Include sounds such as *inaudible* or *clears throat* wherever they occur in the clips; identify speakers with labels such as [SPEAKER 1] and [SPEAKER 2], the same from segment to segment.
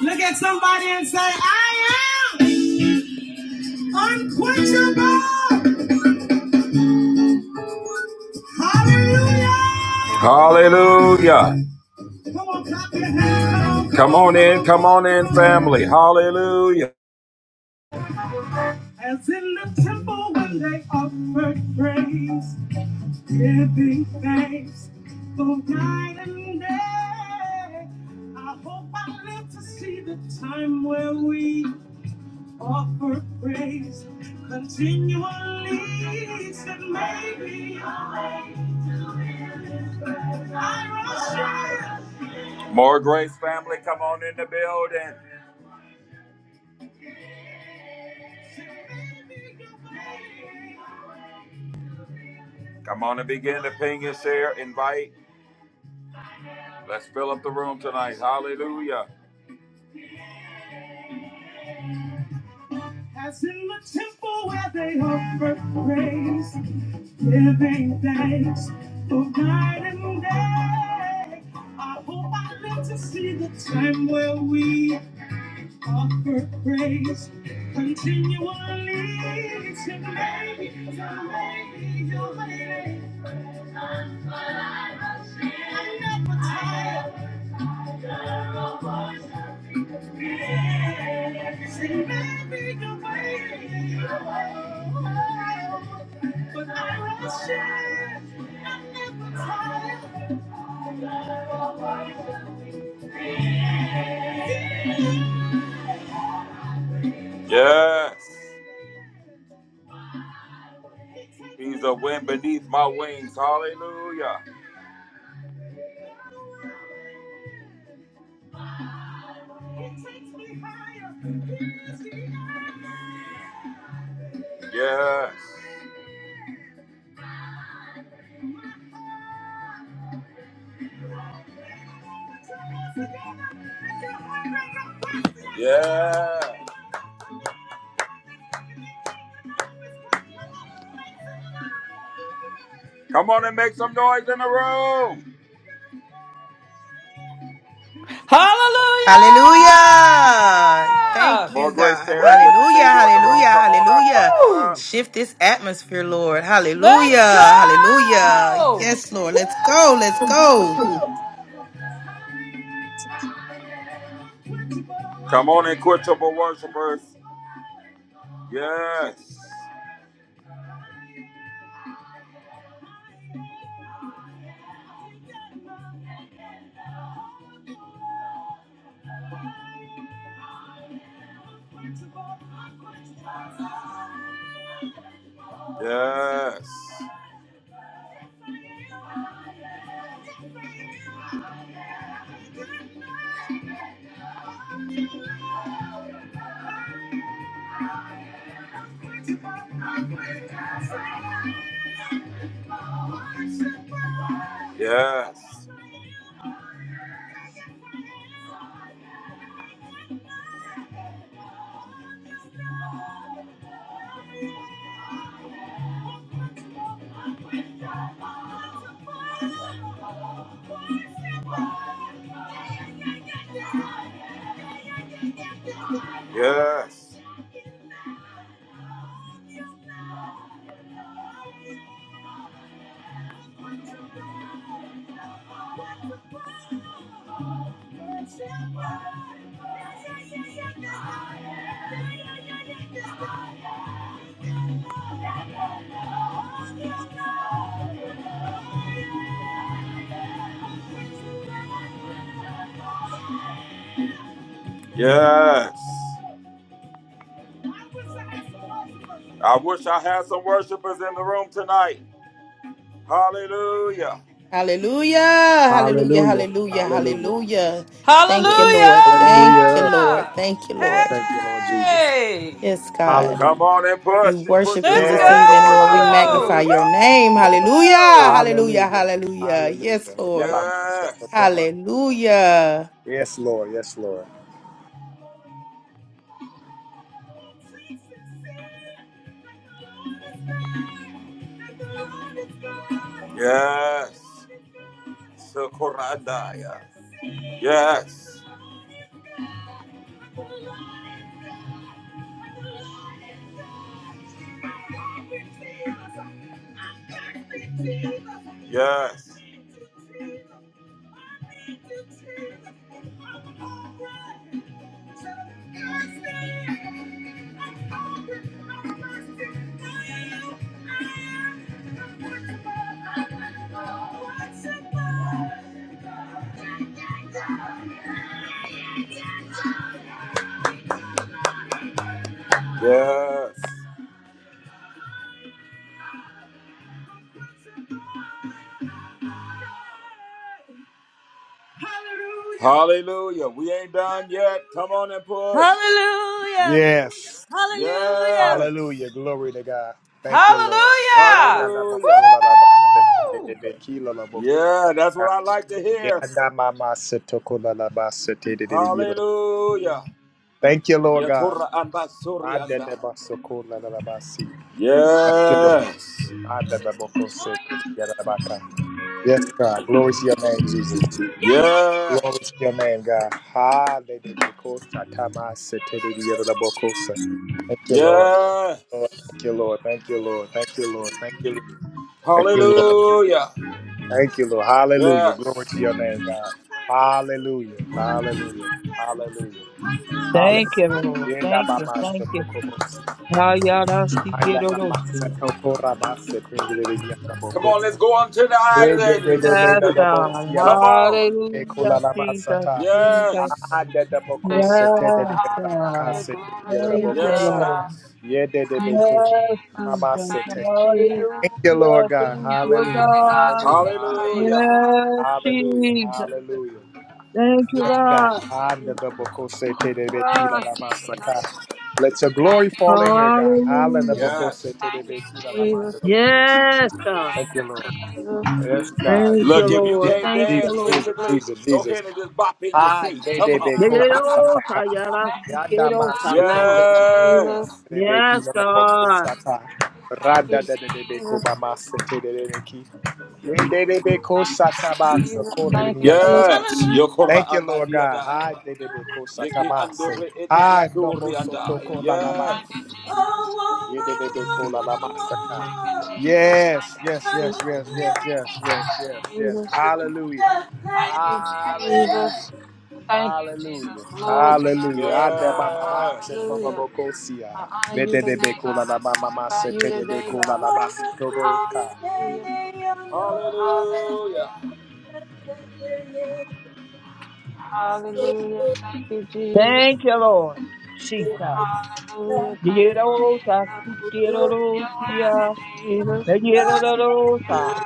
[SPEAKER 1] Look at somebody and say, I am unquenchable. Hallelujah. Hallelujah. Come on, clap your hands. Come on in, come on in, family. Hallelujah. As in the temple when they offered praise, giving thanks for night and day. I hope I live to see the time where we Offer praise continually said maybe I will share. More grace family, come on in the building. Come on and begin to ping and share, invite. Let's fill up the room tonight. Hallelujah. As in the temple where they offer praise, giving thanks for night and day. I hope I live to see the time where we offer praise continually. So maybe, so maybe, so maybe, I'm never tired. Yes. He's a wind beneath my wings. Hallelujah. Yes. Yeah. Come on and make some noise in the room.
[SPEAKER 2] Hallelujah. Thank
[SPEAKER 3] Hallelujah!
[SPEAKER 1] More
[SPEAKER 2] you,
[SPEAKER 1] grace,
[SPEAKER 2] God.
[SPEAKER 1] Terry. Good to
[SPEAKER 2] Hallelujah.
[SPEAKER 1] see you in the room.
[SPEAKER 2] Hallelujah.
[SPEAKER 1] Come on up. Come
[SPEAKER 2] Hallelujah.
[SPEAKER 1] on up.
[SPEAKER 3] Woo!
[SPEAKER 2] Shift this atmosphere, Lord.
[SPEAKER 3] Let's go!
[SPEAKER 2] Hallelujah. Hallelujah. Yes, Lord. Let's go. Let's go.
[SPEAKER 4] Woo!
[SPEAKER 1] Come on in, Quintuple worshipers. Yes. Yes. Yes. Yes. Yes. I wish I had some worshipers in the room tonight. Hallelujah.
[SPEAKER 2] Hallelujah. Hallelujah.
[SPEAKER 5] Hallelujah.
[SPEAKER 2] Hallelujah.
[SPEAKER 5] Hallelujah.
[SPEAKER 2] Hallelujah.
[SPEAKER 3] Hallelujah!
[SPEAKER 2] Thank you,
[SPEAKER 5] Yes.
[SPEAKER 2] Lord. Thank you,
[SPEAKER 5] Hallelujah.
[SPEAKER 2] Lord. Thank you, Lord.
[SPEAKER 5] Thank you, Lord Jesus.
[SPEAKER 3] Hey!
[SPEAKER 2] Yes, God.
[SPEAKER 1] Come
[SPEAKER 5] Hallelujah.
[SPEAKER 1] on and
[SPEAKER 2] We
[SPEAKER 1] push it. Push
[SPEAKER 2] worship
[SPEAKER 1] in the
[SPEAKER 2] you
[SPEAKER 3] Let's
[SPEAKER 2] this
[SPEAKER 1] room your
[SPEAKER 2] evening,
[SPEAKER 5] Yes.
[SPEAKER 2] Lord. We
[SPEAKER 1] worship.
[SPEAKER 5] Hallelujah.
[SPEAKER 2] magnify
[SPEAKER 3] go!
[SPEAKER 2] your
[SPEAKER 1] Hallelujah.
[SPEAKER 5] Thank
[SPEAKER 2] name.
[SPEAKER 5] you, Lord.
[SPEAKER 2] Hallelujah.
[SPEAKER 3] Woo!
[SPEAKER 2] Hallelujah.
[SPEAKER 5] Hallelujah.
[SPEAKER 2] Hallelujah. Yes,
[SPEAKER 5] Hallelujah.
[SPEAKER 2] Lord.
[SPEAKER 1] Yes.
[SPEAKER 2] Hallelujah.
[SPEAKER 5] Yes, Lord. Yes, Lord.
[SPEAKER 1] Yes. Sokorandaya. Yes. Yes. *laughs* Yes. Hallelujah. We ain't done yet. Come on and push.
[SPEAKER 6] Hallelujah.
[SPEAKER 5] Yes.
[SPEAKER 6] Hallelujah.
[SPEAKER 1] Yes.
[SPEAKER 5] Hallelujah. Glory to God. Thank you, Lord.
[SPEAKER 3] Hallelujah!
[SPEAKER 5] Thank
[SPEAKER 1] Hallelujah.
[SPEAKER 3] Woo!
[SPEAKER 1] Yeah, that's what I like to hear. Hallelujah.
[SPEAKER 5] you, Lord God.
[SPEAKER 1] Yatura ambasuri andai.
[SPEAKER 5] Adedebasokolalalabasi. Thank you, Lord.
[SPEAKER 1] Yes.
[SPEAKER 5] Adadabokoseke. Yes, God. Glory to your name, Jesus.
[SPEAKER 1] Yes.
[SPEAKER 5] Glory to your name, God. Hallelujah. Thank you, Lord. Thank you, Lord. Thank you, Lord. Thank you, Lord. Thank you,
[SPEAKER 1] Yes.
[SPEAKER 5] Lord. Thank you, Lord.
[SPEAKER 1] Hallelujah.
[SPEAKER 5] Thank you, Lord. Hallelujah. Glory
[SPEAKER 1] Yes.
[SPEAKER 5] to your name, God. Hallelujah. Hallelujah. Hallelujah.
[SPEAKER 7] Thank you,
[SPEAKER 5] Hallelujah.
[SPEAKER 7] Lord.
[SPEAKER 5] Yenda
[SPEAKER 7] Thank you.
[SPEAKER 5] bamasa
[SPEAKER 7] Thank you.
[SPEAKER 5] tokobosia. Aina namasa
[SPEAKER 7] Hayarasikirosia.
[SPEAKER 5] tokorabasa tengelele yanda
[SPEAKER 1] Come on,
[SPEAKER 5] bokosa.
[SPEAKER 1] let's go on to the
[SPEAKER 5] They they they they
[SPEAKER 1] islands.
[SPEAKER 5] made
[SPEAKER 7] Yes,
[SPEAKER 5] the
[SPEAKER 1] *laughs*
[SPEAKER 5] double
[SPEAKER 7] God.
[SPEAKER 5] see
[SPEAKER 1] Come on.
[SPEAKER 5] they call
[SPEAKER 7] Hallelujah,
[SPEAKER 5] la
[SPEAKER 7] Jesus,
[SPEAKER 5] basata.
[SPEAKER 7] Jesus.
[SPEAKER 1] Yes.
[SPEAKER 5] Ah, the double
[SPEAKER 8] Thank
[SPEAKER 5] cose
[SPEAKER 8] you,
[SPEAKER 5] te de
[SPEAKER 8] Lord.
[SPEAKER 5] de
[SPEAKER 7] Yes,
[SPEAKER 5] la
[SPEAKER 7] God.
[SPEAKER 8] Hallelujah.
[SPEAKER 5] macase de
[SPEAKER 8] Glory
[SPEAKER 5] de la
[SPEAKER 8] to
[SPEAKER 7] Thank
[SPEAKER 5] double
[SPEAKER 8] your
[SPEAKER 7] you,
[SPEAKER 8] name,
[SPEAKER 7] Lord.
[SPEAKER 8] God.
[SPEAKER 1] Yes.
[SPEAKER 5] Yeah, they they
[SPEAKER 8] Thank
[SPEAKER 5] make
[SPEAKER 8] you,
[SPEAKER 5] cose
[SPEAKER 7] Yes,
[SPEAKER 8] Jesus.
[SPEAKER 5] mama
[SPEAKER 7] Jesus.
[SPEAKER 5] se
[SPEAKER 8] Thank you, Jesus.
[SPEAKER 5] Thank you, Lord
[SPEAKER 7] Hallelujah.
[SPEAKER 5] God.
[SPEAKER 7] Thank
[SPEAKER 8] You're
[SPEAKER 7] you,
[SPEAKER 5] Hallelujah.
[SPEAKER 8] worthy, God, to
[SPEAKER 7] God.
[SPEAKER 5] Hallelujah.
[SPEAKER 8] be praised.
[SPEAKER 5] Hallelujah.
[SPEAKER 1] Hallelujah.
[SPEAKER 7] Yes,
[SPEAKER 8] Hallelujah.
[SPEAKER 5] Hallelujah.
[SPEAKER 7] Jesus.
[SPEAKER 5] Hallelujah.
[SPEAKER 7] Thank you,
[SPEAKER 5] Yes,
[SPEAKER 8] Thank you,
[SPEAKER 5] God.
[SPEAKER 7] God.
[SPEAKER 5] Ah, the
[SPEAKER 8] Jesus.
[SPEAKER 5] double cose te de de
[SPEAKER 8] Thank
[SPEAKER 5] la
[SPEAKER 7] Ah,
[SPEAKER 8] you,
[SPEAKER 5] la
[SPEAKER 8] Jesus.
[SPEAKER 5] masaka. Let your
[SPEAKER 8] Thank
[SPEAKER 5] glory
[SPEAKER 8] you,
[SPEAKER 5] fall in here,
[SPEAKER 8] Jesus.
[SPEAKER 5] God. Hallelujah.
[SPEAKER 7] Hallelujah.
[SPEAKER 5] Double
[SPEAKER 1] Yes.
[SPEAKER 5] te de
[SPEAKER 8] Thank
[SPEAKER 5] de
[SPEAKER 8] you,
[SPEAKER 5] kila la
[SPEAKER 8] Jesus.
[SPEAKER 5] manda double cose.
[SPEAKER 7] Yes, God.
[SPEAKER 5] Thank
[SPEAKER 8] Thank
[SPEAKER 5] you,
[SPEAKER 8] you,
[SPEAKER 5] Lord.
[SPEAKER 8] Jesus.
[SPEAKER 5] Yes, God.
[SPEAKER 7] Thank you,
[SPEAKER 1] Look,
[SPEAKER 5] Jesus,
[SPEAKER 1] if you
[SPEAKER 7] Lord.
[SPEAKER 1] can't
[SPEAKER 7] Thank
[SPEAKER 8] Thank you,
[SPEAKER 7] you,
[SPEAKER 1] dance
[SPEAKER 5] Jesus,
[SPEAKER 7] Lord.
[SPEAKER 8] Jesus.
[SPEAKER 5] Jesus,
[SPEAKER 1] physically,
[SPEAKER 5] Jesus,
[SPEAKER 1] go
[SPEAKER 5] Jesus.
[SPEAKER 1] ahead and just bop in your
[SPEAKER 8] Thank
[SPEAKER 5] Ah,
[SPEAKER 8] you,
[SPEAKER 1] seat.
[SPEAKER 5] de
[SPEAKER 1] Come
[SPEAKER 5] de be
[SPEAKER 1] on.
[SPEAKER 8] Jesus.
[SPEAKER 5] ko
[SPEAKER 1] *laughs*
[SPEAKER 5] ba sa sa
[SPEAKER 7] Yeyero
[SPEAKER 5] ka.
[SPEAKER 7] sayara
[SPEAKER 8] Thank you,
[SPEAKER 5] Yanda
[SPEAKER 8] Jesus.
[SPEAKER 7] sikero
[SPEAKER 5] ma so to
[SPEAKER 8] Thank
[SPEAKER 5] ko
[SPEAKER 7] sayara
[SPEAKER 8] you,
[SPEAKER 5] la
[SPEAKER 7] si.
[SPEAKER 1] Yes.
[SPEAKER 8] Jesus.
[SPEAKER 5] de be ki
[SPEAKER 7] Yes,
[SPEAKER 5] la la bo ko
[SPEAKER 7] God.
[SPEAKER 5] sa ta.
[SPEAKER 8] Thank
[SPEAKER 5] Randa
[SPEAKER 8] you,
[SPEAKER 5] de de de be ko
[SPEAKER 8] Jesus.
[SPEAKER 5] ba ma se te de de de ki. Ye de de be ko
[SPEAKER 8] Thank
[SPEAKER 5] sa ta
[SPEAKER 8] you,
[SPEAKER 5] ba so
[SPEAKER 8] Jesus.
[SPEAKER 5] ko le
[SPEAKER 8] Thank
[SPEAKER 5] ni
[SPEAKER 8] you,
[SPEAKER 5] ya la ba sa.
[SPEAKER 1] Yes.
[SPEAKER 6] Hallelujah.
[SPEAKER 8] Jesus.
[SPEAKER 1] Yokora
[SPEAKER 5] Thank you, Lord God. Hi,
[SPEAKER 1] ambadiadaya.
[SPEAKER 5] Dedebe
[SPEAKER 1] Yeki
[SPEAKER 5] Kosatamase.
[SPEAKER 1] andore etebe
[SPEAKER 5] Hi, Nomo
[SPEAKER 1] andaya.
[SPEAKER 5] Sotoko
[SPEAKER 1] Yes.
[SPEAKER 8] Thank you,
[SPEAKER 6] Oh,
[SPEAKER 5] Lalabandebeki.
[SPEAKER 8] Jesus.
[SPEAKER 6] oh,
[SPEAKER 5] Yedebe
[SPEAKER 6] oh, oh, oh,
[SPEAKER 5] Kolalamasaka.
[SPEAKER 8] Thank you,
[SPEAKER 6] oh.
[SPEAKER 8] Jesus. Thank
[SPEAKER 5] Yes,
[SPEAKER 8] you,
[SPEAKER 5] yes, yes,
[SPEAKER 8] Jesus.
[SPEAKER 5] yes, yes,
[SPEAKER 6] Hallelujah.
[SPEAKER 5] yes, yes, yes, yes. Hallelujah.
[SPEAKER 6] Yeah. Hey,
[SPEAKER 8] Thank you, Jesus. Thank you, Jesus.
[SPEAKER 5] Hallelujah.
[SPEAKER 8] Thank you, Jesus.
[SPEAKER 5] Hallelujah.
[SPEAKER 8] Glory to your
[SPEAKER 5] Hallelujah.
[SPEAKER 8] name,
[SPEAKER 5] Ande ba
[SPEAKER 8] God.
[SPEAKER 5] mama
[SPEAKER 1] Yes.
[SPEAKER 5] manse tobo
[SPEAKER 8] Hallelujah. I
[SPEAKER 5] bokosia.
[SPEAKER 8] honor you
[SPEAKER 5] Dedebe
[SPEAKER 8] today, God. I glorify
[SPEAKER 5] kolalalamase
[SPEAKER 8] you
[SPEAKER 5] tedebe
[SPEAKER 8] today, God.
[SPEAKER 6] oh, I see the
[SPEAKER 5] kolalabasotoboka.
[SPEAKER 6] day
[SPEAKER 8] Hallelujah.
[SPEAKER 6] that you know.
[SPEAKER 1] Hallelujah.
[SPEAKER 6] yeah, yeah, yeah,
[SPEAKER 8] Hallelujah.
[SPEAKER 6] yeah,
[SPEAKER 8] Hallelujah. Thank you, Jesus.
[SPEAKER 7] Thank you, Lord.
[SPEAKER 6] yeah,
[SPEAKER 7] Jesus.
[SPEAKER 8] Hallelujah. Thank you,
[SPEAKER 7] Yeyero sa
[SPEAKER 8] Jesus.
[SPEAKER 6] yeah,
[SPEAKER 7] sikero
[SPEAKER 6] yeah.
[SPEAKER 7] ro
[SPEAKER 8] You're worthy,
[SPEAKER 7] siya.
[SPEAKER 8] Jesus.
[SPEAKER 7] Yeyero ro
[SPEAKER 8] You're
[SPEAKER 7] sa.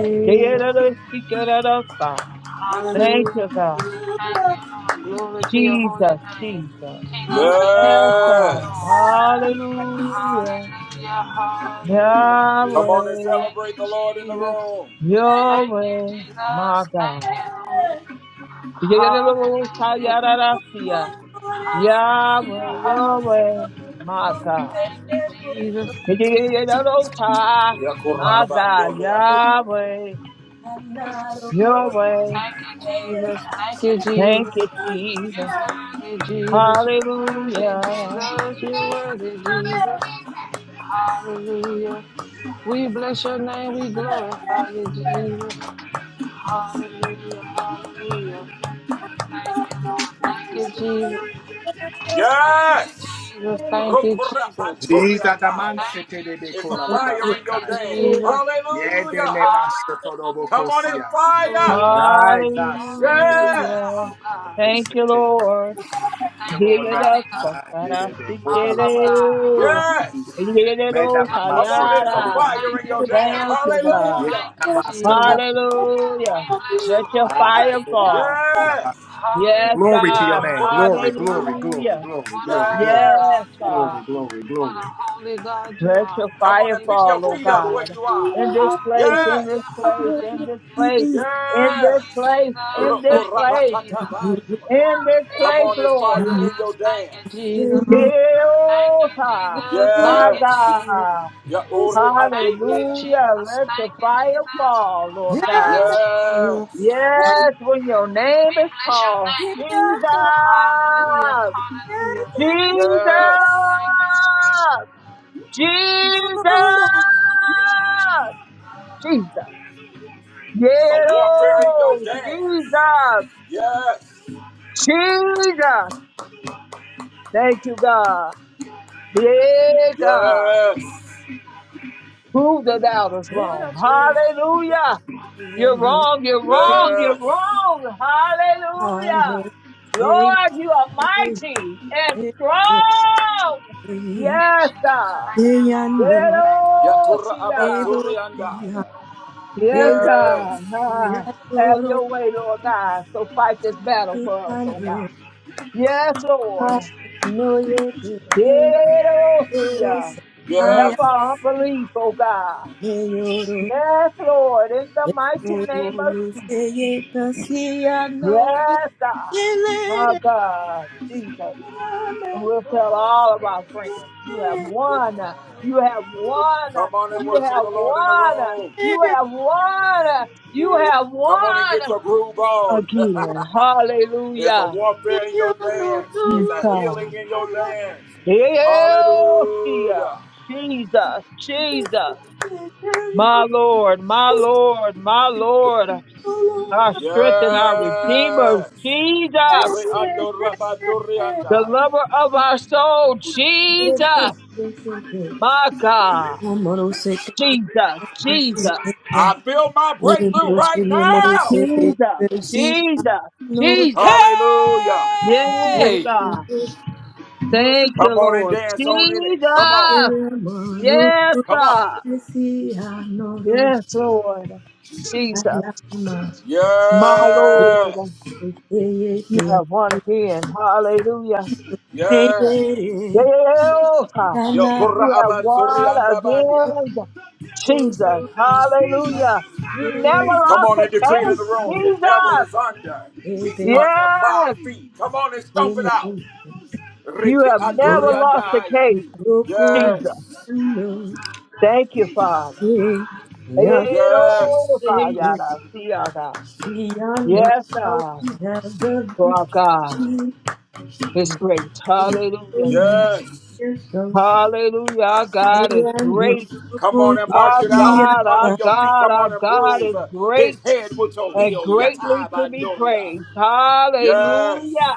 [SPEAKER 8] worthy, Jesus.
[SPEAKER 7] Yeyero ro
[SPEAKER 6] Hallelujah.
[SPEAKER 7] Thank
[SPEAKER 8] Hallelujah.
[SPEAKER 7] you, God.
[SPEAKER 8] Thank you, Lord. Glory to your holy
[SPEAKER 7] Jesus,
[SPEAKER 8] name.
[SPEAKER 7] Jesus.
[SPEAKER 8] King of
[SPEAKER 6] Hallelujah.
[SPEAKER 8] kings and
[SPEAKER 7] Yes,
[SPEAKER 8] Lord of
[SPEAKER 1] Yes.
[SPEAKER 7] God.
[SPEAKER 8] lords.
[SPEAKER 6] Hallelujah.
[SPEAKER 7] Hallelujah.
[SPEAKER 8] Hallelujah. Hallelujah.
[SPEAKER 1] Come on and
[SPEAKER 7] Yahweh,
[SPEAKER 8] Thank
[SPEAKER 1] celebrate
[SPEAKER 8] you,
[SPEAKER 1] the Lord in the
[SPEAKER 8] Jesus.
[SPEAKER 1] room.
[SPEAKER 6] Hey,
[SPEAKER 7] your
[SPEAKER 8] Thank you,
[SPEAKER 7] way,
[SPEAKER 8] Jesus.
[SPEAKER 7] my
[SPEAKER 8] Thank
[SPEAKER 6] hey,
[SPEAKER 7] God.
[SPEAKER 8] you, Lord.
[SPEAKER 6] hey.
[SPEAKER 7] Yeyero ro
[SPEAKER 8] Hallelujah.
[SPEAKER 7] sayara
[SPEAKER 6] Oh,
[SPEAKER 8] Hallelujah.
[SPEAKER 7] Yahweh,
[SPEAKER 6] Oh,
[SPEAKER 7] Yahweh,
[SPEAKER 8] Hallelujah.
[SPEAKER 7] my
[SPEAKER 6] oh, oh,
[SPEAKER 7] God.
[SPEAKER 8] Thank you,
[SPEAKER 6] oh,
[SPEAKER 8] Jesus.
[SPEAKER 6] oh,
[SPEAKER 7] Yididididosa,
[SPEAKER 1] Yakura
[SPEAKER 7] My God,
[SPEAKER 1] abandore
[SPEAKER 6] oh.
[SPEAKER 1] andaya.
[SPEAKER 7] Yahweh,
[SPEAKER 6] I'm not a
[SPEAKER 7] Yahweh,
[SPEAKER 8] Thank you, Jesus. Thank you,
[SPEAKER 7] thank
[SPEAKER 8] Jesus.
[SPEAKER 7] you, Jesus.
[SPEAKER 8] You're worthy, Jesus. You're worthy,
[SPEAKER 7] Hallelujah,
[SPEAKER 8] Jesus. You're worthy, Jesus. Hallelujah. We bless your name. We glorify you, Jesus. Hallelujah. Hallelujah. Thank you, Lord. Thank you, Jesus. Thank
[SPEAKER 1] Yes!
[SPEAKER 8] you, Jesus. Thank you, Jesus.
[SPEAKER 5] Jesus, the man
[SPEAKER 1] Rokorapantoriataya.
[SPEAKER 5] said,
[SPEAKER 8] Thank
[SPEAKER 5] "They
[SPEAKER 8] you,
[SPEAKER 5] be
[SPEAKER 1] It's a
[SPEAKER 8] Jesus.
[SPEAKER 1] fire in
[SPEAKER 8] Thank
[SPEAKER 1] your
[SPEAKER 8] you,
[SPEAKER 5] called
[SPEAKER 1] dance.
[SPEAKER 8] Jesus.
[SPEAKER 5] Yede
[SPEAKER 1] Hallelujah!
[SPEAKER 5] ne
[SPEAKER 8] Hallelujah.
[SPEAKER 1] Come on, it's
[SPEAKER 5] masotorobokosia.
[SPEAKER 1] fire!
[SPEAKER 8] Hallelujah.
[SPEAKER 5] Yai
[SPEAKER 8] Glory to the
[SPEAKER 1] Yes!
[SPEAKER 8] Lamb
[SPEAKER 7] hallelujah.
[SPEAKER 8] of God.
[SPEAKER 7] Thank you,
[SPEAKER 5] nasotorobokosete.
[SPEAKER 7] Lord.
[SPEAKER 5] Thank
[SPEAKER 8] Thank you,
[SPEAKER 5] Lord God.
[SPEAKER 8] mighty
[SPEAKER 7] Yididididosa,
[SPEAKER 8] God.
[SPEAKER 5] Ah, yede be kola la la
[SPEAKER 7] karasikere.
[SPEAKER 8] Awesome
[SPEAKER 5] basi.
[SPEAKER 8] God.
[SPEAKER 1] Yes!
[SPEAKER 8] Hallelujah.
[SPEAKER 5] Meda
[SPEAKER 7] Yididididosa,
[SPEAKER 8] Thank
[SPEAKER 5] mama
[SPEAKER 8] you,
[SPEAKER 1] Come on,
[SPEAKER 5] sete
[SPEAKER 1] it's a
[SPEAKER 5] yede
[SPEAKER 8] Jesus.
[SPEAKER 5] be
[SPEAKER 7] yada.
[SPEAKER 1] fire
[SPEAKER 8] Thank
[SPEAKER 1] in
[SPEAKER 8] you,
[SPEAKER 1] your
[SPEAKER 5] boko.
[SPEAKER 1] dance.
[SPEAKER 7] Thank
[SPEAKER 8] Jesus.
[SPEAKER 7] you, God.
[SPEAKER 1] Hallelujah!
[SPEAKER 8] Thank
[SPEAKER 5] Yeda
[SPEAKER 8] you,
[SPEAKER 5] masata.
[SPEAKER 8] Jesus.
[SPEAKER 7] Hallelujah.
[SPEAKER 8] We bless
[SPEAKER 7] Let
[SPEAKER 8] your
[SPEAKER 7] your
[SPEAKER 8] holy
[SPEAKER 5] Ah,
[SPEAKER 7] fire
[SPEAKER 8] name,
[SPEAKER 5] yede be
[SPEAKER 8] God.
[SPEAKER 7] fall.
[SPEAKER 5] kola la
[SPEAKER 1] Yes!
[SPEAKER 5] basi.
[SPEAKER 7] Yes,
[SPEAKER 5] Glory to
[SPEAKER 8] Hallelujah,
[SPEAKER 5] your
[SPEAKER 7] God.
[SPEAKER 5] name. Glory,
[SPEAKER 8] hallelujah.
[SPEAKER 5] glory,
[SPEAKER 1] Rokorabandai.
[SPEAKER 5] glory,
[SPEAKER 7] Hallelujah.
[SPEAKER 5] glory,
[SPEAKER 8] What an
[SPEAKER 5] glory,
[SPEAKER 8] awesome
[SPEAKER 5] glory,
[SPEAKER 1] Yes!
[SPEAKER 7] Yes,
[SPEAKER 8] God you are.
[SPEAKER 5] glory,
[SPEAKER 7] God.
[SPEAKER 5] glory,
[SPEAKER 8] What a
[SPEAKER 5] glory.
[SPEAKER 8] holy God you
[SPEAKER 7] Let
[SPEAKER 8] are.
[SPEAKER 7] your
[SPEAKER 1] Come
[SPEAKER 8] Thank
[SPEAKER 1] on
[SPEAKER 7] fire
[SPEAKER 1] and
[SPEAKER 8] you,
[SPEAKER 1] pick your
[SPEAKER 7] fall, oh
[SPEAKER 1] feet
[SPEAKER 8] Jesus.
[SPEAKER 1] up where
[SPEAKER 7] God.
[SPEAKER 1] you are.
[SPEAKER 7] In this place, in this
[SPEAKER 8] Hallelujah,
[SPEAKER 1] Yes!
[SPEAKER 7] place, in this
[SPEAKER 8] hallelujah.
[SPEAKER 7] place, in
[SPEAKER 8] Thank
[SPEAKER 7] this
[SPEAKER 1] Yes.
[SPEAKER 8] you,
[SPEAKER 7] place,
[SPEAKER 8] Jesus.
[SPEAKER 7] in
[SPEAKER 1] Ro-
[SPEAKER 7] this
[SPEAKER 1] oh,
[SPEAKER 8] Thank you,
[SPEAKER 7] place,
[SPEAKER 8] Jesus.
[SPEAKER 1] rabakatabani.
[SPEAKER 7] in this
[SPEAKER 1] Come
[SPEAKER 8] Thank
[SPEAKER 7] place,
[SPEAKER 1] on
[SPEAKER 8] you,
[SPEAKER 1] and
[SPEAKER 7] Lord.
[SPEAKER 1] fire in
[SPEAKER 8] Jesus.
[SPEAKER 1] your
[SPEAKER 8] Thank
[SPEAKER 1] dance.
[SPEAKER 8] you, Jesus. Thank
[SPEAKER 7] Yes,
[SPEAKER 8] you,
[SPEAKER 7] God.
[SPEAKER 8] Jesus. Thank
[SPEAKER 7] my
[SPEAKER 1] Yes.
[SPEAKER 8] you, Jesus.
[SPEAKER 7] God.
[SPEAKER 1] Ya- oh, re-
[SPEAKER 8] Thank you,
[SPEAKER 7] Hallelujah.
[SPEAKER 8] Jesus.
[SPEAKER 7] Let your
[SPEAKER 8] Thank you,
[SPEAKER 7] fire
[SPEAKER 8] Jesus.
[SPEAKER 7] fall, Lord
[SPEAKER 8] Thank you,
[SPEAKER 7] God.
[SPEAKER 8] Jesus.
[SPEAKER 1] Yes.
[SPEAKER 7] Yes, when your name
[SPEAKER 8] We
[SPEAKER 7] is
[SPEAKER 8] bless your
[SPEAKER 7] called,
[SPEAKER 8] name.
[SPEAKER 7] Jesus.
[SPEAKER 8] Hallelujah. Hallelujah.
[SPEAKER 7] Jesus,
[SPEAKER 1] Yes.
[SPEAKER 8] Thank you, Lord.
[SPEAKER 7] Jesus, Jesus.
[SPEAKER 1] The warfare in your
[SPEAKER 7] Yeah,
[SPEAKER 1] dance.
[SPEAKER 7] Jesus,
[SPEAKER 1] Yes.
[SPEAKER 7] Jesus. Thank you, God. Yeah, God.
[SPEAKER 1] Yes.
[SPEAKER 7] Prove the doubters
[SPEAKER 6] Dora
[SPEAKER 7] wrong. Hallelujah. You're
[SPEAKER 6] Dora
[SPEAKER 7] wrong, you're wrong, you're
[SPEAKER 1] Yes.
[SPEAKER 7] wrong.
[SPEAKER 6] I know
[SPEAKER 7] Hallelujah.
[SPEAKER 6] they
[SPEAKER 7] Lord, you are mighty and
[SPEAKER 6] they
[SPEAKER 7] strong.
[SPEAKER 8] Thank
[SPEAKER 7] Yes,
[SPEAKER 8] you, Jesus. Thank
[SPEAKER 7] God.
[SPEAKER 8] you,
[SPEAKER 6] I
[SPEAKER 8] Lord.
[SPEAKER 6] know
[SPEAKER 8] Thank
[SPEAKER 1] Yatura
[SPEAKER 7] Yeah,
[SPEAKER 6] they
[SPEAKER 7] God.
[SPEAKER 1] abaturi
[SPEAKER 6] both
[SPEAKER 1] andaya.
[SPEAKER 7] Yes,
[SPEAKER 6] they
[SPEAKER 1] Yes.
[SPEAKER 7] God. Ah, Have
[SPEAKER 6] adoro
[SPEAKER 7] your way, Lord God. So fight this battle
[SPEAKER 6] me
[SPEAKER 7] for us,
[SPEAKER 6] I
[SPEAKER 7] oh God.
[SPEAKER 6] know
[SPEAKER 7] Yes, Lord.
[SPEAKER 6] I know ye be they adoro
[SPEAKER 7] Yerosia. And help
[SPEAKER 6] I
[SPEAKER 1] Yes.
[SPEAKER 7] our unbelief, oh God.
[SPEAKER 6] me yoro
[SPEAKER 7] Yes, Lord. In the mighty name of
[SPEAKER 6] adoro
[SPEAKER 7] Jesus.
[SPEAKER 6] say ye pasi I know
[SPEAKER 7] Yes, God.
[SPEAKER 6] they
[SPEAKER 7] My
[SPEAKER 6] let
[SPEAKER 7] God, Jesus. And we'll tell all of our friends, you have won. You have won.
[SPEAKER 1] Come on and
[SPEAKER 7] You
[SPEAKER 1] worship
[SPEAKER 7] have
[SPEAKER 1] the Lord in the
[SPEAKER 7] won.
[SPEAKER 1] room.
[SPEAKER 7] You have won. You have
[SPEAKER 1] Come on and
[SPEAKER 7] won.
[SPEAKER 1] get your groove on.
[SPEAKER 7] again.
[SPEAKER 1] It's a
[SPEAKER 7] Hallelujah.
[SPEAKER 1] warfare in your dance. It's a
[SPEAKER 7] God.
[SPEAKER 1] healing in your
[SPEAKER 6] it
[SPEAKER 1] dance.
[SPEAKER 7] Deosia.
[SPEAKER 1] Hallelujah.
[SPEAKER 7] Jesus, Jesus, my Lord, my Lord, my Lord, our strength and our Redeemer,
[SPEAKER 1] Yes.
[SPEAKER 7] Jesus,
[SPEAKER 1] Reando rabado
[SPEAKER 7] the lover of our soul, Jesus, my God, Jesus, Jesus,
[SPEAKER 1] I feel my breakthrough right now.
[SPEAKER 7] Jesus, Jesus, Jesus,
[SPEAKER 1] Hallelujah.
[SPEAKER 7] yes,
[SPEAKER 3] Hey!
[SPEAKER 7] God, thank you,
[SPEAKER 1] Come on and
[SPEAKER 7] Lord,
[SPEAKER 1] dance on in it. Come on.
[SPEAKER 7] Jesus, yes,
[SPEAKER 1] Come on.
[SPEAKER 7] God. Yes, Lord. Jesus, my Lord,
[SPEAKER 1] Yes.
[SPEAKER 7] you have won again. Hallelujah.
[SPEAKER 1] Yes.
[SPEAKER 7] Yes, ah,
[SPEAKER 1] Yokora
[SPEAKER 7] you have
[SPEAKER 1] aban sori
[SPEAKER 7] won
[SPEAKER 1] andabadia.
[SPEAKER 7] again. Jesus, hallelujah. You never
[SPEAKER 1] Come
[SPEAKER 7] lost
[SPEAKER 1] on and
[SPEAKER 7] a
[SPEAKER 1] decree it in
[SPEAKER 7] case,
[SPEAKER 1] the room. The devil is
[SPEAKER 7] Jesus.
[SPEAKER 1] under. He's under my
[SPEAKER 7] Yes,
[SPEAKER 1] feet. Come on and stomp it out.
[SPEAKER 7] you
[SPEAKER 1] Ricky
[SPEAKER 7] have
[SPEAKER 6] Baby,
[SPEAKER 1] Andori
[SPEAKER 7] never lost a case,
[SPEAKER 1] andaya.
[SPEAKER 6] Rokuyano,
[SPEAKER 7] Jesus.
[SPEAKER 1] Yes.
[SPEAKER 7] Thank you, Father.
[SPEAKER 6] ye, nyase,
[SPEAKER 1] Yes.
[SPEAKER 6] yano,
[SPEAKER 7] Yes,
[SPEAKER 6] how
[SPEAKER 7] God.
[SPEAKER 6] we have the
[SPEAKER 7] For our
[SPEAKER 6] victory.
[SPEAKER 7] God is great. Hallelujah.
[SPEAKER 6] Rokuyano,
[SPEAKER 1] Yes.
[SPEAKER 6] yes, oh,
[SPEAKER 7] Hallelujah. Our God is
[SPEAKER 6] yano,
[SPEAKER 7] great.
[SPEAKER 1] Come on and
[SPEAKER 6] rokuyano,
[SPEAKER 1] march
[SPEAKER 7] Our
[SPEAKER 1] it out. He's
[SPEAKER 7] God,
[SPEAKER 1] under
[SPEAKER 7] our
[SPEAKER 6] yasa.
[SPEAKER 1] your feet.
[SPEAKER 7] God,
[SPEAKER 1] Come
[SPEAKER 7] our
[SPEAKER 1] on and
[SPEAKER 7] God
[SPEAKER 1] bruise
[SPEAKER 7] is
[SPEAKER 1] uh, his
[SPEAKER 7] great
[SPEAKER 1] head with your
[SPEAKER 7] and
[SPEAKER 1] heel.
[SPEAKER 7] greatly
[SPEAKER 1] Yata
[SPEAKER 7] to be
[SPEAKER 1] Bandoria.
[SPEAKER 7] praised.
[SPEAKER 1] Yes.
[SPEAKER 7] Hallelujah.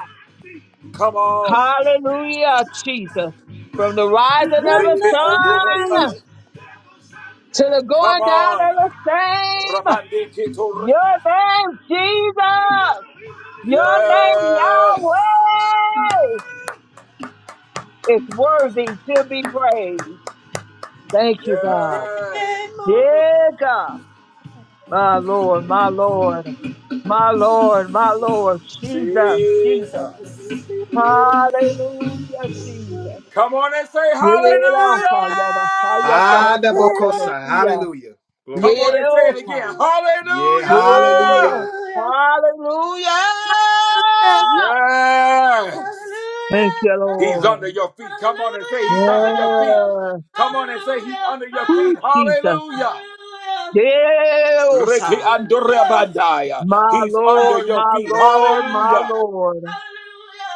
[SPEAKER 1] Come on.
[SPEAKER 7] Hallelujah, Jesus. From the rising
[SPEAKER 6] the
[SPEAKER 7] of the
[SPEAKER 1] Ricky
[SPEAKER 6] Lord
[SPEAKER 7] sun
[SPEAKER 1] Andoreta.
[SPEAKER 6] is
[SPEAKER 7] to the
[SPEAKER 1] Come
[SPEAKER 7] going down
[SPEAKER 1] on.
[SPEAKER 7] of the same,
[SPEAKER 1] Rabandi Kitur.
[SPEAKER 7] your name, Jesus, your name,
[SPEAKER 1] Yes.
[SPEAKER 7] Yahweh, is worthy to be praised. Thank you, God.
[SPEAKER 1] Yes.
[SPEAKER 6] him over.
[SPEAKER 7] Yeah, God. My Lord, my Lord, my Lord, my Lord, Jesus, Jesus,
[SPEAKER 1] Jesus.
[SPEAKER 7] Hallelujah, Jesus.
[SPEAKER 1] Come on and say
[SPEAKER 7] Yereha,
[SPEAKER 1] hallelujah.
[SPEAKER 7] yarasaya,
[SPEAKER 5] Ah, da
[SPEAKER 7] korosaya,
[SPEAKER 6] Hallelujah,
[SPEAKER 5] bokosa.
[SPEAKER 7] desia.
[SPEAKER 5] Hallelujah. Glory
[SPEAKER 1] Come
[SPEAKER 5] to
[SPEAKER 1] on
[SPEAKER 5] God.
[SPEAKER 1] and say it
[SPEAKER 7] Yereha,
[SPEAKER 1] again.
[SPEAKER 5] Yeah, hallelujah.
[SPEAKER 7] yereha.
[SPEAKER 1] Hallelujah.
[SPEAKER 7] Hallelujah!
[SPEAKER 6] hallelujah,
[SPEAKER 1] Yes.
[SPEAKER 7] Thank you,
[SPEAKER 6] hallelujah.
[SPEAKER 1] He's under
[SPEAKER 7] Lord.
[SPEAKER 1] your feet. Come on and say he's
[SPEAKER 6] Hallelujah!
[SPEAKER 1] under your feet.
[SPEAKER 7] Yeah.
[SPEAKER 1] Come on and say he's
[SPEAKER 6] Hallelujah!
[SPEAKER 1] under your
[SPEAKER 7] Ooh,
[SPEAKER 1] feet.
[SPEAKER 6] Ah,
[SPEAKER 7] Jesus.
[SPEAKER 1] Hallelujah.
[SPEAKER 6] Hallelujah!
[SPEAKER 1] Ricky
[SPEAKER 7] Yereha.
[SPEAKER 6] Hallelujah!
[SPEAKER 1] Andorabandaya.
[SPEAKER 7] My
[SPEAKER 1] He's under
[SPEAKER 7] Lord,
[SPEAKER 1] your
[SPEAKER 7] my
[SPEAKER 1] feet.
[SPEAKER 6] Hallelujah!
[SPEAKER 7] Lord, my
[SPEAKER 1] Hallelujah.
[SPEAKER 7] Lord.
[SPEAKER 6] Hallelujah!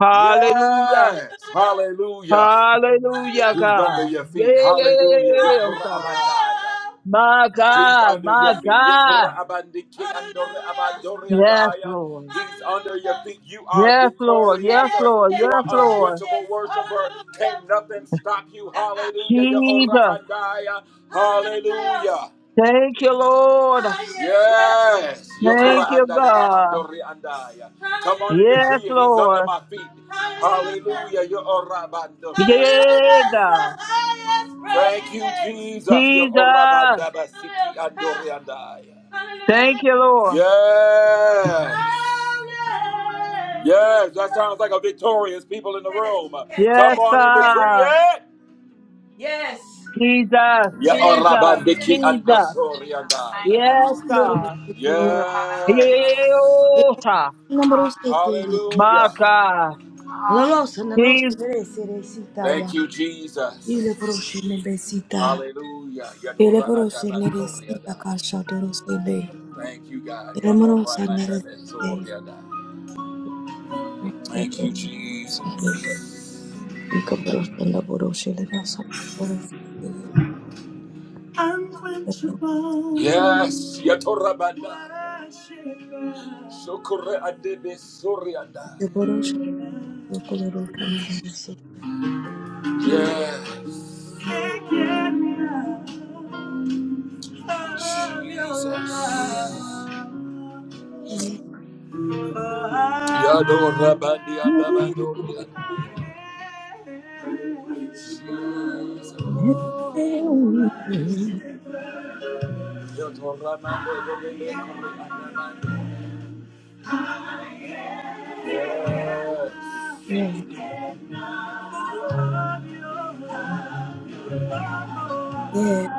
[SPEAKER 7] Hallelujah.
[SPEAKER 1] Yes,
[SPEAKER 6] Hallelujah!
[SPEAKER 1] hallelujah.
[SPEAKER 7] Hallelujah,
[SPEAKER 1] He's
[SPEAKER 6] Hallelujah!
[SPEAKER 1] under
[SPEAKER 7] God.
[SPEAKER 1] your feet. Hallelujah.
[SPEAKER 7] Yes,
[SPEAKER 1] Yokora
[SPEAKER 7] God.
[SPEAKER 6] Hallelujah!
[SPEAKER 1] abandaya.
[SPEAKER 7] My
[SPEAKER 1] He's
[SPEAKER 7] God,
[SPEAKER 1] under your
[SPEAKER 7] my
[SPEAKER 1] feet.
[SPEAKER 7] God.
[SPEAKER 1] Yokora abandiki andore
[SPEAKER 6] Hallelujah!
[SPEAKER 1] abandori
[SPEAKER 7] Yes,
[SPEAKER 6] Ah,
[SPEAKER 1] andaya.
[SPEAKER 7] Lord.
[SPEAKER 1] He's under your
[SPEAKER 6] Hallelujah!
[SPEAKER 1] feet. You are
[SPEAKER 7] Yes, Lord. Yes,
[SPEAKER 1] victorious.
[SPEAKER 6] Yes,
[SPEAKER 1] Uh,
[SPEAKER 7] Lord.
[SPEAKER 6] yes,
[SPEAKER 1] You
[SPEAKER 7] Yes,
[SPEAKER 1] are
[SPEAKER 6] yes,
[SPEAKER 7] Lord.
[SPEAKER 1] unquenchable
[SPEAKER 6] yes!
[SPEAKER 1] worshiper.
[SPEAKER 6] Hallelujah!
[SPEAKER 1] Can't nothing stop you.
[SPEAKER 6] *laughs*
[SPEAKER 1] Hallelujah. Yokora
[SPEAKER 7] Jesus.
[SPEAKER 1] abandaya.
[SPEAKER 6] Hallelujah!
[SPEAKER 1] Hallelujah.
[SPEAKER 7] Thank you, Lord.
[SPEAKER 6] Highest praise!
[SPEAKER 1] Yes.
[SPEAKER 7] Thank
[SPEAKER 1] Yokra
[SPEAKER 7] you,
[SPEAKER 1] anda da
[SPEAKER 6] Hallelujah!
[SPEAKER 7] God.
[SPEAKER 1] mandori andaya. Come on and
[SPEAKER 6] Hallelujah!
[SPEAKER 7] Yes,
[SPEAKER 1] decree it. He's under
[SPEAKER 7] Lord.
[SPEAKER 1] my feet.
[SPEAKER 6] Hallelujah!
[SPEAKER 1] Hallelujah. Yo bandori
[SPEAKER 6] Hallelujah
[SPEAKER 7] Yeah,
[SPEAKER 1] andaya.
[SPEAKER 6] is the
[SPEAKER 7] God.
[SPEAKER 6] highest
[SPEAKER 1] Thank you,
[SPEAKER 6] praise.
[SPEAKER 1] Jesus. Yo ora
[SPEAKER 7] Jesus.
[SPEAKER 6] Hallelujah.
[SPEAKER 1] andori andaya.
[SPEAKER 7] Thank
[SPEAKER 6] Hallelujah.
[SPEAKER 7] you, Lord.
[SPEAKER 1] Yes.
[SPEAKER 6] Hallelujah.
[SPEAKER 1] Yes. That sounds like a victorious people in the
[SPEAKER 6] Yes,
[SPEAKER 1] room.
[SPEAKER 6] yes,
[SPEAKER 7] Yes,
[SPEAKER 1] Come
[SPEAKER 6] yes.
[SPEAKER 1] on and decree
[SPEAKER 7] God.
[SPEAKER 1] it.
[SPEAKER 6] Yes.
[SPEAKER 7] Jesus.
[SPEAKER 1] Ya
[SPEAKER 6] Yes.
[SPEAKER 7] Jesus.
[SPEAKER 1] bandiki
[SPEAKER 8] you, thank
[SPEAKER 7] Jesus.
[SPEAKER 8] you,
[SPEAKER 1] andosori
[SPEAKER 8] Jesus. Thank you,
[SPEAKER 1] andaya.
[SPEAKER 7] Yes,
[SPEAKER 8] Lord.
[SPEAKER 6] Honorable
[SPEAKER 7] God.
[SPEAKER 6] baby.
[SPEAKER 8] Glory.
[SPEAKER 1] Yes.
[SPEAKER 8] Hallelujah.
[SPEAKER 7] Yeah,
[SPEAKER 6] Honorable city.
[SPEAKER 8] Hallelujah.
[SPEAKER 7] My
[SPEAKER 1] Hallelujah.
[SPEAKER 7] God.
[SPEAKER 6] La
[SPEAKER 8] Hallelujah.
[SPEAKER 6] rosa, la rosa,
[SPEAKER 7] Jesus.
[SPEAKER 6] neresi, resita ya.
[SPEAKER 1] Thank you,
[SPEAKER 6] Ile
[SPEAKER 1] Jesus.
[SPEAKER 6] proche nebesita.
[SPEAKER 1] Hallelujah.
[SPEAKER 6] Ile
[SPEAKER 1] Yadora anda
[SPEAKER 6] proche
[SPEAKER 1] basoria
[SPEAKER 6] neresita
[SPEAKER 1] dai.
[SPEAKER 6] kasha dorosele.
[SPEAKER 1] Thank you, God. Yadora anda basoria dai. Thank you, Jesus. Unquenchable. Yes, Yatora Banda. Shokore Adebe Soria dai. Yes. Jesus.
[SPEAKER 6] Yes,
[SPEAKER 1] Yadora Bandi anda Bandoria. Jesus. Yes,
[SPEAKER 6] yes,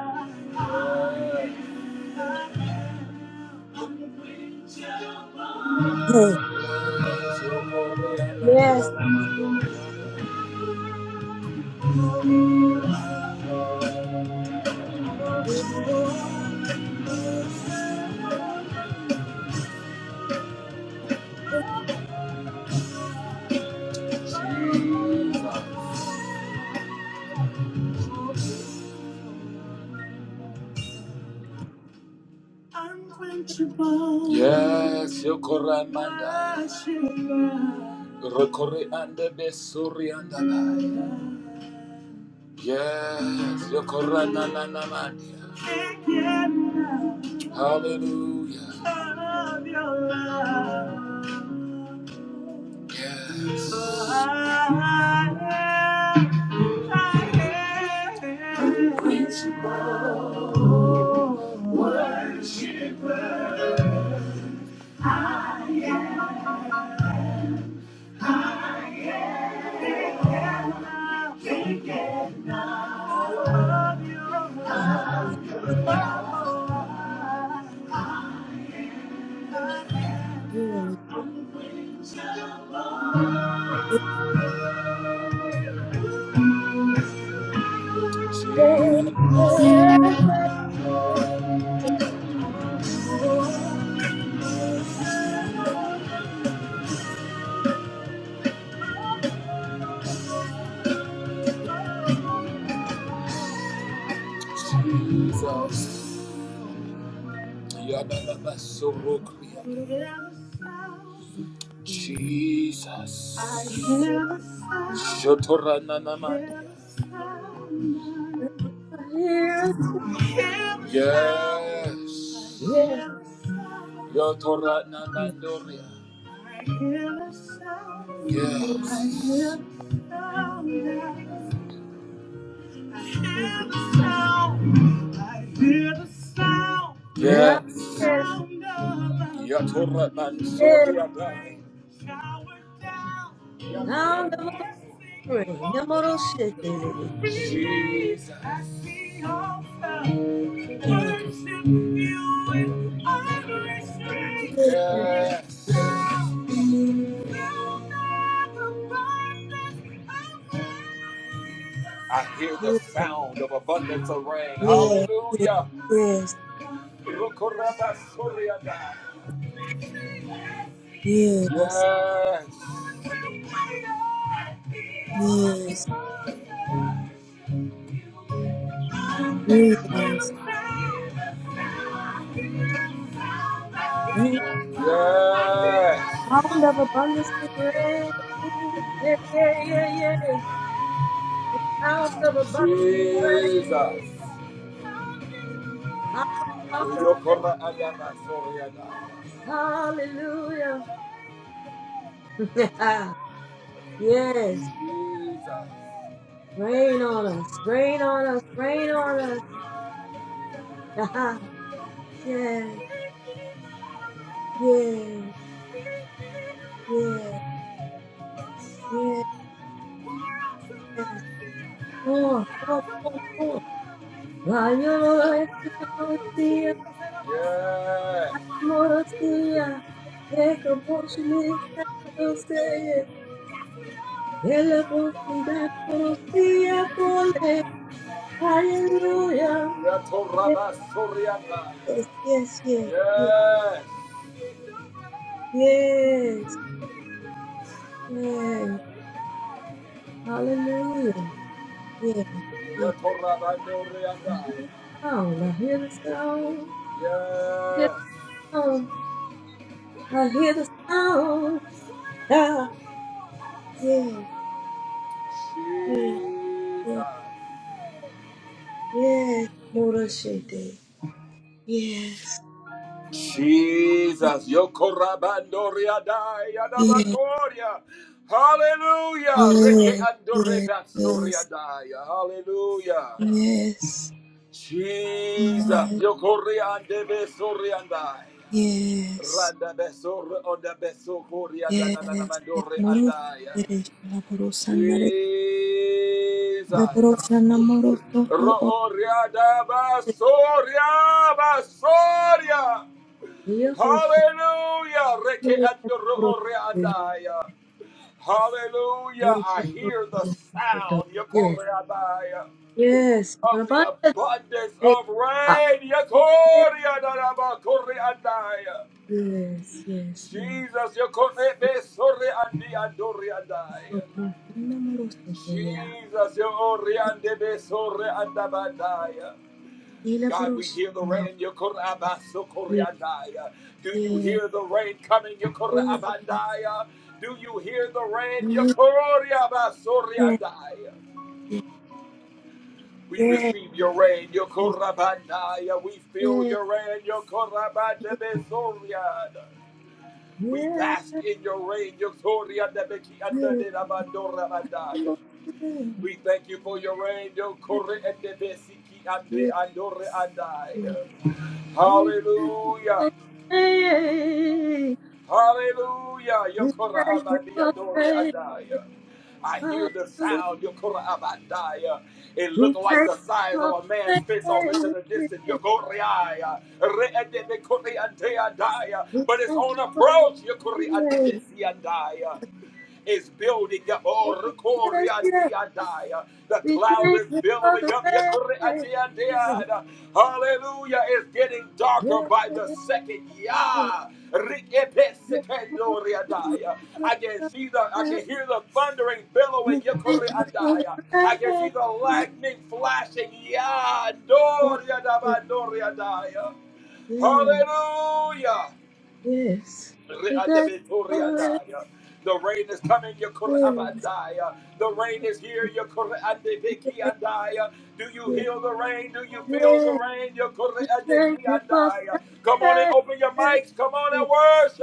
[SPEAKER 6] yes. Yes.
[SPEAKER 1] you Rokore and the Besuri and the Nile. Yes, Yokora na na na na. Hallelujah. So I am, I am.
[SPEAKER 6] Sound of
[SPEAKER 1] Jesus. Yadadabasorokriya. Jesus. Shotorananamanda. Yes. Yotora Nanandoria. Yes. Yes. Yatora Mansoria. Yatora
[SPEAKER 6] a buffering, the moral shit,
[SPEAKER 1] I see all the worship you with adoration. Yes. I hear the sound of abundance of rain.
[SPEAKER 6] Yeah, yeah,
[SPEAKER 1] Hallelujah.
[SPEAKER 6] yeah, yes, yes, yes,
[SPEAKER 1] Yes. Yes,
[SPEAKER 6] yes. Sound of abundance of rain. Yeah, yeah, yeah, yeah. Sound of abundance
[SPEAKER 1] Jesus.
[SPEAKER 6] of rain.
[SPEAKER 1] Yokora Adama Soriada.
[SPEAKER 6] Hallelujah. *laughs* yes. Rain on us. Rain on us. Rain on us. *laughs* yes.
[SPEAKER 1] Jesus.
[SPEAKER 6] Yes. Yes. Yes. More. More. More. More. Rayo es morosía.
[SPEAKER 1] Yeah.
[SPEAKER 6] Morosía. Eco pochilista. Morosía. Ela pochilista. Morosía. Pole. Hallelujah. Yes.
[SPEAKER 1] Yatoraba Sorianda.
[SPEAKER 6] Yes. Yes. Yes.
[SPEAKER 1] Yes.
[SPEAKER 6] Yes. Yes. Hallelujah. Yeah. Yeah.
[SPEAKER 1] Yatoraba
[SPEAKER 6] I
[SPEAKER 1] Norianda.
[SPEAKER 6] hear the sound. I hear the sound. I hear
[SPEAKER 1] Yes.
[SPEAKER 6] the sound. I hear the sound. Ah, yes. yes,
[SPEAKER 1] Jesus.
[SPEAKER 6] yes. Yes. Morashite. Yes.
[SPEAKER 1] Jesus, Yokorabandoria Daya
[SPEAKER 6] Yes.
[SPEAKER 1] Namakoria.
[SPEAKER 6] Yes.
[SPEAKER 1] Hallelujah. Reke
[SPEAKER 6] Yes. Yes. Yes.
[SPEAKER 1] Andoreba Soria
[SPEAKER 6] Yes.
[SPEAKER 1] Daya. Hallelujah.
[SPEAKER 6] Yes.
[SPEAKER 1] Jesus, Yokoria Debe Soria Daya.
[SPEAKER 6] Yes.
[SPEAKER 1] Randa Besor Onda Beso Koria
[SPEAKER 6] Yes.
[SPEAKER 1] Nanamandore
[SPEAKER 6] Moros.
[SPEAKER 1] Andaya.
[SPEAKER 6] La porosa nare. La
[SPEAKER 1] Jesus.
[SPEAKER 6] porosa namoro soto.
[SPEAKER 1] Rooria Daba Soria Basoria.
[SPEAKER 6] Dia
[SPEAKER 1] Hallelujah. Reke ando ro ore andaya. Hallelujah.
[SPEAKER 6] Yes,
[SPEAKER 1] I hear the sound
[SPEAKER 6] yes,
[SPEAKER 1] yekore andaya,
[SPEAKER 6] yes.
[SPEAKER 1] of the
[SPEAKER 6] Abundant
[SPEAKER 1] abundance
[SPEAKER 6] things.
[SPEAKER 1] of
[SPEAKER 6] Ah,
[SPEAKER 1] rain. Yekore andaba kore andaya.
[SPEAKER 6] Yes, yes, yes.
[SPEAKER 1] Jesus, yekore be sore andi andore andaya.
[SPEAKER 6] Okay. Namorosa, yeah.
[SPEAKER 1] Jesus, yekore ande be sore andabandaya. God, we
[SPEAKER 6] Ilaborosa,
[SPEAKER 1] hear the
[SPEAKER 6] namoro-
[SPEAKER 1] rain.
[SPEAKER 6] yeah,
[SPEAKER 1] Yokorabasokoriandaya. Do you
[SPEAKER 6] yeah,
[SPEAKER 1] hear the rain coming?
[SPEAKER 6] yeah, yeah,
[SPEAKER 1] Yokorabandaya. Do you hear the rain?
[SPEAKER 6] yeah,
[SPEAKER 1] Yokorabasoriandaya.
[SPEAKER 6] yeah,
[SPEAKER 1] We
[SPEAKER 6] yeah, yeah,
[SPEAKER 1] receive your rain,
[SPEAKER 6] yeah.
[SPEAKER 1] Yokorabandaya. We feel your rain, Yokorabandabesorianda. We bask in your rain, Yokoriandabeki
[SPEAKER 6] Namorosa,
[SPEAKER 1] We thank you for your rain, Yokori Hallelujah.
[SPEAKER 6] yeah, yeah.
[SPEAKER 1] Hallelujah.
[SPEAKER 6] We
[SPEAKER 1] Yokora
[SPEAKER 6] thank you for
[SPEAKER 1] abadia dore
[SPEAKER 6] today. We
[SPEAKER 1] adaya. I hear
[SPEAKER 6] thank
[SPEAKER 1] the
[SPEAKER 6] you for today.
[SPEAKER 1] sound. Yokora abadaya. It looked
[SPEAKER 6] We
[SPEAKER 1] like
[SPEAKER 6] thank
[SPEAKER 1] the
[SPEAKER 6] you
[SPEAKER 1] size
[SPEAKER 6] for
[SPEAKER 1] of a man's
[SPEAKER 6] the
[SPEAKER 1] fist off into the
[SPEAKER 6] grace.
[SPEAKER 1] distance. Yokoreaya. Reedebe koreantea
[SPEAKER 6] We
[SPEAKER 1] But it's
[SPEAKER 6] thank
[SPEAKER 1] on
[SPEAKER 6] you for the
[SPEAKER 1] approach. Yokore
[SPEAKER 6] grace.
[SPEAKER 1] andebesiandaya is building up. Oh,
[SPEAKER 6] Yes, yes.
[SPEAKER 1] Rikoriandiandai. the
[SPEAKER 6] We
[SPEAKER 1] cloud
[SPEAKER 6] thank
[SPEAKER 1] is
[SPEAKER 6] you for
[SPEAKER 1] billowing
[SPEAKER 6] the
[SPEAKER 1] up.
[SPEAKER 6] grace.
[SPEAKER 1] Yekoriandiandiai. Hallelujah. It's getting darker
[SPEAKER 6] Yes,
[SPEAKER 1] by the
[SPEAKER 6] yes.
[SPEAKER 1] second. Yeah. Rikepesekendoriandai. I can see the, I
[SPEAKER 6] yes.
[SPEAKER 1] can hear the thundering billowing.
[SPEAKER 6] We thank you for the grace. Yes, yes. We thank you for the
[SPEAKER 1] Yekoriandai. I can see the
[SPEAKER 6] grace.
[SPEAKER 1] lightning flashing. Yeah.
[SPEAKER 6] Yes, yes.
[SPEAKER 1] Doriadabandoriandai.
[SPEAKER 6] yes.
[SPEAKER 1] Hallelujah.
[SPEAKER 6] We
[SPEAKER 1] Re-anda-be-to-re-andaya. The rain is coming, Yakurabandaya. The rain is here, Yakurabandaya. Do you hear the rain? Do you feel the rain?
[SPEAKER 6] thank you for
[SPEAKER 1] Yakurabandaya. Come on and
[SPEAKER 6] the
[SPEAKER 1] open your
[SPEAKER 6] grace.
[SPEAKER 1] mics. Come on and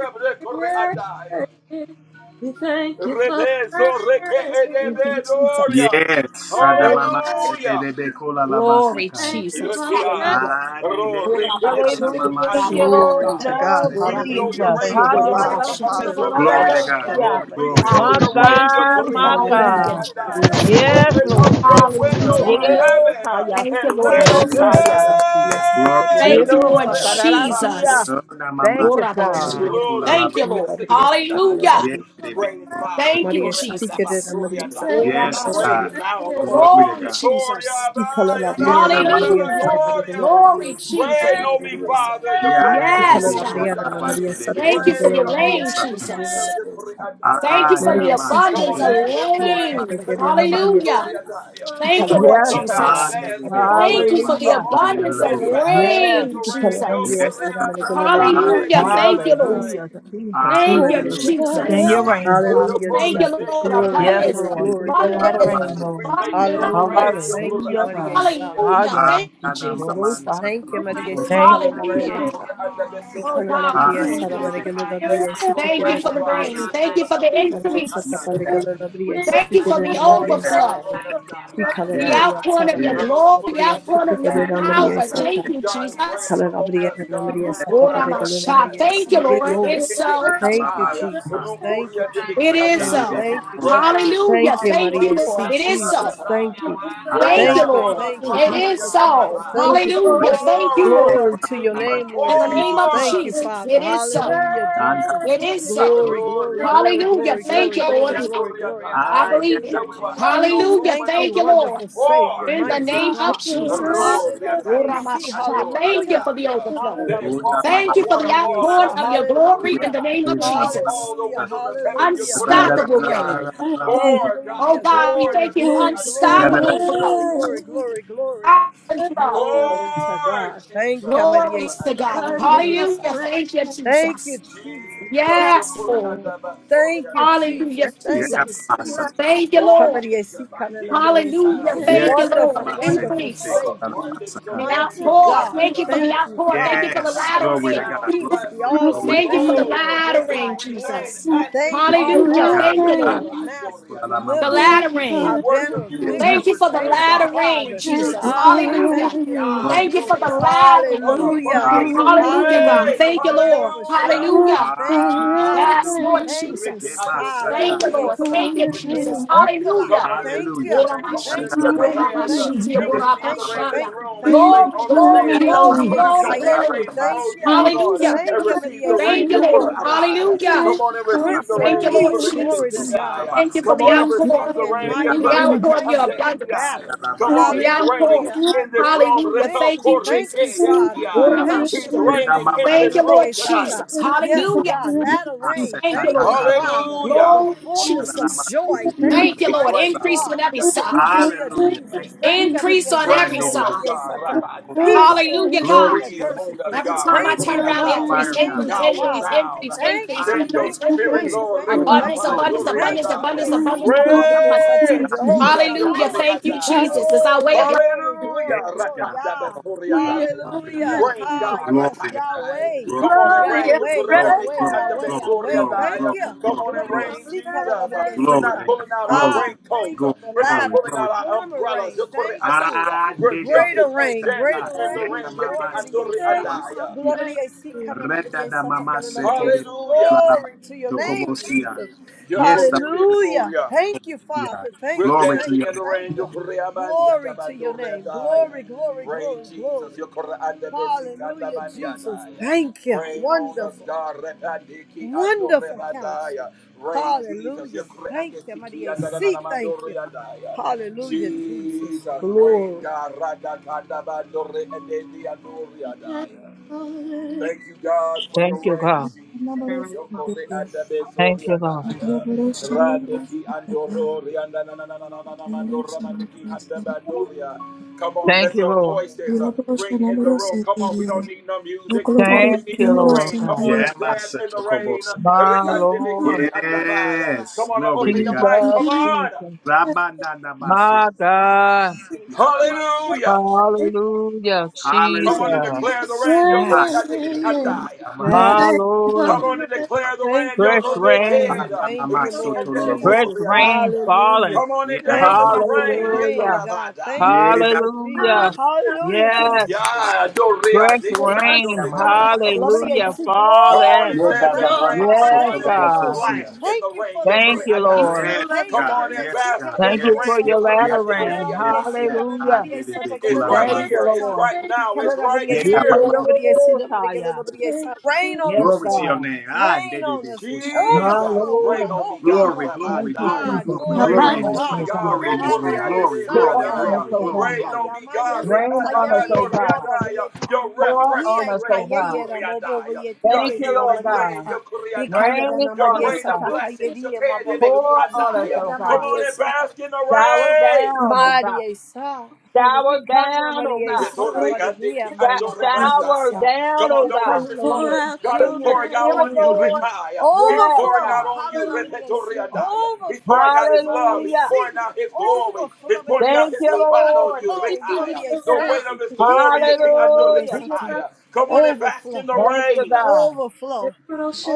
[SPEAKER 6] We
[SPEAKER 1] Yakurabandaya.
[SPEAKER 6] thank you for the rain.
[SPEAKER 4] Thank you, Jesus.
[SPEAKER 1] Rebezo-reke-edebedoria.
[SPEAKER 5] Yes,
[SPEAKER 4] Glory,
[SPEAKER 5] Sadamama
[SPEAKER 1] Hallelujah.
[SPEAKER 5] Setelebe Kola
[SPEAKER 6] We
[SPEAKER 4] Glory,
[SPEAKER 5] Labasakai.
[SPEAKER 6] thank you for the rain. We thank you
[SPEAKER 4] Jesus.
[SPEAKER 6] for the rain.
[SPEAKER 4] Hallelujah.
[SPEAKER 1] Ilokiada,
[SPEAKER 5] Ah, de- de- de-
[SPEAKER 1] Rorike
[SPEAKER 5] kola la
[SPEAKER 6] We
[SPEAKER 4] Gorabashiki,
[SPEAKER 1] Ebesiki
[SPEAKER 7] Hallelujah.
[SPEAKER 5] mama
[SPEAKER 7] Thank
[SPEAKER 5] si
[SPEAKER 7] you,
[SPEAKER 5] kola la
[SPEAKER 9] Glory
[SPEAKER 7] Lord
[SPEAKER 9] to
[SPEAKER 4] gorabashiki,
[SPEAKER 5] mama
[SPEAKER 1] Anoriadaya.
[SPEAKER 9] God.
[SPEAKER 7] God,
[SPEAKER 1] We
[SPEAKER 5] de- de-
[SPEAKER 1] feel
[SPEAKER 5] de-
[SPEAKER 9] Hallelujah.
[SPEAKER 1] your
[SPEAKER 7] Jesus.
[SPEAKER 5] kola
[SPEAKER 4] gorabashiki,
[SPEAKER 1] rain,
[SPEAKER 5] la
[SPEAKER 9] Thank you,
[SPEAKER 1] God.
[SPEAKER 5] basa.
[SPEAKER 6] thank
[SPEAKER 1] Rika
[SPEAKER 9] Father.
[SPEAKER 6] you for the
[SPEAKER 5] Glory
[SPEAKER 9] Hallelujah.
[SPEAKER 6] rain.
[SPEAKER 5] to God.
[SPEAKER 4] gorabashiki.
[SPEAKER 1] Ebesoriadaya.
[SPEAKER 7] Hallelujah.
[SPEAKER 5] Glory,
[SPEAKER 1] We
[SPEAKER 9] Hallelujah.
[SPEAKER 5] glory,
[SPEAKER 4] God,
[SPEAKER 1] feel
[SPEAKER 4] we
[SPEAKER 7] My
[SPEAKER 5] glory,
[SPEAKER 1] your
[SPEAKER 5] glory, glory,
[SPEAKER 4] thank
[SPEAKER 1] rain, your
[SPEAKER 7] God,
[SPEAKER 4] you.
[SPEAKER 6] We
[SPEAKER 1] Korea
[SPEAKER 7] my
[SPEAKER 9] Hallelujah.
[SPEAKER 1] Debeki
[SPEAKER 4] Hallelujah,
[SPEAKER 7] God.
[SPEAKER 6] thank
[SPEAKER 4] Jesus.
[SPEAKER 9] Maria
[SPEAKER 1] Adaya.
[SPEAKER 9] Sara
[SPEAKER 6] you
[SPEAKER 7] Yes,
[SPEAKER 9] Maria
[SPEAKER 1] Open
[SPEAKER 9] Lula
[SPEAKER 1] up
[SPEAKER 5] glory
[SPEAKER 7] Lord.
[SPEAKER 9] Maria
[SPEAKER 1] your
[SPEAKER 9] Siti
[SPEAKER 6] for the rain. We thank you for the rain. Thank you for
[SPEAKER 1] windows
[SPEAKER 6] the rain.
[SPEAKER 4] Hallelujah.
[SPEAKER 9] Kedera
[SPEAKER 1] of
[SPEAKER 5] glory to God.
[SPEAKER 1] heaven uh,
[SPEAKER 7] Yerosaya,
[SPEAKER 4] Thank you,
[SPEAKER 1] and
[SPEAKER 4] Lord
[SPEAKER 1] let it
[SPEAKER 9] Maria
[SPEAKER 5] Glory to
[SPEAKER 9] Sata
[SPEAKER 7] sikerosaya,
[SPEAKER 5] God.
[SPEAKER 4] Jesus.
[SPEAKER 9] Kala Maria
[SPEAKER 7] rasia.
[SPEAKER 9] Siti
[SPEAKER 5] Glory
[SPEAKER 9] Kedera
[SPEAKER 5] to your
[SPEAKER 1] rain,
[SPEAKER 4] Thank
[SPEAKER 9] Maria
[SPEAKER 1] your
[SPEAKER 4] you,
[SPEAKER 5] name.
[SPEAKER 4] Lord
[SPEAKER 9] Sara
[SPEAKER 1] Korea
[SPEAKER 9] Maria Lula
[SPEAKER 7] Yerosakarasia.
[SPEAKER 1] Adaya.
[SPEAKER 9] Maria
[SPEAKER 4] Jesus.
[SPEAKER 5] Kola mama,
[SPEAKER 7] Thank you,
[SPEAKER 9] Ikana
[SPEAKER 5] de- de-
[SPEAKER 7] God.
[SPEAKER 4] Gorabashia.
[SPEAKER 5] de-
[SPEAKER 9] Maria
[SPEAKER 6] Thank
[SPEAKER 5] kola
[SPEAKER 9] Sara
[SPEAKER 5] la
[SPEAKER 4] Thank
[SPEAKER 5] ba-
[SPEAKER 9] Maria
[SPEAKER 1] Rorike
[SPEAKER 4] you,
[SPEAKER 9] Lula
[SPEAKER 4] Lord.
[SPEAKER 1] Esiki
[SPEAKER 9] Maria Sata
[SPEAKER 6] you
[SPEAKER 9] Kala
[SPEAKER 1] Adaya.
[SPEAKER 4] Hallelujah.
[SPEAKER 5] yeah,
[SPEAKER 9] Maria
[SPEAKER 5] de- de-
[SPEAKER 1] Rain,
[SPEAKER 5] kola la
[SPEAKER 1] Father,
[SPEAKER 4] Thank you,
[SPEAKER 9] Maria
[SPEAKER 1] Yokore
[SPEAKER 5] mama.
[SPEAKER 9] Siti
[SPEAKER 4] Jesus.
[SPEAKER 9] Kedera Maria
[SPEAKER 1] Andabastoria
[SPEAKER 9] Sata
[SPEAKER 1] Daya.
[SPEAKER 9] Maria
[SPEAKER 5] Yes,
[SPEAKER 9] Lula
[SPEAKER 1] Rain
[SPEAKER 5] God.
[SPEAKER 4] Erabasia.
[SPEAKER 9] Maria Siti
[SPEAKER 1] down
[SPEAKER 9] Kedera
[SPEAKER 1] on me,
[SPEAKER 5] Glory to
[SPEAKER 4] Glory,
[SPEAKER 9] Maria
[SPEAKER 5] God.
[SPEAKER 4] Jesus.
[SPEAKER 1] Yatoria
[SPEAKER 9] Ikala
[SPEAKER 1] Daya
[SPEAKER 5] Yeah,
[SPEAKER 9] Maria
[SPEAKER 5] da
[SPEAKER 9] Lula
[SPEAKER 1] Daya
[SPEAKER 5] mama
[SPEAKER 9] Maria
[SPEAKER 4] Hallelujah.
[SPEAKER 9] Sara Maria
[SPEAKER 1] Nabagoria.
[SPEAKER 9] Lula
[SPEAKER 4] Glory,
[SPEAKER 9] Maria Siti
[SPEAKER 4] Jesus.
[SPEAKER 1] Rain
[SPEAKER 5] sate.
[SPEAKER 9] Kedera
[SPEAKER 1] on me,
[SPEAKER 9] Maria
[SPEAKER 1] Father,
[SPEAKER 5] Yeah,
[SPEAKER 1] Yokore
[SPEAKER 5] de- de-
[SPEAKER 9] Ikala
[SPEAKER 4] Yes,
[SPEAKER 5] de-
[SPEAKER 4] God.
[SPEAKER 1] Andabastoria
[SPEAKER 5] kola
[SPEAKER 9] Lambriana
[SPEAKER 5] la
[SPEAKER 9] na
[SPEAKER 5] ba-
[SPEAKER 1] Daya.
[SPEAKER 9] Maria
[SPEAKER 5] de- de-
[SPEAKER 9] Sata
[SPEAKER 5] de-
[SPEAKER 4] Thank
[SPEAKER 5] si
[SPEAKER 4] you for
[SPEAKER 9] Marigala
[SPEAKER 5] kola
[SPEAKER 1] Rain
[SPEAKER 4] your
[SPEAKER 6] for the
[SPEAKER 1] on
[SPEAKER 9] Lambria
[SPEAKER 4] rain,
[SPEAKER 1] me,
[SPEAKER 5] la
[SPEAKER 9] City
[SPEAKER 5] basa.
[SPEAKER 9] Kirena
[SPEAKER 1] Jesus,
[SPEAKER 4] Jesus.
[SPEAKER 6] rain.
[SPEAKER 9] Maria
[SPEAKER 1] Yokore
[SPEAKER 9] Sata
[SPEAKER 4] Thank you
[SPEAKER 5] Ah,
[SPEAKER 4] for
[SPEAKER 5] da
[SPEAKER 4] the
[SPEAKER 9] Maria
[SPEAKER 6] Thank
[SPEAKER 1] Andabadaya.
[SPEAKER 5] ma
[SPEAKER 9] Si
[SPEAKER 1] Come
[SPEAKER 4] abundance
[SPEAKER 1] on,
[SPEAKER 5] sate,
[SPEAKER 1] do
[SPEAKER 4] of
[SPEAKER 5] de-
[SPEAKER 9] Kalageta
[SPEAKER 1] you
[SPEAKER 5] de-
[SPEAKER 1] feel the
[SPEAKER 5] kola
[SPEAKER 9] Maria
[SPEAKER 1] rain?
[SPEAKER 5] la
[SPEAKER 9] Sata
[SPEAKER 4] rain.
[SPEAKER 1] Yokore
[SPEAKER 9] Kirena
[SPEAKER 5] basa.
[SPEAKER 9] Maria
[SPEAKER 4] Hallelujah.
[SPEAKER 1] Andabastoria
[SPEAKER 9] Sata
[SPEAKER 1] Daya. Come
[SPEAKER 4] Thank
[SPEAKER 9] Ikala
[SPEAKER 4] you,
[SPEAKER 1] on and
[SPEAKER 4] Lord
[SPEAKER 7] Yes,
[SPEAKER 1] jump
[SPEAKER 9] Lambriana
[SPEAKER 1] and
[SPEAKER 9] na
[SPEAKER 4] Jesus.
[SPEAKER 7] God.
[SPEAKER 9] Maria
[SPEAKER 1] dance
[SPEAKER 9] Sata
[SPEAKER 5] Hallelujah.
[SPEAKER 1] in the
[SPEAKER 4] Thank you
[SPEAKER 1] rain.
[SPEAKER 4] for the
[SPEAKER 1] Come
[SPEAKER 7] Hallelujah.
[SPEAKER 1] on
[SPEAKER 9] Marigala
[SPEAKER 4] abundance of
[SPEAKER 1] and
[SPEAKER 9] Lambria
[SPEAKER 1] bask
[SPEAKER 7] Yes.
[SPEAKER 1] in the
[SPEAKER 4] rain,
[SPEAKER 1] rain.
[SPEAKER 9] Ikala
[SPEAKER 4] Jesus.
[SPEAKER 5] Yes,
[SPEAKER 9] Lambria
[SPEAKER 1] Yokore
[SPEAKER 9] Sata
[SPEAKER 5] God.
[SPEAKER 9] Marigala
[SPEAKER 1] Andaya
[SPEAKER 9] Lambria
[SPEAKER 4] Hallelujah.
[SPEAKER 9] City
[SPEAKER 5] Hallelujah.
[SPEAKER 9] Kirena
[SPEAKER 4] Thank you,
[SPEAKER 1] Nabakia
[SPEAKER 9] Maria
[SPEAKER 4] Lord.
[SPEAKER 1] Daya.
[SPEAKER 7] Hallelujah,
[SPEAKER 9] Sata
[SPEAKER 7] Jesus.
[SPEAKER 9] Ni
[SPEAKER 4] Thank you,
[SPEAKER 9] Maria
[SPEAKER 5] Hallelujah.
[SPEAKER 9] Sata
[SPEAKER 5] Yes,
[SPEAKER 7] Send
[SPEAKER 4] Jesus.
[SPEAKER 7] your
[SPEAKER 5] Nama.
[SPEAKER 1] Jesus,
[SPEAKER 7] rain.
[SPEAKER 4] Ooh,
[SPEAKER 1] your
[SPEAKER 9] Hallelujah
[SPEAKER 1] poor
[SPEAKER 4] thank
[SPEAKER 7] Hallelujah.
[SPEAKER 4] you,
[SPEAKER 9] Jesus
[SPEAKER 4] Lord.
[SPEAKER 1] Rebecca,
[SPEAKER 9] glory
[SPEAKER 7] Yes,
[SPEAKER 5] Rete-
[SPEAKER 4] Abundance,
[SPEAKER 9] glory
[SPEAKER 7] Lord.
[SPEAKER 5] Ede-
[SPEAKER 9] glory
[SPEAKER 7] Send
[SPEAKER 5] Ede-
[SPEAKER 7] your
[SPEAKER 9] glory
[SPEAKER 7] latter
[SPEAKER 4] abundance,
[SPEAKER 7] rain,
[SPEAKER 9] glory
[SPEAKER 5] Balamande-
[SPEAKER 1] we
[SPEAKER 7] Lord.
[SPEAKER 1] thank
[SPEAKER 8] Thank
[SPEAKER 1] you
[SPEAKER 8] you,
[SPEAKER 1] for the
[SPEAKER 5] Kitolobo.
[SPEAKER 8] Lord.
[SPEAKER 9] Hallelujah
[SPEAKER 1] rain,
[SPEAKER 8] Thank
[SPEAKER 4] abundance.
[SPEAKER 1] your
[SPEAKER 8] you,
[SPEAKER 9] thank
[SPEAKER 1] poor
[SPEAKER 9] you
[SPEAKER 7] Hallelujah,
[SPEAKER 8] Jesus.
[SPEAKER 9] Maria
[SPEAKER 7] God.
[SPEAKER 9] Sata
[SPEAKER 4] Hallelujah.
[SPEAKER 1] Abasuria.
[SPEAKER 7] Hayara
[SPEAKER 4] Thank you,
[SPEAKER 5] Adana
[SPEAKER 4] Jesus.
[SPEAKER 5] Maman
[SPEAKER 9] Thank you,
[SPEAKER 5] Satolobo
[SPEAKER 1] We
[SPEAKER 8] Thank
[SPEAKER 9] Maria.
[SPEAKER 8] you,
[SPEAKER 9] Si
[SPEAKER 1] thank you
[SPEAKER 5] Koste-
[SPEAKER 7] Thank,
[SPEAKER 9] cala
[SPEAKER 1] for the
[SPEAKER 5] Ede-
[SPEAKER 9] la
[SPEAKER 8] Jesus.
[SPEAKER 4] Hallelujah,
[SPEAKER 1] rain,
[SPEAKER 9] Maria
[SPEAKER 1] your
[SPEAKER 5] Ede-
[SPEAKER 4] God.
[SPEAKER 8] Thank
[SPEAKER 9] está.
[SPEAKER 1] Kura
[SPEAKER 8] you,
[SPEAKER 1] and the
[SPEAKER 8] Lord.
[SPEAKER 9] Y
[SPEAKER 4] Oh,
[SPEAKER 9] cala la
[SPEAKER 4] God, we
[SPEAKER 9] Maria
[SPEAKER 8] We
[SPEAKER 1] Missukriadaya.
[SPEAKER 5] Ande-
[SPEAKER 4] thank
[SPEAKER 9] está. La
[SPEAKER 5] Ede-
[SPEAKER 4] you.
[SPEAKER 9] Maria
[SPEAKER 5] Ede-
[SPEAKER 9] cala
[SPEAKER 8] glorify
[SPEAKER 1] We
[SPEAKER 9] la
[SPEAKER 8] your
[SPEAKER 1] thank
[SPEAKER 9] Maria
[SPEAKER 1] you
[SPEAKER 8] name.
[SPEAKER 9] está.
[SPEAKER 1] for
[SPEAKER 9] Si
[SPEAKER 8] We
[SPEAKER 1] the
[SPEAKER 4] Thank you
[SPEAKER 9] quiere
[SPEAKER 1] rain,
[SPEAKER 9] la
[SPEAKER 5] Kitolobo.
[SPEAKER 4] for the
[SPEAKER 8] magnify
[SPEAKER 9] Maria
[SPEAKER 1] Father,
[SPEAKER 4] rain.
[SPEAKER 9] está.
[SPEAKER 8] your
[SPEAKER 1] your
[SPEAKER 4] Thank you
[SPEAKER 1] Kura
[SPEAKER 4] for
[SPEAKER 8] name.
[SPEAKER 1] and
[SPEAKER 4] the
[SPEAKER 1] the
[SPEAKER 9] Maria está.
[SPEAKER 4] increase.
[SPEAKER 9] Papá de
[SPEAKER 5] Yes,
[SPEAKER 1] Missukriadaya.
[SPEAKER 9] cala la Maria
[SPEAKER 1] We
[SPEAKER 8] I
[SPEAKER 9] está.
[SPEAKER 1] thank
[SPEAKER 4] Thank
[SPEAKER 9] Si
[SPEAKER 1] you
[SPEAKER 4] you
[SPEAKER 1] for
[SPEAKER 4] for
[SPEAKER 8] thank
[SPEAKER 9] quiere
[SPEAKER 1] you
[SPEAKER 4] the
[SPEAKER 8] you,
[SPEAKER 9] la
[SPEAKER 1] pouring
[SPEAKER 8] Jesus.
[SPEAKER 9] Maria
[SPEAKER 5] yes,
[SPEAKER 9] está.
[SPEAKER 8] I
[SPEAKER 1] down
[SPEAKER 4] overflow,
[SPEAKER 1] on us,
[SPEAKER 8] thank you.
[SPEAKER 1] God.
[SPEAKER 9] Y cala la
[SPEAKER 4] the
[SPEAKER 5] yes,
[SPEAKER 9] Maria
[SPEAKER 1] Rakai,
[SPEAKER 4] outpouring
[SPEAKER 9] La
[SPEAKER 4] of your
[SPEAKER 1] Rokura
[SPEAKER 9] Maria
[SPEAKER 1] and Lord
[SPEAKER 5] yes,
[SPEAKER 4] glory,
[SPEAKER 9] la
[SPEAKER 4] the
[SPEAKER 1] Kura
[SPEAKER 9] Maria
[SPEAKER 1] and
[SPEAKER 9] está.
[SPEAKER 1] the
[SPEAKER 4] outpouring
[SPEAKER 9] Si
[SPEAKER 4] of your
[SPEAKER 8] Thank
[SPEAKER 9] la
[SPEAKER 8] you,
[SPEAKER 4] power.
[SPEAKER 5] yes,
[SPEAKER 9] Maria
[SPEAKER 1] Missukriadaya.
[SPEAKER 8] Jesus.
[SPEAKER 4] Thank you,
[SPEAKER 8] Thank
[SPEAKER 1] God,
[SPEAKER 8] you,
[SPEAKER 1] rain
[SPEAKER 4] Jesus.
[SPEAKER 8] Lord.
[SPEAKER 1] on
[SPEAKER 9] Kalalabriya
[SPEAKER 8] Thank
[SPEAKER 1] us,
[SPEAKER 8] you,
[SPEAKER 1] God.
[SPEAKER 9] namabriya
[SPEAKER 8] Jesus.
[SPEAKER 5] yes,
[SPEAKER 4] Oh,
[SPEAKER 1] Rokura
[SPEAKER 9] satapade
[SPEAKER 5] God.
[SPEAKER 4] Ramasha.
[SPEAKER 9] kalalabriya.
[SPEAKER 1] Betan,
[SPEAKER 4] Thank you,
[SPEAKER 9] See, yeah,
[SPEAKER 4] Lord.
[SPEAKER 9] Lord.
[SPEAKER 4] It's
[SPEAKER 8] Thank
[SPEAKER 4] so.
[SPEAKER 8] you,
[SPEAKER 5] Eta
[SPEAKER 9] Thank you,
[SPEAKER 5] Mama
[SPEAKER 8] Jesus.
[SPEAKER 1] Ridisikidiaya,
[SPEAKER 5] Sa.
[SPEAKER 9] Jesus.
[SPEAKER 6] you.
[SPEAKER 9] Thank you,
[SPEAKER 1] Rukuria de
[SPEAKER 8] Thank
[SPEAKER 4] It
[SPEAKER 5] Rete-
[SPEAKER 8] you,
[SPEAKER 9] Jesus.
[SPEAKER 4] is
[SPEAKER 5] Ede-
[SPEAKER 8] Lord.
[SPEAKER 5] Ede-
[SPEAKER 1] Bikiandaya.
[SPEAKER 4] so.
[SPEAKER 6] The
[SPEAKER 8] Glory
[SPEAKER 5] Ede-
[SPEAKER 9] Thank you,
[SPEAKER 5] Kolo-
[SPEAKER 8] to
[SPEAKER 1] Rain,
[SPEAKER 9] Jesus.
[SPEAKER 5] Ede-
[SPEAKER 4] Hallelujah.
[SPEAKER 8] God.
[SPEAKER 9] Thank
[SPEAKER 5] Ede-
[SPEAKER 9] you,
[SPEAKER 1] Father,
[SPEAKER 4] Thank you,
[SPEAKER 5] Shito-
[SPEAKER 9] Maria.
[SPEAKER 1] rain,
[SPEAKER 4] Lord.
[SPEAKER 9] See,
[SPEAKER 1] your
[SPEAKER 4] It
[SPEAKER 8] Thank you,
[SPEAKER 4] is
[SPEAKER 1] Kura
[SPEAKER 5] Sa-
[SPEAKER 4] so.
[SPEAKER 5] Sa.
[SPEAKER 9] Jesus.
[SPEAKER 8] Jesus.
[SPEAKER 9] Thank
[SPEAKER 8] You're
[SPEAKER 1] Mandaya.
[SPEAKER 9] you.
[SPEAKER 8] worthy of
[SPEAKER 4] Thank
[SPEAKER 5] Anda-
[SPEAKER 8] the
[SPEAKER 1] Pour
[SPEAKER 4] you,
[SPEAKER 5] Da-
[SPEAKER 9] Thank you,
[SPEAKER 5] Mama-
[SPEAKER 1] on
[SPEAKER 8] praise.
[SPEAKER 4] Lord.
[SPEAKER 1] us,
[SPEAKER 8] You're
[SPEAKER 9] thank you,
[SPEAKER 5] Ando-
[SPEAKER 8] worthy
[SPEAKER 4] It
[SPEAKER 8] of
[SPEAKER 1] Father,
[SPEAKER 8] the
[SPEAKER 5] Lobo.
[SPEAKER 4] is
[SPEAKER 9] thank
[SPEAKER 1] your
[SPEAKER 9] you,
[SPEAKER 8] glory.
[SPEAKER 4] so.
[SPEAKER 9] Jesus.
[SPEAKER 1] Kura.
[SPEAKER 9] Thank you,
[SPEAKER 4] Hallelujah.
[SPEAKER 9] Jesus.
[SPEAKER 6] glorious
[SPEAKER 4] Thank
[SPEAKER 1] Pour
[SPEAKER 4] you,
[SPEAKER 1] on
[SPEAKER 4] Lord.
[SPEAKER 5] Yes,
[SPEAKER 1] us,
[SPEAKER 9] Glory to
[SPEAKER 8] Hallelujah.
[SPEAKER 9] your
[SPEAKER 8] Thank
[SPEAKER 1] Jesus.
[SPEAKER 9] name,
[SPEAKER 8] you,
[SPEAKER 9] Lord
[SPEAKER 4] In the
[SPEAKER 8] Jesus.
[SPEAKER 4] name
[SPEAKER 9] Jesus.
[SPEAKER 4] of
[SPEAKER 9] Thank
[SPEAKER 1] Pour.
[SPEAKER 9] you,
[SPEAKER 4] Jesus,
[SPEAKER 6] message
[SPEAKER 9] Father.
[SPEAKER 4] it
[SPEAKER 6] of
[SPEAKER 4] is so.
[SPEAKER 9] Hallelujah, Jesus.
[SPEAKER 4] It is
[SPEAKER 6] reign.
[SPEAKER 4] so.
[SPEAKER 9] Glory, glory,
[SPEAKER 1] Roria
[SPEAKER 9] glory,
[SPEAKER 4] Hallelujah.
[SPEAKER 9] glory,
[SPEAKER 4] Thank
[SPEAKER 9] glory,
[SPEAKER 4] you, Lord.
[SPEAKER 9] glory, glory, glory.
[SPEAKER 4] I believe
[SPEAKER 9] Hallelujah,
[SPEAKER 1] That
[SPEAKER 4] it.
[SPEAKER 1] we will
[SPEAKER 9] Jesus.
[SPEAKER 1] have no room
[SPEAKER 4] Hallelujah.
[SPEAKER 9] Thank
[SPEAKER 1] enough
[SPEAKER 4] Thank
[SPEAKER 9] you,
[SPEAKER 1] to
[SPEAKER 4] you,
[SPEAKER 1] receive.
[SPEAKER 4] Lord.
[SPEAKER 9] wonderful Savior,
[SPEAKER 1] Pour.
[SPEAKER 4] In the
[SPEAKER 1] Yes,
[SPEAKER 9] mighty
[SPEAKER 4] name
[SPEAKER 1] I.
[SPEAKER 4] of
[SPEAKER 9] God.
[SPEAKER 4] Jesus.
[SPEAKER 1] Roria
[SPEAKER 9] Hallelujah. See,
[SPEAKER 4] Uramasha. Thank you
[SPEAKER 9] hallelujah.
[SPEAKER 4] for the overflow.
[SPEAKER 1] Let it
[SPEAKER 9] Hallelujah.
[SPEAKER 1] fall like a
[SPEAKER 4] Thank you for the
[SPEAKER 9] Sakademaria,
[SPEAKER 1] waterfall out
[SPEAKER 4] outpouring
[SPEAKER 9] sa-
[SPEAKER 1] of
[SPEAKER 4] of your
[SPEAKER 1] heaven.
[SPEAKER 4] glory in
[SPEAKER 9] Hallelujah.
[SPEAKER 4] the name of
[SPEAKER 1] Out of all
[SPEAKER 4] Jesus.
[SPEAKER 1] the
[SPEAKER 9] Hallelujah.
[SPEAKER 1] windows of heaven.
[SPEAKER 9] Hallelujah.
[SPEAKER 4] Unstoppable
[SPEAKER 9] Hallelujah.
[SPEAKER 4] rain.
[SPEAKER 1] Pour,
[SPEAKER 4] Oh
[SPEAKER 1] God.
[SPEAKER 9] Hallelujah.
[SPEAKER 4] God, we
[SPEAKER 1] Pour.
[SPEAKER 9] Glory,
[SPEAKER 4] thank you.
[SPEAKER 9] glory,
[SPEAKER 1] Yukuria
[SPEAKER 9] glory,
[SPEAKER 4] Unstoppable
[SPEAKER 9] glory, glory,
[SPEAKER 4] flow.
[SPEAKER 9] glory, glory, glory.
[SPEAKER 4] Overflow.
[SPEAKER 9] Glory to
[SPEAKER 1] Pour,
[SPEAKER 9] God. Thank
[SPEAKER 1] Jesus.
[SPEAKER 9] you,
[SPEAKER 4] Glory
[SPEAKER 9] Maria.
[SPEAKER 4] to
[SPEAKER 9] See,
[SPEAKER 4] God.
[SPEAKER 9] Hallelujah.
[SPEAKER 4] Hallelujah.
[SPEAKER 9] Sata.
[SPEAKER 4] Thank you,
[SPEAKER 9] Thank
[SPEAKER 4] Jesus.
[SPEAKER 9] you, Jesus.
[SPEAKER 1] Jesus, your
[SPEAKER 4] Yes,
[SPEAKER 1] glory had
[SPEAKER 4] Lord.
[SPEAKER 1] that back, sorry,
[SPEAKER 9] Thank
[SPEAKER 1] I
[SPEAKER 9] you,
[SPEAKER 1] die.
[SPEAKER 4] Hallelujah,
[SPEAKER 9] Jesus. Thank you,
[SPEAKER 4] Jesus.
[SPEAKER 9] Jesus.
[SPEAKER 4] Thank you,
[SPEAKER 1] Lord
[SPEAKER 4] Lord.
[SPEAKER 1] Jesus,
[SPEAKER 9] Habariyasika
[SPEAKER 1] I
[SPEAKER 9] na
[SPEAKER 1] hear the
[SPEAKER 4] Hallelujah.
[SPEAKER 9] nabariyasata.
[SPEAKER 1] sound,
[SPEAKER 9] you
[SPEAKER 1] your
[SPEAKER 6] Thank
[SPEAKER 4] Thank you,
[SPEAKER 1] glory had
[SPEAKER 4] Lord.
[SPEAKER 9] wonderful,
[SPEAKER 1] that,
[SPEAKER 9] wonderful
[SPEAKER 6] you.
[SPEAKER 1] of
[SPEAKER 4] Increase
[SPEAKER 9] Savior,
[SPEAKER 1] abundance of
[SPEAKER 4] the
[SPEAKER 1] rain,
[SPEAKER 9] mighty
[SPEAKER 1] your
[SPEAKER 4] outpour.
[SPEAKER 1] glory had
[SPEAKER 9] God.
[SPEAKER 4] Thank you for the
[SPEAKER 1] that.
[SPEAKER 9] Thank you,
[SPEAKER 4] outpour. Thank you
[SPEAKER 9] Father,
[SPEAKER 4] for the
[SPEAKER 5] Yes,
[SPEAKER 4] latter
[SPEAKER 1] Shower
[SPEAKER 9] Prince
[SPEAKER 5] glory to
[SPEAKER 9] of
[SPEAKER 4] rain.
[SPEAKER 5] God,
[SPEAKER 1] down
[SPEAKER 5] glory
[SPEAKER 9] Peace,
[SPEAKER 5] to
[SPEAKER 9] the
[SPEAKER 5] God,
[SPEAKER 1] blessings
[SPEAKER 9] all
[SPEAKER 1] on
[SPEAKER 5] glory to
[SPEAKER 4] Thank you
[SPEAKER 5] God,
[SPEAKER 4] for
[SPEAKER 5] glory
[SPEAKER 4] the
[SPEAKER 9] sufficient
[SPEAKER 5] to
[SPEAKER 9] one,
[SPEAKER 1] those
[SPEAKER 4] latter
[SPEAKER 9] great
[SPEAKER 5] God.
[SPEAKER 9] I
[SPEAKER 4] rain,
[SPEAKER 1] who remain
[SPEAKER 9] am.
[SPEAKER 4] Jesus.
[SPEAKER 1] at the
[SPEAKER 9] Thank you,
[SPEAKER 4] Hallelujah.
[SPEAKER 1] altar.
[SPEAKER 9] Father,
[SPEAKER 5] Yes,
[SPEAKER 4] Thank
[SPEAKER 1] Yes,
[SPEAKER 4] you,
[SPEAKER 1] I
[SPEAKER 4] Lord.
[SPEAKER 9] healer,
[SPEAKER 1] I,
[SPEAKER 9] master,
[SPEAKER 1] glory, I die.
[SPEAKER 4] The
[SPEAKER 9] deliverer,
[SPEAKER 5] God.
[SPEAKER 4] latter
[SPEAKER 1] We
[SPEAKER 9] our
[SPEAKER 4] rain.
[SPEAKER 9] banner
[SPEAKER 1] worship
[SPEAKER 9] of
[SPEAKER 1] you
[SPEAKER 5] Yes, God.
[SPEAKER 4] Thank
[SPEAKER 1] without
[SPEAKER 4] you
[SPEAKER 9] victory.
[SPEAKER 4] for the
[SPEAKER 9] Thank
[SPEAKER 1] restraint,
[SPEAKER 9] you,
[SPEAKER 4] latter
[SPEAKER 1] God. We
[SPEAKER 4] rain,
[SPEAKER 9] Father.
[SPEAKER 1] hear
[SPEAKER 6] Thank
[SPEAKER 4] Jesus.
[SPEAKER 1] your
[SPEAKER 9] Ah,
[SPEAKER 4] Hallelujah.
[SPEAKER 1] sound,
[SPEAKER 9] thank you, Lord
[SPEAKER 5] Glory
[SPEAKER 1] Yah,
[SPEAKER 4] Thank
[SPEAKER 5] to
[SPEAKER 4] you
[SPEAKER 5] God.
[SPEAKER 4] for the
[SPEAKER 9] Jesus.
[SPEAKER 4] latter
[SPEAKER 1] of
[SPEAKER 4] rain.
[SPEAKER 9] Hallelujah.
[SPEAKER 1] abundance of
[SPEAKER 5] Hallelujah.
[SPEAKER 4] Hallelujah,
[SPEAKER 5] Glory.
[SPEAKER 4] God.
[SPEAKER 1] rain.
[SPEAKER 9] Hallelujah.
[SPEAKER 4] Thank you, Lord.
[SPEAKER 9] Jehovah
[SPEAKER 1] Hallelujah.
[SPEAKER 9] Shammah.
[SPEAKER 4] Hallelujah.
[SPEAKER 9] Thank you, Father.
[SPEAKER 4] Yes,
[SPEAKER 5] Hallelujah.
[SPEAKER 4] Lord
[SPEAKER 9] Thank you.
[SPEAKER 1] Ricky
[SPEAKER 4] Jesus.
[SPEAKER 5] Deba
[SPEAKER 1] Adoraba,
[SPEAKER 5] sata.
[SPEAKER 4] Thank you,
[SPEAKER 1] the
[SPEAKER 9] Hallelujah.
[SPEAKER 4] Lord. Thank
[SPEAKER 1] Abadabadu,
[SPEAKER 4] you,
[SPEAKER 9] It's
[SPEAKER 4] Jesus.
[SPEAKER 1] Rikata.
[SPEAKER 9] Okala.
[SPEAKER 1] Come
[SPEAKER 4] Hallelujah.
[SPEAKER 1] on and
[SPEAKER 9] Thank
[SPEAKER 1] receive the
[SPEAKER 9] you.
[SPEAKER 5] Hallelujah.
[SPEAKER 1] rain. Come on,
[SPEAKER 9] Thank
[SPEAKER 5] Danda
[SPEAKER 1] lift
[SPEAKER 9] you.
[SPEAKER 5] da
[SPEAKER 4] Worabashitia,
[SPEAKER 1] up
[SPEAKER 5] ba
[SPEAKER 1] your
[SPEAKER 9] Thank you.
[SPEAKER 1] hands
[SPEAKER 9] Thank
[SPEAKER 1] uh,
[SPEAKER 9] you.
[SPEAKER 4] worabashitia,
[SPEAKER 1] and
[SPEAKER 5] de
[SPEAKER 9] Thank you.
[SPEAKER 5] da
[SPEAKER 1] receive the
[SPEAKER 5] la
[SPEAKER 9] Thank
[SPEAKER 5] ba.
[SPEAKER 9] you.
[SPEAKER 1] rain in the
[SPEAKER 4] worabashaya.
[SPEAKER 9] Thank you.
[SPEAKER 1] room. If
[SPEAKER 9] Thank
[SPEAKER 1] you
[SPEAKER 9] you.
[SPEAKER 1] ain't
[SPEAKER 4] Glory,
[SPEAKER 1] on the
[SPEAKER 4] glory,
[SPEAKER 1] stage,
[SPEAKER 9] Mm,
[SPEAKER 5] Yenda
[SPEAKER 1] uh,
[SPEAKER 5] ma
[SPEAKER 4] glory,
[SPEAKER 5] ma
[SPEAKER 1] put
[SPEAKER 9] Elohim
[SPEAKER 1] up
[SPEAKER 4] glory,
[SPEAKER 1] your
[SPEAKER 5] sata
[SPEAKER 1] hand
[SPEAKER 5] la
[SPEAKER 4] glory.
[SPEAKER 9] Kayim.
[SPEAKER 1] raise
[SPEAKER 5] la ba
[SPEAKER 9] Thank
[SPEAKER 5] su
[SPEAKER 1] emojis.
[SPEAKER 9] you.
[SPEAKER 5] to
[SPEAKER 1] Come
[SPEAKER 5] do.
[SPEAKER 1] on uh,
[SPEAKER 4] Hallelujah.
[SPEAKER 1] and
[SPEAKER 9] Thank you,
[SPEAKER 1] receive the
[SPEAKER 9] Maria. Seek
[SPEAKER 4] Thank
[SPEAKER 1] rain.
[SPEAKER 4] you, Lord.
[SPEAKER 1] Yukurabai.
[SPEAKER 5] Yenda
[SPEAKER 4] Hallelujah.
[SPEAKER 1] Come
[SPEAKER 9] Peace.
[SPEAKER 1] on and
[SPEAKER 5] ma
[SPEAKER 1] receive the
[SPEAKER 9] Prince of
[SPEAKER 5] te
[SPEAKER 4] Thank
[SPEAKER 1] rain.
[SPEAKER 4] you,
[SPEAKER 5] te
[SPEAKER 4] Lord
[SPEAKER 5] la
[SPEAKER 9] Peace.
[SPEAKER 5] ba su
[SPEAKER 9] Glory
[SPEAKER 5] to
[SPEAKER 9] to
[SPEAKER 4] Jesus.
[SPEAKER 5] ku la
[SPEAKER 9] God.
[SPEAKER 1] Yukurabisikai.
[SPEAKER 5] ba
[SPEAKER 4] Thank you
[SPEAKER 5] se
[SPEAKER 4] for
[SPEAKER 1] Come
[SPEAKER 5] te.
[SPEAKER 4] the
[SPEAKER 1] on and
[SPEAKER 9] Lord
[SPEAKER 4] outpour,
[SPEAKER 1] receive the
[SPEAKER 9] strong and
[SPEAKER 1] rain.
[SPEAKER 5] Yenda
[SPEAKER 9] mighty,
[SPEAKER 4] the
[SPEAKER 5] ma
[SPEAKER 9] the
[SPEAKER 5] ma
[SPEAKER 9] Lord
[SPEAKER 4] outpour
[SPEAKER 1] Yukuriki
[SPEAKER 4] of your
[SPEAKER 9] mighty in
[SPEAKER 4] abundance,
[SPEAKER 1] Andekiai.
[SPEAKER 9] battle.
[SPEAKER 5] da la ba
[SPEAKER 1] Come on,
[SPEAKER 5] su.
[SPEAKER 4] the
[SPEAKER 1] he's raining
[SPEAKER 4] outpour.
[SPEAKER 9] Hallelujah.
[SPEAKER 6] you.
[SPEAKER 9] Our
[SPEAKER 1] in this
[SPEAKER 9] banner
[SPEAKER 1] room.
[SPEAKER 9] of
[SPEAKER 4] Hallelujah. Thank
[SPEAKER 9] victory.
[SPEAKER 4] you,
[SPEAKER 9] Thank you,
[SPEAKER 4] Jesus.
[SPEAKER 6] Glory and
[SPEAKER 9] Father.
[SPEAKER 1] Repokorekedekiai.
[SPEAKER 9] Thank you,
[SPEAKER 1] He's
[SPEAKER 4] Worabashia.
[SPEAKER 6] praise.
[SPEAKER 9] Maria.
[SPEAKER 5] Yenda ma
[SPEAKER 1] raining
[SPEAKER 9] Seek
[SPEAKER 5] ma
[SPEAKER 1] in
[SPEAKER 4] Thank
[SPEAKER 5] ndo
[SPEAKER 1] this
[SPEAKER 4] you,
[SPEAKER 5] do
[SPEAKER 1] room
[SPEAKER 4] Lord
[SPEAKER 5] ko.
[SPEAKER 1] tonight.
[SPEAKER 4] Jesus.
[SPEAKER 6] Thank you, thank you, thank you
[SPEAKER 9] Yes,
[SPEAKER 6] for
[SPEAKER 4] Hallelujah.
[SPEAKER 6] the
[SPEAKER 9] God.
[SPEAKER 6] rain.
[SPEAKER 9] Latter
[SPEAKER 5] Yenda se
[SPEAKER 9] rain.
[SPEAKER 5] ta
[SPEAKER 4] Thank you,
[SPEAKER 9] Thank
[SPEAKER 5] ta
[SPEAKER 4] Lord.
[SPEAKER 9] you,
[SPEAKER 5] ka ra
[SPEAKER 9] Father
[SPEAKER 6] Thank
[SPEAKER 1] Hallelujah.
[SPEAKER 9] the
[SPEAKER 6] you
[SPEAKER 4] Glory,
[SPEAKER 5] da
[SPEAKER 6] for
[SPEAKER 5] la
[SPEAKER 9] fullness
[SPEAKER 5] la
[SPEAKER 6] the
[SPEAKER 9] of
[SPEAKER 5] ma
[SPEAKER 4] Jesus.
[SPEAKER 5] se de
[SPEAKER 9] joy.
[SPEAKER 5] de ye-
[SPEAKER 9] Thank
[SPEAKER 5] la
[SPEAKER 6] rain.
[SPEAKER 5] la
[SPEAKER 4] Thank
[SPEAKER 9] you,
[SPEAKER 4] you,
[SPEAKER 1] He's
[SPEAKER 4] Lord.
[SPEAKER 9] mighty
[SPEAKER 5] ko.
[SPEAKER 1] raining
[SPEAKER 4] Increase
[SPEAKER 1] on
[SPEAKER 4] on
[SPEAKER 9] God.
[SPEAKER 1] you.
[SPEAKER 4] every side.
[SPEAKER 9] Hallelujah,
[SPEAKER 5] Hallelujah.
[SPEAKER 1] Yatorabandaya.
[SPEAKER 5] Thank
[SPEAKER 9] Jesus.
[SPEAKER 5] you,
[SPEAKER 9] Thank you,
[SPEAKER 5] Jesus.
[SPEAKER 4] Increase
[SPEAKER 9] Maria
[SPEAKER 4] on
[SPEAKER 1] Rain
[SPEAKER 4] every
[SPEAKER 9] Sikala
[SPEAKER 1] on
[SPEAKER 5] Hallelujah.
[SPEAKER 1] us,
[SPEAKER 4] side.
[SPEAKER 9] Maria
[SPEAKER 1] God.
[SPEAKER 9] Sata. Peace
[SPEAKER 1] Rabandaya.
[SPEAKER 9] in the
[SPEAKER 4] Hallelujah,
[SPEAKER 9] midst
[SPEAKER 4] God.
[SPEAKER 9] of
[SPEAKER 5] Glory to
[SPEAKER 1] Breathe
[SPEAKER 5] your name.
[SPEAKER 1] on
[SPEAKER 9] adversity.
[SPEAKER 1] us,
[SPEAKER 5] Let
[SPEAKER 4] Every
[SPEAKER 5] your
[SPEAKER 1] God.
[SPEAKER 4] time I
[SPEAKER 5] fire
[SPEAKER 9] Thank
[SPEAKER 5] fall
[SPEAKER 4] turn
[SPEAKER 9] you,
[SPEAKER 5] in
[SPEAKER 4] around,
[SPEAKER 5] here.
[SPEAKER 9] Father.
[SPEAKER 1] Rukurandaya.
[SPEAKER 4] increase,
[SPEAKER 5] Fire of
[SPEAKER 9] Thank
[SPEAKER 5] God
[SPEAKER 4] increase,
[SPEAKER 5] fall
[SPEAKER 9] you,
[SPEAKER 5] in
[SPEAKER 1] Shower
[SPEAKER 4] increase,
[SPEAKER 5] here.
[SPEAKER 9] Father.
[SPEAKER 1] down.
[SPEAKER 4] increase,
[SPEAKER 9] Thank
[SPEAKER 4] increase,
[SPEAKER 9] you,
[SPEAKER 1] Send your
[SPEAKER 4] increase,
[SPEAKER 9] thank you,
[SPEAKER 1] spirit,
[SPEAKER 9] thank
[SPEAKER 4] increase.
[SPEAKER 5] Hallelujah.
[SPEAKER 9] you,
[SPEAKER 1] Lord.
[SPEAKER 9] thank you,
[SPEAKER 5] Glory,
[SPEAKER 9] thank
[SPEAKER 4] Abundance,
[SPEAKER 9] you.
[SPEAKER 5] glory,
[SPEAKER 4] abundance,
[SPEAKER 5] glory,
[SPEAKER 9] Thank
[SPEAKER 4] abundance,
[SPEAKER 5] glory,
[SPEAKER 9] you, Maria
[SPEAKER 1] Rekabanduriandaya.
[SPEAKER 4] abundance,
[SPEAKER 5] glory,
[SPEAKER 4] abundance,
[SPEAKER 9] Sikala
[SPEAKER 5] glory,
[SPEAKER 4] abundance of
[SPEAKER 9] Maria
[SPEAKER 4] my.
[SPEAKER 5] glory.
[SPEAKER 9] Sata.
[SPEAKER 1] Rain,
[SPEAKER 5] God,
[SPEAKER 9] Jehovah
[SPEAKER 5] shake
[SPEAKER 1] Jesus.
[SPEAKER 5] it out my
[SPEAKER 4] Hallelujah.
[SPEAKER 5] mind.
[SPEAKER 9] Shalom.
[SPEAKER 4] Thank you,
[SPEAKER 1] Yokuriandaya.
[SPEAKER 4] Jesus. It's our way
[SPEAKER 9] Glory,
[SPEAKER 4] of life.
[SPEAKER 9] glory,
[SPEAKER 5] Yes,
[SPEAKER 9] glory,
[SPEAKER 1] Hallelujah.
[SPEAKER 9] glory.
[SPEAKER 5] God.
[SPEAKER 9] Yah.
[SPEAKER 5] Glory
[SPEAKER 1] Rakandabesturiandaya.
[SPEAKER 5] to God.
[SPEAKER 9] Hallelujah.
[SPEAKER 1] Rain,
[SPEAKER 9] Ha,
[SPEAKER 1] God.
[SPEAKER 5] Glory
[SPEAKER 9] yes,
[SPEAKER 5] to God.
[SPEAKER 1] Rakandaya.
[SPEAKER 9] Yahweh.
[SPEAKER 5] Glory
[SPEAKER 1] Come
[SPEAKER 5] to God. Glory to
[SPEAKER 1] on
[SPEAKER 5] God.
[SPEAKER 1] and reign. You
[SPEAKER 9] Yahweh,
[SPEAKER 1] could
[SPEAKER 5] Glory,
[SPEAKER 1] and the
[SPEAKER 9] Yahweh,
[SPEAKER 1] key
[SPEAKER 5] glory,
[SPEAKER 1] and
[SPEAKER 9] Yahweh, Yahweh.
[SPEAKER 1] Besoria
[SPEAKER 5] glory,
[SPEAKER 1] die.
[SPEAKER 9] Thank
[SPEAKER 5] glory,
[SPEAKER 9] you.
[SPEAKER 1] Come on
[SPEAKER 5] glory, glory,
[SPEAKER 1] and
[SPEAKER 9] Glory
[SPEAKER 5] glory,
[SPEAKER 9] to
[SPEAKER 1] reign,
[SPEAKER 9] see color,
[SPEAKER 1] Jesus.
[SPEAKER 9] glory to
[SPEAKER 1] We're
[SPEAKER 5] glory to
[SPEAKER 1] not
[SPEAKER 9] Satan.
[SPEAKER 5] God.
[SPEAKER 1] pulling out our
[SPEAKER 5] Glory,
[SPEAKER 9] Ah,
[SPEAKER 5] glory,
[SPEAKER 9] thank
[SPEAKER 1] raincoats.
[SPEAKER 9] you.
[SPEAKER 5] glory,
[SPEAKER 9] The
[SPEAKER 1] We're not
[SPEAKER 5] glory,
[SPEAKER 9] latter,
[SPEAKER 1] pulling
[SPEAKER 5] glory,
[SPEAKER 9] the
[SPEAKER 1] out our
[SPEAKER 9] former
[SPEAKER 1] umbrellas.
[SPEAKER 9] rain.
[SPEAKER 1] You could
[SPEAKER 9] Thank
[SPEAKER 1] and die.
[SPEAKER 9] you.
[SPEAKER 5] Ah,
[SPEAKER 1] We're
[SPEAKER 5] de de de
[SPEAKER 1] jumping
[SPEAKER 9] Greater
[SPEAKER 1] and
[SPEAKER 5] costa
[SPEAKER 9] rain,
[SPEAKER 1] dancing
[SPEAKER 5] ta,
[SPEAKER 9] greater
[SPEAKER 1] in the
[SPEAKER 9] rain.
[SPEAKER 5] yeda
[SPEAKER 1] rain. You key
[SPEAKER 5] mama
[SPEAKER 9] Glory to
[SPEAKER 1] and
[SPEAKER 5] setula
[SPEAKER 9] Yesa.
[SPEAKER 1] die.
[SPEAKER 5] bakosia,
[SPEAKER 9] Glory to see color, glory
[SPEAKER 5] reda
[SPEAKER 9] to
[SPEAKER 5] da
[SPEAKER 9] Satan,
[SPEAKER 5] mama
[SPEAKER 9] color,
[SPEAKER 5] sete
[SPEAKER 9] glory to
[SPEAKER 5] de
[SPEAKER 9] see.
[SPEAKER 5] la
[SPEAKER 1] Hallelujah.
[SPEAKER 6] Thank
[SPEAKER 5] la
[SPEAKER 9] Glory to your
[SPEAKER 5] to
[SPEAKER 6] you
[SPEAKER 9] name,
[SPEAKER 5] kobosia.
[SPEAKER 9] Jesus.
[SPEAKER 1] You
[SPEAKER 5] Yes,
[SPEAKER 1] could
[SPEAKER 5] the
[SPEAKER 1] be
[SPEAKER 5] manasia.
[SPEAKER 9] Hallelujah.
[SPEAKER 1] Besoria.
[SPEAKER 9] Thank you, Father.
[SPEAKER 1] We're
[SPEAKER 9] Thank you,
[SPEAKER 5] Glory to
[SPEAKER 9] thank
[SPEAKER 1] dancing
[SPEAKER 5] your
[SPEAKER 1] in
[SPEAKER 9] you,
[SPEAKER 1] the
[SPEAKER 5] name.
[SPEAKER 1] rain.
[SPEAKER 9] thank
[SPEAKER 1] Yo
[SPEAKER 9] you.
[SPEAKER 1] correa mandi
[SPEAKER 9] Glory to your
[SPEAKER 1] atabando
[SPEAKER 9] name.
[SPEAKER 1] readaya.
[SPEAKER 9] Glory, glory,
[SPEAKER 1] Rain,
[SPEAKER 9] glory,
[SPEAKER 1] Jesus. Yo
[SPEAKER 9] glory.
[SPEAKER 1] correa ande besikanda
[SPEAKER 9] Hallelujah,
[SPEAKER 1] mandi
[SPEAKER 9] Jesus.
[SPEAKER 1] adaya.
[SPEAKER 9] Thank you.
[SPEAKER 1] Rain on us,
[SPEAKER 9] Wonderful.
[SPEAKER 1] God. Repandiki ando
[SPEAKER 9] Wonderful counselor.
[SPEAKER 1] rebandaya. Rain, Jesus. Yo
[SPEAKER 9] Hallelujah.
[SPEAKER 1] correa
[SPEAKER 9] Thank
[SPEAKER 1] ande
[SPEAKER 9] you,
[SPEAKER 1] siki
[SPEAKER 9] Maria. See,
[SPEAKER 1] andanana
[SPEAKER 9] thank
[SPEAKER 1] mando
[SPEAKER 9] you.
[SPEAKER 1] readaya.
[SPEAKER 9] Hallelujah, Jesus.
[SPEAKER 1] Jesus, rain,
[SPEAKER 9] Glory.
[SPEAKER 1] God. Radakanda bando readaya.
[SPEAKER 6] for the rain.
[SPEAKER 1] Thank you, God, for your
[SPEAKER 7] thank you,
[SPEAKER 1] rain,
[SPEAKER 7] God.
[SPEAKER 1] Jesus.
[SPEAKER 6] Nabaros
[SPEAKER 1] Yokore
[SPEAKER 6] Video.
[SPEAKER 1] adabe
[SPEAKER 7] Thank
[SPEAKER 1] sori
[SPEAKER 7] you, Lord.
[SPEAKER 1] adaya.
[SPEAKER 6] Globorosa
[SPEAKER 1] Radeki
[SPEAKER 6] Nabaros
[SPEAKER 1] ki andoro rianda na na na na na na na mandoro
[SPEAKER 6] Globorosa
[SPEAKER 1] mande ki
[SPEAKER 6] Nabaros
[SPEAKER 1] Come on,
[SPEAKER 7] Thank
[SPEAKER 1] let
[SPEAKER 7] you,
[SPEAKER 1] your
[SPEAKER 7] Lord.
[SPEAKER 1] voices uh,
[SPEAKER 6] Globorosa
[SPEAKER 1] ring in the
[SPEAKER 6] Nabaros
[SPEAKER 1] room. Come on, we don't
[SPEAKER 6] Video.
[SPEAKER 1] need no
[SPEAKER 6] No
[SPEAKER 1] music. All we
[SPEAKER 7] Thank
[SPEAKER 1] need
[SPEAKER 7] you,
[SPEAKER 1] is the
[SPEAKER 7] Lord
[SPEAKER 6] Globorosa
[SPEAKER 1] rain. Come
[SPEAKER 7] God.
[SPEAKER 1] on and
[SPEAKER 5] Yeah,
[SPEAKER 6] Nabaros
[SPEAKER 1] dance
[SPEAKER 5] masa
[SPEAKER 1] in the
[SPEAKER 5] to
[SPEAKER 1] rain.
[SPEAKER 5] kobosia.
[SPEAKER 7] My
[SPEAKER 1] Rekande be
[SPEAKER 7] Lord,
[SPEAKER 1] kore adabaya.
[SPEAKER 5] Yes,
[SPEAKER 1] Come on and
[SPEAKER 5] glory
[SPEAKER 1] open
[SPEAKER 5] to
[SPEAKER 1] your
[SPEAKER 5] God.
[SPEAKER 1] mics.
[SPEAKER 7] Jesus,
[SPEAKER 1] Come on.
[SPEAKER 7] Jesus.
[SPEAKER 5] Ramana namaso
[SPEAKER 7] My God.
[SPEAKER 5] ila la ma.
[SPEAKER 1] Hallelujah.
[SPEAKER 7] Hallelujah,
[SPEAKER 1] Come on
[SPEAKER 5] Hallelujah,
[SPEAKER 1] and
[SPEAKER 7] Jesus.
[SPEAKER 1] declare the
[SPEAKER 5] Jesus.
[SPEAKER 1] rain.
[SPEAKER 5] Ah,
[SPEAKER 1] Yokore
[SPEAKER 9] Master.
[SPEAKER 5] de de
[SPEAKER 1] adeki
[SPEAKER 5] de kula
[SPEAKER 1] adaya.
[SPEAKER 5] la man de de.
[SPEAKER 7] My
[SPEAKER 9] Master.
[SPEAKER 5] de
[SPEAKER 7] Lord,
[SPEAKER 1] Come on and
[SPEAKER 5] kosta
[SPEAKER 1] declare the
[SPEAKER 5] ta.
[SPEAKER 9] Thank
[SPEAKER 1] land
[SPEAKER 9] you
[SPEAKER 7] fresh
[SPEAKER 9] for the
[SPEAKER 7] rain,
[SPEAKER 9] rain.
[SPEAKER 1] Yodorekeda,
[SPEAKER 5] Anda
[SPEAKER 9] Thank
[SPEAKER 5] mama
[SPEAKER 9] you,
[SPEAKER 1] Riki and
[SPEAKER 9] Lord
[SPEAKER 5] sotolo la
[SPEAKER 7] fresh
[SPEAKER 9] Jesus.
[SPEAKER 5] bokosia.
[SPEAKER 7] rain
[SPEAKER 1] Debesoriadaya.
[SPEAKER 7] falling.
[SPEAKER 9] Hallelujah.
[SPEAKER 1] Come on
[SPEAKER 5] Yeah,
[SPEAKER 1] and dance
[SPEAKER 5] mama,
[SPEAKER 1] in
[SPEAKER 9] Thank
[SPEAKER 1] the
[SPEAKER 5] mama.
[SPEAKER 9] you for the
[SPEAKER 1] rain,
[SPEAKER 9] rain,
[SPEAKER 7] Hallelujah,
[SPEAKER 9] God. Thank
[SPEAKER 1] Yakarabadaya.
[SPEAKER 9] you,
[SPEAKER 5] Yeah, da,
[SPEAKER 9] Lord Jesus.
[SPEAKER 5] mama,
[SPEAKER 7] hallelujah.
[SPEAKER 9] Hallelujah.
[SPEAKER 7] Yes,
[SPEAKER 1] Ya
[SPEAKER 5] yeah,
[SPEAKER 1] Doria
[SPEAKER 7] Fresh
[SPEAKER 1] Diki and
[SPEAKER 7] rain,
[SPEAKER 5] mama, mama,
[SPEAKER 1] Dorikadaya.
[SPEAKER 9] Glory, to
[SPEAKER 7] hallelujah,
[SPEAKER 5] bosaka.
[SPEAKER 9] see
[SPEAKER 1] Come on
[SPEAKER 9] glory
[SPEAKER 1] and
[SPEAKER 7] falling.
[SPEAKER 5] Yeah,
[SPEAKER 9] for the
[SPEAKER 5] da,
[SPEAKER 1] dance in
[SPEAKER 5] da,
[SPEAKER 1] the
[SPEAKER 9] rain,
[SPEAKER 5] mama,
[SPEAKER 1] rain,
[SPEAKER 9] God.
[SPEAKER 1] come
[SPEAKER 7] Yes,
[SPEAKER 5] soto
[SPEAKER 1] on
[SPEAKER 9] Thank
[SPEAKER 5] la
[SPEAKER 1] and
[SPEAKER 9] you,
[SPEAKER 7] God.
[SPEAKER 9] Lord.
[SPEAKER 6] Video.
[SPEAKER 1] splash
[SPEAKER 5] bocosia.
[SPEAKER 1] in
[SPEAKER 9] Thank
[SPEAKER 1] the
[SPEAKER 9] you
[SPEAKER 1] rain,
[SPEAKER 9] for the
[SPEAKER 7] Thank
[SPEAKER 9] rain,
[SPEAKER 7] you,
[SPEAKER 6] We
[SPEAKER 9] God.
[SPEAKER 7] Lord.
[SPEAKER 1] Yakariadaya.
[SPEAKER 5] Yes,
[SPEAKER 6] love
[SPEAKER 9] Thank
[SPEAKER 6] you,
[SPEAKER 1] Come
[SPEAKER 9] you,
[SPEAKER 6] Lord.
[SPEAKER 1] on
[SPEAKER 5] God.
[SPEAKER 1] and
[SPEAKER 9] Maria.
[SPEAKER 5] Yes,
[SPEAKER 9] See,
[SPEAKER 1] bask
[SPEAKER 5] God.
[SPEAKER 1] in
[SPEAKER 7] Thank
[SPEAKER 1] the
[SPEAKER 7] you
[SPEAKER 9] Kalalabriya
[SPEAKER 5] Yes,
[SPEAKER 7] for
[SPEAKER 1] rain,
[SPEAKER 5] yes,
[SPEAKER 7] your
[SPEAKER 9] Sata.
[SPEAKER 6] We
[SPEAKER 5] yes,
[SPEAKER 7] latter
[SPEAKER 5] yes,
[SPEAKER 6] thank
[SPEAKER 7] rain.
[SPEAKER 5] yes,
[SPEAKER 9] Kalalabriya See,
[SPEAKER 1] Yakariadaya.
[SPEAKER 5] yes. Ah,
[SPEAKER 7] Hallelujah.
[SPEAKER 9] Kalalabriya
[SPEAKER 5] de, de, de,
[SPEAKER 9] Sata.
[SPEAKER 1] It's
[SPEAKER 6] you,
[SPEAKER 5] kula
[SPEAKER 6] we
[SPEAKER 5] la
[SPEAKER 1] right
[SPEAKER 7] Thank
[SPEAKER 9] Kalalabriya
[SPEAKER 6] thank
[SPEAKER 5] mande.
[SPEAKER 7] you,
[SPEAKER 1] here, it's
[SPEAKER 9] Sata.
[SPEAKER 6] you, we
[SPEAKER 7] Lord.
[SPEAKER 1] right
[SPEAKER 6] thank you,
[SPEAKER 1] now,
[SPEAKER 6] we
[SPEAKER 1] it's right
[SPEAKER 9] Kalalabriya
[SPEAKER 5] Yeah, da,
[SPEAKER 9] Sata.
[SPEAKER 1] here.
[SPEAKER 5] mama, mama.
[SPEAKER 9] Kalalabriya See,
[SPEAKER 7] Hallelujah.
[SPEAKER 9] Kalalabriya Sata.
[SPEAKER 6] thank you,
[SPEAKER 9] Rain on
[SPEAKER 7] Yes,
[SPEAKER 9] us,
[SPEAKER 5] Glory to your
[SPEAKER 9] Lord.
[SPEAKER 7] God.
[SPEAKER 5] name. Ah, de,
[SPEAKER 9] Rain
[SPEAKER 5] de,
[SPEAKER 9] on
[SPEAKER 5] de,
[SPEAKER 9] us.
[SPEAKER 5] kusha kala.
[SPEAKER 7] My
[SPEAKER 1] Jesus,
[SPEAKER 9] Overflow,
[SPEAKER 1] rain
[SPEAKER 9] God.
[SPEAKER 7] Lord.
[SPEAKER 1] on me,
[SPEAKER 6] we thank you.
[SPEAKER 1] God,
[SPEAKER 6] for
[SPEAKER 5] Glory,
[SPEAKER 9] Overflow.
[SPEAKER 7] Thank
[SPEAKER 5] glory,
[SPEAKER 7] you,
[SPEAKER 5] glory,
[SPEAKER 9] Ha,
[SPEAKER 1] Rabandaya.
[SPEAKER 7] Jesus.
[SPEAKER 6] the
[SPEAKER 5] glory,
[SPEAKER 9] glory
[SPEAKER 7] Rain
[SPEAKER 1] Rain
[SPEAKER 5] glory
[SPEAKER 9] to
[SPEAKER 7] on
[SPEAKER 5] in
[SPEAKER 6] abundance
[SPEAKER 7] us,
[SPEAKER 6] of
[SPEAKER 1] on
[SPEAKER 5] this
[SPEAKER 1] me,
[SPEAKER 7] oh
[SPEAKER 5] place.
[SPEAKER 9] God.
[SPEAKER 7] God.
[SPEAKER 1] God,
[SPEAKER 5] Glory
[SPEAKER 6] your
[SPEAKER 5] in this
[SPEAKER 9] Ha,
[SPEAKER 5] room.
[SPEAKER 1] Rokoria de
[SPEAKER 9] Maria.
[SPEAKER 5] Glory,
[SPEAKER 6] kindness.
[SPEAKER 9] Sa,
[SPEAKER 7] Pour
[SPEAKER 5] glory,
[SPEAKER 7] on us,
[SPEAKER 1] Riadaya.
[SPEAKER 5] glory,
[SPEAKER 7] oh
[SPEAKER 9] Yelalabriya
[SPEAKER 5] glory,
[SPEAKER 9] Ki,
[SPEAKER 7] God.
[SPEAKER 1] Rain on
[SPEAKER 5] glory.
[SPEAKER 1] me, God,
[SPEAKER 9] Ayamaya
[SPEAKER 7] Rain
[SPEAKER 9] Sata.
[SPEAKER 7] on us,
[SPEAKER 1] Rikadabado
[SPEAKER 7] oh
[SPEAKER 9] Yelayeda,
[SPEAKER 7] God.
[SPEAKER 9] Mababriya
[SPEAKER 1] Riadaya.
[SPEAKER 9] Ta.
[SPEAKER 1] Your
[SPEAKER 7] Pour
[SPEAKER 9] Mi
[SPEAKER 7] on
[SPEAKER 1] refreshing
[SPEAKER 9] ai
[SPEAKER 7] us, oh
[SPEAKER 1] rain,
[SPEAKER 9] kaia
[SPEAKER 1] your
[SPEAKER 9] ie ra ke ie tike i
[SPEAKER 7] God.
[SPEAKER 9] e
[SPEAKER 1] Koreadaya.
[SPEAKER 9] e
[SPEAKER 1] Your
[SPEAKER 7] Thank you, Lord
[SPEAKER 1] healing
[SPEAKER 9] e
[SPEAKER 1] rain,
[SPEAKER 7] God.
[SPEAKER 1] your
[SPEAKER 9] He
[SPEAKER 7] Rain
[SPEAKER 9] kaia
[SPEAKER 1] Koreadaya.
[SPEAKER 9] nā
[SPEAKER 1] Your
[SPEAKER 7] on
[SPEAKER 9] mari e
[SPEAKER 7] us,
[SPEAKER 1] rain
[SPEAKER 9] sa
[SPEAKER 1] of
[SPEAKER 7] God.
[SPEAKER 9] tā kaia
[SPEAKER 1] blessings, your
[SPEAKER 9] ri e māpōwa i
[SPEAKER 1] Kedebeki
[SPEAKER 9] e
[SPEAKER 7] Pour on
[SPEAKER 9] tīke
[SPEAKER 7] us,
[SPEAKER 9] i
[SPEAKER 1] Andaya.
[SPEAKER 7] oh
[SPEAKER 9] rā
[SPEAKER 1] Come
[SPEAKER 7] God.
[SPEAKER 1] on
[SPEAKER 9] e
[SPEAKER 1] and
[SPEAKER 9] sa.
[SPEAKER 1] bask in the
[SPEAKER 7] Shower
[SPEAKER 1] rain.
[SPEAKER 7] down, oh
[SPEAKER 9] Mari
[SPEAKER 7] God.
[SPEAKER 9] e sa.
[SPEAKER 7] Shower
[SPEAKER 9] He kāna
[SPEAKER 7] down, oh
[SPEAKER 9] mari
[SPEAKER 1] Come
[SPEAKER 9] e
[SPEAKER 7] God.
[SPEAKER 9] sa rā mari i e mai a
[SPEAKER 7] Sho-
[SPEAKER 9] e
[SPEAKER 7] Shower
[SPEAKER 9] sa.
[SPEAKER 7] down,
[SPEAKER 1] on,
[SPEAKER 7] oh
[SPEAKER 9] He
[SPEAKER 1] don't rush
[SPEAKER 7] God.
[SPEAKER 9] kāna
[SPEAKER 1] this
[SPEAKER 9] mari
[SPEAKER 6] Pour
[SPEAKER 9] e
[SPEAKER 1] moment.
[SPEAKER 6] out
[SPEAKER 1] God is
[SPEAKER 7] In
[SPEAKER 6] your
[SPEAKER 7] your
[SPEAKER 1] pouring out
[SPEAKER 7] spirit,
[SPEAKER 1] on you.
[SPEAKER 7] Lord.
[SPEAKER 6] rain.
[SPEAKER 1] Rekaya. He's
[SPEAKER 7] Yes,
[SPEAKER 1] pouring out
[SPEAKER 9] Overflow.
[SPEAKER 7] God.
[SPEAKER 1] on you.
[SPEAKER 9] Hallelujah.
[SPEAKER 6] Pour
[SPEAKER 9] Mari e si.
[SPEAKER 1] Repetoriadaya. He's pouring
[SPEAKER 9] Overflow.
[SPEAKER 1] out his
[SPEAKER 9] Maria
[SPEAKER 1] love.
[SPEAKER 9] e
[SPEAKER 1] He's
[SPEAKER 7] Hallelujah.
[SPEAKER 1] pouring
[SPEAKER 9] si.
[SPEAKER 1] out his glory. He's
[SPEAKER 9] Overflow. Maria
[SPEAKER 1] pouring
[SPEAKER 9] e
[SPEAKER 1] out
[SPEAKER 7] Thank
[SPEAKER 1] his
[SPEAKER 7] you,
[SPEAKER 9] si.
[SPEAKER 1] kabod on
[SPEAKER 7] Lord.
[SPEAKER 1] you.
[SPEAKER 9] Overflow. Glory
[SPEAKER 1] Rekaya.
[SPEAKER 9] to
[SPEAKER 1] The weight
[SPEAKER 9] sa.
[SPEAKER 1] of his
[SPEAKER 9] He
[SPEAKER 1] glory.
[SPEAKER 9] kaia
[SPEAKER 1] Yeki
[SPEAKER 9] Maria
[SPEAKER 1] ando
[SPEAKER 9] mari e
[SPEAKER 7] Hallelujah.
[SPEAKER 9] sa
[SPEAKER 1] rekataya. Come on and bask
[SPEAKER 9] Overflow.
[SPEAKER 1] in the
[SPEAKER 7] Thank you,
[SPEAKER 1] rain.
[SPEAKER 7] God.
[SPEAKER 9] Overflow.
[SPEAKER 6] out your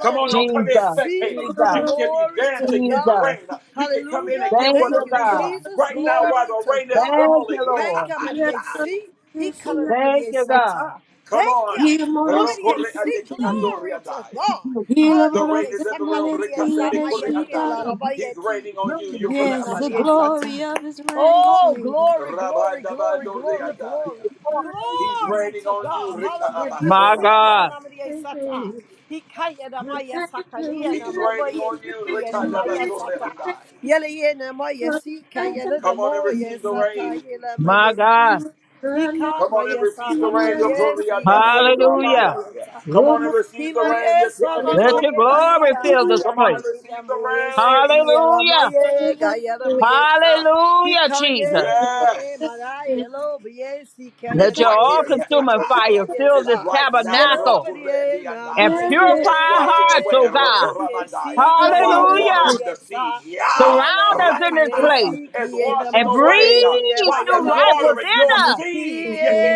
[SPEAKER 1] Come on,
[SPEAKER 6] rain.
[SPEAKER 9] my
[SPEAKER 1] don't come in
[SPEAKER 7] Jesus,
[SPEAKER 9] DAC.
[SPEAKER 1] spectating.
[SPEAKER 7] Jesus,
[SPEAKER 1] You can be
[SPEAKER 9] Glory to
[SPEAKER 1] dancing in the
[SPEAKER 9] God.
[SPEAKER 7] Jesus.
[SPEAKER 1] rain. You can come in
[SPEAKER 9] Hallelujah.
[SPEAKER 1] and get
[SPEAKER 7] Thank
[SPEAKER 9] Thank
[SPEAKER 1] what
[SPEAKER 7] you,
[SPEAKER 1] you
[SPEAKER 9] you,
[SPEAKER 1] need. Uh,
[SPEAKER 7] God.
[SPEAKER 9] Jesus.
[SPEAKER 1] Right now, while
[SPEAKER 9] Glory
[SPEAKER 1] the
[SPEAKER 9] to
[SPEAKER 1] rain is
[SPEAKER 9] God.
[SPEAKER 7] Thank
[SPEAKER 1] falling,
[SPEAKER 7] you,
[SPEAKER 9] Thank
[SPEAKER 7] Lord.
[SPEAKER 9] you, my
[SPEAKER 1] Rekapandai.
[SPEAKER 9] DAC. He calling on my
[SPEAKER 7] Thank you,
[SPEAKER 9] DAC.
[SPEAKER 7] God.
[SPEAKER 1] Come
[SPEAKER 9] Thank you.
[SPEAKER 1] on.
[SPEAKER 9] Glory to
[SPEAKER 1] Rokore
[SPEAKER 9] AC.
[SPEAKER 1] adeki andori
[SPEAKER 9] Glory to
[SPEAKER 1] andaya.
[SPEAKER 9] God.
[SPEAKER 1] The rain
[SPEAKER 9] Hallelujah.
[SPEAKER 1] is in the room.
[SPEAKER 9] Sakadidiye,
[SPEAKER 1] Rikanda dekore
[SPEAKER 9] samayadiye,
[SPEAKER 1] andaya. He's
[SPEAKER 9] lalabayeti.
[SPEAKER 1] raining on you.
[SPEAKER 9] He
[SPEAKER 1] Yukore
[SPEAKER 9] coming
[SPEAKER 6] Yes,
[SPEAKER 9] on
[SPEAKER 6] the
[SPEAKER 9] the
[SPEAKER 1] amandaya.
[SPEAKER 9] AC.
[SPEAKER 6] glory of his reign.
[SPEAKER 9] Oh, glory, glory,
[SPEAKER 1] Rabanda
[SPEAKER 9] glory,
[SPEAKER 1] bandori
[SPEAKER 9] glory,
[SPEAKER 1] andaya.
[SPEAKER 9] glory.
[SPEAKER 1] He's
[SPEAKER 9] Glory
[SPEAKER 1] raining
[SPEAKER 9] to
[SPEAKER 1] on you.
[SPEAKER 9] God.
[SPEAKER 1] Rika
[SPEAKER 9] Hallelujah.
[SPEAKER 7] My
[SPEAKER 1] abasora mandaya.
[SPEAKER 7] God.
[SPEAKER 9] Sikananamadiya
[SPEAKER 6] Thank
[SPEAKER 9] sata.
[SPEAKER 6] you,
[SPEAKER 9] Hikaya
[SPEAKER 6] we
[SPEAKER 9] namaya
[SPEAKER 6] thank you,
[SPEAKER 9] sakaliya
[SPEAKER 6] we
[SPEAKER 1] He's
[SPEAKER 6] thank
[SPEAKER 1] raining
[SPEAKER 6] you,
[SPEAKER 9] namoboye
[SPEAKER 6] we
[SPEAKER 1] on you.
[SPEAKER 9] tikiya
[SPEAKER 1] Rika
[SPEAKER 9] namaya
[SPEAKER 1] dabasore
[SPEAKER 9] sata.
[SPEAKER 1] mandaya.
[SPEAKER 9] Yele ye namaya sika yele
[SPEAKER 1] Come on and
[SPEAKER 9] namoye
[SPEAKER 1] receive the
[SPEAKER 9] sata
[SPEAKER 1] rain.
[SPEAKER 9] yele
[SPEAKER 7] My
[SPEAKER 9] maya si.
[SPEAKER 7] God.
[SPEAKER 6] thank
[SPEAKER 9] Hika
[SPEAKER 1] Come on and
[SPEAKER 9] maya
[SPEAKER 6] you,
[SPEAKER 1] receive the
[SPEAKER 6] we
[SPEAKER 1] rain.
[SPEAKER 6] thank you.
[SPEAKER 9] sanamaya
[SPEAKER 1] Yukore andabaya.
[SPEAKER 9] sikiya
[SPEAKER 1] andori
[SPEAKER 7] Hallelujah.
[SPEAKER 9] namaya
[SPEAKER 1] andaya. Come
[SPEAKER 9] sata.
[SPEAKER 1] on and
[SPEAKER 6] Thank
[SPEAKER 1] receive the rain.
[SPEAKER 9] Himariya
[SPEAKER 1] Yukore
[SPEAKER 7] Let
[SPEAKER 1] abasore
[SPEAKER 7] your
[SPEAKER 9] sanamaya
[SPEAKER 7] glory
[SPEAKER 9] diya
[SPEAKER 1] mandaya.
[SPEAKER 7] fill this
[SPEAKER 9] maya
[SPEAKER 1] Come on
[SPEAKER 7] place.
[SPEAKER 1] and
[SPEAKER 9] kaya
[SPEAKER 1] receive
[SPEAKER 9] namoye
[SPEAKER 1] the rain.
[SPEAKER 9] sikiya
[SPEAKER 7] Hallelujah.
[SPEAKER 9] namaya gaya
[SPEAKER 7] Hallelujah, Jesus.
[SPEAKER 9] Ikaye niye
[SPEAKER 1] Yes.
[SPEAKER 9] mara yelo biye sika
[SPEAKER 1] It's
[SPEAKER 7] Let
[SPEAKER 9] yelo
[SPEAKER 7] your
[SPEAKER 1] right
[SPEAKER 7] all
[SPEAKER 1] here,
[SPEAKER 9] moye
[SPEAKER 7] consuming
[SPEAKER 9] teke la ma
[SPEAKER 1] Yakatai.
[SPEAKER 7] fire fill
[SPEAKER 1] It's
[SPEAKER 7] this
[SPEAKER 9] yesa
[SPEAKER 1] right now,
[SPEAKER 9] yelo
[SPEAKER 7] tabernacle
[SPEAKER 9] biye na
[SPEAKER 7] and
[SPEAKER 9] ma
[SPEAKER 1] Rokurendiandai.
[SPEAKER 7] purify
[SPEAKER 1] It's
[SPEAKER 7] our
[SPEAKER 1] washing
[SPEAKER 7] hearts,
[SPEAKER 1] away,
[SPEAKER 7] oh
[SPEAKER 9] yelo
[SPEAKER 7] God.
[SPEAKER 9] biye
[SPEAKER 1] Rokuramandai.
[SPEAKER 9] sika
[SPEAKER 1] While
[SPEAKER 9] na
[SPEAKER 7] Hallelujah.
[SPEAKER 9] ma
[SPEAKER 1] watering the seed,
[SPEAKER 9] yesa
[SPEAKER 1] Yah,
[SPEAKER 9] hale
[SPEAKER 7] Surround us
[SPEAKER 9] ma
[SPEAKER 7] in this
[SPEAKER 9] ye
[SPEAKER 1] Rakatai.
[SPEAKER 7] place
[SPEAKER 1] It's
[SPEAKER 9] siki yelo
[SPEAKER 1] washing
[SPEAKER 7] and
[SPEAKER 1] away, uh,
[SPEAKER 9] diye
[SPEAKER 7] breathe
[SPEAKER 9] ma
[SPEAKER 1] while it's
[SPEAKER 7] new
[SPEAKER 9] yela
[SPEAKER 7] life
[SPEAKER 9] biye
[SPEAKER 1] watering
[SPEAKER 7] within
[SPEAKER 1] your
[SPEAKER 7] us.
[SPEAKER 1] seed,
[SPEAKER 9] si
[SPEAKER 1] Yaki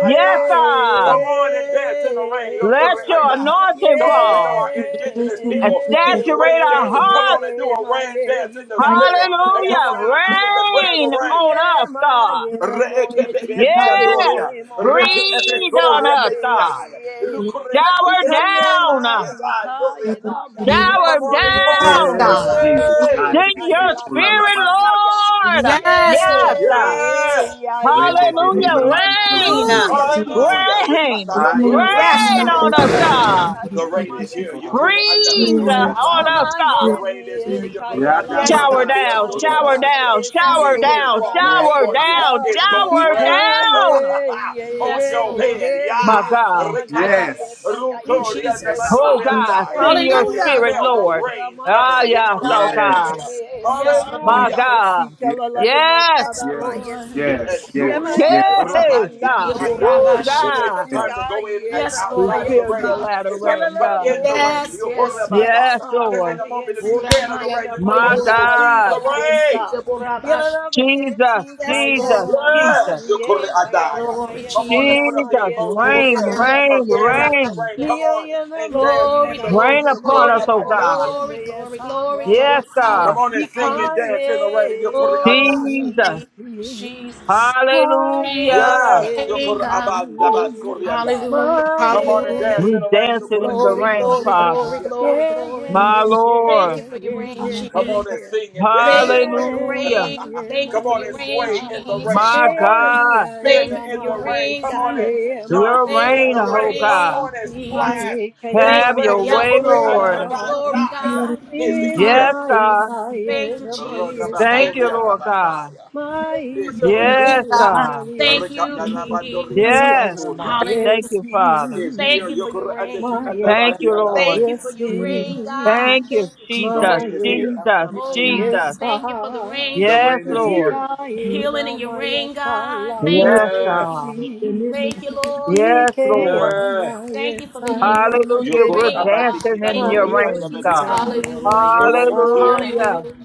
[SPEAKER 7] Yes,
[SPEAKER 1] Come
[SPEAKER 7] God.
[SPEAKER 1] on and dance in the rain,
[SPEAKER 7] Let your
[SPEAKER 1] Rokureandai.
[SPEAKER 9] yeah,
[SPEAKER 7] anointing
[SPEAKER 1] Come on, we know
[SPEAKER 7] fall
[SPEAKER 1] our indigenous
[SPEAKER 7] and
[SPEAKER 1] people did rain
[SPEAKER 7] saturate our
[SPEAKER 1] dances. Come on
[SPEAKER 7] hearts.
[SPEAKER 1] and do a
[SPEAKER 9] my
[SPEAKER 1] rain dance in the spirit.
[SPEAKER 9] ikayela my
[SPEAKER 1] And come on
[SPEAKER 7] Hallelujah.
[SPEAKER 1] and decree and
[SPEAKER 9] yesai.
[SPEAKER 1] declare
[SPEAKER 7] Rain
[SPEAKER 1] the rain.
[SPEAKER 7] on
[SPEAKER 9] Yeah,
[SPEAKER 7] us,
[SPEAKER 9] my
[SPEAKER 7] God.
[SPEAKER 9] yela
[SPEAKER 1] Reke
[SPEAKER 9] moye
[SPEAKER 1] peke
[SPEAKER 7] Yes.
[SPEAKER 1] andoria,
[SPEAKER 9] tikayele mama
[SPEAKER 1] reke epe
[SPEAKER 7] Breathe on
[SPEAKER 1] doria
[SPEAKER 9] yesai.
[SPEAKER 7] us, God.
[SPEAKER 1] mefiai, rukure ante
[SPEAKER 7] Shower
[SPEAKER 1] daya
[SPEAKER 9] Ikaye
[SPEAKER 7] down,
[SPEAKER 9] my
[SPEAKER 1] daya doria
[SPEAKER 9] ikayela
[SPEAKER 1] daya.
[SPEAKER 9] moye
[SPEAKER 7] shower
[SPEAKER 1] Come on and
[SPEAKER 9] se
[SPEAKER 1] call
[SPEAKER 9] na
[SPEAKER 1] on
[SPEAKER 4] Yes,
[SPEAKER 1] the
[SPEAKER 9] my
[SPEAKER 7] down.
[SPEAKER 5] Yes,
[SPEAKER 9] yela
[SPEAKER 4] God.
[SPEAKER 5] Jesus.
[SPEAKER 9] yele ni
[SPEAKER 5] Ah,
[SPEAKER 1] waves.
[SPEAKER 5] de,
[SPEAKER 7] Send
[SPEAKER 5] de,
[SPEAKER 7] your
[SPEAKER 5] de,
[SPEAKER 9] etayela my
[SPEAKER 5] kula la
[SPEAKER 7] spirit,
[SPEAKER 5] mande.
[SPEAKER 9] yesakaya.
[SPEAKER 7] Lord.
[SPEAKER 4] Yes, Lord.
[SPEAKER 7] Yes.
[SPEAKER 1] Yes.
[SPEAKER 5] Yes.
[SPEAKER 7] Hallelujah. Rain,
[SPEAKER 4] Hallelujah,
[SPEAKER 5] mamandrabokosa.
[SPEAKER 4] Jesus.
[SPEAKER 1] Hallelujah.
[SPEAKER 7] rain,
[SPEAKER 1] Rekata
[SPEAKER 4] Yes,
[SPEAKER 7] rain
[SPEAKER 1] batoria
[SPEAKER 7] on
[SPEAKER 4] God.
[SPEAKER 7] us, God.
[SPEAKER 1] The rain is here.
[SPEAKER 9] Yes,
[SPEAKER 1] Yukuri and the
[SPEAKER 5] Adamashedebesikorobokosa.
[SPEAKER 7] Breathe
[SPEAKER 1] Besuri and
[SPEAKER 7] on us,
[SPEAKER 9] Mama
[SPEAKER 1] The
[SPEAKER 9] ye
[SPEAKER 7] God.
[SPEAKER 1] rain is here.
[SPEAKER 9] niye
[SPEAKER 1] Yukuri
[SPEAKER 9] kaya
[SPEAKER 1] and the Ki
[SPEAKER 9] lavo
[SPEAKER 4] Yes,
[SPEAKER 1] and
[SPEAKER 4] God.
[SPEAKER 7] Shower
[SPEAKER 1] the
[SPEAKER 9] ye
[SPEAKER 7] down,
[SPEAKER 9] sa
[SPEAKER 1] Beanduri
[SPEAKER 9] ye la
[SPEAKER 7] shower
[SPEAKER 5] Yadamamansokodobokosa.
[SPEAKER 1] and
[SPEAKER 7] down,
[SPEAKER 9] ye
[SPEAKER 4] Yes,
[SPEAKER 9] si
[SPEAKER 7] shower
[SPEAKER 9] de
[SPEAKER 1] Is
[SPEAKER 4] Lord.
[SPEAKER 9] ye
[SPEAKER 1] here
[SPEAKER 7] down,
[SPEAKER 9] mana
[SPEAKER 1] falling
[SPEAKER 9] ma
[SPEAKER 5] Yes.
[SPEAKER 7] shower
[SPEAKER 9] ye
[SPEAKER 1] upon you.
[SPEAKER 4] Yes,
[SPEAKER 7] down,
[SPEAKER 9] sa
[SPEAKER 1] It's gonna
[SPEAKER 7] shower
[SPEAKER 4] yes,
[SPEAKER 5] mamandrabokosa.
[SPEAKER 1] rain
[SPEAKER 9] ika
[SPEAKER 7] down.
[SPEAKER 9] ye ye
[SPEAKER 1] *laughs* on
[SPEAKER 4] yes,
[SPEAKER 9] ye
[SPEAKER 1] your
[SPEAKER 9] ye
[SPEAKER 4] Lord.
[SPEAKER 1] head.
[SPEAKER 9] ye mi
[SPEAKER 7] My
[SPEAKER 9] ye
[SPEAKER 1] Yeah.
[SPEAKER 7] God.
[SPEAKER 9] sa
[SPEAKER 4] My
[SPEAKER 9] na ma
[SPEAKER 4] God.
[SPEAKER 5] Yes.
[SPEAKER 1] Rikaya.
[SPEAKER 9] ye ta ka
[SPEAKER 4] Ooh,
[SPEAKER 9] ye
[SPEAKER 1] Rukuri
[SPEAKER 9] de
[SPEAKER 1] and
[SPEAKER 9] mi
[SPEAKER 1] the
[SPEAKER 9] ye
[SPEAKER 4] Jesus.
[SPEAKER 7] Oh
[SPEAKER 9] sa
[SPEAKER 1] Manduri and
[SPEAKER 7] God,
[SPEAKER 9] ye
[SPEAKER 7] send
[SPEAKER 1] I
[SPEAKER 7] your
[SPEAKER 1] can
[SPEAKER 9] ye
[SPEAKER 4] Hallelujah.
[SPEAKER 5] Yedamamansokodobokosa.
[SPEAKER 7] spirit,
[SPEAKER 1] smell
[SPEAKER 9] mana
[SPEAKER 1] the
[SPEAKER 7] Lord.
[SPEAKER 9] ye la
[SPEAKER 1] rain coming.
[SPEAKER 9] ma
[SPEAKER 7] Ah, yes,
[SPEAKER 1] Yukuri
[SPEAKER 7] oh
[SPEAKER 9] ika ye
[SPEAKER 7] God.
[SPEAKER 9] de
[SPEAKER 1] and
[SPEAKER 9] mi
[SPEAKER 5] Yes.
[SPEAKER 9] ye
[SPEAKER 4] Yes,
[SPEAKER 9] sa ma
[SPEAKER 7] My
[SPEAKER 4] Lord.
[SPEAKER 1] Hallelujah.
[SPEAKER 9] ye si
[SPEAKER 7] God.
[SPEAKER 9] ka la
[SPEAKER 5] Yes.
[SPEAKER 9] lavo ye
[SPEAKER 7] Yes.
[SPEAKER 9] ta
[SPEAKER 4] Yes,
[SPEAKER 9] da ma
[SPEAKER 5] Yes.
[SPEAKER 9] ye
[SPEAKER 4] Lord.
[SPEAKER 9] si
[SPEAKER 1] Yes,
[SPEAKER 5] Yes. Yes.
[SPEAKER 9] ye ma
[SPEAKER 1] Soria,
[SPEAKER 5] Yes.
[SPEAKER 9] ye sa
[SPEAKER 7] Hey,
[SPEAKER 9] ye
[SPEAKER 1] Rabandiki
[SPEAKER 7] God.
[SPEAKER 9] ma
[SPEAKER 5] Yes.
[SPEAKER 9] ye
[SPEAKER 1] Andaya.
[SPEAKER 9] la
[SPEAKER 7] Woo,
[SPEAKER 9] ma
[SPEAKER 1] This
[SPEAKER 9] ye
[SPEAKER 1] ain't the
[SPEAKER 7] God.
[SPEAKER 9] si
[SPEAKER 1] time
[SPEAKER 5] Yes.
[SPEAKER 1] to
[SPEAKER 9] ka
[SPEAKER 1] go in and
[SPEAKER 9] ye
[SPEAKER 4] Yes,
[SPEAKER 9] na ma
[SPEAKER 7] We
[SPEAKER 1] outside of
[SPEAKER 9] ye
[SPEAKER 4] Lord.
[SPEAKER 1] the
[SPEAKER 7] feel your
[SPEAKER 1] rain.
[SPEAKER 9] sa
[SPEAKER 7] latter
[SPEAKER 1] It's time to
[SPEAKER 7] rain,
[SPEAKER 1] come
[SPEAKER 9] Yelala
[SPEAKER 7] God.
[SPEAKER 1] in the rain.
[SPEAKER 9] boy,
[SPEAKER 4] Yes,
[SPEAKER 1] You
[SPEAKER 9] K
[SPEAKER 4] yes,
[SPEAKER 9] M
[SPEAKER 4] yes.
[SPEAKER 9] S
[SPEAKER 7] Yes,
[SPEAKER 1] Horabandaya.
[SPEAKER 9] A
[SPEAKER 1] This ain't
[SPEAKER 7] Lord.
[SPEAKER 1] the moment to be
[SPEAKER 9] Maliesi
[SPEAKER 1] scared of the
[SPEAKER 9] and
[SPEAKER 1] rain. This is a
[SPEAKER 7] My
[SPEAKER 1] moment to receive the
[SPEAKER 7] God.
[SPEAKER 1] rain.
[SPEAKER 7] Jesus,
[SPEAKER 4] Yes,
[SPEAKER 7] Jesus,
[SPEAKER 4] Lord.
[SPEAKER 7] Jesus,
[SPEAKER 1] Yes, you Koreandaya.
[SPEAKER 4] Glory.
[SPEAKER 1] Come on and put up the
[SPEAKER 7] Jesus.
[SPEAKER 1] emojis, the
[SPEAKER 7] Rain,
[SPEAKER 1] gears
[SPEAKER 7] rain,
[SPEAKER 1] of dancing in the
[SPEAKER 7] rain.
[SPEAKER 1] rain. Come on and dance in
[SPEAKER 4] Glory,
[SPEAKER 1] the
[SPEAKER 4] glory,
[SPEAKER 1] rain.
[SPEAKER 7] Rain
[SPEAKER 1] You
[SPEAKER 7] upon us,
[SPEAKER 4] glory,
[SPEAKER 7] oh
[SPEAKER 4] glory,
[SPEAKER 7] God.
[SPEAKER 1] Koreandaya.
[SPEAKER 4] glory, glory, glory,
[SPEAKER 7] Yes,
[SPEAKER 4] glory.
[SPEAKER 1] Come
[SPEAKER 7] God.
[SPEAKER 1] on and
[SPEAKER 4] Hallelujah,
[SPEAKER 1] sing
[SPEAKER 4] hallelujah.
[SPEAKER 1] and dance in the rain. You
[SPEAKER 4] Oh,
[SPEAKER 1] Koreandaya.
[SPEAKER 7] Jesus.
[SPEAKER 4] sweet
[SPEAKER 9] Yes,
[SPEAKER 4] Jesus.
[SPEAKER 9] Maye,
[SPEAKER 7] Hallelujah.
[SPEAKER 1] Yes,
[SPEAKER 4] thank
[SPEAKER 1] yokur
[SPEAKER 4] God.
[SPEAKER 1] abanda basuri andaya.
[SPEAKER 4] Hallelujah.
[SPEAKER 1] Come on and dance
[SPEAKER 4] Hallelujah.
[SPEAKER 1] in
[SPEAKER 7] We
[SPEAKER 1] the
[SPEAKER 9] maye,
[SPEAKER 1] rain, yokur
[SPEAKER 7] dancing in the
[SPEAKER 4] Glory,
[SPEAKER 1] andeki
[SPEAKER 7] rain,
[SPEAKER 4] glory,
[SPEAKER 7] Father.
[SPEAKER 4] glory,
[SPEAKER 1] andabasuri
[SPEAKER 4] glory,
[SPEAKER 9] yeah,
[SPEAKER 1] andaya.
[SPEAKER 4] glory.
[SPEAKER 9] yeah, yeah,
[SPEAKER 7] My
[SPEAKER 9] yeah,
[SPEAKER 4] Thank you
[SPEAKER 7] Lord.
[SPEAKER 9] yeah, yeah,
[SPEAKER 4] for your rain,
[SPEAKER 9] yeah,
[SPEAKER 1] Come
[SPEAKER 4] Jesus.
[SPEAKER 1] on and
[SPEAKER 9] yeah,
[SPEAKER 1] sing and
[SPEAKER 9] yeah,
[SPEAKER 1] dance
[SPEAKER 4] Thank
[SPEAKER 1] in
[SPEAKER 4] you
[SPEAKER 1] the
[SPEAKER 4] for your
[SPEAKER 1] rain.
[SPEAKER 9] yeah,
[SPEAKER 7] Hallelujah.
[SPEAKER 9] yeah,
[SPEAKER 4] rain.
[SPEAKER 9] yeah,
[SPEAKER 1] *laughs*
[SPEAKER 4] Thank you
[SPEAKER 1] Come
[SPEAKER 4] for
[SPEAKER 1] on
[SPEAKER 4] your
[SPEAKER 9] maye,
[SPEAKER 1] and
[SPEAKER 4] rain,
[SPEAKER 9] sa,
[SPEAKER 1] sway in the rain.
[SPEAKER 4] Jesus.
[SPEAKER 7] My
[SPEAKER 1] Come on and
[SPEAKER 9] eni
[SPEAKER 7] God.
[SPEAKER 1] spin
[SPEAKER 4] Thank you
[SPEAKER 9] ayala
[SPEAKER 4] for
[SPEAKER 1] in
[SPEAKER 4] your
[SPEAKER 1] the
[SPEAKER 9] maye,
[SPEAKER 1] rain.
[SPEAKER 4] rain,
[SPEAKER 1] Come on and
[SPEAKER 4] God.
[SPEAKER 9] siye
[SPEAKER 1] jump
[SPEAKER 7] Your
[SPEAKER 9] maye
[SPEAKER 4] Thank you
[SPEAKER 1] in
[SPEAKER 7] reign,
[SPEAKER 4] for
[SPEAKER 9] la
[SPEAKER 1] the
[SPEAKER 4] your
[SPEAKER 1] rain.
[SPEAKER 7] oh
[SPEAKER 9] maye
[SPEAKER 1] Come
[SPEAKER 9] sa,
[SPEAKER 7] God.
[SPEAKER 4] rain,
[SPEAKER 1] on and
[SPEAKER 4] Jesus.
[SPEAKER 1] splash
[SPEAKER 9] haye
[SPEAKER 1] in
[SPEAKER 9] kaye
[SPEAKER 4] Thank you
[SPEAKER 1] the
[SPEAKER 9] la
[SPEAKER 7] Have
[SPEAKER 4] for
[SPEAKER 1] rain.
[SPEAKER 7] your
[SPEAKER 4] the
[SPEAKER 9] maye
[SPEAKER 7] way,
[SPEAKER 1] Yokur
[SPEAKER 4] outpour
[SPEAKER 9] sila,
[SPEAKER 7] Lord.
[SPEAKER 4] of your glory,
[SPEAKER 1] andabandaya
[SPEAKER 4] God.
[SPEAKER 9] si
[SPEAKER 1] is
[SPEAKER 4] Hallelujah.
[SPEAKER 1] here.
[SPEAKER 7] Yes,
[SPEAKER 9] maye
[SPEAKER 7] God.
[SPEAKER 4] Thank
[SPEAKER 9] kaye
[SPEAKER 4] you,
[SPEAKER 9] la maye
[SPEAKER 4] Jesus.
[SPEAKER 7] Thank
[SPEAKER 4] Thank you
[SPEAKER 1] Rodabasuri
[SPEAKER 7] you,
[SPEAKER 4] for
[SPEAKER 7] Lord
[SPEAKER 9] sa
[SPEAKER 4] your
[SPEAKER 7] God.
[SPEAKER 1] andabandaya
[SPEAKER 4] thank you
[SPEAKER 9] my
[SPEAKER 4] for
[SPEAKER 1] is
[SPEAKER 4] your
[SPEAKER 1] here.
[SPEAKER 7] Yes,
[SPEAKER 4] rain, God.
[SPEAKER 9] Kayalama
[SPEAKER 7] God.
[SPEAKER 4] Thank you,
[SPEAKER 9] Yesi,
[SPEAKER 1] Rikadabandori
[SPEAKER 4] Jesus.
[SPEAKER 7] Yes.
[SPEAKER 9] Kianama
[SPEAKER 1] andabasuria.
[SPEAKER 7] Thank
[SPEAKER 4] Hallelujah.
[SPEAKER 7] you, Father.
[SPEAKER 1] is
[SPEAKER 4] Thank
[SPEAKER 1] here.
[SPEAKER 4] you
[SPEAKER 9] Yesi,
[SPEAKER 4] for your
[SPEAKER 1] Yokora ande ki
[SPEAKER 4] rain.
[SPEAKER 9] My
[SPEAKER 7] Thank
[SPEAKER 1] andabadi
[SPEAKER 7] you,
[SPEAKER 9] Kadama
[SPEAKER 1] adai.
[SPEAKER 7] Lord.
[SPEAKER 4] Thank you for your rain, God.
[SPEAKER 9] Yesi,
[SPEAKER 7] Thank you,
[SPEAKER 4] Thank you,
[SPEAKER 1] The
[SPEAKER 4] Jesus.
[SPEAKER 7] Jesus.
[SPEAKER 1] rain
[SPEAKER 9] My
[SPEAKER 1] is here.
[SPEAKER 7] Jesus.
[SPEAKER 9] Kadama
[SPEAKER 4] Oh, God.
[SPEAKER 7] Jesus.
[SPEAKER 4] Thank you for the
[SPEAKER 9] Yesa,
[SPEAKER 4] rain,
[SPEAKER 1] The
[SPEAKER 4] Jesus.
[SPEAKER 7] Yes,
[SPEAKER 1] rain is
[SPEAKER 7] Lord.
[SPEAKER 1] here.
[SPEAKER 4] Healing in your
[SPEAKER 9] Ikayinama
[SPEAKER 4] rain,
[SPEAKER 9] Yesa
[SPEAKER 4] God.
[SPEAKER 9] Lama
[SPEAKER 4] Thank you,
[SPEAKER 7] Yes,
[SPEAKER 4] Jesus.
[SPEAKER 1] Yes.
[SPEAKER 7] God.
[SPEAKER 9] Yesi,
[SPEAKER 4] Thank you, Lord, for the rain.
[SPEAKER 7] Yes, Lord.
[SPEAKER 9] Ikeyama
[SPEAKER 1] Yes.
[SPEAKER 4] Thank you for the
[SPEAKER 9] Yesa
[SPEAKER 4] increase
[SPEAKER 9] Lama
[SPEAKER 4] in the
[SPEAKER 7] Hallelujah. We're
[SPEAKER 1] Yokora
[SPEAKER 4] rain,
[SPEAKER 9] Yesa,
[SPEAKER 4] God.
[SPEAKER 1] abadi ki
[SPEAKER 7] dancing in
[SPEAKER 4] Thank
[SPEAKER 9] My
[SPEAKER 7] your
[SPEAKER 4] you,
[SPEAKER 1] andore
[SPEAKER 7] reign,
[SPEAKER 9] Yesi
[SPEAKER 1] andabadi
[SPEAKER 4] Jesus.
[SPEAKER 7] God.
[SPEAKER 1] adai.
[SPEAKER 9] Kayinama
[SPEAKER 4] Hallelujah.
[SPEAKER 1] The rain is here.
[SPEAKER 9] Yesa.
[SPEAKER 7] Hallelujah.
[SPEAKER 4] Hallelujah.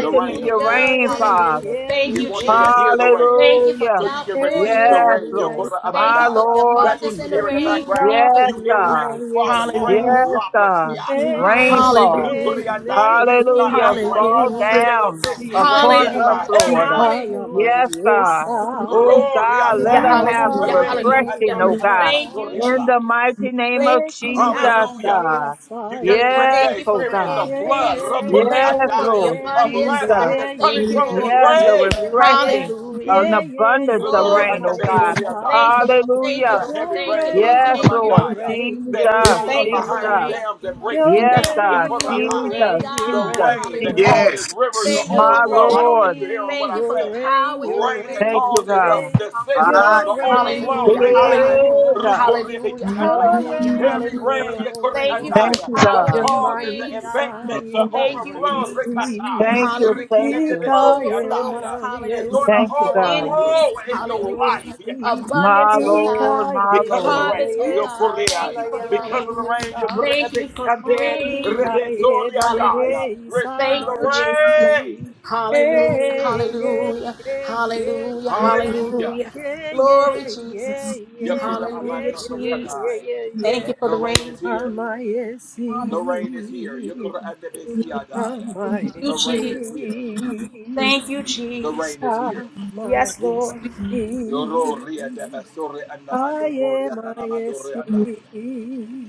[SPEAKER 1] The
[SPEAKER 7] in
[SPEAKER 1] rain.
[SPEAKER 7] your reign,
[SPEAKER 9] yeah, yeah,
[SPEAKER 4] Hallelujah.
[SPEAKER 7] Father.
[SPEAKER 9] yeah,
[SPEAKER 1] He
[SPEAKER 4] Thank
[SPEAKER 9] yeah,
[SPEAKER 4] you,
[SPEAKER 1] wants you
[SPEAKER 9] yeah, yeah.
[SPEAKER 1] to
[SPEAKER 4] Jesus.
[SPEAKER 1] hear the rain.
[SPEAKER 4] Thank
[SPEAKER 9] yeah.
[SPEAKER 4] you for
[SPEAKER 7] Hallelujah.
[SPEAKER 1] So
[SPEAKER 4] the
[SPEAKER 1] you can
[SPEAKER 9] Hey,
[SPEAKER 4] outpour in
[SPEAKER 1] receive
[SPEAKER 4] the
[SPEAKER 1] the
[SPEAKER 4] rain.
[SPEAKER 9] yeah,
[SPEAKER 7] Yes,
[SPEAKER 1] rain.
[SPEAKER 7] Lord.
[SPEAKER 9] yes,
[SPEAKER 1] Yokora
[SPEAKER 4] Thank you
[SPEAKER 7] My
[SPEAKER 4] for
[SPEAKER 1] abandai.
[SPEAKER 4] the
[SPEAKER 9] ah.
[SPEAKER 7] Lord
[SPEAKER 1] That's what
[SPEAKER 4] abundance
[SPEAKER 1] you
[SPEAKER 4] in the
[SPEAKER 7] Jesus.
[SPEAKER 1] hear in the
[SPEAKER 4] rain.
[SPEAKER 1] background.
[SPEAKER 4] Thank
[SPEAKER 9] Ika,
[SPEAKER 4] you,
[SPEAKER 7] Yes,
[SPEAKER 1] You hear
[SPEAKER 9] yeah,
[SPEAKER 4] Lord.
[SPEAKER 7] God.
[SPEAKER 9] more,
[SPEAKER 1] rain
[SPEAKER 9] yes,
[SPEAKER 1] falling, rain
[SPEAKER 9] ah.
[SPEAKER 7] Yes,
[SPEAKER 4] Hallelujah.
[SPEAKER 1] droplets.
[SPEAKER 7] God.
[SPEAKER 9] Hey,
[SPEAKER 1] Yatai.
[SPEAKER 9] yeah,
[SPEAKER 7] Rainfall.
[SPEAKER 9] yeah,
[SPEAKER 4] Hallelujah.
[SPEAKER 1] Rukuri andai.
[SPEAKER 9] me,
[SPEAKER 1] This is not
[SPEAKER 9] me,
[SPEAKER 7] Hallelujah.
[SPEAKER 1] light rain.
[SPEAKER 9] kaya,
[SPEAKER 7] Fall
[SPEAKER 9] la,
[SPEAKER 4] Hallelujah.
[SPEAKER 9] ma,
[SPEAKER 1] This ain't a
[SPEAKER 9] yes,
[SPEAKER 7] down
[SPEAKER 1] misty
[SPEAKER 9] ee.
[SPEAKER 1] rain.
[SPEAKER 7] upon
[SPEAKER 1] This is
[SPEAKER 7] us,
[SPEAKER 1] a
[SPEAKER 4] Hallelujah.
[SPEAKER 1] heavy
[SPEAKER 7] Lord.
[SPEAKER 9] Ika,
[SPEAKER 1] rain.
[SPEAKER 9] la, ma,
[SPEAKER 4] Hallelujah.
[SPEAKER 7] Yes,
[SPEAKER 9] yes,
[SPEAKER 7] God.
[SPEAKER 9] ah.
[SPEAKER 4] Hallelujah.
[SPEAKER 7] Oh,
[SPEAKER 1] Gloria
[SPEAKER 7] God,
[SPEAKER 4] Hallelujah.
[SPEAKER 7] let us
[SPEAKER 1] andaya,
[SPEAKER 9] Ika,
[SPEAKER 7] have a
[SPEAKER 4] Hallelujah.
[SPEAKER 1] Reki
[SPEAKER 7] refreshing,
[SPEAKER 4] Hallelujah.
[SPEAKER 7] oh,
[SPEAKER 9] yeah,
[SPEAKER 1] andori
[SPEAKER 7] God.
[SPEAKER 4] Thank you,
[SPEAKER 1] andabasori
[SPEAKER 9] my,
[SPEAKER 7] In
[SPEAKER 4] Jesus.
[SPEAKER 7] the
[SPEAKER 1] andaya.
[SPEAKER 7] mighty name
[SPEAKER 4] Thank
[SPEAKER 7] of
[SPEAKER 4] you for the
[SPEAKER 7] Jesus,
[SPEAKER 9] Meki, ah,
[SPEAKER 4] outpouring,
[SPEAKER 1] Hallelujah.
[SPEAKER 4] God.
[SPEAKER 7] God.
[SPEAKER 1] You're
[SPEAKER 9] my,
[SPEAKER 1] getting
[SPEAKER 9] yes,
[SPEAKER 1] ready to
[SPEAKER 7] Yes,
[SPEAKER 4] Thank you for
[SPEAKER 7] oh,
[SPEAKER 1] experience
[SPEAKER 4] the
[SPEAKER 1] a
[SPEAKER 7] God.
[SPEAKER 9] yeah,
[SPEAKER 1] flood
[SPEAKER 4] increase.
[SPEAKER 9] yeah,
[SPEAKER 1] rokori
[SPEAKER 4] Thank
[SPEAKER 9] yeah,
[SPEAKER 4] you
[SPEAKER 7] Yes,
[SPEAKER 4] for
[SPEAKER 9] yeah, yeah,
[SPEAKER 4] the
[SPEAKER 1] andaya,
[SPEAKER 7] Lord
[SPEAKER 1] of
[SPEAKER 4] abundance,
[SPEAKER 7] Jesus.
[SPEAKER 1] blessings
[SPEAKER 4] God.
[SPEAKER 9] yeah, yeah,
[SPEAKER 1] that's
[SPEAKER 9] yeah, yeah,
[SPEAKER 1] coming
[SPEAKER 4] Thank you,
[SPEAKER 1] from this
[SPEAKER 4] Lord.
[SPEAKER 7] Yes, a
[SPEAKER 9] yeah,
[SPEAKER 1] rain.
[SPEAKER 7] refreshing, an
[SPEAKER 4] Hallelujah.
[SPEAKER 9] yeah, yeah,
[SPEAKER 7] abundance
[SPEAKER 9] yeah,
[SPEAKER 7] of
[SPEAKER 9] yeah,
[SPEAKER 1] Rokori
[SPEAKER 7] rain,
[SPEAKER 4] Glory,
[SPEAKER 9] Mama,
[SPEAKER 7] oh
[SPEAKER 4] Jesus.
[SPEAKER 7] God.
[SPEAKER 9] yes,
[SPEAKER 1] andabasori
[SPEAKER 9] ah,
[SPEAKER 4] Thank
[SPEAKER 1] andaya.
[SPEAKER 4] you, Lord. Thank you,
[SPEAKER 7] Hallelujah.
[SPEAKER 1] The
[SPEAKER 4] Lord.
[SPEAKER 1] heavy
[SPEAKER 9] your
[SPEAKER 4] Thank you,
[SPEAKER 1] rain
[SPEAKER 4] Lord.
[SPEAKER 1] yokori
[SPEAKER 7] Yes,
[SPEAKER 4] Thank
[SPEAKER 9] reign,
[SPEAKER 4] you,
[SPEAKER 7] Lord.
[SPEAKER 9] your
[SPEAKER 4] Jesus.
[SPEAKER 9] reign,
[SPEAKER 7] Jesus,
[SPEAKER 1] that
[SPEAKER 9] your
[SPEAKER 1] builds
[SPEAKER 9] reign,
[SPEAKER 1] up
[SPEAKER 4] Thank you for the
[SPEAKER 1] behind
[SPEAKER 7] Jesus.
[SPEAKER 4] rain.
[SPEAKER 1] dams and breaks the
[SPEAKER 9] your
[SPEAKER 7] Yes,
[SPEAKER 1] dam.
[SPEAKER 4] Thank
[SPEAKER 7] God.
[SPEAKER 4] you
[SPEAKER 9] reign,
[SPEAKER 4] for the
[SPEAKER 9] your reign, your
[SPEAKER 1] yokorabaya
[SPEAKER 4] rain,
[SPEAKER 7] Jesus,
[SPEAKER 9] reign, your
[SPEAKER 1] the
[SPEAKER 4] God.
[SPEAKER 7] Jesus,
[SPEAKER 9] reign,
[SPEAKER 1] rain that
[SPEAKER 9] your
[SPEAKER 7] Jesus.
[SPEAKER 4] Hallelujah.
[SPEAKER 9] reign.
[SPEAKER 1] causes
[SPEAKER 5] Yes.
[SPEAKER 1] rivers to
[SPEAKER 4] Thank you,
[SPEAKER 7] My
[SPEAKER 9] Your
[SPEAKER 4] Jesus.
[SPEAKER 1] overflow. I don't think
[SPEAKER 7] Lord.
[SPEAKER 1] you're hearing what
[SPEAKER 9] reign,
[SPEAKER 4] Thank you
[SPEAKER 1] I'm
[SPEAKER 4] for
[SPEAKER 9] your
[SPEAKER 4] the
[SPEAKER 1] saying.
[SPEAKER 9] reign,
[SPEAKER 4] power in your
[SPEAKER 9] your
[SPEAKER 1] Rain that
[SPEAKER 9] reign,
[SPEAKER 7] Thank
[SPEAKER 4] reign.
[SPEAKER 7] you,
[SPEAKER 9] your
[SPEAKER 1] causes the,
[SPEAKER 7] God.
[SPEAKER 9] reign,
[SPEAKER 1] the
[SPEAKER 4] Hallelujah.
[SPEAKER 1] cisterns to
[SPEAKER 9] your
[SPEAKER 1] overflow.
[SPEAKER 4] Hallelujah.
[SPEAKER 9] reign,
[SPEAKER 5] Adamashedebesikorobokosa.
[SPEAKER 1] Rekai,
[SPEAKER 7] Yeah,
[SPEAKER 4] Hallelujah.
[SPEAKER 7] God.
[SPEAKER 9] Lord.
[SPEAKER 4] Hallelujah.
[SPEAKER 1] rukuribiki
[SPEAKER 9] Your
[SPEAKER 1] andai.
[SPEAKER 4] Hallelujah.
[SPEAKER 5] Yes,
[SPEAKER 9] reign,
[SPEAKER 1] Heavy
[SPEAKER 4] Hallelujah.
[SPEAKER 1] rain
[SPEAKER 5] God.
[SPEAKER 1] yekuri
[SPEAKER 4] Thank you for
[SPEAKER 9] Lord.
[SPEAKER 7] Thank
[SPEAKER 5] Glory,
[SPEAKER 4] the
[SPEAKER 1] andai,
[SPEAKER 7] you,
[SPEAKER 4] power
[SPEAKER 1] that
[SPEAKER 7] God.
[SPEAKER 4] in
[SPEAKER 9] Your
[SPEAKER 4] your
[SPEAKER 1] causes the
[SPEAKER 4] reign,
[SPEAKER 9] mighty
[SPEAKER 4] God.
[SPEAKER 1] embankments to
[SPEAKER 9] side,
[SPEAKER 5] glory,
[SPEAKER 9] that
[SPEAKER 4] Thank you,
[SPEAKER 1] overflow.
[SPEAKER 4] Jesus.
[SPEAKER 9] majesty.
[SPEAKER 1] Rikatai,
[SPEAKER 7] Thank you,
[SPEAKER 1] riki
[SPEAKER 7] thank
[SPEAKER 4] Hallelujah.
[SPEAKER 7] you.
[SPEAKER 9] Ika
[SPEAKER 1] andebesuri
[SPEAKER 9] ye
[SPEAKER 4] Overflow.
[SPEAKER 1] andai. It's
[SPEAKER 9] marie
[SPEAKER 1] going to
[SPEAKER 4] Hallelujah.
[SPEAKER 7] Thank you,
[SPEAKER 9] sakala
[SPEAKER 7] God.
[SPEAKER 9] ye
[SPEAKER 1] overflow
[SPEAKER 4] Increase.
[SPEAKER 1] in
[SPEAKER 9] sakala
[SPEAKER 1] your
[SPEAKER 9] ye
[SPEAKER 1] life.
[SPEAKER 4] Hallelujah.
[SPEAKER 9] si.
[SPEAKER 1] Yekatai
[SPEAKER 7] My
[SPEAKER 4] Abundance, oh
[SPEAKER 7] Lord,
[SPEAKER 4] God.
[SPEAKER 9] Ika
[SPEAKER 7] my
[SPEAKER 9] ye
[SPEAKER 1] because of the
[SPEAKER 7] Lord.
[SPEAKER 9] nele
[SPEAKER 1] rain.
[SPEAKER 4] Harvest, oh
[SPEAKER 1] you
[SPEAKER 9] ye
[SPEAKER 4] God.
[SPEAKER 9] sa
[SPEAKER 4] Thank
[SPEAKER 1] Korean.
[SPEAKER 4] you
[SPEAKER 9] mala
[SPEAKER 4] for
[SPEAKER 9] ye
[SPEAKER 4] the
[SPEAKER 9] la
[SPEAKER 1] Because
[SPEAKER 9] wa
[SPEAKER 1] of the
[SPEAKER 9] ye
[SPEAKER 4] rain.
[SPEAKER 1] rain, you
[SPEAKER 9] sa.
[SPEAKER 1] Korean.
[SPEAKER 4] Thank you for
[SPEAKER 1] And
[SPEAKER 4] the
[SPEAKER 9] I
[SPEAKER 1] dead.
[SPEAKER 4] rain, rain.
[SPEAKER 9] am
[SPEAKER 4] Hallelujah.
[SPEAKER 1] Rebesoriandaya. Receive
[SPEAKER 4] Thank
[SPEAKER 1] the
[SPEAKER 4] you, Jesus.
[SPEAKER 1] rain.
[SPEAKER 4] Hallelujah, hallelujah, hallelujah,
[SPEAKER 1] Hallelujah.
[SPEAKER 4] hallelujah. Glory, Jesus.
[SPEAKER 1] Yakura
[SPEAKER 4] Hallelujah,
[SPEAKER 1] amando rekatai.
[SPEAKER 4] Jesus. Thank you for
[SPEAKER 1] The
[SPEAKER 4] the
[SPEAKER 1] rain
[SPEAKER 4] rain.
[SPEAKER 1] is here. The
[SPEAKER 4] Hallelujah.
[SPEAKER 1] rain is here. Yakura andebesiadaya.
[SPEAKER 4] Thank you,
[SPEAKER 1] The rain
[SPEAKER 4] Jesus.
[SPEAKER 1] is here.
[SPEAKER 4] Thank you,
[SPEAKER 1] The
[SPEAKER 4] Jesus.
[SPEAKER 1] rain is here.
[SPEAKER 4] Yes, Lord.
[SPEAKER 1] Yoro ria debesore andamando koria
[SPEAKER 9] I
[SPEAKER 1] nanamando reandaya.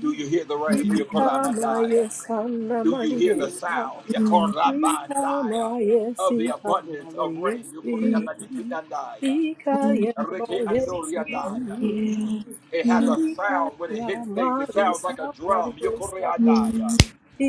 [SPEAKER 1] Do you hear the rain?
[SPEAKER 9] Ika
[SPEAKER 1] Yakura amandaya.
[SPEAKER 9] Maria Sanna
[SPEAKER 1] Do you hear the
[SPEAKER 9] Maria
[SPEAKER 1] sound? Yakorabandaya, Of
[SPEAKER 9] Sikamayesi
[SPEAKER 1] the abundance of rain.
[SPEAKER 6] you.
[SPEAKER 9] kamayesi
[SPEAKER 1] Yukoreamadikitandaya,
[SPEAKER 6] Yes, yes, yes, yes, yes,
[SPEAKER 4] It's
[SPEAKER 9] Sikayamayesi
[SPEAKER 4] here.
[SPEAKER 1] Rekeandoriandaya.
[SPEAKER 6] yes,
[SPEAKER 1] It has a sound when it hits things. It sounds
[SPEAKER 9] Sikayamayesa
[SPEAKER 1] like a drum.
[SPEAKER 9] kamayesa
[SPEAKER 1] Yukoreandaya.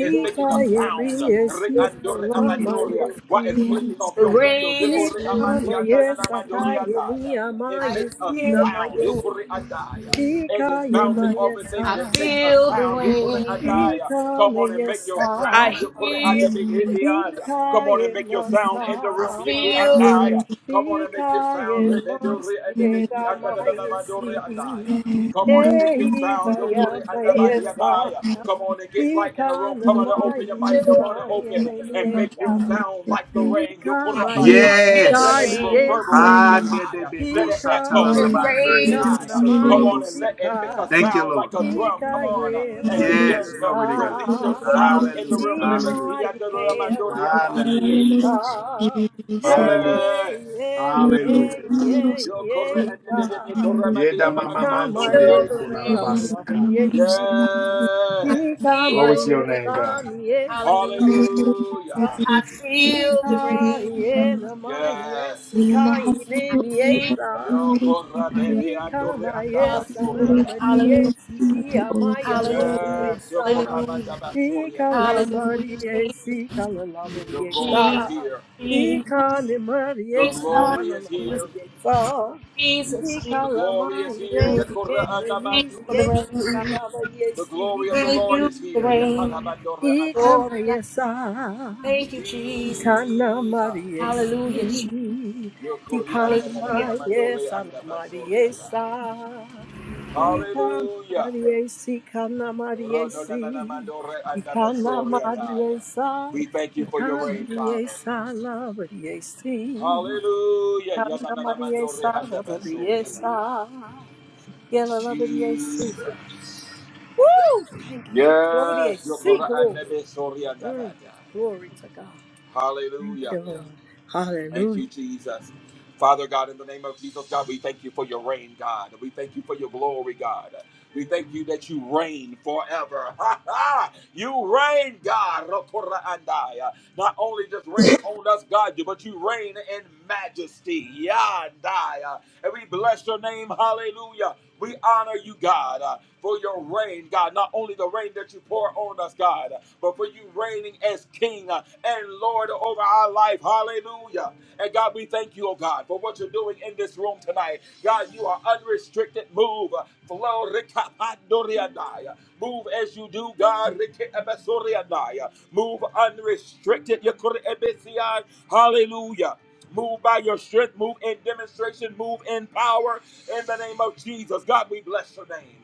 [SPEAKER 1] It's
[SPEAKER 4] The
[SPEAKER 1] making a
[SPEAKER 4] rain
[SPEAKER 1] sound.
[SPEAKER 4] is here.
[SPEAKER 1] Reandoreamandoria,
[SPEAKER 9] kalamayesi
[SPEAKER 1] While it's
[SPEAKER 6] yes,
[SPEAKER 1] clicking off
[SPEAKER 4] The
[SPEAKER 1] your windows.
[SPEAKER 4] rain is here.
[SPEAKER 9] Sikamayesa
[SPEAKER 1] Yukoreamandiandanamandoreandaya. It
[SPEAKER 4] I
[SPEAKER 1] makes a
[SPEAKER 9] kayemiyamayesi
[SPEAKER 4] hear the
[SPEAKER 1] sound.
[SPEAKER 4] rain.
[SPEAKER 9] namayesi
[SPEAKER 1] Yukuri andaya. As it's bouncing over
[SPEAKER 9] Sikayemayesa
[SPEAKER 1] things,
[SPEAKER 4] I
[SPEAKER 1] it makes a
[SPEAKER 4] feel the
[SPEAKER 1] sound. Yukuri
[SPEAKER 4] rain.
[SPEAKER 1] andaya. Come on and make your
[SPEAKER 9] Sikamayesa
[SPEAKER 4] I
[SPEAKER 1] sound. Yukuri
[SPEAKER 4] hear
[SPEAKER 6] yes,
[SPEAKER 4] the
[SPEAKER 1] adebig
[SPEAKER 4] rain.
[SPEAKER 1] hidianda. Come on
[SPEAKER 9] Ikaye
[SPEAKER 1] and make your sound
[SPEAKER 9] masa,
[SPEAKER 1] in the
[SPEAKER 4] I
[SPEAKER 1] room. Yiki
[SPEAKER 4] feel the
[SPEAKER 1] andaya. Come on and make your
[SPEAKER 9] ikaye
[SPEAKER 1] sound.
[SPEAKER 6] yes,
[SPEAKER 1] Rebeduri
[SPEAKER 6] yes,
[SPEAKER 1] andebeki
[SPEAKER 6] yes.
[SPEAKER 9] masieda
[SPEAKER 1] andadadadamaduri
[SPEAKER 9] maesi,
[SPEAKER 1] andaya. Come
[SPEAKER 9] e
[SPEAKER 1] on and
[SPEAKER 6] Morosi,
[SPEAKER 1] make
[SPEAKER 6] morosi, eh, morosi,
[SPEAKER 1] your
[SPEAKER 6] morosi, morosi,
[SPEAKER 1] sound. Don't
[SPEAKER 6] morosi,
[SPEAKER 9] ikaya
[SPEAKER 1] put it under
[SPEAKER 4] rain.
[SPEAKER 6] eh,
[SPEAKER 1] by the
[SPEAKER 9] maesa,
[SPEAKER 1] adaya.
[SPEAKER 6] yes,
[SPEAKER 1] Come on and get light in the room.
[SPEAKER 6] yes, yes.
[SPEAKER 9] ikana
[SPEAKER 1] Come on and
[SPEAKER 6] Morosi,
[SPEAKER 1] open your mics.
[SPEAKER 4] still
[SPEAKER 1] Come
[SPEAKER 9] maesa,
[SPEAKER 6] morosi,
[SPEAKER 1] on and open and
[SPEAKER 9] yele
[SPEAKER 6] ah,
[SPEAKER 1] make your
[SPEAKER 6] morosi,
[SPEAKER 1] sound
[SPEAKER 6] morosi, morosi,
[SPEAKER 1] like the rain. Don't put it
[SPEAKER 4] I
[SPEAKER 1] up by the
[SPEAKER 9] Ikamayi
[SPEAKER 1] adaya.
[SPEAKER 4] hear the
[SPEAKER 1] Let it
[SPEAKER 5] Yes.
[SPEAKER 9] sikali yesa.
[SPEAKER 1] reverberate.
[SPEAKER 4] rain.
[SPEAKER 1] Yes, higher. Let it echo.
[SPEAKER 4] It's
[SPEAKER 1] Rip out
[SPEAKER 9] Ikamayi
[SPEAKER 1] the key
[SPEAKER 4] rain,
[SPEAKER 9] seka
[SPEAKER 1] higher. Come
[SPEAKER 9] namayi
[SPEAKER 1] on and
[SPEAKER 5] Ha-de-de-be-ko-sa-ta-la-la-ba-de-de-be-ki-so-ko-lo-bo-se.
[SPEAKER 1] let it
[SPEAKER 9] sika.
[SPEAKER 1] make a
[SPEAKER 5] Thank you,
[SPEAKER 1] sound
[SPEAKER 5] Lord.
[SPEAKER 1] like a
[SPEAKER 4] rain,
[SPEAKER 1] drum. Come on
[SPEAKER 4] rain,
[SPEAKER 1] uh,
[SPEAKER 9] Ikaye
[SPEAKER 1] and
[SPEAKER 4] rain.
[SPEAKER 1] begin
[SPEAKER 5] Yes,
[SPEAKER 1] to
[SPEAKER 9] marisa.
[SPEAKER 5] glory to God.
[SPEAKER 1] release your sound in the
[SPEAKER 5] Hallelujah.
[SPEAKER 1] room.
[SPEAKER 9] Ima
[SPEAKER 5] Hallelujah.
[SPEAKER 9] ike la
[SPEAKER 5] Hallelujah.
[SPEAKER 6] eh, eh, morosi,
[SPEAKER 9] yesa.
[SPEAKER 6] morosi, eh,
[SPEAKER 5] Hallelujah.
[SPEAKER 1] Yes.
[SPEAKER 9] Hey, hey,
[SPEAKER 6] Thank
[SPEAKER 9] hey,
[SPEAKER 5] Hallelujah.
[SPEAKER 9] hey,
[SPEAKER 1] Yo corre-
[SPEAKER 9] hey, God.
[SPEAKER 5] yeda ma
[SPEAKER 4] I feel
[SPEAKER 9] Ikamaye
[SPEAKER 5] ko
[SPEAKER 4] the
[SPEAKER 5] la la ba
[SPEAKER 9] sikala
[SPEAKER 4] rain.
[SPEAKER 5] sa ka
[SPEAKER 9] labadi yesi.
[SPEAKER 4] I
[SPEAKER 1] Yes.
[SPEAKER 5] Glory to
[SPEAKER 4] feel
[SPEAKER 9] Ikamaye
[SPEAKER 4] the
[SPEAKER 5] your name, God.
[SPEAKER 4] rain.
[SPEAKER 9] san yesi
[SPEAKER 4] Hallelujah.
[SPEAKER 1] Hallelujah.
[SPEAKER 9] kala
[SPEAKER 4] I feel the
[SPEAKER 9] Sika
[SPEAKER 4] rain.
[SPEAKER 9] yelamai
[SPEAKER 1] Yes.
[SPEAKER 9] esika
[SPEAKER 4] I
[SPEAKER 9] inemi
[SPEAKER 4] feel
[SPEAKER 9] esa.
[SPEAKER 4] the
[SPEAKER 1] Yo
[SPEAKER 4] rain.
[SPEAKER 1] korabede
[SPEAKER 9] Sika
[SPEAKER 1] andore
[SPEAKER 9] mai
[SPEAKER 1] andaba
[SPEAKER 9] esa
[SPEAKER 4] Hallelujah.
[SPEAKER 1] soriada.
[SPEAKER 9] namari
[SPEAKER 4] Hallelujah.
[SPEAKER 9] esiki amai alori
[SPEAKER 4] Hallelujah.
[SPEAKER 1] Yes, yo
[SPEAKER 9] esa.
[SPEAKER 4] Hallelujah.
[SPEAKER 1] koramandaba
[SPEAKER 9] Sika
[SPEAKER 1] soriada.
[SPEAKER 9] lamari
[SPEAKER 4] Hallelujah.
[SPEAKER 9] esika lamari
[SPEAKER 1] The glory is
[SPEAKER 4] Jesus.
[SPEAKER 9] esa.
[SPEAKER 1] here.
[SPEAKER 4] Jesus.
[SPEAKER 9] Sika nemari
[SPEAKER 1] The
[SPEAKER 4] Jesus.
[SPEAKER 9] esika
[SPEAKER 1] glory is
[SPEAKER 4] Jesus.
[SPEAKER 1] here.
[SPEAKER 9] lamari esa.
[SPEAKER 4] Jesus,
[SPEAKER 9] Sika
[SPEAKER 1] The
[SPEAKER 4] Jesus,
[SPEAKER 1] glory
[SPEAKER 9] lamai
[SPEAKER 1] is here.
[SPEAKER 9] eki
[SPEAKER 4] hallelujah.
[SPEAKER 1] Yokora korra
[SPEAKER 4] Thank
[SPEAKER 9] enemi
[SPEAKER 4] you for the
[SPEAKER 1] anamandoria.
[SPEAKER 9] esa
[SPEAKER 4] rain.
[SPEAKER 9] kalamari
[SPEAKER 1] The
[SPEAKER 9] esi.
[SPEAKER 1] glory of the
[SPEAKER 4] Thank
[SPEAKER 1] Lord
[SPEAKER 4] you
[SPEAKER 1] is
[SPEAKER 4] for the
[SPEAKER 1] here. Yes,
[SPEAKER 4] rain.
[SPEAKER 1] hadabandore
[SPEAKER 9] Sika
[SPEAKER 1] anda.
[SPEAKER 4] Glory to
[SPEAKER 9] mai
[SPEAKER 4] God.
[SPEAKER 9] esa.
[SPEAKER 4] Thank you, Jesus.
[SPEAKER 9] Ikana
[SPEAKER 1] Jesus.
[SPEAKER 4] Hallelujah, Jesus.
[SPEAKER 9] Mariesi,
[SPEAKER 1] yokori korri
[SPEAKER 4] Hallelujah.
[SPEAKER 9] Ikana
[SPEAKER 1] ananananamandore
[SPEAKER 9] Yesa,
[SPEAKER 1] andaba soriada.
[SPEAKER 9] Mariesa, Ikana
[SPEAKER 1] Hallelujah.
[SPEAKER 9] Mariesi, Ikana Mariesi, Ikana Mariesa,
[SPEAKER 1] We thank you for your
[SPEAKER 9] Ikana
[SPEAKER 1] rain, Father.
[SPEAKER 9] Mariesa, La Mariesi,
[SPEAKER 1] Hallelujah. Ya da
[SPEAKER 9] Ikana
[SPEAKER 1] na na mando re
[SPEAKER 9] Mariesa,
[SPEAKER 1] anda
[SPEAKER 9] La
[SPEAKER 1] besori andaya.
[SPEAKER 9] Mariesa, yella La Mariesi.
[SPEAKER 1] Jesus.
[SPEAKER 9] Woo! Thank you. La
[SPEAKER 1] Yes,
[SPEAKER 9] Mariesi, glory. Mm, glory to God. Thank
[SPEAKER 1] Hallelujah.
[SPEAKER 9] you, Lord.
[SPEAKER 1] Thank
[SPEAKER 9] Hallelujah.
[SPEAKER 1] you, Jesus. Father God, in the name of Jesus, God, we thank you for your reign, God. We thank you for your glory, God. We thank you that you reign forever. *laughs* you reign, God. Rokora Not only just reign on us, God, but you reign in majesty. Yandai. And we bless your name. Hallelujah. We honor you, God, uh, for your reign, God. Not only the reign that you pour on us, God, but for you reigning as King uh, and Lord over our life. Hallelujah. And God, we thank you, oh God, for what you're doing in this room tonight. God, you are unrestricted. Move. Flow. rikapandoriadai. Move as you do, God. rikeebesoriadai. Move unrestricted. Yekurebesiai. Hallelujah. Move by your strength. Move in demonstration. Move in power. In the name of Jesus. God, we bless your name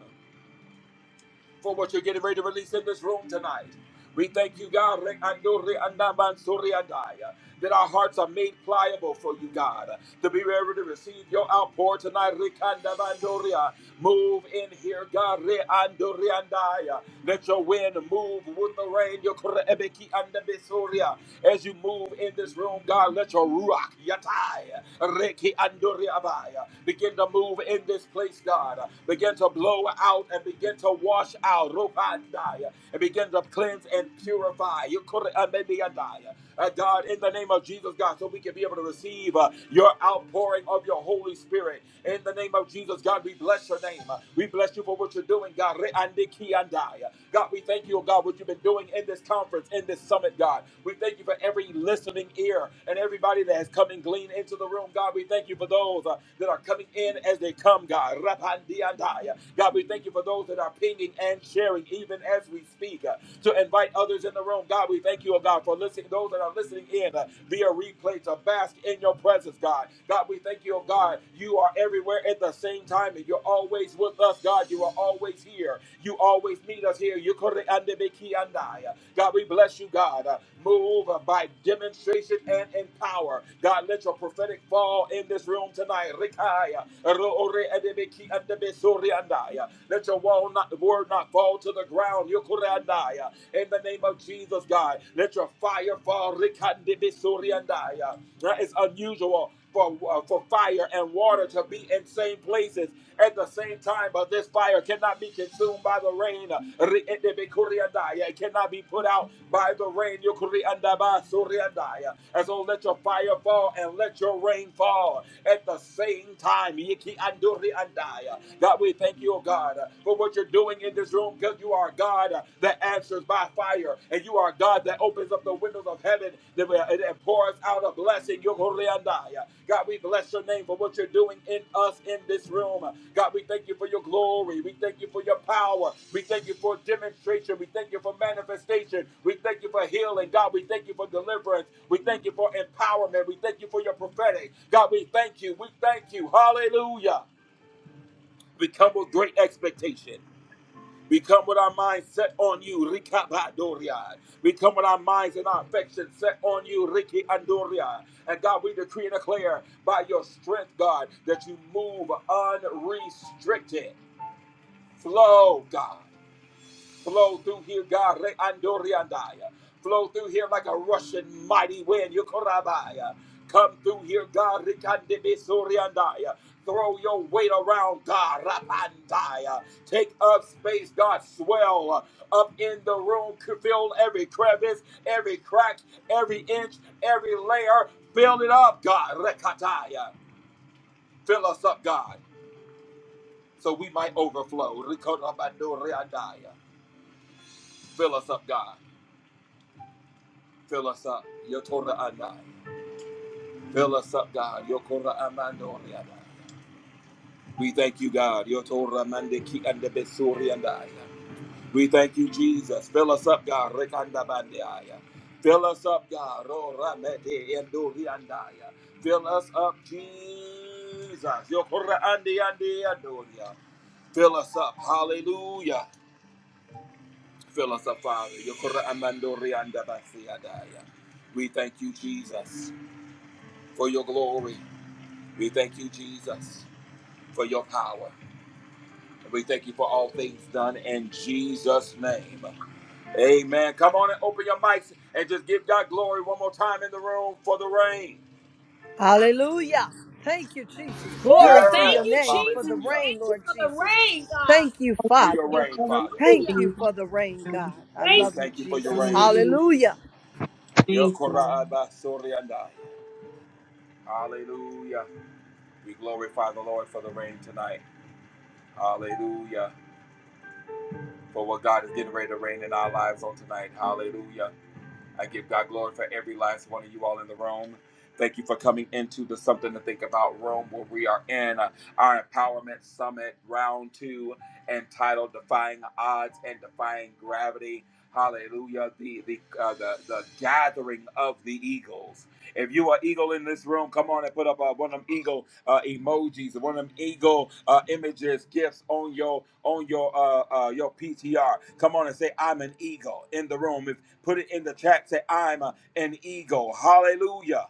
[SPEAKER 1] for what you're getting ready to release in this room tonight. We thank you, God, Re- ando- re- andaman- sori- andaya, that our hearts are made pliable for you, God, uh, to be able to receive your outpour tonight. Re- andaman- doria. Move in here, God. Re- ando- re- andaya. Let your wind move with the rain. Your kore- ebeki- andabe- soria. As you move in this room, God, let your ruach yatai, reki andori abaya, begin to move in this place, God. uh, Begin to blow out and begin to wash out. Rokandai and begin to cleanse and purify. You could uh, maybe a die. Uh, God, in the name of Jesus, God, so we can be able to receive uh, your outpouring of your Holy Spirit. In the name of Jesus, God, we bless your name. Uh, We bless you for what you're doing, God. Re- and the key and die. God, we thank you, oh God, what you've been doing in this conference, in this summit, God. We thank you for every listening ear and everybody that has come and gleaned into the room, God. We thank you for those uh, that are coming in as they come, God. Rapandi and die. God, we thank you for those that are pinging and sharing even as we speak uh, to invite others in the room. God, we thank you, oh God, for listening, those that are listening in uh, via replay to bask in your presence, God. God, we thank you, oh God, you are everywhere at the same time and you're always with us, God. You are always here. You always meet us here. You kore ande beki andai. God, we bless you, God. Uh, Move uh, by demonstration and in power. God, let your prophetic fall in this room tonight. Rikaya, ro ore ande beki ande besori andai. Let your wall not, the word not fall to the ground. Yokorandaya. In the name of Jesus, God, let your fire fall. Rikandibisuriandaya. That is unusual for, uh, for fire and water to be in same places at the same time, but this fire cannot be consumed by the rain. re ete be It cannot be put out by the rain. Yukuriandaba-suriandaya. And so let your fire fall and let your rain fall at the same time. Yiki-anduriandaya. God, we thank you, oh God, uh, for what you're doing in this room because you are God uh, that answers by fire and you are God that opens up the windows of heaven that and pours out a blessing. Yo, Koreandaya. God, we bless your name for what you're doing in us in this room. God, we thank you for your glory. We thank you for your power. We thank you for demonstration. We thank you for manifestation. We thank you for healing. God, we thank you for deliverance. We thank you for empowerment. We thank you for your prophetic. God, we thank you. We thank you. Hallelujah. Become with great expectation. We come with our minds set on you, Rikabadoria. We come with our minds and our affections set on you, Riki Andoria. And God, we decree and declare by your strength, God, that you move unrestricted. Flow, God flow through here, God. Re- Flow through here like a rushing mighty wind. Yokorabaya. Come through here, God. Rikandebesoriandaya. Throw your weight around, God. Rapandaya. Take up space, God. Swell up in the room. Fill every crevice, every crack, every inch, every layer. Fill it up, God. Rekataya. Fill us up, God, so we might overflow. Rikorabandoriandaya. Fill us up, God. Fill us up. Yotora Anai. Fill us up, God. Yokora Amando Riadai. We thank you, God. Yotora Mandeki and the Besuri and I. We thank you, Jesus. Fill us up, God. Rekanda Bandiaya. Fill us up, God. Rora Mede and Dori Fill us up, Jesus. Yokora Andi and Doria. Fill us up. Hallelujah. Fill us up, Father. Yokora Amando Rianda Basiadaya. We thank you, Jesus, for your glory. We thank you, Jesus, for your power. We thank you for all things done in Jesus' name. Amen. Come on and open your mics and just give God glory one more time in the room for the rain.
[SPEAKER 9] Hallelujah. Thank you, Jesus.
[SPEAKER 4] Woo,
[SPEAKER 9] Glory to your
[SPEAKER 4] thank you,
[SPEAKER 1] Yes.
[SPEAKER 9] name for
[SPEAKER 4] Jesus.
[SPEAKER 9] the
[SPEAKER 1] Hallelujah.
[SPEAKER 9] rain,
[SPEAKER 4] Thank you
[SPEAKER 9] Lord
[SPEAKER 4] for the
[SPEAKER 9] Jesus.
[SPEAKER 4] rain, God.
[SPEAKER 9] Thank you,
[SPEAKER 1] For your
[SPEAKER 9] Father.
[SPEAKER 10] Hallelujah,
[SPEAKER 1] rain,
[SPEAKER 10] Father.
[SPEAKER 1] Father.
[SPEAKER 10] Thank
[SPEAKER 9] Thank
[SPEAKER 4] Hallelujah.
[SPEAKER 9] you
[SPEAKER 10] you,
[SPEAKER 9] for the rain,
[SPEAKER 10] Lord.
[SPEAKER 9] God. I
[SPEAKER 1] We
[SPEAKER 4] Thank
[SPEAKER 9] love
[SPEAKER 4] you,
[SPEAKER 9] you,
[SPEAKER 1] thank you for your
[SPEAKER 9] Jesus.
[SPEAKER 4] Jesus.
[SPEAKER 1] rain.
[SPEAKER 10] Hallelujah.
[SPEAKER 9] Hallelujah.
[SPEAKER 10] Thank you, Lord.
[SPEAKER 1] Yokorabasoriandai. Hallelujah. We glorify the Lord for the rain tonight. Hallelujah. For what God is getting ready to rain in our lives on tonight. Hallelujah. I give God glory for every last one of you all in the room. Thank you for coming into the Something to Think About room where we are in uh, our Empowerment Summit Round 2 entitled Defying Odds and Defying Gravity. Hallelujah. The, the, uh, the, the gathering of the eagles. If you are eagle in this room, come on and put up uh, one of them eagle uh, emojis, one of them eagle uh, images, gifts on your on your uh, uh, your PTR. Come on and say, "I'm an eagle" in the room. If Put it in the chat. Say, I'm uh, an eagle. Hallelujah.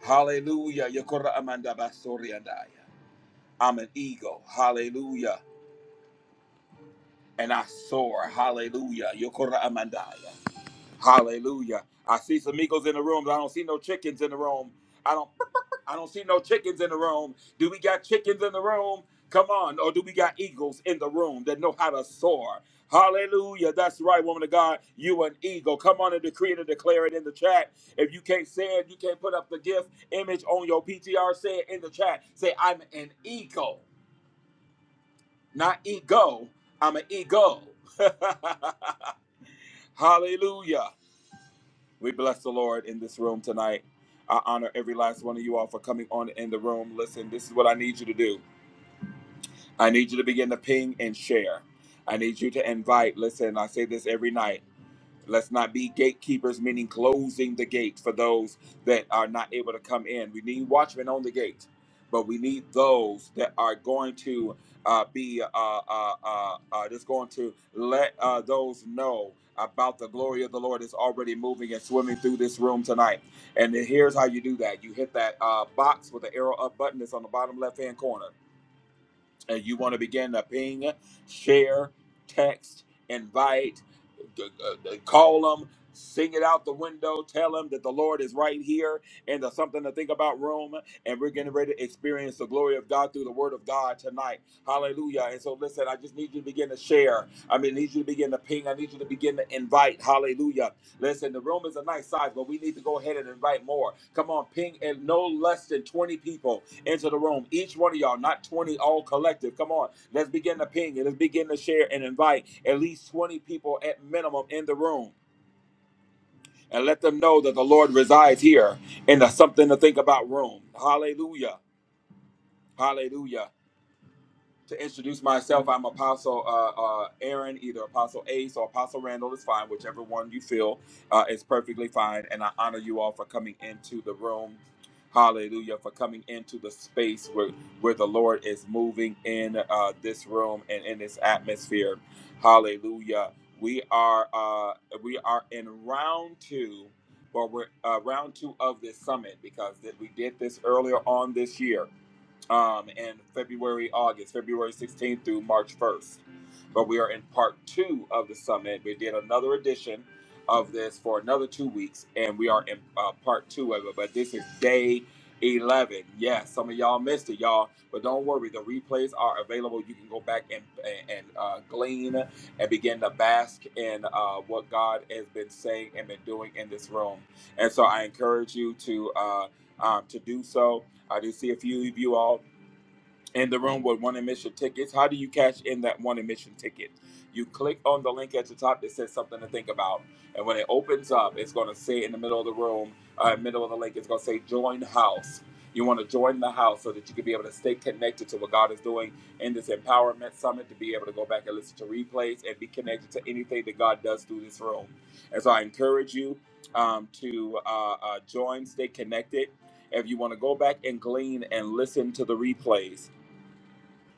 [SPEAKER 1] Hallelujah. Yokora amanda basoriandaya. I'm an eagle. Hallelujah. And I soar. Hallelujah. Yokora amandaya. Hallelujah. I see some eagles in the room, but I don't see no chickens in the room. I don't. I don't see no chickens in the room. Do we got chickens in the room? Come on. Or do we got eagles in the room that know how to soar? Hallelujah. That's right, woman of God. You an eagle. Come on and decree it and declare it in the chat. If you can't say it, you can't put up the gift image on your PTR, say it in the chat. Say, I'm an eagle. Not ego. I'm an ego. *laughs* Hallelujah. We bless the Lord in this room tonight. I honor every last one of you all for coming on in the room. Listen, this is what I need you to do. I need you to begin to ping and share. I need you to invite. Listen, I say this every night. Let's not be gatekeepers, meaning closing the gate for those that are not able to come in. We need watchmen on the gate, but we need those that are going to uh, be uh, uh, uh, uh, just going to let uh, those know about the glory of the Lord is already moving and swimming through this room tonight. And then here's how you do that: you hit that uh, box with the arrow up button that's on the bottom left hand corner uh, you want to begin to ping, share, text, invite, g- uh, uh, call them, sing it out the window, tell them that the Lord is right here and the something to think about room. And we're getting ready to experience the glory of God through the word of God tonight. Hallelujah. And so, listen, I just need you to begin to share. I mean, I need you to begin to ping. I need you to begin to invite. Hallelujah. Listen, the room is a nice size, but we need to go ahead and invite more. Come on, ping and no less than 20 people into the room. Each one of y'all, not 20, all collective. Come on. Let's begin to ping and let's begin to share and invite at least 20 people at minimum in the room and let them know that the Lord resides here in the something to think about room. Hallelujah. Hallelujah. to introduce myself. I'm Apostle uh, uh, Aaron, either Apostle Ace or Apostle Randall is fine, whichever one you feel uh, is perfectly fine. And I honor you all for coming into the room. Hallelujah, for coming into the space where, where the Lord is moving in uh, this room and in this atmosphere. Hallelujah. We are uh, we are in round two, but we're uh, round two of this summit because that we did this earlier on this year um, in February, August, February 16th through March 1st. But we are in part two of the summit. We did another edition of this for another two weeks, and we are in uh, part two of it. But this is day 11. Yes, some of y'all missed it, y'all. But don't worry, the replays are available. You can go back and, and uh, glean and begin to bask in uh, what God has been saying and been doing in this room. And so I encourage you to. Uh, um, to do so I do see a few of you all in the room with one admission tickets. How do you cash in that one admission ticket? You click on the link at the top that says something to think about, and when it opens up, it's going to say in the middle of the room, uh, middle of the link, it's going to say join house. You want to join the house so that you can be able to stay connected to what God is doing in this empowerment summit, to be able to go back and listen to replays and be connected to anything that God does through this room. And so I encourage you um, to uh, uh, join, stay connected. If you want to go back and glean and listen to the replays,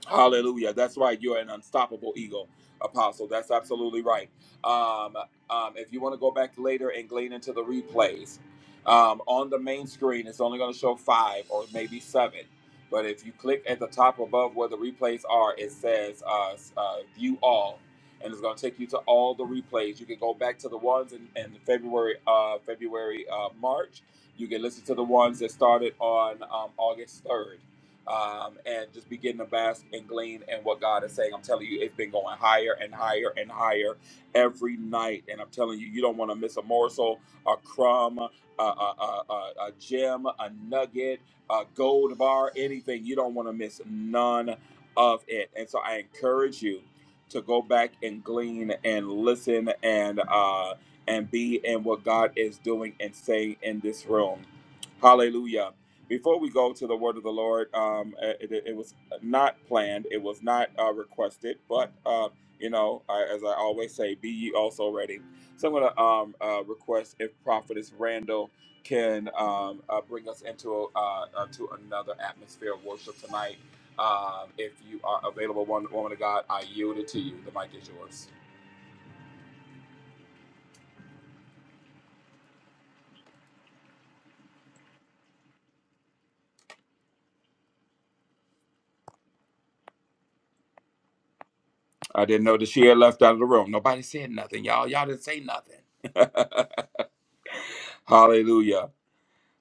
[SPEAKER 1] Hallelujah. That's right. You're an unstoppable eagle, Apostle. That's absolutely right. Um, um, if you want to go back later and glean into the replays, um, on the main screen, it's only going to show five or maybe seven. But if you click at the top above where the replays are, it says uh, uh, view all. And it's going to take you to all the replays. You can go back to the ones in, in February, uh, February, uh, March. You can listen to the ones that started on um, August 3rd um, and just begin to bask and glean in what God is saying. I'm telling you, it's been going higher and higher and higher every night. And I'm telling you, you don't want to miss a morsel, a crumb, a, a, a, a, a gem, a nugget, a gold bar, anything. You don't want to miss none of it. And so I encourage you to go back and glean and listen and uh, and be in what God is doing and saying in this room. Hallelujah. Before we go to the word of the Lord, um, eh, it, it, it was not planned, it was not uh, requested, but uh, you know, I, as I always say, be ye also ready. So I'm going to um, uh, request if Prophetess Randall can um, uh, bring us into uh, uh, to another atmosphere of worship tonight. Um, if you are available, one woman of God, I yield it to you. The mic is yours. I didn't know that she had left out of the room. Nobody said nothing, y'all. Y'all didn't say nothing. *laughs* Hallelujah.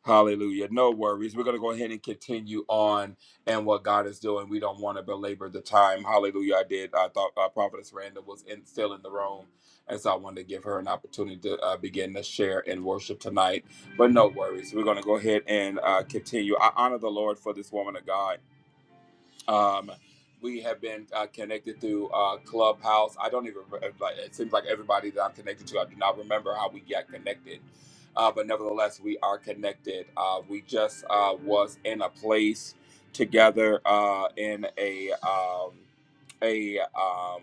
[SPEAKER 1] Hallelujah. No worries. We're going to go ahead and continue on and what God is doing. We don't want to belabor the time. Hallelujah. I did. I thought uh, Prophetess Randa was in, still in the room. And so I wanted to give her an opportunity to uh, begin to share and worship tonight. But no worries. We're going to go ahead and uh, continue. I honor the Lord for this woman of God. Um, we have been uh, connected through uh, Clubhouse. I don't even like. It seems like everybody that I'm connected to, I do not remember how we got connected. Uh, but nevertheless, we are connected. Uh, we just uh, was in a place together uh, in a um, a um,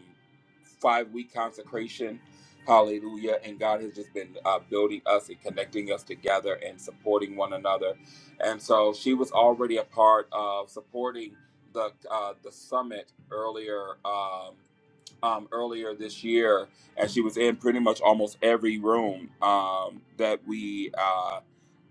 [SPEAKER 1] five week consecration. Hallelujah! And God has just been uh, building us and connecting us together and supporting one another. And so she was already a part of supporting the uh, the summit earlier. Um, um, earlier this year, and she was in pretty much almost every room um, that we uh,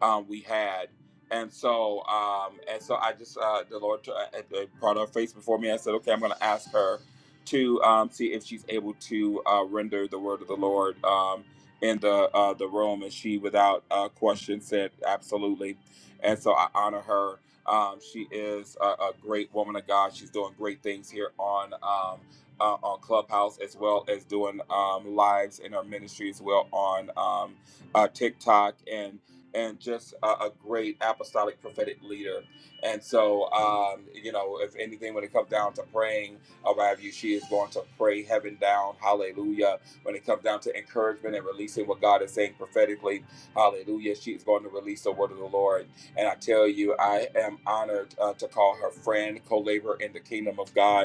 [SPEAKER 1] um, we had. And so, um, and so, I just uh, the Lord uh, uh, brought her face before me. I said, "Okay, I'm going to ask her to um, see if she's able to uh, render the word of the Lord um, in the uh, the room." And she, without uh, question, said, "Absolutely." And so, I honor her. Um, she is a, a great woman of God. She's doing great things here on. Um, uh, on Clubhouse as well as doing um, lives in our ministry as well on um, uh, TikTok and and just a, a great apostolic prophetic leader. And so, um, you know, if anything, when it comes down to praying around you, she is going to pray heaven down. Hallelujah. When it comes down to encouragement and releasing what God is saying prophetically, hallelujah, she is going to release the word of the Lord. And I tell you, I am honored uh, to call her friend, co laborer in the kingdom of God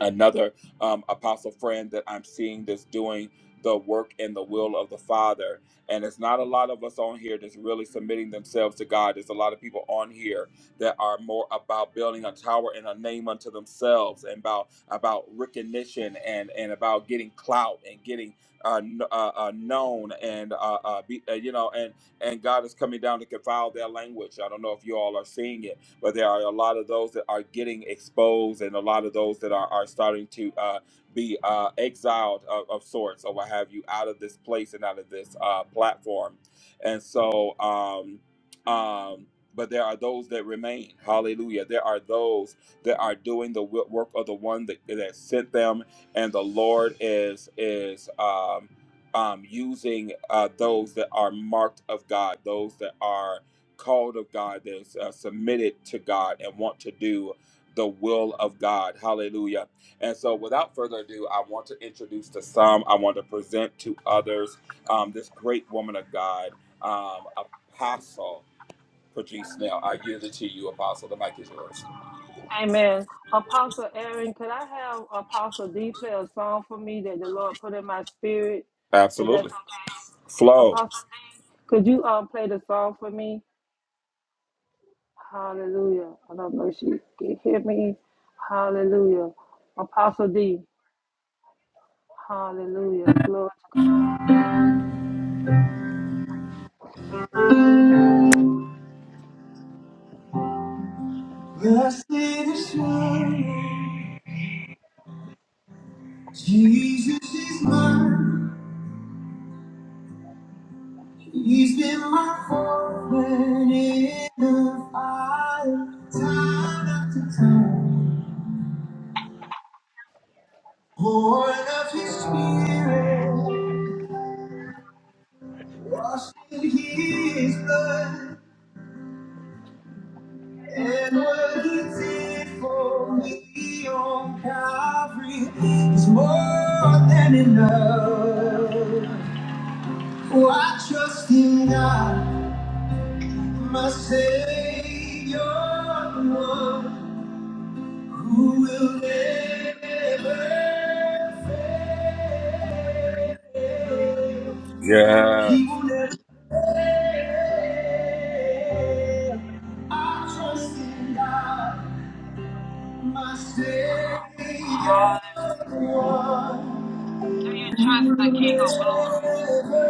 [SPEAKER 1] another um, apostle friend that I'm seeing that's doing the work and the will of the Father. And it's not a lot of us on here that's really submitting themselves to God. There's a lot of people on here that are more about building a tower and a name unto themselves and about about recognition and and about getting clout and getting uh, kn- uh, uh, known and uh, uh, be, uh, you know and and God is coming down to confound their language. I don't know if you all are seeing it but there are a lot of those that are getting exposed and a lot of those that are, are starting to uh, be uh, exiled of, of sorts or what have you out of this place and out of this uh, platform. And so, um, um, but there are those that remain. Hallelujah. There are those that are doing the wo- work of the one that, that sent them, and the Lord is is um, um, using uh, those that are marked of God, those that are called of God, that's uh, submitted to God and want to do the will of God. Hallelujah. And so, without further ado, I want to introduce to some, I want to present to others um, this great woman of God, um, Apostle Patrice Snell. I yield it to you, Apostle. The mic is yours.
[SPEAKER 8] Amen. Apostle Aaron, could I have Apostle D play a song for me that the Lord put in my spirit, if that's
[SPEAKER 1] Absolutely.
[SPEAKER 8] okay?
[SPEAKER 1] Flow.
[SPEAKER 8] Apostle D, could you um play the song for me? Hallelujah. I don't know if she can hear me. Hallelujah. Apostle D, hallelujah. Glory to
[SPEAKER 6] Blessed assurance, Jesus is mine. He's been my forward in the fire, time after time. Born of his spirit, washed in his blood, and what he did
[SPEAKER 8] God.
[SPEAKER 6] for
[SPEAKER 8] Glory.
[SPEAKER 6] me on Calvary is more than enough. Oh, I trust in God, my Savior, the one who will never fail.
[SPEAKER 1] Yeah.
[SPEAKER 6] He will never fail. I trust in God, my Savior, the
[SPEAKER 8] Hallelujah.
[SPEAKER 6] one
[SPEAKER 8] Do you
[SPEAKER 6] who
[SPEAKER 8] trust the
[SPEAKER 6] will
[SPEAKER 8] King of glory?
[SPEAKER 6] never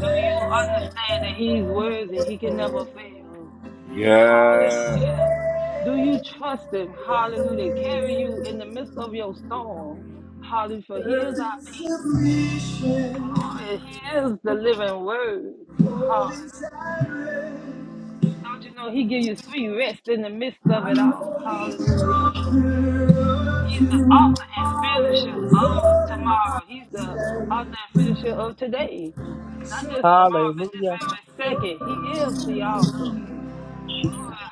[SPEAKER 8] Do you understand that he's worthy? He can never fail.
[SPEAKER 1] Yeah.
[SPEAKER 8] Hallelujah. Do you trust him? Hallelujah. To Carry you in the midst of your storm. Hallelujah. For he
[SPEAKER 6] Earth
[SPEAKER 8] is our
[SPEAKER 6] in
[SPEAKER 8] peace.
[SPEAKER 6] submission,
[SPEAKER 8] Glory. He is the living word. Hallelujah.
[SPEAKER 6] holy silent.
[SPEAKER 8] Don't you know he give you sweet rest in the midst
[SPEAKER 6] I
[SPEAKER 8] of it all?
[SPEAKER 6] know He's
[SPEAKER 8] Hallelujah.
[SPEAKER 6] conqueror of
[SPEAKER 8] He's the author and
[SPEAKER 6] tomorrow,
[SPEAKER 8] finisher of
[SPEAKER 6] Lord, my
[SPEAKER 8] tomorrow. He's the author and finisher of today.
[SPEAKER 6] slave.
[SPEAKER 8] Not just tomorrow, but
[SPEAKER 7] Hallelujah.
[SPEAKER 8] this very second. He is the author.
[SPEAKER 7] Jesus.
[SPEAKER 8] Glory.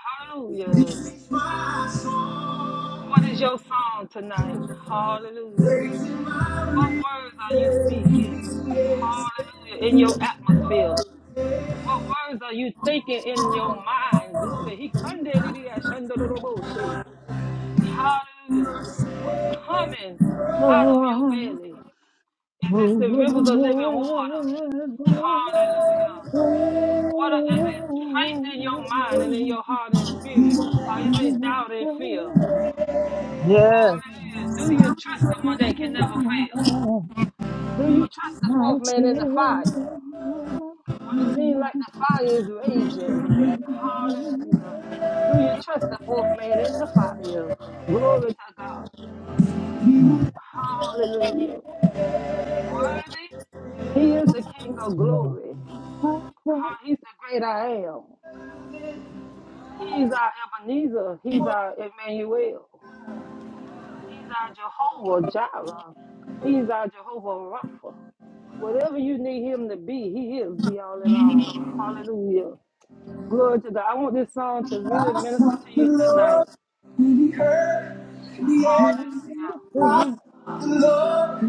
[SPEAKER 6] This
[SPEAKER 8] Hallelujah.
[SPEAKER 6] is my song,
[SPEAKER 8] What is your song tonight? Hallelujah.
[SPEAKER 6] praising my
[SPEAKER 8] What words are you
[SPEAKER 6] Redeemer.
[SPEAKER 8] speaking? Hallelujah. In your atmosphere. What words are you thinking in your mind? Glory. He Hallelujah. What's coming out of your
[SPEAKER 7] Lord,
[SPEAKER 8] belly? Is this
[SPEAKER 7] who
[SPEAKER 8] the rivers of living water?
[SPEAKER 7] will never
[SPEAKER 8] Hallelujah.
[SPEAKER 7] Yes.
[SPEAKER 8] What are, is it faith in your mind and in your heart and spirit? Or is it doubt and fear?
[SPEAKER 7] Yeah. Yes.
[SPEAKER 8] Do you trust the one that can never fail? Do you trust the fourth man in the fire? When it seems like the fire is raging. Hallelujah. Do you trust the fourth man in the fire? Glory to God. Hallelujah. He's worthy. He is the King of glory. He's the great I am. He's our Ebenezer. He's our Emmanuel. He's our Jehovah Jireh. He's our Jehovah Rapha. Whatever you need him to be, he is the all in all. Hallelujah. Glory to God. I want this song to really minister to you tonight.
[SPEAKER 6] He heard and he answered
[SPEAKER 8] Hallelujah.
[SPEAKER 6] I sought the Lord,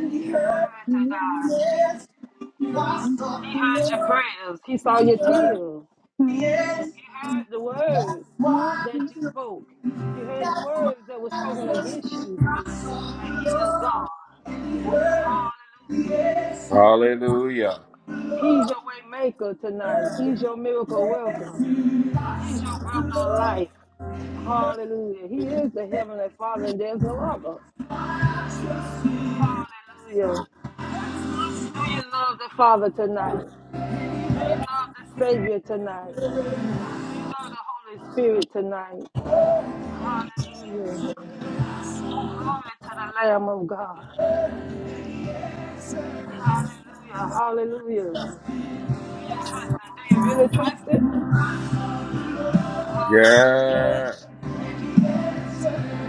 [SPEAKER 6] and he heard
[SPEAKER 8] Glory to
[SPEAKER 6] and he
[SPEAKER 8] God.
[SPEAKER 6] answered I
[SPEAKER 8] He
[SPEAKER 6] sought
[SPEAKER 8] heard
[SPEAKER 6] the
[SPEAKER 8] your
[SPEAKER 6] Lord,
[SPEAKER 8] prayers. He saw your tears.
[SPEAKER 6] he answered
[SPEAKER 8] He heard the words that you spoke. He heard the words that were spoken against you. But he is God. Hallelujah.
[SPEAKER 1] Hallelujah.
[SPEAKER 8] He's your way maker tonight. He's your miracle worker. He's your breath of life. Hallelujah. He is the heavenly Father, and there's no other. Hallelujah. Do you love the Father tonight? Do you love the Savior tonight? Do you love the Holy Spirit tonight? Hallelujah. Glory to the Lamb of God. Hallelujah. Hallelujah. Do you trust Him? Do you really trust Him?
[SPEAKER 1] Yeah.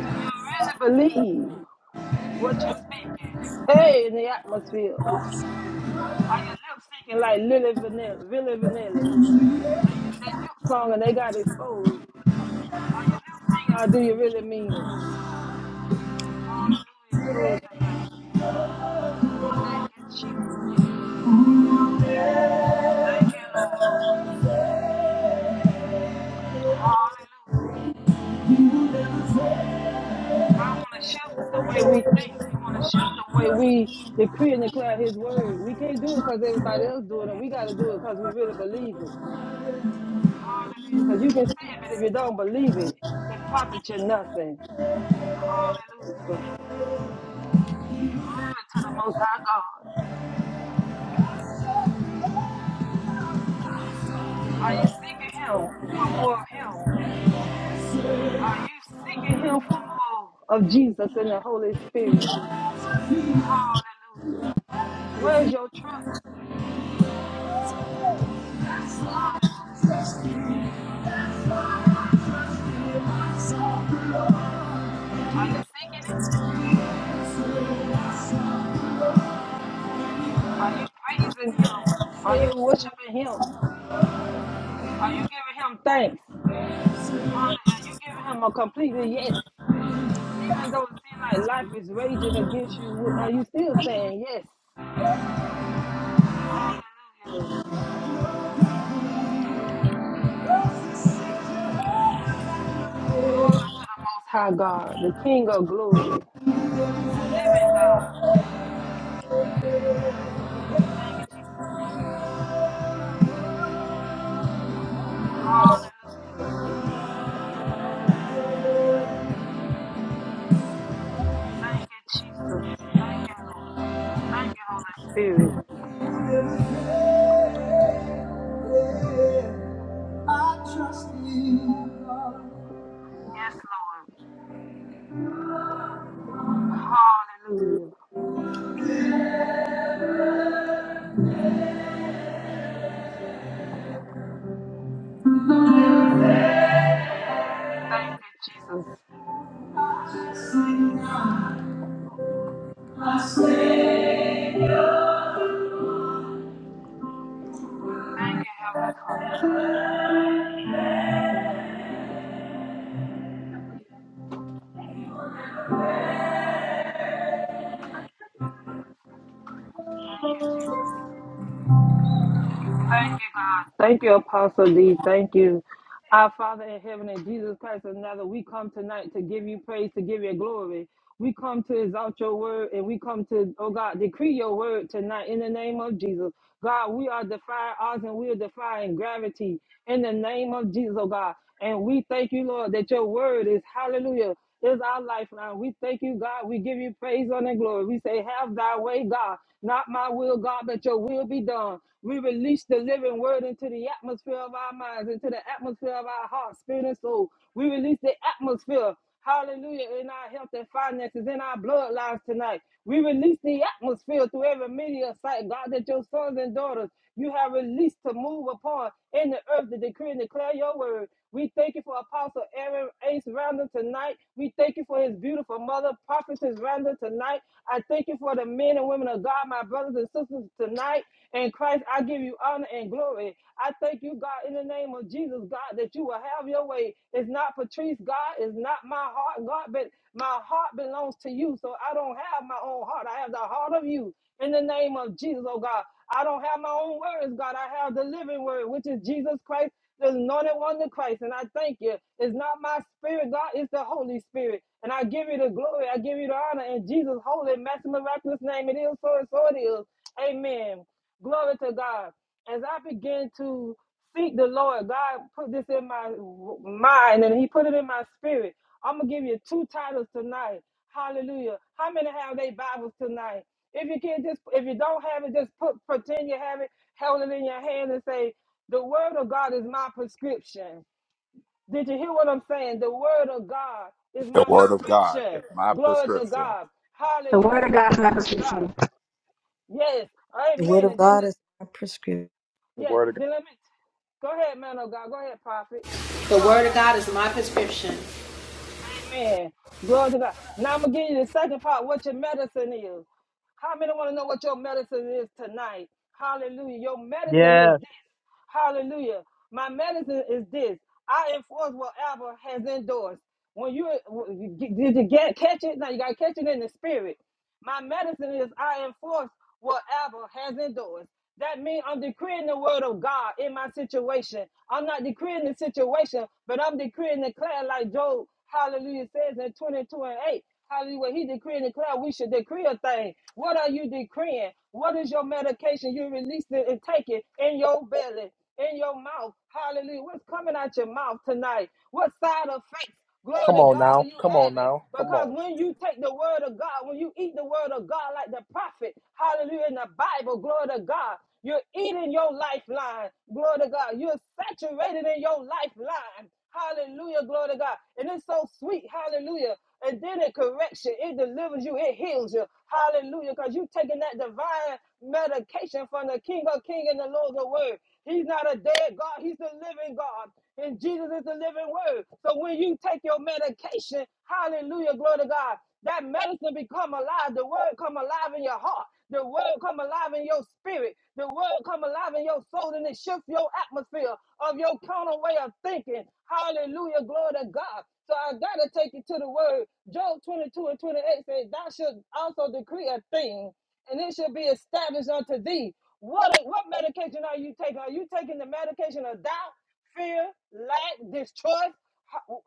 [SPEAKER 8] Hallelujah. Do you really believe? What you speaking? Hey, in the atmosphere. Are your lips speaking like Lily Vanilli? Villa Vanilli? They they lip song and they got exposed. Uh, Are your lips singing? or do you really mean it? Hallelujah, glory to God. Thank you, Jesus. Thank you, Lord. Hallelujah. God want to shift the way we think. He want to shift the way we decree and declare His word. We can't do it because everybody else doing it. We got to do it because we really believe it. Hallelujah. Because you can say it, but if you don't believe it, it profits you nothing. Hallelujah. Glory to the Most High God. Are you seeking Him for more of Him? Are you seeking Him for more of Jesus and the Holy Spirit? Hallelujah. Where's your trust? Hallelujah, Jesus. Are you seeking it? Are you praising Him? Are you worshiping Him? Are you giving Him thanks? Hallelujah. Are you giving Him a completely yes? Even though it seems like life is raging against you, are you still saying yes? Hallelujah. Glory to the Most High God, the King of glory, the living God. Thank you, Jesus. Hallelujah. Thank you, Jesus. Thank you, Lord. Thank you, Holy Spirit.
[SPEAKER 6] everything. I trust in God.
[SPEAKER 8] Yes, Lord. Hallelujah. Thank you, Jesus. Thank you, Heavenly Father. Thank you, Jesus. Thank you, God. Thank you, Apostle D. Thank you. Our Father in heaven, in Jesus Christ, another, we come tonight to give you praise, to give you glory. We come to exalt your word and we come to, oh God, decree your word tonight in the name of Jesus. God, we are defying odds and we are defying gravity in the name of Jesus, oh God. And we thank you, Lord, that your word is hallelujah is our lifeline. We thank you, God. We give you praise, honor, and glory. We say, Have thy way, God. Not my will, God, but your will be done. We release the living word into the atmosphere of our minds, into the atmosphere of our heart, spirit, and soul. We release the atmosphere. Hallelujah. In our health and finances, in our bloodlines tonight. We release the atmosphere through every media site, God, that your sons and daughters you have released to move upon in the earth to decree and declare your word. We thank you for Apostle Aaron Ace Rounder tonight. We thank you for his beautiful mother, Prophetess Rounder tonight. I thank you for the men and women of God, my brothers and sisters tonight. And Christ, I give you honor and glory. I thank you, God, in the name of Jesus, God, that you will have your way. It's not Patrice, God, it's not my heart, God, but my heart belongs to you. So I don't have my own heart. I have the heart of you in the name of Jesus, oh God. I don't have my own words, God. I have the living word, which is Jesus Christ the anointed one of Christ. And I thank you. It's not my spirit, God, it's the Holy Spirit. And I give you the glory. I give you the honor in Jesus' holy, master, miraculous name. It is so and so it is. Amen. Glory to God. As I begin to seek the Lord, God put this in my mind and He put it in my spirit. I'm going to give you two titles tonight. Hallelujah. How many have their Bibles tonight? If you can just, if you don't have it, just put pretend you have it, hold it in your hand and say, The word of God is my prescription. Did you hear what I'm saying? The word of God is
[SPEAKER 1] The
[SPEAKER 8] my
[SPEAKER 1] word of God is
[SPEAKER 8] prescription.
[SPEAKER 1] my
[SPEAKER 8] Glory to
[SPEAKER 1] prescription.
[SPEAKER 8] God.
[SPEAKER 11] The word of
[SPEAKER 8] Hallelujah.
[SPEAKER 11] God is our
[SPEAKER 8] Glory to God.
[SPEAKER 11] prescription.
[SPEAKER 8] Yes. Amen. And then
[SPEAKER 5] The
[SPEAKER 8] Yes,
[SPEAKER 5] word of God.
[SPEAKER 8] then let me go ahead, man of God. Go ahead, prophet.
[SPEAKER 4] The word
[SPEAKER 8] Hallelujah.
[SPEAKER 4] of God is my prescription.
[SPEAKER 8] Amen. Glory to God. Now I'm gonna give you the second part, what your medicine is. How many want to know what your medicine is tonight? Hallelujah. Your medicine is this. Hallelujah. My medicine is this. I enforce whatever has endorsed. When you did you get catch it? Now you gotta catch it in the spirit. My medicine is I enforce whatever has endorsed. That means I'm decreeing the word of God in my situation. I'm not decreeing the situation, but I'm decreeing the declaring like Job, hallelujah, says in 22 and 8. Hallelujah. He decree and declare we should decree a thing. What are you decreeing? What is your medication? You release it and take it in your belly, in your mouth. Hallelujah. What's coming out your mouth tonight? What side of faith?
[SPEAKER 5] Come
[SPEAKER 8] Glory to
[SPEAKER 5] on
[SPEAKER 8] God are
[SPEAKER 5] now.
[SPEAKER 8] you
[SPEAKER 5] Come on
[SPEAKER 8] having?
[SPEAKER 5] now. Come
[SPEAKER 8] Because
[SPEAKER 5] on.
[SPEAKER 8] when you take the word of God, when you eat the word of God like the prophet, hallelujah, in the Bible, glory to God. You're eating your lifeline. Glory to God. You're saturated in your lifeline. Hallelujah. Glory to God. And it's so sweet. Hallelujah. And then it corrects you. It delivers you. It heals you. Hallelujah. Because you're taking that divine medication from the King of Kings and the Lord of Word. He's not a dead God. He's the living God. And Jesus is the living word. So when you take your medication, hallelujah, glory to God, that medicine become alive. The word come alive in your heart. The word come alive in your spirit. The word come alive in your soul and it shifts your atmosphere of your carnal way of thinking. Hallelujah. Glory to God. So I gotta take you to the word. Job 22 and 28 says, Thou should also decree a thing, and it shall be established unto thee. What what medication are you taking? Are you taking the medication of doubt? fear, lack, distrust,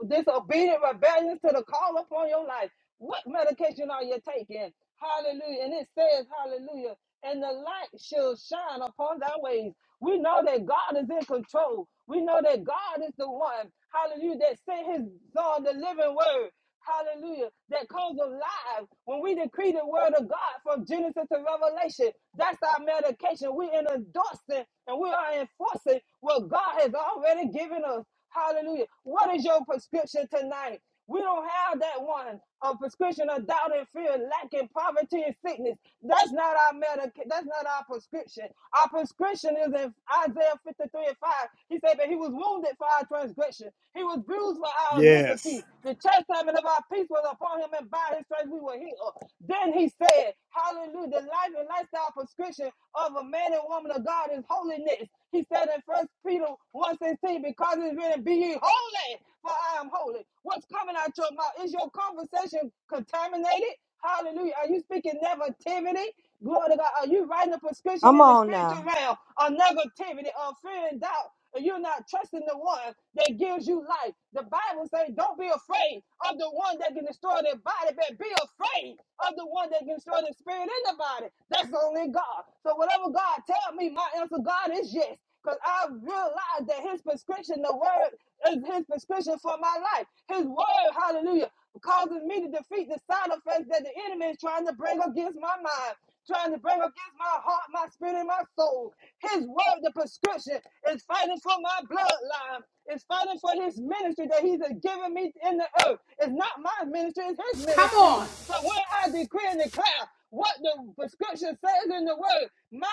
[SPEAKER 8] disobedient, rebellion to the call upon your life. What medication are you taking? Hallelujah. And it says, Hallelujah. And the light shall shine upon thy ways. We know that God is in control. We know that God is the one, hallelujah, that sent his son, the living word. Hallelujah. That comes alive when we decree the word of God from Genesis to Revelation. That's our medication. We're endorsing and we are enforcing what God has already given us. Hallelujah. What is your prescription tonight? We don't have that one. A prescription of doubt and fear, lack and poverty and sickness. That's not our medic. That's not our prescription. Our prescription is in Isaiah 53 and 5. He said that he was wounded for our transgression. He was bruised for our
[SPEAKER 5] Yes.
[SPEAKER 8] iniquity. The chastisement chastisement of our peace was upon him, and by his stripes we were healed. Then he said, Hallelujah, the life and lifestyle prescription of a man and woman of God is holiness. He said in First Peter one sixteen, because it's written, Be ye holy, for I am holy. What's coming out your mouth? Is your conversation contaminated? Hallelujah. Are you speaking negativity? Glory to God. Are you writing a prescription in the spiritual realm of negativity, of fear and doubt? And you're not trusting the one that gives you life. The Bible says, don't be afraid of the one that can destroy their body, but be afraid of the one that can destroy the spirit in the body. That's only God. So whatever God tell me, my answer, God, is yes. Because I realized that his prescription, the word is his prescription for my life. His word, hallelujah, causes me to defeat the side effects that the enemy is trying to bring against my mind, trying to bring against my heart, my spirit, and my soul. His word, the prescription, is fighting for my bloodline. It's fighting for his ministry that he's given me in the earth. It's not my ministry, it's his
[SPEAKER 4] Come
[SPEAKER 8] ministry.
[SPEAKER 4] on.
[SPEAKER 8] So when I decree and declare what the prescription says in the word, my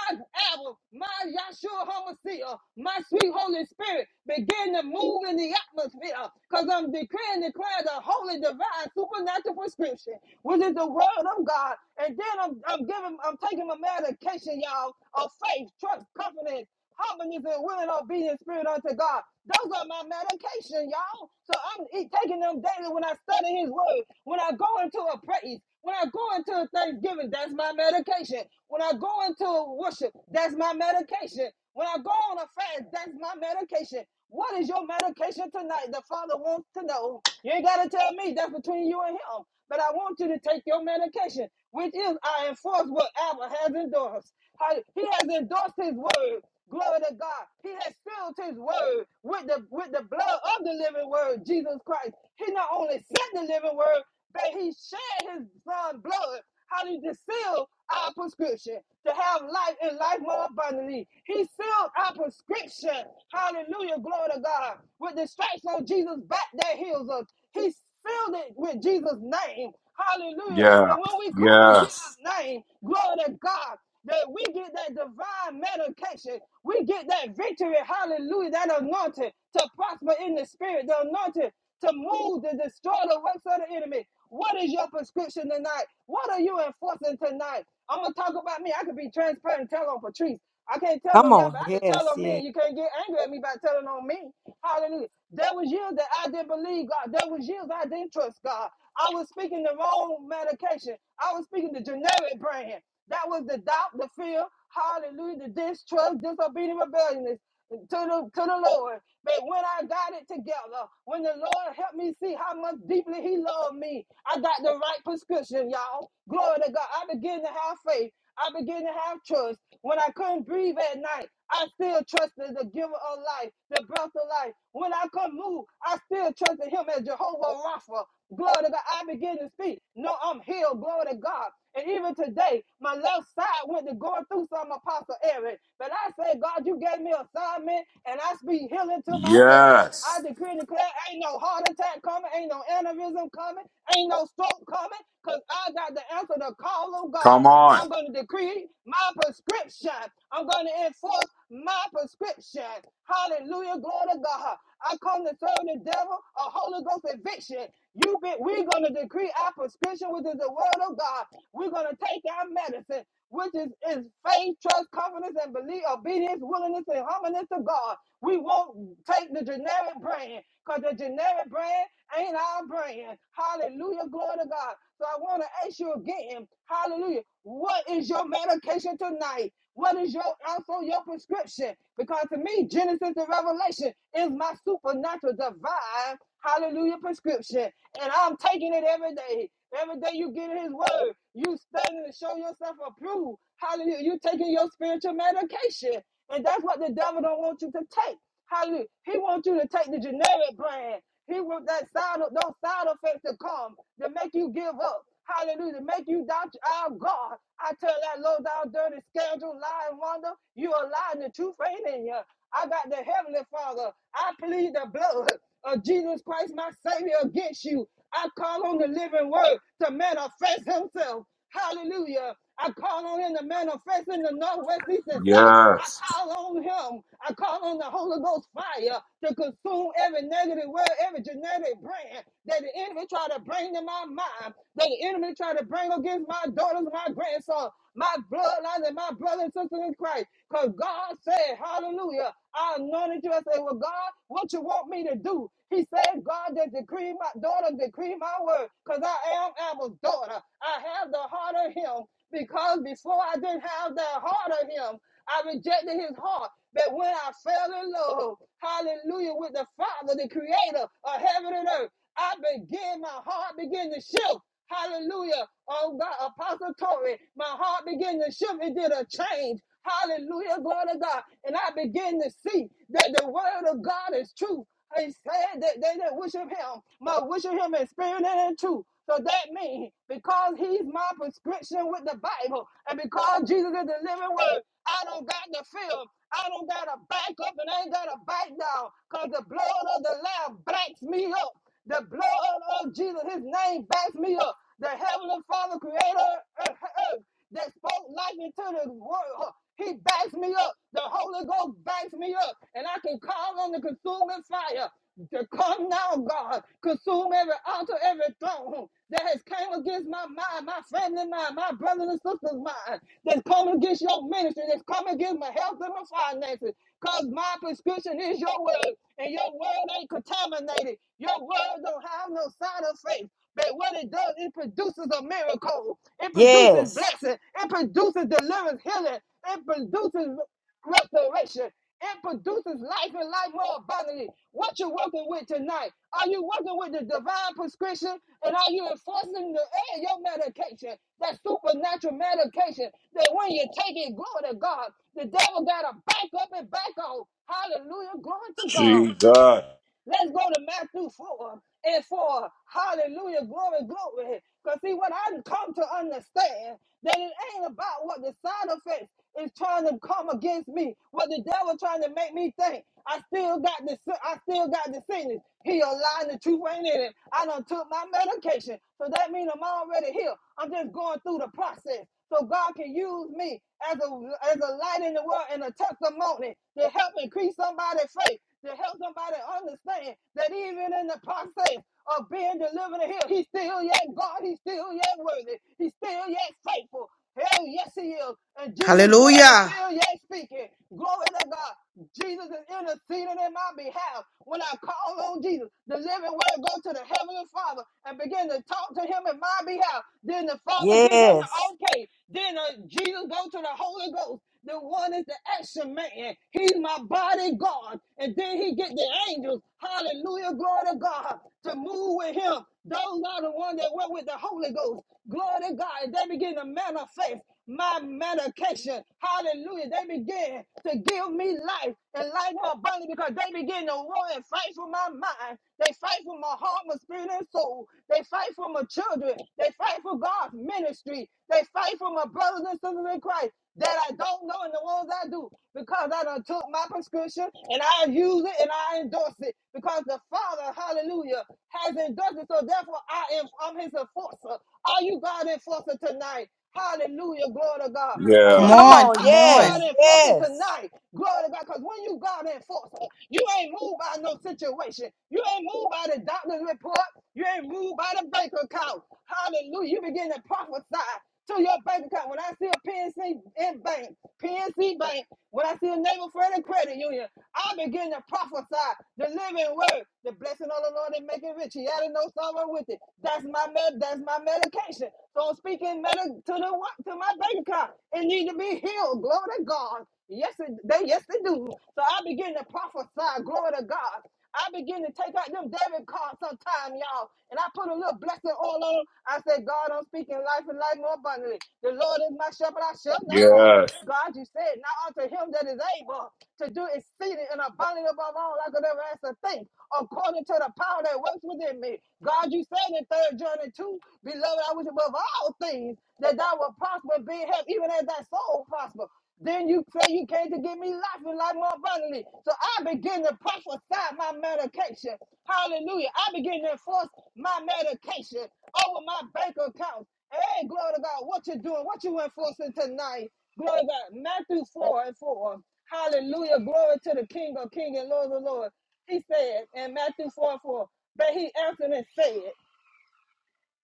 [SPEAKER 8] album, my Yahshua Hamashiach, my sweet Holy Spirit begin to move in the atmosphere because I'm decreeing and declaring the holy, divine, supernatural prescription, which is the word of God. And then I'm, I'm giving, I'm taking my medication, y'all, of faith, trust, confidence, Humbling is a willing, obedient spirit unto God. Those are my medication, y'all. So I'm eat- taking them daily when I study His Word, when I go into a praise, when I go into a Thanksgiving, that's my medication. When I go into a worship, that's my medication. When I go on a fast, that's my medication. What is your medication tonight? The Father wants to know. You ain't got to tell me. That's between you and Him. But I want you to take your medication, which is I enforce what Abba has endorsed. How- He has endorsed His word. Glory to God. He has filled his word with the with the blood of the living word, Jesus Christ. He not only sent the living word, but he shed his Son's blood. How did he seal our prescription to have life and life more abundantly? He sealed our prescription. Hallelujah. Glory to God. With the stripes on Jesus' back that heals us. He sealed it with Jesus' name. Hallelujah.
[SPEAKER 1] Yeah.
[SPEAKER 8] That when we come in
[SPEAKER 1] Yes.
[SPEAKER 8] Jesus' name, glory to God that we get that divine medication. We get that victory, hallelujah, that anointing to prosper in the spirit, the anointing to move, to destroy the works of the enemy. What is your prescription tonight? What are you enforcing tonight? I'm going to talk about me. I could be transparent and tell on Patrice. I can't tell
[SPEAKER 6] Come
[SPEAKER 8] on y'all,
[SPEAKER 6] on,
[SPEAKER 8] but I can tell
[SPEAKER 6] yes,
[SPEAKER 8] on me.
[SPEAKER 6] yes,
[SPEAKER 8] You can't get angry at me by telling on me. Hallelujah. There was years that I didn't believe God. There was years I didn't trust God. I was speaking the wrong medication. I was speaking the generic brand. That was the doubt, the fear, hallelujah, the distrust, disobedient, rebelliousness to the to the Lord. But when I got it together, when the Lord helped me see how much deeply He loved me, I got the right prescription, y'all. Glory to God. I began to have faith. I began to have trust. When I couldn't breathe at night, I still trusted the giver of life, the breath of life. When I couldn't move, I still trusted him as Jehovah Rapha. Glory to God. I began to speak. No, I'm healed. Glory to God. And even today, my left side went to going through some apostle Eric. But I said, God, you gave me assignment, and I speak healing to myself. I
[SPEAKER 1] Yes.
[SPEAKER 8] decree and declare ain't no heart attack coming, ain't no aneurysm coming, ain't no stroke coming, because I got the answer to call of God.
[SPEAKER 1] Come on.
[SPEAKER 8] I'm going to decree my prescription. I'm going to enforce my prescription. Hallelujah. Glory to God. I come to serve the devil a Holy Ghost eviction. You be, we're going to decree our prescription, which is the word of God. We're going to take our medicine, which is, is faith, trust, confidence, and belief, obedience, willingness, and humbleness to God. We won't take the generic generic brand because the generic brand ain't our brand. Hallelujah. Glory to God. So I want to ask you again, hallelujah, what is your medication tonight? What is your also your prescription? Because to me, Genesis and Revelation is my supernatural divine hallelujah prescription. And I'm taking it every day. Every day you get in his word, you studying to show yourself approved. Hallelujah. You taking your spiritual medication. And that's what the devil don't want you to take. Hallelujah. He wants you to take the generic brand. He wants that side those side effects to come to make you give up. Hallelujah. To make you doubt our God. I tell that low down dirty schedule, lying wonder, you are lying the truth ain't in you. I got the heavenly father. I plead the blood of Jesus Christ, my Savior, against you. I call on the living word to manifest himself. Hallelujah. I call on him to manifest in the northwest, east, and south. I
[SPEAKER 1] Yes.
[SPEAKER 8] call on him. I call on the Holy Ghost fire to consume every negative word, every genetic brand that the enemy try to bring to my mind, that the enemy try to bring against my daughters, my grandson, my bloodline, and my brothers and sisters in Christ. Because God said, Hallelujah. I anointed you. I said, Well, God, what you want me to do? He said, God, that decree decree my daughter, decree my word, because I am Abel's daughter. I have the heart of him because before I didn't have the heart of him, I rejected his heart. But when I fell in love, hallelujah, with the Father, the creator of heaven and earth, I began, my heart began to shift. Hallelujah. Oh God, Apostle Tory, my heart began to shift. It did a change. Hallelujah. Glory to God. And I began to see that the word of God is true. He said that they that worship him must worship him in spirit and in truth. So that means because he's my prescription with the Bible and because Jesus is the living word, I don't got to feel. I don't got to back up and I ain't got to back down because the blood of the Lamb backs me up. The blood of Jesus, his name backs me up. The heavenly Father, creator of earth, that spoke life into the world. huh, He backs me up. The Holy Ghost backs me up. And I can call on the consuming fire to come now, God. Consume every altar, every throne huh, that has came against my mind, my family mind, my brothers and sisters mind. That's coming against your ministry. That's coming against my health and my finances. Because my prescription is your word. And your word ain't contaminated dominated. Your word don't have no sign of faith. But what it does, it produces a miracle. It
[SPEAKER 6] yes,
[SPEAKER 8] produces blessing. It produces deliverance, healing. It produces restoration. It produces life and life more abundantly. What you working with tonight? Are you working with the divine prescription? And are you enforcing the eh, your medication? That supernatural medication that when you take it, glory to God, the devil gotta back up and back off. Hallelujah. Glory to God.
[SPEAKER 1] Jesus.
[SPEAKER 8] Let's go to Matthew 4 and 4. Hallelujah, glory, glory. Because see, what I've come to understand, that it ain't about what the side effects is trying to come against me, what the devil trying to make me think. I still got the sin- I still got the sickness. He a lie and the truth ain't in it. I done took my medication. So that means I'm already here. I'm just going through the process so God can use me as a as a light in the world and a testimony to help increase somebody's faith, to help somebody understand that even in the process of being delivered and healed, he's still yet God, he's still yet worthy, he's still yet faithful. Hell, yes, he is. And Jesus' blood is
[SPEAKER 2] Hallelujah.
[SPEAKER 8] still yet speaking. Glory to God. Jesus is interceding in my behalf. When I call on Jesus, the living word go to the heavenly Father and begin to talk to him in my behalf. Then the Father give him the
[SPEAKER 6] yes.
[SPEAKER 8] okay. Then uh, Jesus go to the Holy Ghost the one is the action man. He's my body God. And then he get the angels. Hallelujah. Glory to God. To move with him. Those are the ones that went with the Holy Ghost. Glory to God. And they begin to manifest my medication. Hallelujah. They begin to give me life and life more abundant because they begin to war and fight for my mind. They fight for my heart, my spirit, and soul. They fight for my children. They fight for for God's ministry. They fight for my brothers and sisters in Christ that I don't know and the ones I do because I done took my prescription and I use it and I endorse it because the Father, hallelujah, has endorsed it. So therefore I am I'm his enforcer. Are you God enforcer tonight? Hallelujah. Glory to God. Are
[SPEAKER 2] Come
[SPEAKER 1] Yeah.
[SPEAKER 8] you
[SPEAKER 2] on,
[SPEAKER 8] are
[SPEAKER 2] come
[SPEAKER 8] you God
[SPEAKER 2] on,
[SPEAKER 8] enforcer tonight? Glory to God. Because when you God enforcer, you ain't moved by no situation. You ain't moved by the doctor's report. You ain't moved by the bank account. Hallelujah. You begin to prophesy to your bank account. When I see a PNC in bank, PNC bank, when I see a neighbor friend and credit union, I begin to prophesy the living word, the blessing of the Lord and make it rich. He added no sorrow with it. That's my med- that's my medication. So I'm speaking meta to the what to my bank account. It need to be healed. Glory to God. Yes, it they yes they do. So I begin to prophesy. Glory to God. I begin to take out them debit cards sometime, y'all, and I put a little blessing all on them. I said, God, I'm speaking life and life more abundantly. The Lord is my shepherd; I shall not want.
[SPEAKER 1] Yes.
[SPEAKER 8] God, you said, now unto him that is able to do exceeding and abundant above all I could ever ask or think, according to the power that works within me. God, you said in Third John 2, beloved, I wish above all things that thou would prosper be in health, even as thy soul prosper. Then you say you came to give me life and life more abundantly. So I begin to prophesy my medication. Hallelujah. I begin to enforce my medication over my bank account. Hey, glory to God. What you doing? What you enforcing tonight? Glory to God. Matthew 4 and 4. Hallelujah. Glory to the King of King and Lord of Lord. He said in Matthew 4 and 4, but he answered and said,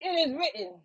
[SPEAKER 8] It is written.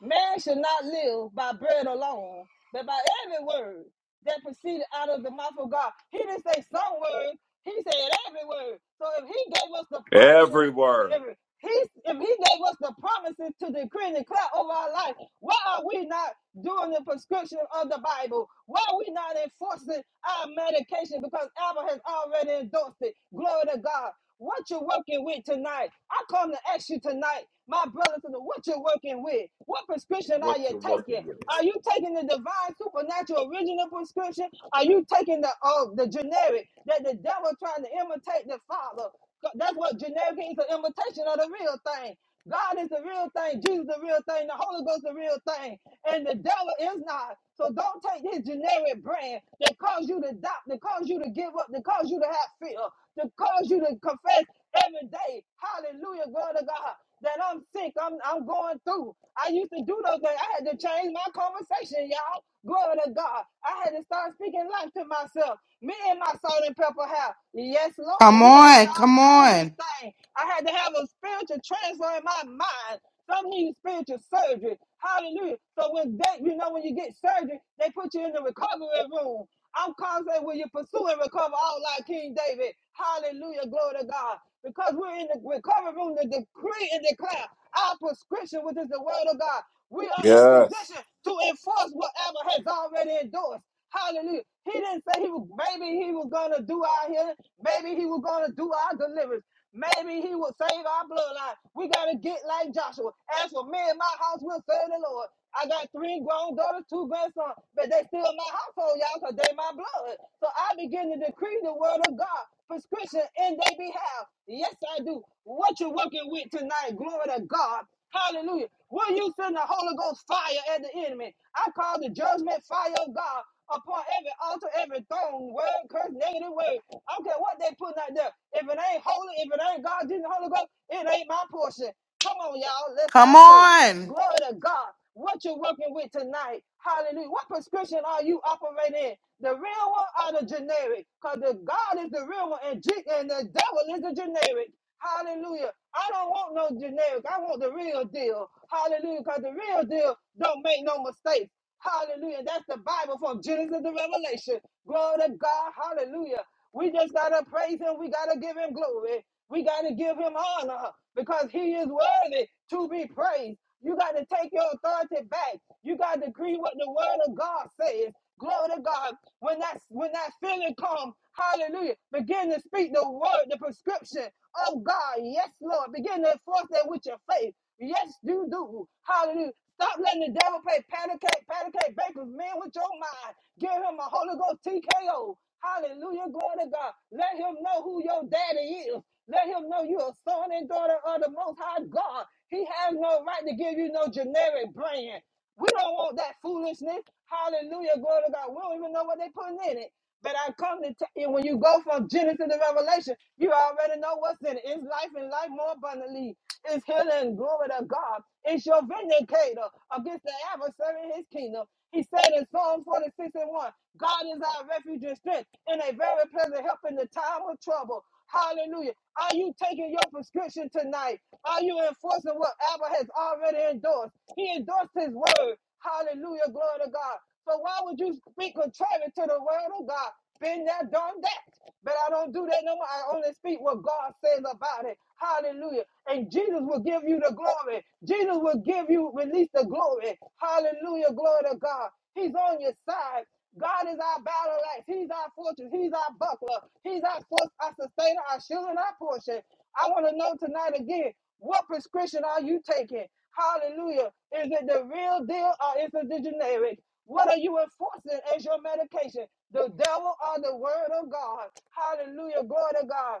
[SPEAKER 8] Man should not live by bread alone, but by every word that proceeded out of the mouth of God. He didn't say some words, he said every word. So if he gave us the promises,
[SPEAKER 1] Every word.
[SPEAKER 8] if he, if he gave us the promises to decree and declare over our life, why are we not doing the prescription of the Bible? Why are we not enforcing our medication? Because Abba has already endorsed it. Glory to God. What you're working with tonight? I come to ask you tonight, my brothers, and what you're working with? What prescription are
[SPEAKER 1] What
[SPEAKER 8] you
[SPEAKER 1] you're working
[SPEAKER 8] taking?
[SPEAKER 1] with.
[SPEAKER 8] Are you taking the divine, supernatural, original prescription? Are you taking the uh, the generic that the devil trying to imitate the father? That's what generic is an imitation of the real thing. God is the real thing. Jesus is the real thing. The Holy Ghost is the real thing. And the devil is not. So don't take his generic brand that cause you to doubt, that cause you to give up, that cause you to have fear, that cause you to confess every day. Hallelujah, glory to God. That I'm sick. I'm I'm going through. I used to do those things. I had to change my conversation, y'all. Glory to God. I had to start speaking life to myself. Me and my salt and pepper have. Yes, Lord.
[SPEAKER 2] come
[SPEAKER 8] We had to
[SPEAKER 2] on,
[SPEAKER 8] start
[SPEAKER 2] come
[SPEAKER 8] change this
[SPEAKER 2] on,
[SPEAKER 8] thing thing. I had to have a spiritual transfer in my mind. Some need spiritual surgery. Hallelujah. So when that, you know, when you get surgery, they put you in the recovery room. I'm constantly when you pursue and recover all like King David. Hallelujah. Glory to God. Because we're in the recovery room to decree and declare our prescription, which is the word of God. We are in
[SPEAKER 1] Yes.
[SPEAKER 8] position to enforce whatever has already endorsed. Hallelujah. He didn't say he was maybe he was gonna do our healing, maybe he was gonna do our deliverance. Maybe he will save our bloodline. We gotta get like Joshua. As for me and my house, we'll serve the Lord. I got three grown daughters, two grandsons, but they still my household, y'all, because they my blood. So I begin to decree the word of God, prescription in their behalf. Yes, I do. What you working with tonight, glory to God. Hallelujah. Will you send the Holy Ghost fire at the enemy? I call the judgment fire of God upon every altar, every throne, word, curse, negative word. I don't care what they putting out there. If it ain't holy, if it ain't God, didn't Holy Ghost, it ain't my portion. Come on, y'all. Let's
[SPEAKER 2] come
[SPEAKER 8] have church.
[SPEAKER 2] on,
[SPEAKER 8] Glory to God. What you're working with tonight. Hallelujah. What prescription are you operating in? The real one or the generic? Because the God is the real one and, G- and the devil is the generic. Hallelujah. I don't want no generic. I want the real deal. Hallelujah. Because the real deal don't make no mistakes. Hallelujah. That's the Bible from Genesis to Revelation. Glory to God. Hallelujah. We just got to praise him. We got to give him glory. We got to give him honor because he is worthy to be praised. You got to take your authority back. You got to agree what the word of God says. Glory to God. When that when that feeling comes, hallelujah. Begin to speak the word, the prescription of God. Yes, Lord. Begin to enforce that with your faith. Yes, you do. Hallelujah. Stop letting the devil play patty cake, patty cake, baker's man with your mind. Give him a Holy Ghost TKO. Hallelujah. Glory to God. Let him know who your daddy is. Let him know you're a son and daughter of the Most High God. He has no right to give you no generic brand. We don't want that foolishness. Hallelujah, glory to God. We don't even know what they're putting in it. But I come to tell you, when you go from Genesis to Revelation, you already know what's in it. It's life and life more abundantly. It's healing, glory to God. It's your vindicator against the adversary in his kingdom. He said in Psalm 46 and 1, God is our refuge and strength and a very present help in the time of trouble. Hallelujah. Are you taking your prescription tonight? Are you enforcing what Abba has already endorsed? He endorsed his word. Hallelujah. Glory to God. So why would you speak contrary to the word of God? Been there, done that. But I don't do that no more. I only speak what God says about it. Hallelujah. And Jesus will give you the glory. Jesus will give you, release the glory. Hallelujah. Glory to God. He's on your side. God is our battle axe. He's our fortress. He's our buckler. He's our force, our sustainer, our shield, and our portion. I want to know tonight again what prescription are you taking? Hallelujah. Is it the real deal or is it the generic? What are you enforcing as your medication? The devil or the word of God? Hallelujah. Glory to God.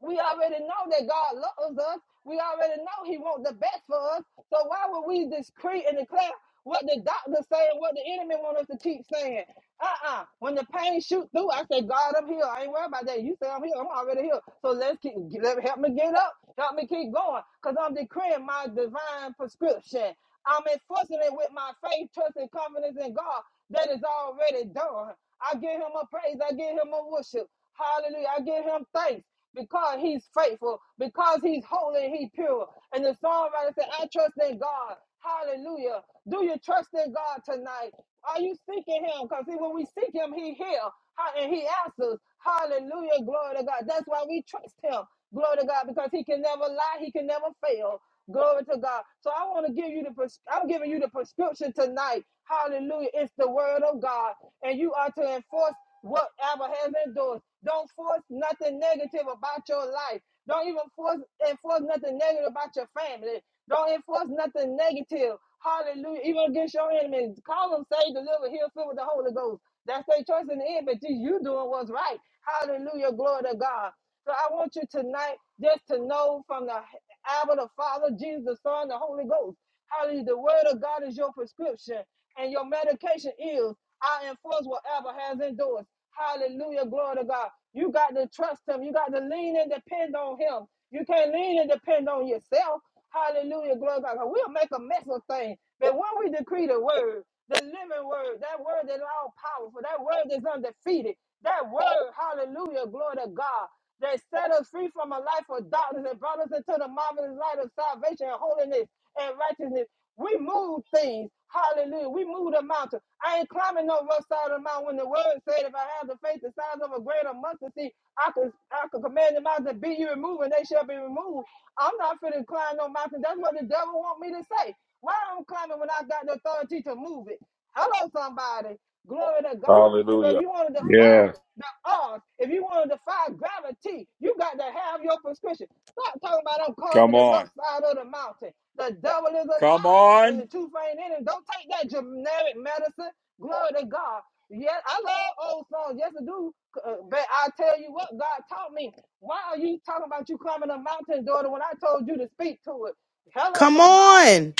[SPEAKER 8] We already know that God loves us. We already know He wants the best for us. So why would we decree and declare what the doctor saying, what the enemy want us to keep saying? Uh-uh. When the pain shoot through, I say, God, I'm here. I ain't worried about that. You say I'm here. I'm already here. So let's keep let, help me get up. Help me keep going. Because I'm decreeing my divine prescription. I'm enforcing it with my faith, trust, and confidence in God that is already done. I give him a praise. I give him a worship. Hallelujah. I give him thanks because he's faithful, because he's holy and he's pure. And the songwriter said, I trust in God. Hallelujah. Do you trust in God tonight? Are you seeking him? Because when we seek him, he hears and he answers. Hallelujah. Glory to God. That's why we trust him. Glory to God. Because he can never lie. He can never fail. Glory to God. So I want to give you the pres- I'm giving you the prescription tonight. Hallelujah. It's the word of God. And you are to enforce whatever has been doing. Don't force nothing negative about your life. Don't even force enforce nothing negative about your family. Don't enforce nothing negative. Hallelujah. Even against your enemies. Call them saved, delivered, healed, fill with the Holy Ghost. That's their choice in the end, but you, you doing what's right. Hallelujah. Glory to God. So I want you tonight just to know from the Abba, the Father, Jesus, the Son, the Holy Ghost. Hallelujah. The word of God is your prescription, and your medication is I enforce what Abba has endorsed. Hallelujah. Glory to God. You got to trust him. You got to lean and depend on him. You can't lean and depend on yourself. Hallelujah. Glory to God. 'Cause We'll make a mess of things. But when we decree the word, the living word, that word that's all powerful, that word that's undefeated, that word, hallelujah, glory to God, that set us free from a life of darkness and brought us into the marvelous light of salvation and holiness and righteousness. We move things. Hallelujah. We move the mountain. I ain't climbing no rough side of the mountain when the word said if I have the faith the size of a grain of mustard seed, I could I could command the mountain to be you removed and they shall be removed. I'm not finna climb no mountain. That's what the devil want me to say. Why I'm climbing when I got the authority to move it? Hello, somebody. Glory to God. So
[SPEAKER 1] Hallelujah.
[SPEAKER 8] if you want to defy
[SPEAKER 1] Yes.
[SPEAKER 8] the odds, if you want to defy gravity, you got to have your prescription. Stop talking about I'm climbing
[SPEAKER 1] Come
[SPEAKER 8] the rough
[SPEAKER 1] on.
[SPEAKER 8] side of the mountain. The devil is a
[SPEAKER 1] Come
[SPEAKER 8] lie and
[SPEAKER 1] on.
[SPEAKER 8] the truth ain't in him. Don't take that generic medicine. Glory to God. Yes, I love old songs. Yes, I do. Uh, But I tell you what, God taught me. Why are you talking about you climbing a mountain, daughter, when I told you to speak to it? Hello,
[SPEAKER 2] come
[SPEAKER 8] somebody.
[SPEAKER 2] on.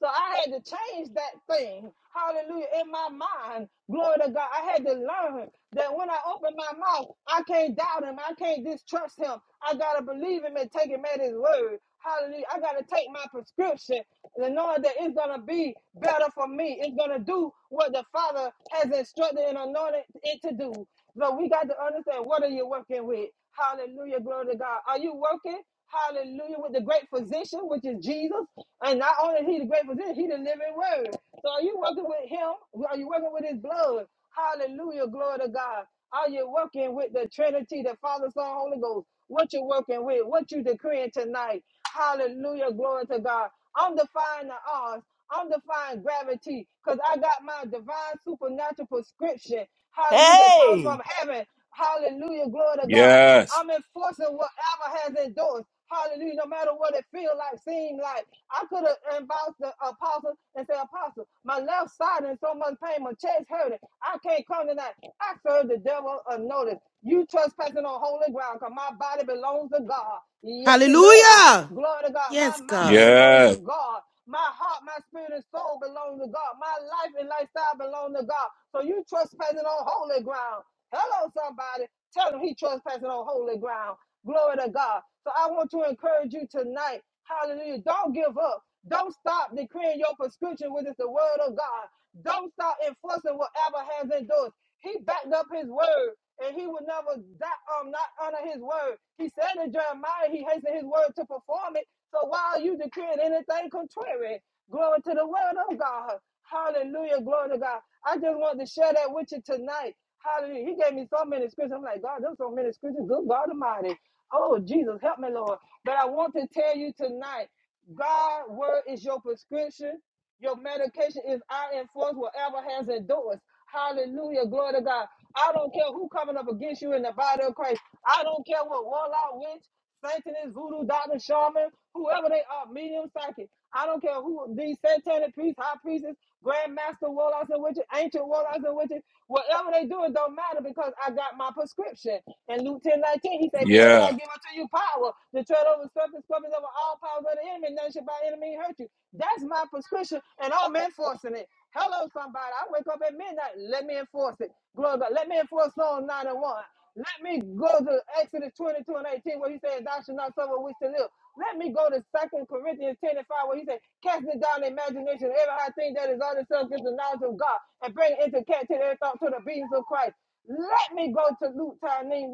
[SPEAKER 8] So I had to change that thing. Hallelujah. In my mind, glory to God. I had to learn that when I open my mouth, I can't doubt him. I can't distrust him. I gotta believe him and take him at his word. Hallelujah. I gotta take my prescription and knowing that it's gonna be better for me. It's gonna do what the Father has instructed and anointed it to do. But we got to understand what are you working with? Hallelujah, glory to God. Are you working? Hallelujah, with the great physician, which is Jesus. And not only is he the great physician, he the living word. So are you working with him? Are you working with his blood? Hallelujah, glory to God. Are you working with the Trinity, the Father, Son, Holy Ghost? What you working with? What you decreeing tonight? Hallelujah. Glory to God. I'm defying the odds. I'm defying gravity because I got my divine supernatural prescription. Hallelujah. That comes
[SPEAKER 6] Hey,
[SPEAKER 8] from heaven. Hallelujah. Glory to God.
[SPEAKER 1] Yes.
[SPEAKER 8] I'm enforcing whatever has endorsed. Hallelujah. No matter what it feel like, seem like. I could have involved the apostle and said, Apostle, my left side in so much pain, my chest hurting. I can't come tonight. I serve the devil unnoticed. You trespassing on holy ground because my body belongs to God. Yes, it does.
[SPEAKER 2] Hallelujah.
[SPEAKER 8] Glory to God. My
[SPEAKER 2] Yes,
[SPEAKER 8] mind
[SPEAKER 2] God.
[SPEAKER 8] belongs to
[SPEAKER 1] Yes.
[SPEAKER 8] God. My heart, my spirit, and soul belong to God. My life and lifestyle belong to God. So you trespassing on holy ground. Hello, somebody. Tell him he trespassing on holy ground. Glory to God. So I want to encourage you tonight. Hallelujah. Don't give up. Don't stop decreeing your prescription, which is the word of God. Don't stop enforcing what Abba has endorsed. He backed up his word and he would never that um not honor his word. He said to Jeremiah, he hastened his word to perform it. So why are you decreeing anything contrary? Glory to the word of God. Hallelujah. Glory to God. I just want to share that with you tonight. Hallelujah. He gave me so many scriptures. I'm like, God, there's so many scriptures. Good God Almighty. Oh, Jesus, help me, Lord. But I want to tell you tonight. God word is your prescription. Your medication is our influence, whatever has endorsed. Hallelujah. Glory to God. I don't care who coming up against you in the body of Christ. I don't care what warlock, witch, satanist, voodoo, doctor, shaman, whoever they are, medium, psychic. I don't care who these satanic priests, high priests grandmaster warlocks and witches, ancient warlocks and witches. Whatever they do, it don't matter because I got my prescription. And Luke ten nineteen, he said, Behold,
[SPEAKER 1] Yeah.
[SPEAKER 8] I'll give unto you power to tread over serpents, scorpions, over all powers of the enemy, and none shall by enemy hurt you. That's my prescription, and I'm enforcing it. Hello, somebody. I wake up at midnight. Let me enforce it. Glory to God. Let me enforce Psalm 9 and 1. Let me go to Exodus 22 and 18 where he says, Thou shalt not suffer which to live. Let me go to Second Corinthians 10 and 5 where he says, Casting down the imagination, every high thing that is on itself against the knowledge of God, and bring into captivity every thought to the obedience of Christ. Let me go to Luke 10:19.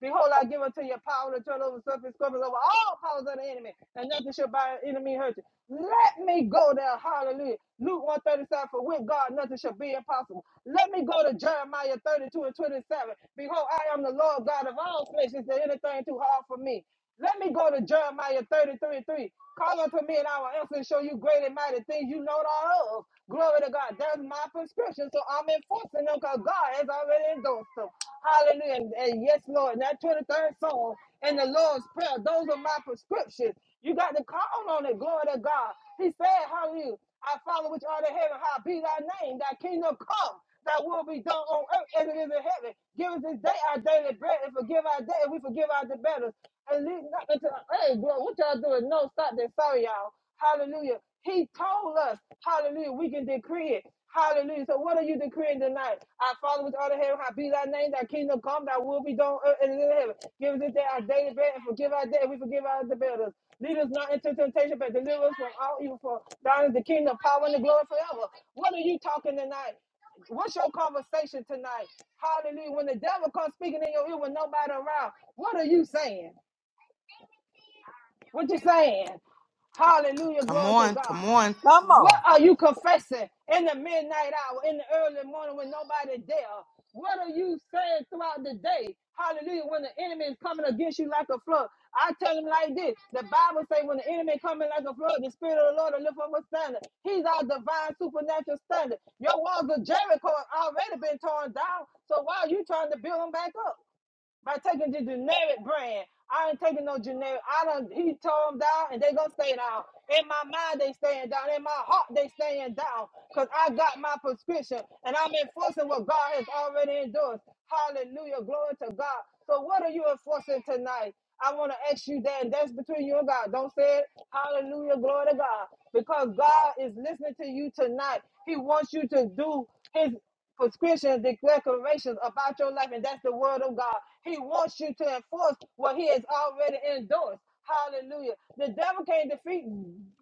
[SPEAKER 8] Behold, I give unto you power to turn over serpents, scorpions, over all powers of the enemy, and nothing shall by enemy hurt you. Let me go there. Hallelujah. Luke 137, for with God nothing shall be impossible. Let me go to Jeremiah 32 and 27. Behold, I am the Lord God of all flesh. Is there anything too hard for me? Let me go to Jeremiah 33 and 3. Call unto me and I will answer and show you great and mighty things you know not of. Glory to God. That's my prescription. So I'm enforcing them because God has already endorsed them. Hallelujah. And, and yes, Lord. And that 23rd Psalm and the Lord's Prayer, those are my prescriptions. You got to call on it. Glory to God. He said, Hallelujah. I follow which art in heaven. How be thy name. Thy kingdom come that will be done on earth as it is in heaven. Give us this day our daily bread and forgive our debt and we forgive our debtors. And lead not into hey, bro, what y'all doing? No, stop that. Sorry, y'all. Hallelujah. He told us, hallelujah, we can decree it. Hallelujah. So what are you decreeing tonight? Our Father which art in heaven, hallowed be thy name, thy kingdom come, thy will be done on earth as it is in heaven. Give us this day our daily bread and forgive our debt and we forgive our debtors. Lead us not into temptation, but deliver us from all evil. For thine is the kingdom, power, and the glory forever. What are you talking tonight? What's your conversation tonight? Hallelujah. When the devil comes speaking in your ear with nobody around, what are you saying? What you saying? Hallelujah,
[SPEAKER 2] Come
[SPEAKER 8] glory to
[SPEAKER 2] on,
[SPEAKER 8] God.
[SPEAKER 2] come on.
[SPEAKER 6] come
[SPEAKER 8] What
[SPEAKER 6] on.
[SPEAKER 8] are you confessing in the midnight hour, in the early morning when nobody there? What are you saying throughout the day? Hallelujah, when the enemy is coming against you like a flood. I tell him like this. The Bible says when the enemy coming like a flood, the spirit of the Lord will lift up a standard. He's our divine supernatural standard. Your walls of Jericho have already been torn down. So why are you trying to build them back up? by taking the generic brand. I ain't taking no generic. I done he tore them down and they gonna stay down. In my mind they staying down. In my heart they staying down. Cause I got my prescription and I'm enforcing what God has already endorsed. Hallelujah. Glory to God. So what are you enforcing tonight? I want to ask you that. and That's between you and God. Don't say it. Hallelujah. Glory to God. Because God is listening to you tonight. He wants you to do his prescriptions, declarations about your life, and that's the word of God. He wants you to enforce what he has already endorsed. Hallelujah. The devil can't defeat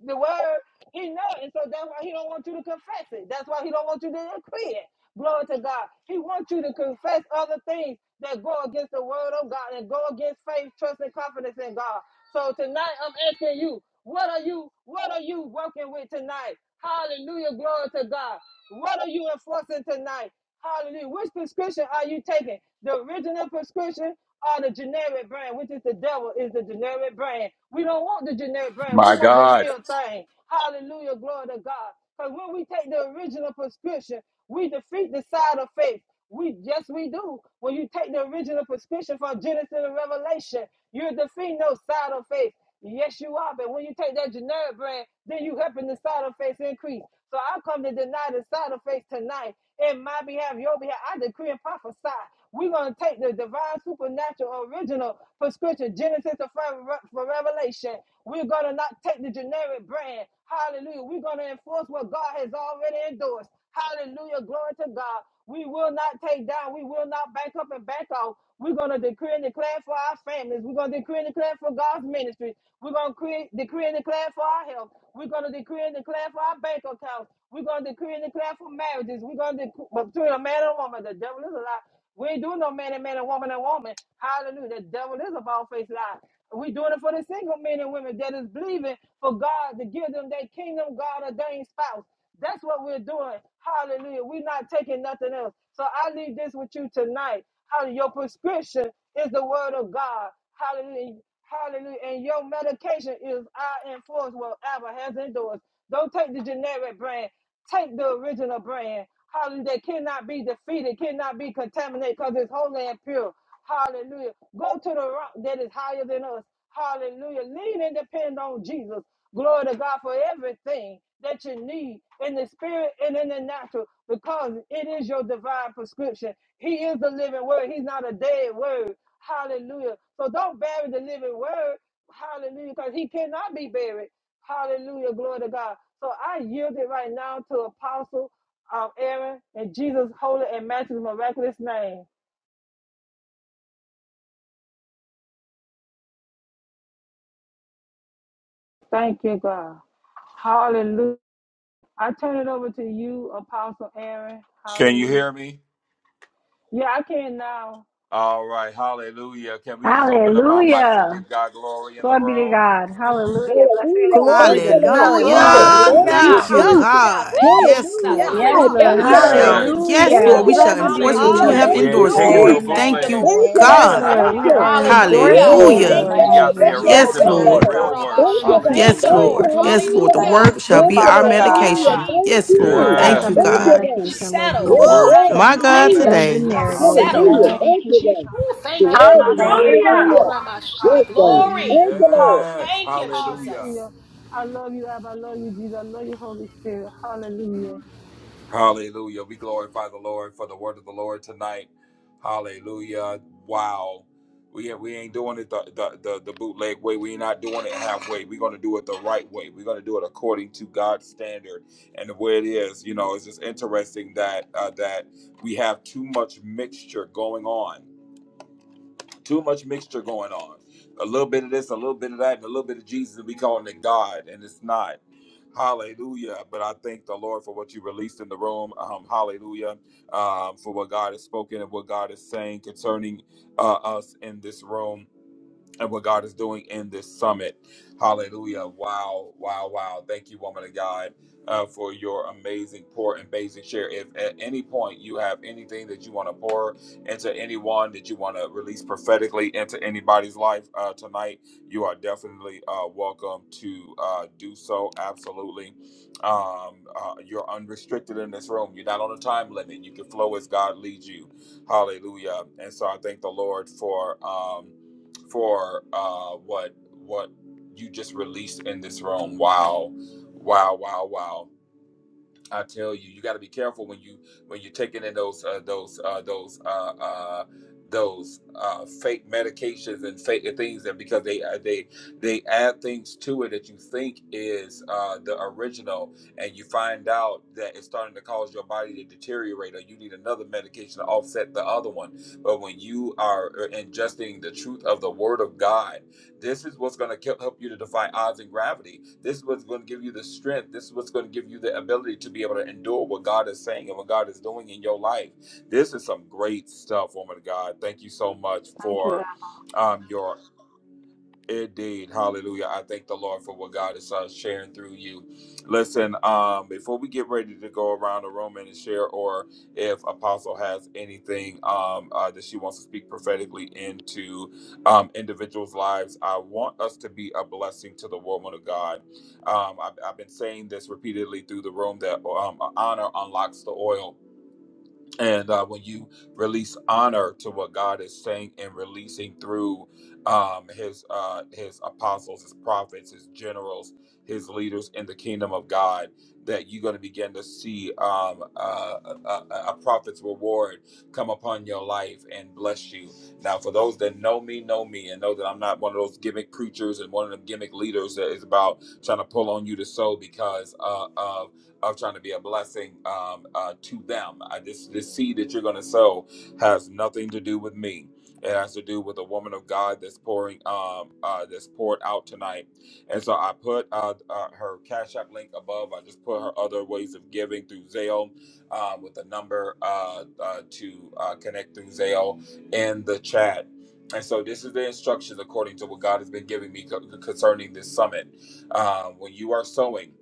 [SPEAKER 8] the word. He know, it, and so that's why he don't want you to confess it. That's why he don't want you to decree it. Glory to God. He wants you to confess other things that go against the word of God and go against faith, trust, and confidence in God. So tonight I'm asking you. What are you, what are you working with tonight? Hallelujah. Glory to God. What are you enforcing tonight? Hallelujah. Which prescription are you taking? The original prescription or the generic brand, which is the devil, is the generic brand. We don't want the generic brand. We
[SPEAKER 1] My
[SPEAKER 8] want the
[SPEAKER 1] God.
[SPEAKER 8] real thing. Hallelujah. Glory to God. Because when we take the original prescription, we defeat the side of faith. We yes, we do. When you take the original prescription from Genesis and Revelation, you're defeating those side of faith. Yes, you are. But when you take that generic brand, then you helping the side effects increase. So I come to deny the side effects tonight in my behalf, your behalf. I decree and prophesy. We're going to take the divine, supernatural, original prescription, Genesis to for Revelation. We're going to not take the generic brand. Hallelujah. We're going to enforce what God has already endorsed. Hallelujah. Glory to God. We will not take down. We will not back up and back off. We're going to decree and declare for our families. We're going to decree and declare for God's ministry. We're going to create, decree and declare for our health. We're going to decree and declare for our bank accounts. We're going to decree and declare for marriages. We're going to decree between a man and a woman. The devil is a lie. We ain't doing no man and man and woman and woman. Hallelujah. The devil is a bald faced lie. we are doing it for the single men and women that is believing for God to give them their kingdom, God ordained spouse. That's what we're doing. Hallelujah. We're not taking nothing else. So I leave this with you tonight. Hallelujah. Your prescription is the word of God. Hallelujah. Hallelujah. And your medication is I enforce what Abba has endorsed. Don't take the generic brand. Take the original brand, hallelujah, that cannot be defeated, cannot be contaminated because it's holy and pure. Hallelujah. Go to the rock that is higher than us. Hallelujah. Lean and depend on Jesus. Glory to God for everything that you need in the spirit and in the natural because it is your divine prescription. He is the living word. He's not a dead word. Hallelujah. So don't bury the living word. Hallelujah. Because he cannot be buried. Hallelujah. Glory to God. So I yield it right now to Apostle um, Aaron in Jesus' holy and matchless miraculous name. Thank you, God. Hallelujah. I turn it over to you, Apostle Aaron.
[SPEAKER 1] Can you
[SPEAKER 8] Hallelujah.
[SPEAKER 1] hear me?
[SPEAKER 8] Yeah, I can now.
[SPEAKER 1] All right. Hallelujah. Can we just open up our mics and
[SPEAKER 11] Hallelujah.
[SPEAKER 1] give God glory in the
[SPEAKER 11] Glory be to
[SPEAKER 1] room?
[SPEAKER 11] God.
[SPEAKER 8] Hallelujah. Thank
[SPEAKER 11] Hallelujah.
[SPEAKER 8] you,
[SPEAKER 11] Blessed be
[SPEAKER 8] Jesus.
[SPEAKER 11] your
[SPEAKER 12] Hallelujah.
[SPEAKER 11] name of
[SPEAKER 8] Thank
[SPEAKER 9] Glory
[SPEAKER 12] Thank
[SPEAKER 9] to
[SPEAKER 12] you,
[SPEAKER 11] Jesus.
[SPEAKER 12] Lord.
[SPEAKER 9] God.
[SPEAKER 8] you,
[SPEAKER 12] Glory.
[SPEAKER 11] Hallelujah.
[SPEAKER 8] Jesus.
[SPEAKER 2] Hallelujah.
[SPEAKER 4] Hallelujah.
[SPEAKER 12] Thank you,
[SPEAKER 8] Thank
[SPEAKER 2] Thank
[SPEAKER 1] Hallelujah.
[SPEAKER 2] you,
[SPEAKER 9] Hallelujah.
[SPEAKER 12] Jesus.
[SPEAKER 4] Hallelujah.
[SPEAKER 8] you,
[SPEAKER 2] God.
[SPEAKER 4] Thank you,
[SPEAKER 8] Jesus.
[SPEAKER 4] Jesus.
[SPEAKER 2] Yes,
[SPEAKER 9] Yes,
[SPEAKER 2] Lord.
[SPEAKER 12] Hallelujah.
[SPEAKER 11] Yes,
[SPEAKER 9] God.
[SPEAKER 11] Lord.
[SPEAKER 12] Thank
[SPEAKER 4] Hallelujah.
[SPEAKER 2] We
[SPEAKER 12] you, Lord.
[SPEAKER 9] Thank
[SPEAKER 2] shall,
[SPEAKER 9] you,
[SPEAKER 1] Yes.
[SPEAKER 4] Thank
[SPEAKER 2] yes,
[SPEAKER 9] Jesus.
[SPEAKER 4] you,
[SPEAKER 12] Thank
[SPEAKER 11] Hallelujah.
[SPEAKER 2] Lord, we
[SPEAKER 12] you,
[SPEAKER 4] Lord.
[SPEAKER 12] Lord.
[SPEAKER 2] shall
[SPEAKER 11] Blessed be your
[SPEAKER 2] enforce
[SPEAKER 11] name,
[SPEAKER 2] what
[SPEAKER 12] Hallelujah.
[SPEAKER 2] you
[SPEAKER 11] Lord
[SPEAKER 4] Hallelujah.
[SPEAKER 1] We
[SPEAKER 2] have
[SPEAKER 8] Hallelujah.
[SPEAKER 1] we
[SPEAKER 12] Thank
[SPEAKER 4] Thank you,
[SPEAKER 12] you,
[SPEAKER 1] ain't
[SPEAKER 2] endorsed,
[SPEAKER 11] Jesus.
[SPEAKER 1] taking
[SPEAKER 8] Thank
[SPEAKER 9] Hallelujah.
[SPEAKER 1] no
[SPEAKER 2] Lord.
[SPEAKER 8] you,
[SPEAKER 4] Jesus.
[SPEAKER 12] Jesus.
[SPEAKER 8] Jesus.
[SPEAKER 4] Thank you,
[SPEAKER 2] Thank
[SPEAKER 13] Amen.
[SPEAKER 2] you,
[SPEAKER 1] bootlegs.
[SPEAKER 4] Lord.
[SPEAKER 12] Thank you,
[SPEAKER 1] *laughs*
[SPEAKER 11] Yes,
[SPEAKER 12] Lord.
[SPEAKER 2] God.
[SPEAKER 13] Amen.
[SPEAKER 8] Thank
[SPEAKER 11] Lord.
[SPEAKER 12] Thank
[SPEAKER 8] you,
[SPEAKER 11] We
[SPEAKER 12] you.
[SPEAKER 8] Lord.
[SPEAKER 11] are
[SPEAKER 8] Glory.
[SPEAKER 12] Woo.
[SPEAKER 4] Hallelujah.
[SPEAKER 11] endorsing
[SPEAKER 8] Hallelujah.
[SPEAKER 11] it,
[SPEAKER 12] Yes,
[SPEAKER 2] Hallelujah.
[SPEAKER 4] Thank
[SPEAKER 11] Lord
[SPEAKER 4] you,
[SPEAKER 1] we
[SPEAKER 12] Lord.
[SPEAKER 13] Amen.
[SPEAKER 1] got
[SPEAKER 11] Jesus.
[SPEAKER 1] the
[SPEAKER 4] Jesus.
[SPEAKER 12] Yes,
[SPEAKER 8] Bless
[SPEAKER 13] Thank
[SPEAKER 8] your
[SPEAKER 13] you,
[SPEAKER 12] Lord.
[SPEAKER 11] Yes,
[SPEAKER 2] Yes,
[SPEAKER 8] holy
[SPEAKER 12] Yes,
[SPEAKER 1] original, the
[SPEAKER 8] name,
[SPEAKER 11] Lord.
[SPEAKER 2] Lord.
[SPEAKER 12] Lord.
[SPEAKER 13] Jesus.
[SPEAKER 8] God.
[SPEAKER 1] real
[SPEAKER 8] You're
[SPEAKER 1] word.
[SPEAKER 12] Thank
[SPEAKER 8] worthy
[SPEAKER 12] you,
[SPEAKER 4] Urabasha.
[SPEAKER 8] to
[SPEAKER 12] God.
[SPEAKER 8] be
[SPEAKER 4] Thank
[SPEAKER 2] Yes,
[SPEAKER 4] you,
[SPEAKER 1] Hallelujah.
[SPEAKER 12] Thank you.
[SPEAKER 4] Lord.
[SPEAKER 8] praised.
[SPEAKER 2] Lord. Yes, Lord. The
[SPEAKER 12] Hallelujah.
[SPEAKER 4] Hallelujah.
[SPEAKER 13] Thank
[SPEAKER 2] word
[SPEAKER 8] You're
[SPEAKER 13] you,
[SPEAKER 2] shall
[SPEAKER 12] Thank
[SPEAKER 8] worthy
[SPEAKER 2] be
[SPEAKER 12] you,
[SPEAKER 8] to
[SPEAKER 2] our
[SPEAKER 8] be
[SPEAKER 13] Father
[SPEAKER 12] Lord.
[SPEAKER 4] Thank you,
[SPEAKER 13] God.
[SPEAKER 12] Hallelujah.
[SPEAKER 2] medication.
[SPEAKER 8] glorified.
[SPEAKER 4] Jesus.
[SPEAKER 12] Thank
[SPEAKER 2] Yes,
[SPEAKER 4] It's
[SPEAKER 2] Lord.
[SPEAKER 11] The
[SPEAKER 12] you.
[SPEAKER 11] word
[SPEAKER 10] Hallelujah.
[SPEAKER 2] Thank
[SPEAKER 11] shall
[SPEAKER 4] Settled.
[SPEAKER 1] Yes.
[SPEAKER 2] you,
[SPEAKER 11] be
[SPEAKER 8] Hallelujah.
[SPEAKER 10] We
[SPEAKER 11] my
[SPEAKER 12] Thank you,
[SPEAKER 8] Thank
[SPEAKER 2] God.
[SPEAKER 8] you,
[SPEAKER 10] thank
[SPEAKER 12] God.
[SPEAKER 11] medication,
[SPEAKER 8] Jesus.
[SPEAKER 11] Lord
[SPEAKER 1] The
[SPEAKER 4] Settled.
[SPEAKER 12] Yes,
[SPEAKER 11] Jesus.
[SPEAKER 2] Woo!
[SPEAKER 1] word
[SPEAKER 8] Thank
[SPEAKER 1] shall
[SPEAKER 12] Lord.
[SPEAKER 8] you,
[SPEAKER 2] My
[SPEAKER 1] be our
[SPEAKER 2] God,
[SPEAKER 8] Lord.
[SPEAKER 4] Thank you,
[SPEAKER 12] Hallelujah.
[SPEAKER 10] that
[SPEAKER 11] No
[SPEAKER 2] today.
[SPEAKER 1] medication.
[SPEAKER 4] Jesus.
[SPEAKER 11] generic,
[SPEAKER 10] Lord.
[SPEAKER 11] Lord
[SPEAKER 8] Hallelujah.
[SPEAKER 12] Hallelujah.
[SPEAKER 4] Settled.
[SPEAKER 11] Jesus.
[SPEAKER 8] Thank
[SPEAKER 1] Hallelujah.
[SPEAKER 8] you,
[SPEAKER 12] Thank
[SPEAKER 13] Thank you.
[SPEAKER 12] you, God.
[SPEAKER 8] Jesus.
[SPEAKER 4] Ooh,
[SPEAKER 12] The
[SPEAKER 4] thank you,
[SPEAKER 8] Thank you,
[SPEAKER 12] word
[SPEAKER 4] Lord.
[SPEAKER 8] my
[SPEAKER 12] is
[SPEAKER 10] Hallelujah.
[SPEAKER 12] God.
[SPEAKER 8] heavenly
[SPEAKER 13] Thank
[SPEAKER 3] Hallelujah.
[SPEAKER 13] you,
[SPEAKER 8] Father.
[SPEAKER 12] Hallelujah.
[SPEAKER 8] You're
[SPEAKER 13] Lord.
[SPEAKER 8] worthy, God.
[SPEAKER 12] Yes,
[SPEAKER 4] Urabasha.
[SPEAKER 8] You're
[SPEAKER 12] God.
[SPEAKER 8] worthy.
[SPEAKER 4] Glory.
[SPEAKER 10] Thank
[SPEAKER 12] Thank
[SPEAKER 10] you,
[SPEAKER 12] you,
[SPEAKER 10] Lord.
[SPEAKER 12] Lord.
[SPEAKER 1] Yes.
[SPEAKER 4] Thank
[SPEAKER 8] Hallelujah.
[SPEAKER 4] you,
[SPEAKER 1] Hallelujah.
[SPEAKER 4] Jesus.
[SPEAKER 8] Hallelujah. I love you, Abba. I love you, Jesus. I love you, Holy Spirit. Hallelujah.
[SPEAKER 1] Hallelujah. We glorify the Lord for the word of the Lord tonight. Hallelujah. Wow. We, we ain't doing it the, the, the, the bootleg way. We're not doing it halfway. We're going to do it the right way. We're going to do it according to God's standard and the way it is. You know, it's just interesting that uh, that we have too much mixture going on too much mixture going on. A little bit of this, a little bit of that, and a little bit of Jesus, and we calling it God, and it's not. Hallelujah. But I thank the Lord for what you released in the room. Um, hallelujah. Um, for what God has spoken and what God is saying concerning uh, us in this room and what God is doing in this summit. Hallelujah. Wow, wow, wow. Thank you, woman of God, uh, for your amazing pour and amazing share. If at any point you have anything that you want to pour into anyone, that you want to release prophetically into anybody's life uh, tonight, you are definitely uh, welcome to uh, do so. Absolutely. Um, uh, you're unrestricted in this room. You're not on a time limit. You can flow as God leads you. Hallelujah. And so I thank the Lord for. Um, for uh, what what you just released in this room. Wow, wow, wow, wow. I tell you, you got to be careful when you when you're taking in those uh, those uh, those uh, uh, those uh, fake medications and fake things that because they uh, they they add things to it that you think is uh, the original, and you find out that it's starting to cause your body to deteriorate, or you need another medication to offset the other one. But when you are uh, ingesting the truth of the Word of God. This is what's going to help you to defy odds and gravity. This is what's going to give you the strength. This is what's going to give you the ability to be able to endure what God is saying and what God is doing in your life. This is some great stuff, woman of God. Thank you so much
[SPEAKER 8] Thank you,
[SPEAKER 1] for um, your Indeed. Hallelujah. I thank the Lord for what God is uh, sharing through you. Listen, um, before we get ready to go around the room and share, or if Apostle has anything um, uh, that she wants to speak prophetically into um, individuals' lives, I want us to be a blessing to the woman of God. Um, I've, I've been saying this repeatedly through the room that um, honor unlocks the oil and uh, when you release honor to what God is saying and releasing through um, His uh, His apostles, His prophets, His generals, His leaders in the kingdom of God, that you're going to begin to see um, uh, a, a a prophet's reward come upon your life and bless you. Now, for those that know me, know me, and know that I'm not one of those gimmick preachers and one of them gimmick leaders that is about trying to pull on you to sow because uh, of of trying to be a blessing um, uh, to them. I, this this seed that you're going to sow has nothing to do with me. It has to do with the woman of God that's pouring, um, uh, that's poured out tonight. And so I put uh, uh, her Cash App link above. I just put her other ways of giving through Zelle um, with the number uh, uh, to uh, connect through Zelle in the chat. And so this is the instructions according to what God has been giving me co- concerning this summit. Um, when you are sowing,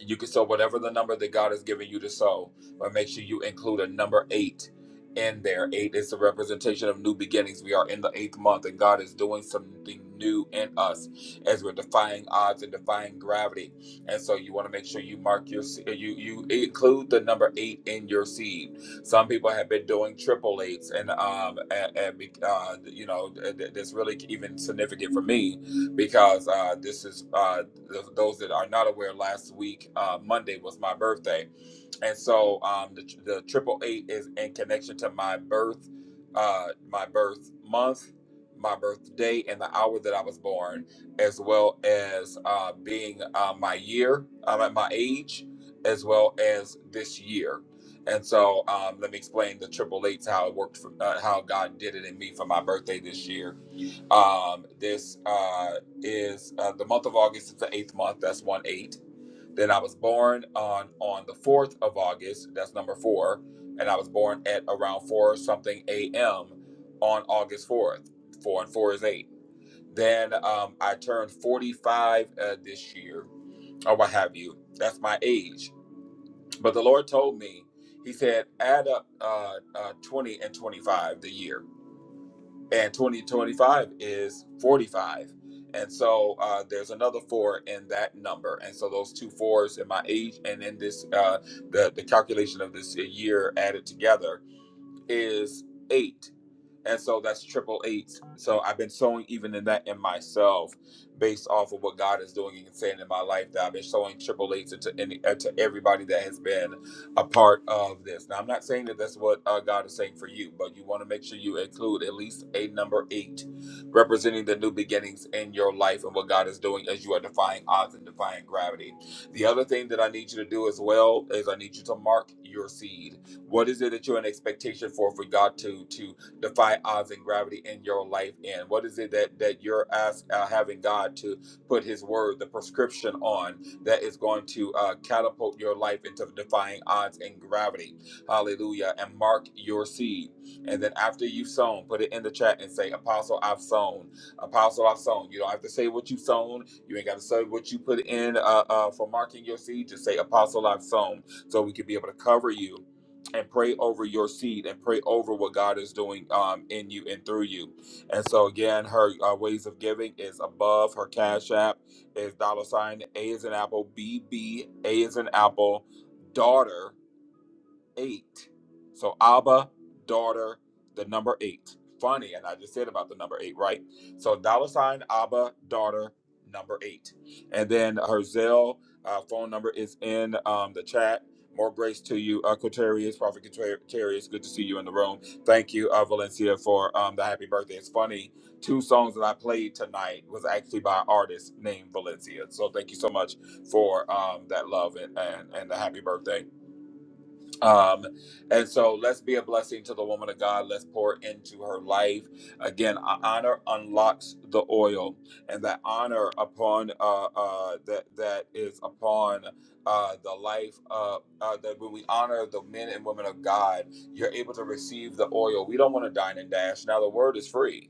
[SPEAKER 1] you can sow whatever the number that God has given you to sow, but make sure you include a number eight in there. Eight is the representation of new beginnings. We are in the eighth month, and God is doing something new in us as we're defying odds and defying gravity. And so, you want to make sure you mark your se- you you include the number eight in your seed. Some people have been doing triple eights, and um and, and be- uh, you know th- th- that's really even significant for me because uh, this is uh, those that are not aware, last week, uh, Monday was my birthday. And so um, the, the triple eight is in connection to my birth, uh, my birth month, my birthday, and the hour that I was born, as well as uh, being uh, my year, um, at my age, as well as this year. And so um, let me explain the triple eights, how it worked, for, uh, how God did it in me for my birthday this year um, this uh, is uh, the month of August is the eighth month. That's one eight. Then I was born on on the fourth of August. That's number four. And I was born at around four something a.m. on August fourth. Four and four is eight. Then um, I turned forty five uh, this year, or what have you. That's my age. But the Lord told me, He said, add up uh, uh, twenty and twenty five the year and 2025 is 45 and so uh, there's another four in that number and so those two fours in my age and in this uh, the, the calculation of this year added together is eight and so that's triple eight. So I've been sowing even in that in myself, based off of what God is doing and saying in my life that I've been sowing triple eight to any uh, to everybody that has been a part of this. Now I'm not saying that that's what uh, God is saying for you, but you want to make sure you include at least a number eight, representing the new beginnings in your life and what God is doing as you are defying odds and defying gravity. The other thing that I need you to do as well is I need you to mark your seed. What is it that you're in expectation for for God to to defy odds and gravity in your life in? What is it that that you're ask, uh, having God to put His word, the prescription on that is going to uh, catapult your life into defying odds and gravity? Hallelujah! And mark your seed, and then after you've sown, put it in the chat and say, "Apostle, I've sown. Apostle, I've sown." You don't have to say what you've sown. You ain't got to say what you put in uh, uh, for marking your seed. Just say, "Apostle, I've sown," so we can be able to cover you and pray over your seed and pray over what God is doing um, in you and through you. And so again, her uh, ways of giving is above her cash app is dollar sign A is an apple B B A is an apple daughter eight. So Abba, daughter, the number eight. Funny, and I just said about the number eight, right? So dollar sign Abba, daughter, number eight. And then her Zelle uh, phone number is in um, the chat. More grace to you, uh, Quaterius, Prophet Quaterius. Good to see you in the room. Thank you, uh, Valencia, for um, the happy birthday. It's funny, two songs that I played tonight was actually by an artist named Valencia. So thank you so much for um, that love and, and, and the happy birthday. Um, and so let's be a blessing to the woman of God. Let's pour into her life. Again, uh, honor unlocks the oil, and that honor upon uh, uh, that that is upon uh, the life uh, uh, that when we honor the men and women of God, you're able to receive the oil. We don't want to dine and dash. Now the word is free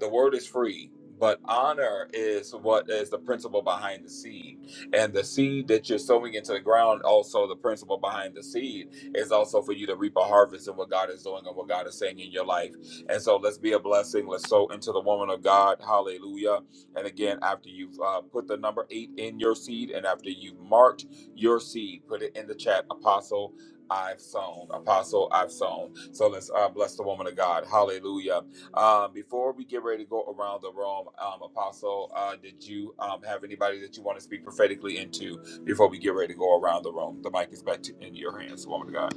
[SPEAKER 1] the word is free but honor is what is the principle behind the seed and the seed that you're sowing into the ground also the principle behind the seed is also for you to reap a harvest of what god is doing and what god is saying in your life and so let's be a blessing let's sow into the woman of god hallelujah and again after you've uh, put the number eight in your seed and after you've marked your seed put it in the chat apostle i've sown apostle i've sown so let's uh, bless the woman of god hallelujah um, before we get ready to go around the room, um, Apostle, uh, did you um, have anybody that you want to speak prophetically into before we get ready to go around the room? The mic is back to, in your hands, woman of God.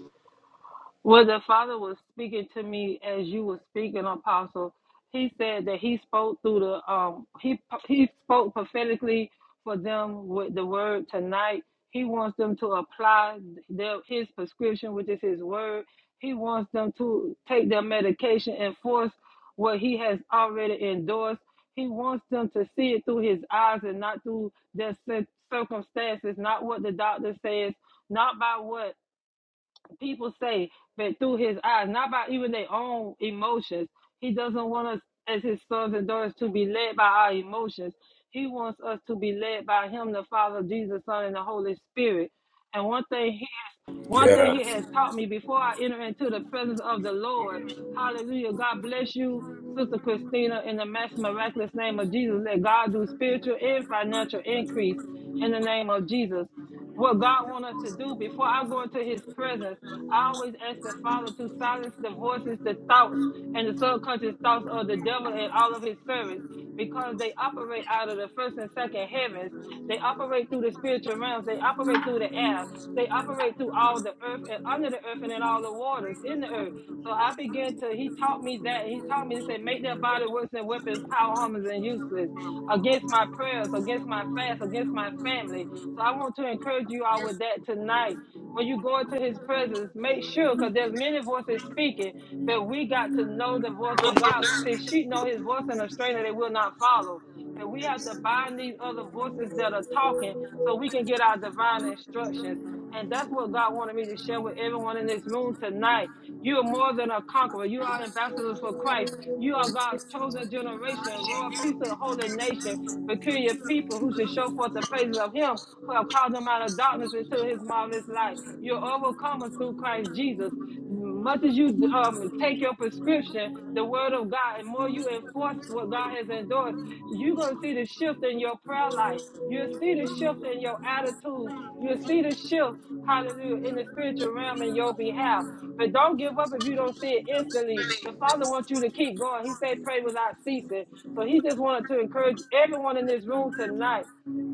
[SPEAKER 8] Well, the Father was speaking to me as you were speaking, Apostle. He said that he spoke through the um he he spoke prophetically for them with the word tonight. He wants them to apply their his prescription, which is his word. He wants them to take their medication and force what he has already endorsed. He wants them to see it through his eyes and not through their cir- circumstances, not what the doctor says, not by what people say that through his eyes, not by even their own emotions. He doesn't want us as his sons and daughters to be led by our emotions. He wants us to be led by him, the Father, Jesus, Son, and the Holy Spirit. And one thing he has one thing he
[SPEAKER 1] Yes,
[SPEAKER 8] has taught me before I enter into the presence of the Lord. Hallelujah. God bless you, Sister Christina, in the maximum miraculous name of Jesus. Let God do spiritual and financial increase in the name of Jesus. What God wants us to do before I go into his presence, I always ask the Father to silence the voices, the thoughts, and the subconscious thoughts of the devil and all of his servants because they operate out of the first and second heavens. They operate through the spiritual realms. They operate through the air. They operate through all the earth and under the earth and in all the waters in the earth. So I began to, he taught me that. He taught me to say, make their body works and weapons, power, harmless, and useless against my prayers, against my fast, against my family. So I want to encourage you all with that tonight. When you go into his presence, make sure, because there's many voices speaking that we got to know the voice of God because his sheep know his voice and a stranger they will not follow. That we have to bind these other voices that are talking so we can get our divine instructions. And that's what God wanted me to share with everyone in this room tonight. You are more than a conqueror. You are ambassadors for Christ. You are God's chosen generation, royal piece of holy nation, peculiar people who should show forth the praises of Him who have called them out of darkness into His marvelous light. You're overcomers through Christ Jesus much as you um, take your prescription, the word of God, and more you enforce what God has endorsed, you're going to see the shift in your prayer life. You'll see the shift in your attitudes. You'll see the shift, hallelujah, in the spiritual realm in your behalf. But don't give up if you don't see it instantly. The Father wants you to keep going. He said, pray without ceasing. So he just wanted to encourage everyone in this room tonight.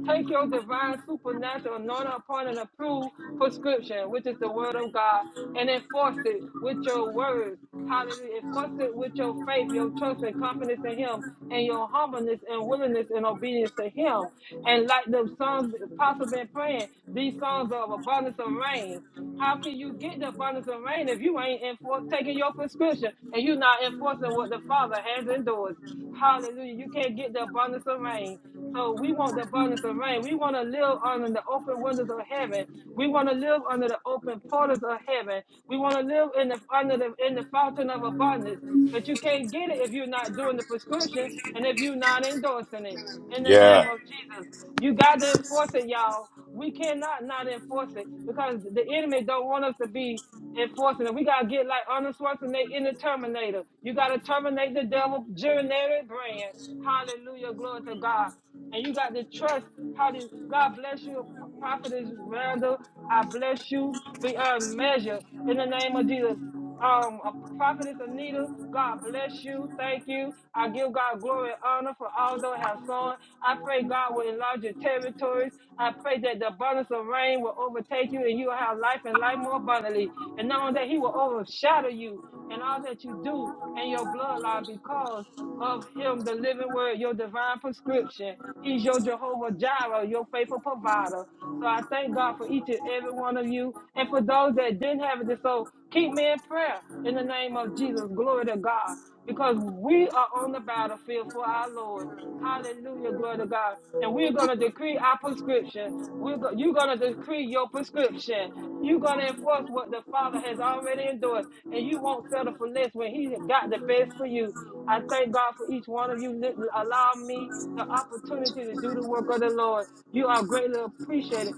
[SPEAKER 8] Take your divine supernatural anointing upon and approved prescription, which is the word of God, and enforce it with your words. Hallelujah. Enforce it with your faith, your trust and confidence in Him, and your humbleness and willingness and obedience to Him. And like the songs Apostle been praying, these songs of abundance of rain. How can you get the abundance of rain if you ain't enfor- taking your prescription and you're not enforcing what the Father has endorsed? Hallelujah. You can't get the abundance of rain. So we want the abundance of rain. We want to live under the open windows of heaven. We want to live under the open portals of heaven. We want to live in the under the in the fountain of abundance. But you can't get it if you're not doing the prescription and if you're not endorsing it. In the name
[SPEAKER 1] yeah,
[SPEAKER 8] of Jesus. You got to enforce it, y'all. We cannot not enforce it because the enemy don't want us to be enforcing it. We gotta get like Arnold Schwarzenegger in the Terminator. You gotta terminate the devil generic brand. Hallelujah, glory to God. And you got to trust. How do God bless you, Prophetess Randall? I bless you beyond measure in the name of Jesus um, uh, Prophetess Anita, God bless you. Thank you. I give God glory and honor for all those have sown. I pray God will enlarge your territories. I pray that the abundance of rain will overtake you and you will have life and life more abundantly. And not only that, He will overshadow you and all that you do and your bloodline because of Him, the living word, your divine prescription. He's your Jehovah Jireh, your faithful provider. So I thank God for each and every one of you. And for those that didn't have it, so keep me in prayer in the name of Jesus. Glory to God. Because we are on the battlefield for our Lord. Hallelujah. Glory to God. And we're going to decree our prescription. We're go- you're going to decree your prescription. You're going to enforce what the Father has already endorsed. And you won't settle for less when He got the best for you. I thank God for each one of you. Let- Allow me the opportunity to do the work of the Lord. You are greatly appreciated.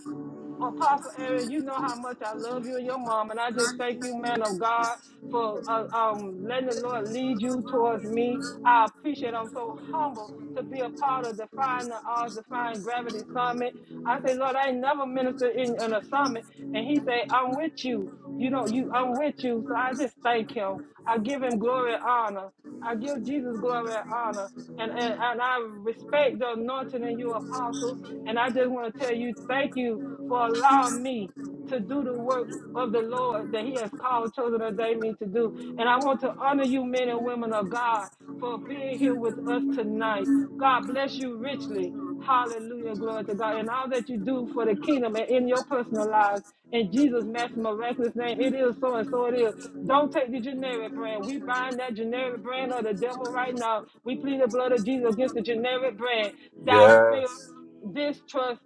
[SPEAKER 8] Apostle Aaron, you know how much I love you and your mom, and I just thank you, man of God, for uh, um, letting the Lord lead you towards me. I appreciate. it. I'm so humble to be a part of Defying the Odds, Defying Gravity Summit. I say, Lord, I ain't never ministered in, in a summit, and He said, I'm with you. You know, you, I'm with you. So I just thank Him. I give Him glory and honor. I give Jesus glory and honor. And, and, and I respect the anointing in you, apostle. And I just want to tell you, thank you for allowing me to do the work of the Lord that He has called, chosen, ordained me to do. And I want to honor you, men and women of God, for being here with us tonight. God bless you richly. Hallelujah. Glory to God. And all that you do for the kingdom and in your personal lives. In Jesus' massive miraculous name, it is so and so it is. Don't take the generic brand. We bind that generic brand of the devil right now. We plead the blood of Jesus against the generic brand. Doubt, fear,
[SPEAKER 1] yes.
[SPEAKER 8] distrust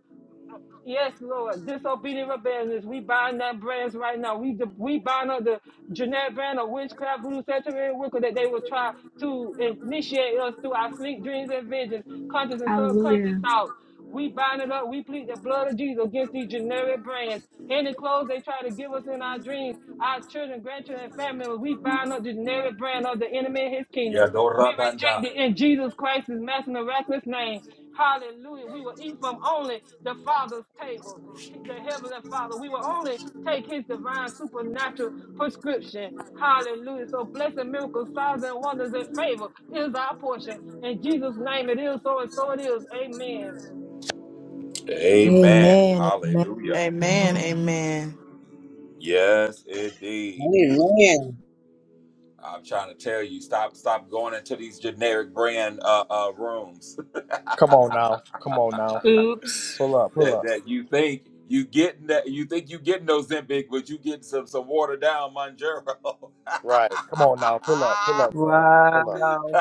[SPEAKER 8] Yes, Lord. Disobedient rebellions. We bind that brands right now. We we bind up the generic brand of witchcraft, voodoo, saturated wicca that they will try to initiate us through our sleep, dreams, and visions, conscious and subconscious
[SPEAKER 11] Hallelujah.
[SPEAKER 8] thoughts. We bind it up. We plead the blood of Jesus against these generic brands. Any clothes they try to give us in our dreams, our children, grandchildren, and family, members, we bind up the generic brand of the enemy and his kingdom. We
[SPEAKER 1] Yadora
[SPEAKER 8] reject
[SPEAKER 1] Bandai.
[SPEAKER 8] it in Jesus Christ's master miraculous name. Hallelujah. We will eat from only the Father's table, the Heavenly Father. We will only take His divine supernatural prescription. Hallelujah. So blessing, miracles, signs, and wonders and favor is our portion. In Jesus' name it is so and so it is. Amen.
[SPEAKER 1] Amen. Hallelujah.
[SPEAKER 2] Amen. Amen.
[SPEAKER 1] Yes, indeed.
[SPEAKER 12] Amen.
[SPEAKER 1] I'm trying to tell you, stop, stop going into these generic brand uh, uh, rooms.
[SPEAKER 5] Come on now. Come on now.
[SPEAKER 3] Oops.
[SPEAKER 5] Pull up. Pull
[SPEAKER 1] that
[SPEAKER 5] up.
[SPEAKER 1] that you think you getting that you think you getting Ozempic, but you getting some some watered down Monjero.
[SPEAKER 5] Right. Come on now. Pull up. Pull
[SPEAKER 1] *laughs*
[SPEAKER 5] up, sir. Pull up.
[SPEAKER 7] Wow.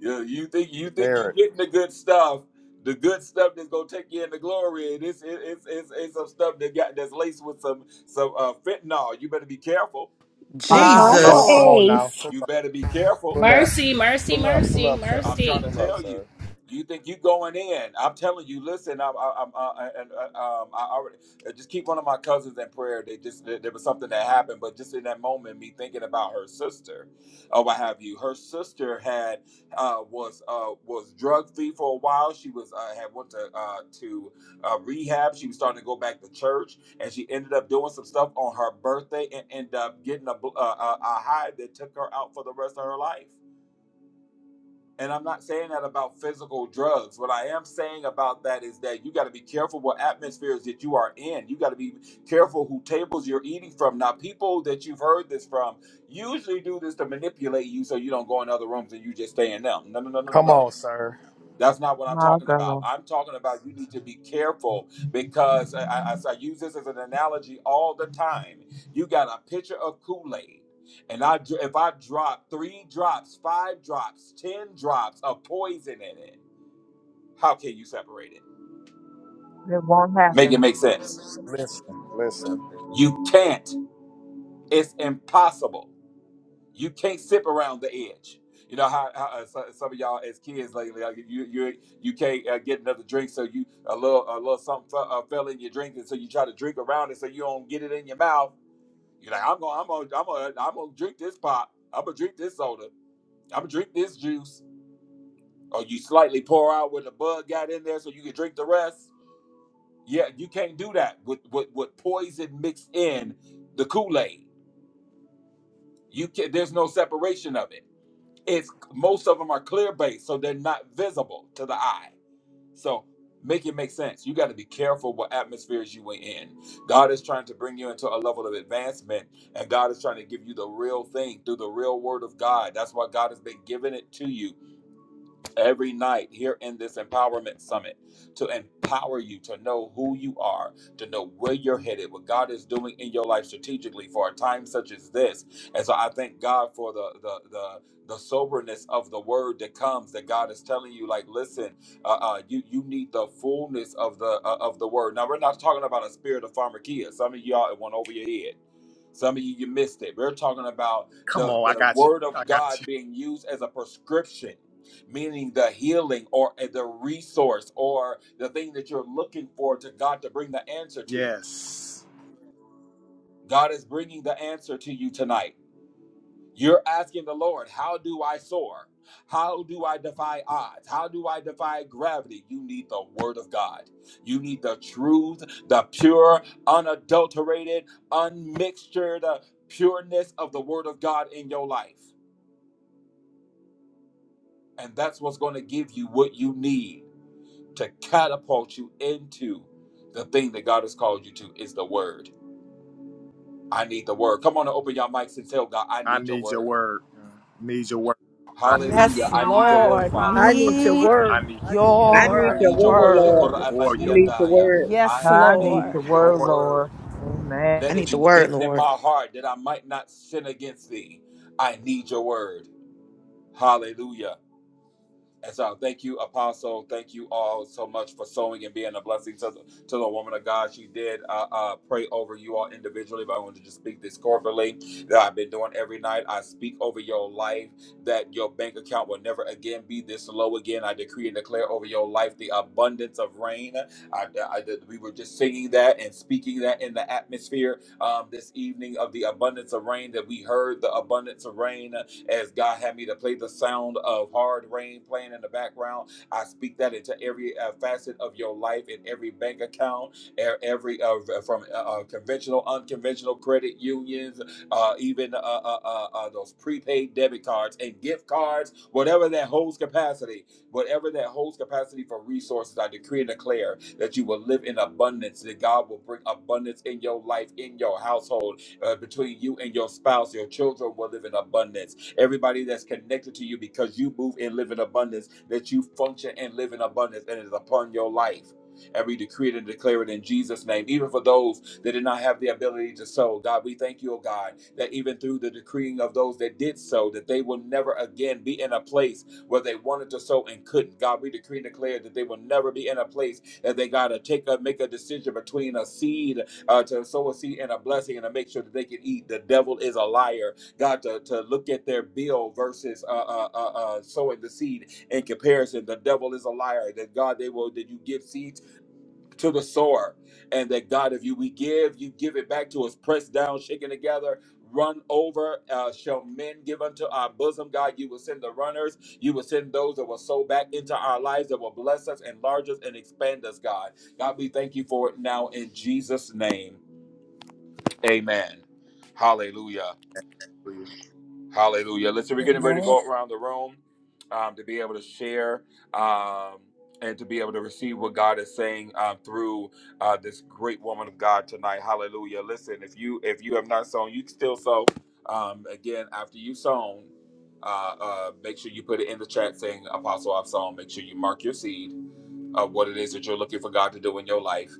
[SPEAKER 1] you, you think you think you
[SPEAKER 5] There it.
[SPEAKER 1] getting the good stuff, the good stuff that's gonna take you into glory, and it's it, it's, it's it's some stuff that got that's laced with some some uh, fentanyl. You better be careful.
[SPEAKER 7] My
[SPEAKER 5] Uh huh.
[SPEAKER 11] Apostle
[SPEAKER 5] Come
[SPEAKER 2] Jesus.
[SPEAKER 7] Lord.
[SPEAKER 5] on now.
[SPEAKER 11] Ace.
[SPEAKER 5] Pull,
[SPEAKER 1] You better be careful.
[SPEAKER 5] pull up.
[SPEAKER 4] Mercy, mercy,
[SPEAKER 5] Pull up. Pull
[SPEAKER 4] mercy,
[SPEAKER 5] up, sir.
[SPEAKER 1] I'm trying
[SPEAKER 4] mercy.
[SPEAKER 1] to
[SPEAKER 5] Pull up,
[SPEAKER 1] tell you.
[SPEAKER 5] sir.
[SPEAKER 1] You think you going in? I'm telling you. Listen, I'm, I'm, I, and uh, um, I already uh, just keep one of my cousins in prayer. They just there there was something that happened, but just in that moment, me thinking about her sister, or what have you. Her sister had uh, was uh, was drug free for a while. She was uh, had went to uh, to uh, rehab. She was starting to go back to church, and she ended up doing some stuff on her birthday and ended up getting a bl- uh, a, a high that took her out for the rest of her life and I'm not saying that about physical drugs. What I am saying about that is that you got to be careful what atmospheres that you are in. You got to be careful who tables you're eating from. Now, people that you've heard this from usually do this to manipulate you so you don't go in other rooms and you just stay in them. No, no, no, no, no,
[SPEAKER 5] Come
[SPEAKER 1] no.
[SPEAKER 5] on, sir.
[SPEAKER 1] That's not what I'm
[SPEAKER 7] My
[SPEAKER 1] talking about.
[SPEAKER 7] God.
[SPEAKER 1] I'm talking about you need to be careful because I, I, I use this as an analogy all the time. You got a pitcher of Kool Aid, and I dr- if I drop three drops, five drops, ten drops of poison in it, how can you separate it?
[SPEAKER 7] It won't
[SPEAKER 1] Make it
[SPEAKER 7] happen.
[SPEAKER 1] make sense.
[SPEAKER 5] Listen. Listen.
[SPEAKER 1] You can't. It's impossible. You can't sip around the edge. You know how, how uh, so- some of y'all as kids lately, like you you you can't uh, get another drink, so you a little a little something fell, uh, fell in your drink, and so you try to drink around it, so you don't get it in your mouth. You're like, I'm gonna I'm gonna I'm gonna I'm gonna drink this pop. I'm gonna drink this soda. I'm gonna drink this juice. Or you slightly pour out where the bug got in there, so you can drink the rest. Yeah, you can't do that with with, with poison mixed in the Kool Aid. You can, there's no separation of it It's most of them are clear based, so they're not visible to the eye. So make it make sense. You got to be careful what atmospheres you are in. God is trying to bring you into a level of advancement, and God is trying to give you the real thing through the real word of God. That's why God has been giving it to you every night here in this empowerment summit to empower you to know who you are, to know where you're headed, what God is doing in your life strategically for a time such as this. And so I thank God for the the the the soberness of the word that comes that God is telling you, like, listen, uh, uh, you you need the fullness of the uh, of the word. Now we're not talking about a spirit of pharmakia. Some of y'all it went over your head. Some of you, you missed it. We're talking about
[SPEAKER 5] Come
[SPEAKER 1] the,
[SPEAKER 5] on. I
[SPEAKER 1] the
[SPEAKER 5] got you.
[SPEAKER 1] word
[SPEAKER 5] I
[SPEAKER 1] of God
[SPEAKER 5] got you.
[SPEAKER 1] being used as a prescription, meaning the healing or the resource or the thing that you're looking for to God to bring the answer to.
[SPEAKER 5] Yes.
[SPEAKER 1] God is bringing the answer to you tonight. You're asking the Lord, how do I soar? How do I defy odds? How do I defy gravity? You need the word of God. You need the truth, the pure, unadulterated, unmixtured uh, pureness of the word of God in your life. And that's what's going to give you what you need to catapult you into the thing that God has called you to is the word. I need the word. Come on and open your mics and tell God, I
[SPEAKER 5] I
[SPEAKER 1] need your
[SPEAKER 5] need your
[SPEAKER 1] word.
[SPEAKER 5] word. Need your word. I need
[SPEAKER 8] I
[SPEAKER 1] Hallelujah.
[SPEAKER 13] Yes,
[SPEAKER 8] need
[SPEAKER 1] I
[SPEAKER 8] your
[SPEAKER 1] need your
[SPEAKER 8] word,
[SPEAKER 1] word,
[SPEAKER 13] Lord.
[SPEAKER 1] Father.
[SPEAKER 9] I
[SPEAKER 5] your word.
[SPEAKER 9] need your
[SPEAKER 13] Need
[SPEAKER 5] I
[SPEAKER 9] word.
[SPEAKER 5] need
[SPEAKER 9] I need your
[SPEAKER 12] I
[SPEAKER 13] your
[SPEAKER 1] I
[SPEAKER 12] need
[SPEAKER 9] word.
[SPEAKER 12] your
[SPEAKER 1] need your
[SPEAKER 12] word,
[SPEAKER 1] word.
[SPEAKER 12] Lord.
[SPEAKER 1] Yokora
[SPEAKER 13] word.
[SPEAKER 5] more of
[SPEAKER 12] I
[SPEAKER 5] your word.
[SPEAKER 12] need your
[SPEAKER 1] abandiandaya.
[SPEAKER 12] word.
[SPEAKER 13] Yes,
[SPEAKER 1] I
[SPEAKER 7] I need
[SPEAKER 13] Lord.
[SPEAKER 1] need
[SPEAKER 7] your
[SPEAKER 1] your
[SPEAKER 7] word,
[SPEAKER 5] More
[SPEAKER 1] word.
[SPEAKER 7] Lord. Amen.
[SPEAKER 2] I
[SPEAKER 1] Let
[SPEAKER 2] need
[SPEAKER 1] it
[SPEAKER 2] the
[SPEAKER 1] be
[SPEAKER 2] word,
[SPEAKER 1] hidden in
[SPEAKER 2] Lord.
[SPEAKER 1] my heart that I might not sin against thee. I need your word. Hallelujah. And so thank you, Apostle. Thank you all so much for sowing and being a blessing to the, to the woman of God. She did uh, uh, pray over you all individually, but I want to just speak this corporately that I've been doing every night. I speak over your life that your bank account will never again be this low again. I decree and declare over your life the abundance of rain. I, I, we were just singing that and speaking that in the atmosphere um, this evening of the abundance of rain that we heard the abundance of rain as God had me to play the sound of hard rain playing in the background, I speak that into every uh, facet of your life, in every bank account, e- every uh, from uh, uh, conventional, unconventional credit unions, uh, even uh, uh, uh, uh, those prepaid debit cards and gift cards, whatever that holds capacity, whatever that holds capacity for resources, I decree and declare that you will live in abundance, that God will bring abundance in your life, in your household, uh, between you and your spouse. Your children will live in abundance everybody that's connected to you because you move and live in abundance, that you function and live in abundance, and it is upon your life. And we decree it and declare it in Jesus' name. Even for those that did not have the ability to sow, God, we thank you, oh God, that even through the decreeing of those that did sow, that they will never again be in a place where they wanted to sow and couldn't. God, we decree and declare that they will never be in a place that they got to take a make a decision between a seed uh, to sow a seed and a blessing and to make sure that they can eat. The devil is a liar. God, to, to look at their bill versus uh, uh, uh, uh, sowing the seed in comparison. The devil is a liar. That God, they will that you give seeds to the sower, and that God, if you we give, you give it back to us, pressed down, shaken together. Run over, uh, shall men give unto our bosom? God, you will send the runners. You will send those that will sow back into our lives that will bless us, enlarge us, and expand us, God. God, we thank you for it now in Jesus' name. Amen. Hallelujah.
[SPEAKER 5] of you.
[SPEAKER 1] Hallelujah. Listen, we're getting ready to
[SPEAKER 6] Amen.
[SPEAKER 1] go around the room um, to be able to share um, and to be able to receive what God is saying uh, through uh, this great woman of God tonight. Hallelujah. Listen, if you if you have not sown, you can still sow. Um, again, after you sown, uh, uh, make sure you put it in the chat saying, Apostle, I've sown. Make sure you mark your seed of what it is that you're looking for God to do in your life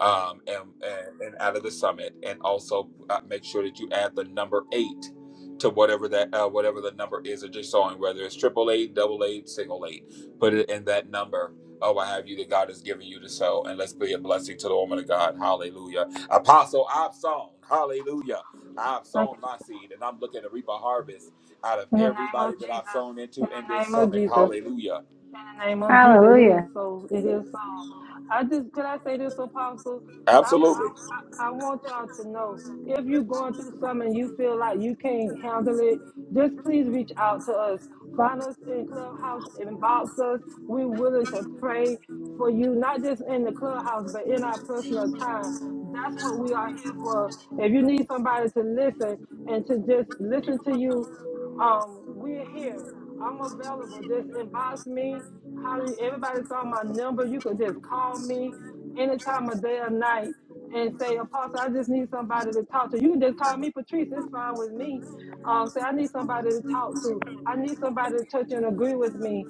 [SPEAKER 1] um, and, and, and out of the summit. And also uh, make sure that you add the number eight to whatever that uh, whatever the number is that you're sowing, whether it's triple eight, double eight, single eight. Put it in that number. Oh, I have you that God has given you to sow. And let's be a blessing to the woman of God. Hallelujah. Apostle, I've sown. Hallelujah. I've
[SPEAKER 8] Father. I need your word. Thank
[SPEAKER 1] sown
[SPEAKER 8] you.
[SPEAKER 1] my seed and I'm looking to reap a harvest out of
[SPEAKER 8] In the name
[SPEAKER 1] everybody
[SPEAKER 8] of
[SPEAKER 1] that I've
[SPEAKER 8] Jesus.
[SPEAKER 1] sown
[SPEAKER 8] In
[SPEAKER 1] into in
[SPEAKER 8] the
[SPEAKER 1] this
[SPEAKER 8] name of
[SPEAKER 1] summit.
[SPEAKER 8] Jesus.
[SPEAKER 1] Hallelujah.
[SPEAKER 8] In the name of Jesus, it is
[SPEAKER 11] Hallelujah.
[SPEAKER 8] so. It is so. I just could I say this, Apostle? I I,
[SPEAKER 1] Absolutely.
[SPEAKER 8] I I want y'all to know if you're going through something and you feel like you can't handle it, just please reach out to us. Find us in Clubhouse, inbox us. We're willing to pray for you, not just in the clubhouse, but in our personal time. That's what we are here for. If you need somebody to listen and to just listen to you um, we're here. I'm available. Just inbox me. How do you, everybody saw my number? You could just call me any time of day or night and say, Apostle, I just need somebody to talk to. You can just call me Patrice. It's fine with me. Um, say I need somebody to talk to. I need somebody to touch and agree with me.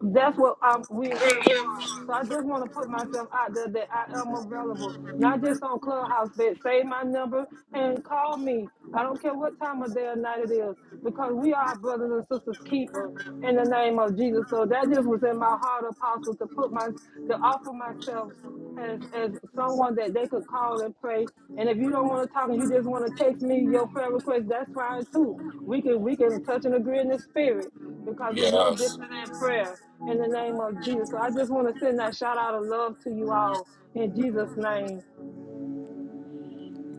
[SPEAKER 8] That's what um, we're here for. So I just want to put myself out there that I am available, not just on Clubhouse, but say my number and call me. I don't care what time of day or night it is, because we are brothers and sisters keeper in the name of Jesus. So that just was in my heart, Apostle, to put my to offer myself as as someone that they could call and pray. And if you don't want to talk and you just want to text me your prayer request, that's fine too. We can we can touch and agree in the spirit because there's no
[SPEAKER 1] Yes.
[SPEAKER 8] dissonant prayer in the name of Jesus. So I just want to send that shout out of love to you all in Jesus' name.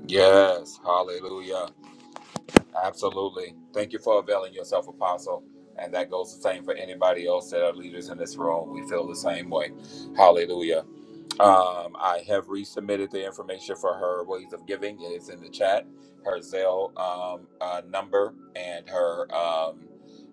[SPEAKER 1] Yes, hallelujah. Absolutely. Thank you for availing yourself, Apostle. And that goes the same for anybody else that are leaders in this room. We feel the same way. Hallelujah. Um, I have resubmitted the information for her ways of giving. It is in the chat. Her Zelle um, uh, number and her um,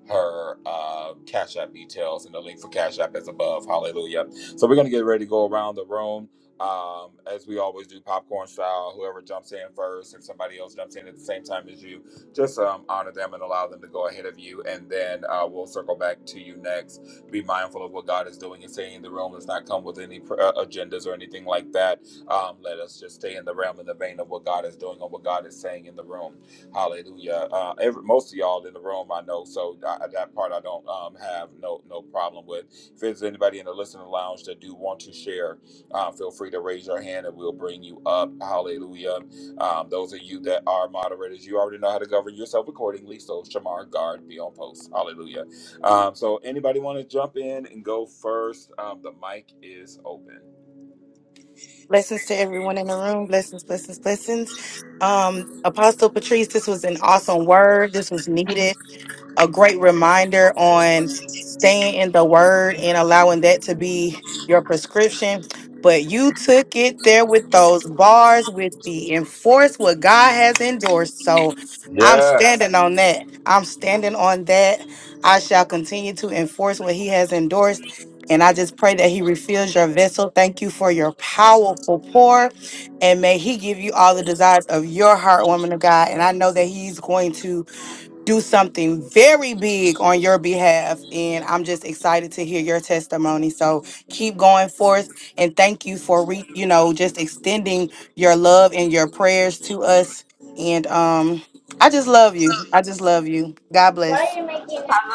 [SPEAKER 1] her uh, Cash App details, and the link for Cash App is above. Hallelujah. So we're gonna get ready to go around the room. Um, as we always do, popcorn style. Whoever jumps in first, if somebody else jumps in at the same time as you, just um, honor them and allow them to go ahead of you, and then uh, we'll circle back to you next be mindful of what God is doing and saying in the room. Let's not come with any pr- uh, agendas or anything like that. Um, let us just stay in the realm and the vein of what God is doing and what God is saying in the room. Hallelujah. Uh, every, most of y'all in the room, I know, so I, that part I don't um, have no no problem with. If there's anybody in the listening lounge that do want to share, uh, feel free to raise your hand and we'll bring you up. Hallelujah. Um, those of you that are moderators, you already know how to govern yourself accordingly. So, Shamar, guard, be on post. Hallelujah. Um, so anybody want to jump in and go first? Um, the mic is open.
[SPEAKER 2] Blessings to everyone in the room. Blessings, blessings, blessings. Um, Apostle Patrice, this was an awesome word. This was needed. a great reminder on staying in the word and allowing that to be your prescription. But you took it there with those bars, with the enforce what God has endorsed. So I'm standing
[SPEAKER 1] Yes.
[SPEAKER 2] on that. I'm standing on that. I shall continue to enforce what He has endorsed. And I just pray that He refills your vessel. Thank you for your powerful pour. And may He give you all the desires of your heart, woman of God. And I know that He's going to do something very big on your behalf. And I'm just excited to hear your testimony. So keep going forth and thank you for re- you know, just extending your love and your prayers to us. And um I just love you. I just love you. God bless.
[SPEAKER 8] I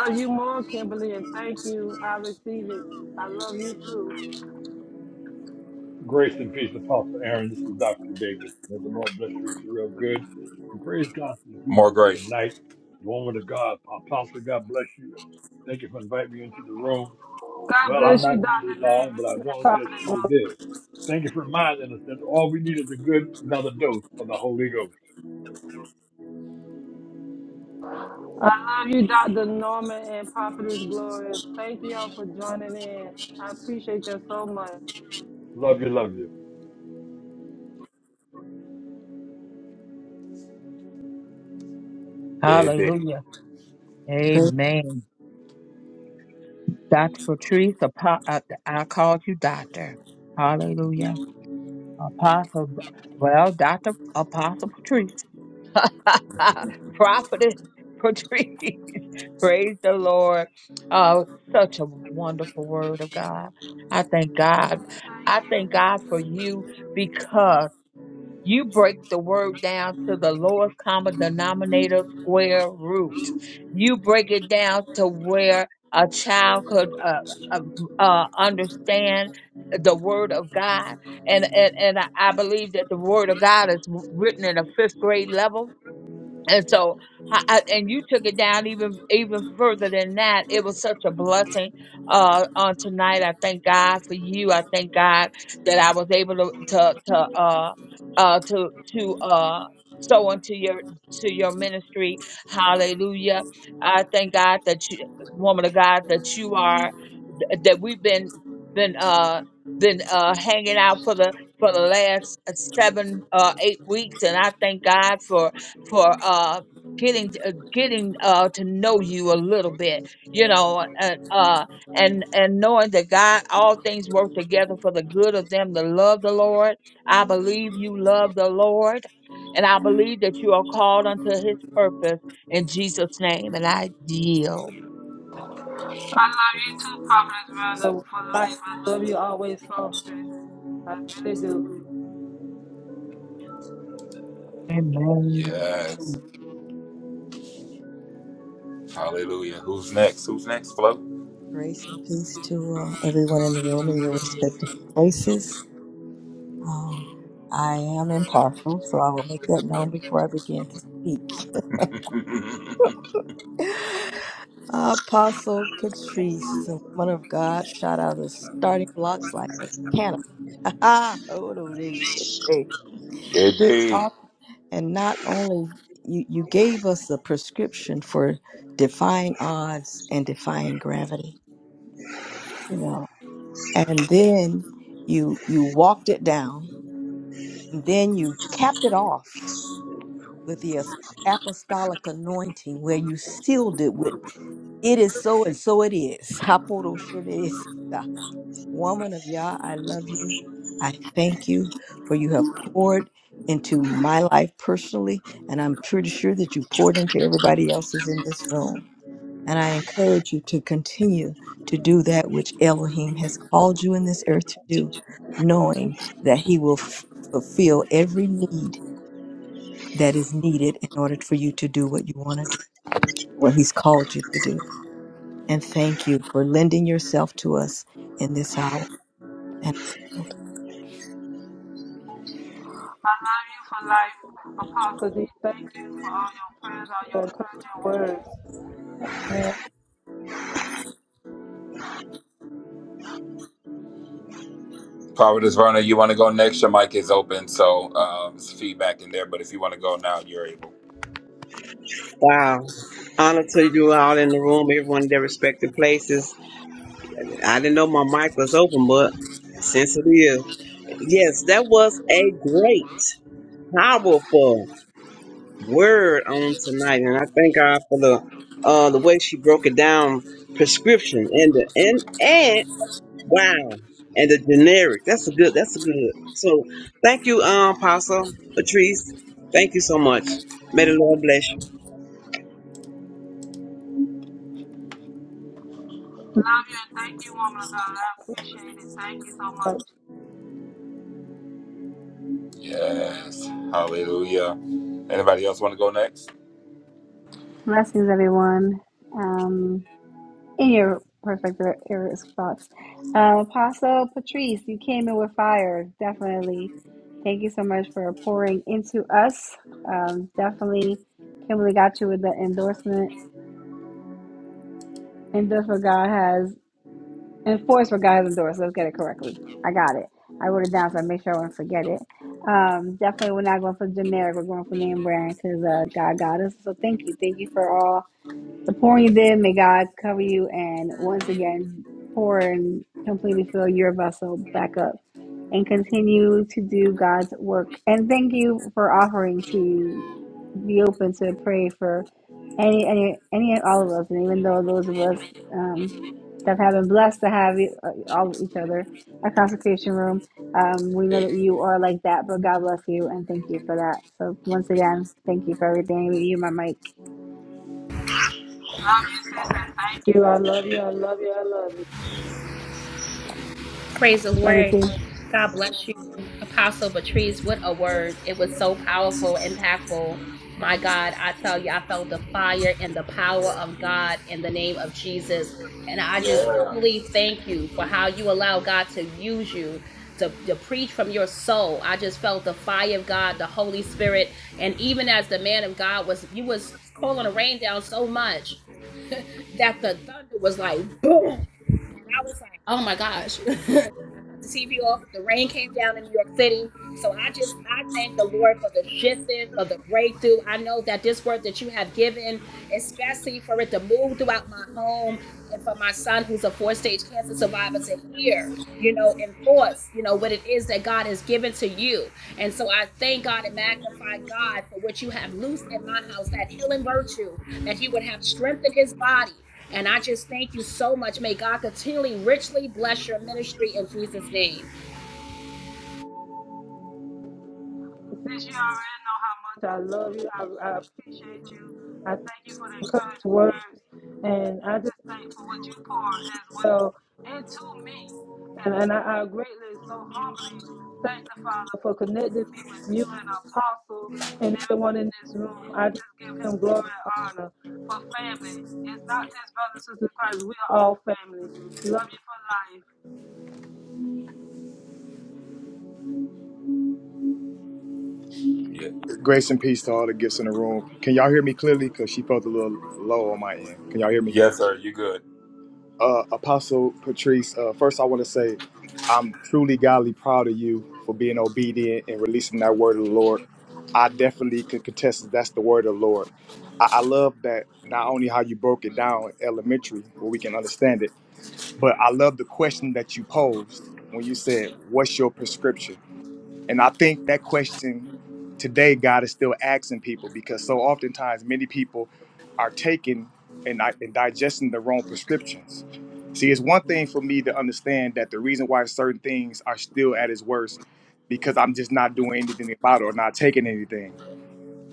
[SPEAKER 8] love you more, Kimberly, and thank you. I receive it. I love you too.
[SPEAKER 14] Grace and peace, Apostle Aaron. This is Dr. Davis. May the Lord bless you to real good. And praise God for
[SPEAKER 1] More
[SPEAKER 14] Jesus
[SPEAKER 1] grace.
[SPEAKER 14] tonight. The woman of God, Apostle, God bless you. Thank you for inviting me into the room.
[SPEAKER 8] God
[SPEAKER 14] Well, I'm
[SPEAKER 8] bless you,
[SPEAKER 14] not
[SPEAKER 8] Dr.
[SPEAKER 14] going to be long, but
[SPEAKER 8] Davis.
[SPEAKER 14] I
[SPEAKER 8] and
[SPEAKER 14] want to just
[SPEAKER 8] Prophet.
[SPEAKER 14] say this. Thank you for reminding us that all we need is a good another dose of the Holy Ghost.
[SPEAKER 8] I love you, Dr. Norman and Prophetess Gloria. Thank y'all for joining in. I appreciate you all so much.
[SPEAKER 14] Love you, love you.
[SPEAKER 1] Indeed.
[SPEAKER 7] Hallelujah. Amen. Dr. Patrice, apo- I, I called you doctor. Hallelujah. Apostle, well, Dr. Apostle Patrice. *laughs* Prophetess Patrice. *laughs* Praise the Lord. Oh, such a wonderful word of God. I thank God. I thank God for you because. you break the word down to the lowest common denominator square root. You break it down to where a child could uh, uh, uh, understand the word of God. And, and, and I I believe that the word of God is written at a fifth grade level and so I, I- and you took it down even even further than that it was such a blessing uh on tonight i thank god for you i thank god that i was able to to, to uh uh to to uh sow into your to your ministry hallelujah i thank god that you woman of god that you are th- that we've been been uh been uh hanging out for the for the last uh, seven uh eight weeks and i thank god for for uh getting t- uh, getting uh to know you a little bit you know and uh and and knowing that god all things work together for the good of them that love the lord i believe you love the lord and i believe that you are called unto his purpose in jesus name and i yield.
[SPEAKER 8] I love you too, Prophetess Brother, for life. I love you always, Songstress. I really do.
[SPEAKER 7] Amen.
[SPEAKER 1] Yes. Hallelujah. Who's next? Who's next, Flo?
[SPEAKER 6] Grace and peace to uh, everyone in the room in your respective places. Um, I am impartial, so I will make that known before I begin to speak.
[SPEAKER 1] *laughs*
[SPEAKER 6] Apostle Patrice, the woman of God, shot out of the starting blocks like a cannon. *laughs* Ah, Oh, no, they *laughs* shit, they
[SPEAKER 1] Indeed.
[SPEAKER 6] talk. And not only you, you gave us the prescription for defying odds and defying gravity, you know, and then you you walked it down And then you capped it off with the as- apostolic anointing where you sealed it with, it is so and so it is. *laughs* Hapodoshenesita. Woman of Yah, I love you. I thank you for you have poured into my life personally, and I'm pretty sure that you poured into everybody else's in this room. And I encourage you to continue to do that which Elohim has called you in this earth to do, knowing that He will f- fulfill every need that is needed in order for you to do what you want to do, what He's called you to do. And thank you for lending yourself to us in this hour. and
[SPEAKER 8] I love you for life, Apostle D. Thank you for all your prayers, all your encouraging words. Amen.
[SPEAKER 1] Providence Verna, you want to go next? Your mic is open, so um, it's feedback in there. But if you want to go now, you're able.
[SPEAKER 12] Wow. Honor to you all in the room, everyone in their respective places. I didn't know my mic was open, but since it is. Yes, that was a great, powerful word on tonight. And I thank God for the uh the way she broke it down prescription and the and Wow. And the generic. That's a good. That's a good. So thank you, um, Apostle Patrice. Thank you so much. May the Lord bless you.
[SPEAKER 8] thank you, woman of God. I appreciate it. Thank you so much.
[SPEAKER 1] Yes. Hallelujah. Anybody else want to go next?
[SPEAKER 11] Blessings, everyone. Um. In Your perfect re- your response. Um, Apostle Patrice, you came in with fire, definitely. Thank you so much for pouring into us. Um, definitely, Kimberly got you with the endorsement. Endorse what God has, enforce what God has endorsed. Let's get it correctly. I got it. I wrote it down so I make sure I don't forget it. Um, definitely, we're not going for generic. We're going for name brand because uh, God got us. So thank you. Thank you for all the pouring you may God cover you and once again pour and completely fill your vessel back up and continue to do God's work. And thank you for offering to be open to pray for any any any and all of us, and even though those of us um, that have been blessed to have e- uh, all each other a consecration room. Um, we know
[SPEAKER 1] Hey.
[SPEAKER 11] that you are like that, but God bless you and thank you for that. So once again, thank you for everything. You, my mic.
[SPEAKER 8] Thank you. I love you. I love you. I love you.
[SPEAKER 4] Praise the
[SPEAKER 11] Love you
[SPEAKER 4] word.
[SPEAKER 11] too.
[SPEAKER 4] God bless you, Apostle Patrice. What a word. It was so powerful, impactful. My God, I tell you, I felt the fire and the power of God in the name of Jesus. And I just
[SPEAKER 1] Yeah.
[SPEAKER 4] truly thank you for how you allow God to use you to, to preach from your soul. I just felt the fire of God, the Holy Spirit. And even as the man of God was, you was calling the rain down so much that the thunder was like, *laughs* boom. and I was like, oh my gosh. *laughs* the TV off. The rain came down in New York City. So I just I thank the Lord for the shifting, for the breakthrough. I know that this word that you have given, especially for it to move throughout my home and for my son who's a four-stage cancer survivor to hear, you know, enforce, you know, what it is that God has given to you. And so I thank God and magnify God for what you have loosed in my house, that healing virtue, that he would have strengthened his body. And I just thank you so much. May God continually richly bless your ministry in Jesus' name.
[SPEAKER 8] Since you already know how much I love you, I, I appreciate you. I thank you for the encouraged words. And I just thank for what you pour as well into me. And, and I, I greatly, so humbly thank the Father for connecting me with you and Apostle and everyone in this room. I just give him glory and honor for family. It's not just brothers and sisters in Christ. We are all family. Love you for life.
[SPEAKER 1] yeah.
[SPEAKER 5] Grace and peace to all the gifts in the room. Can y'all hear me clearly? Because she felt a little low on my end. Can y'all hear me?
[SPEAKER 1] Yes, sir. You good?
[SPEAKER 5] uh, Apostle Patrice, uh, first I want to say I'm truly godly proud of you for being obedient and releasing that word of the Lord. I definitely could contest that that's the word of the Lord. I, I love that not only how you broke it down elementary where we can understand it, but I love the question that you posed when you said, What's your prescription? And I think that question today, God is still asking people because so oftentimes many people are taking and, di- and digesting the wrong prescriptions. See, it's one thing for me to understand that the reason why certain things are still at its worst because I'm just not doing anything about it or not taking anything.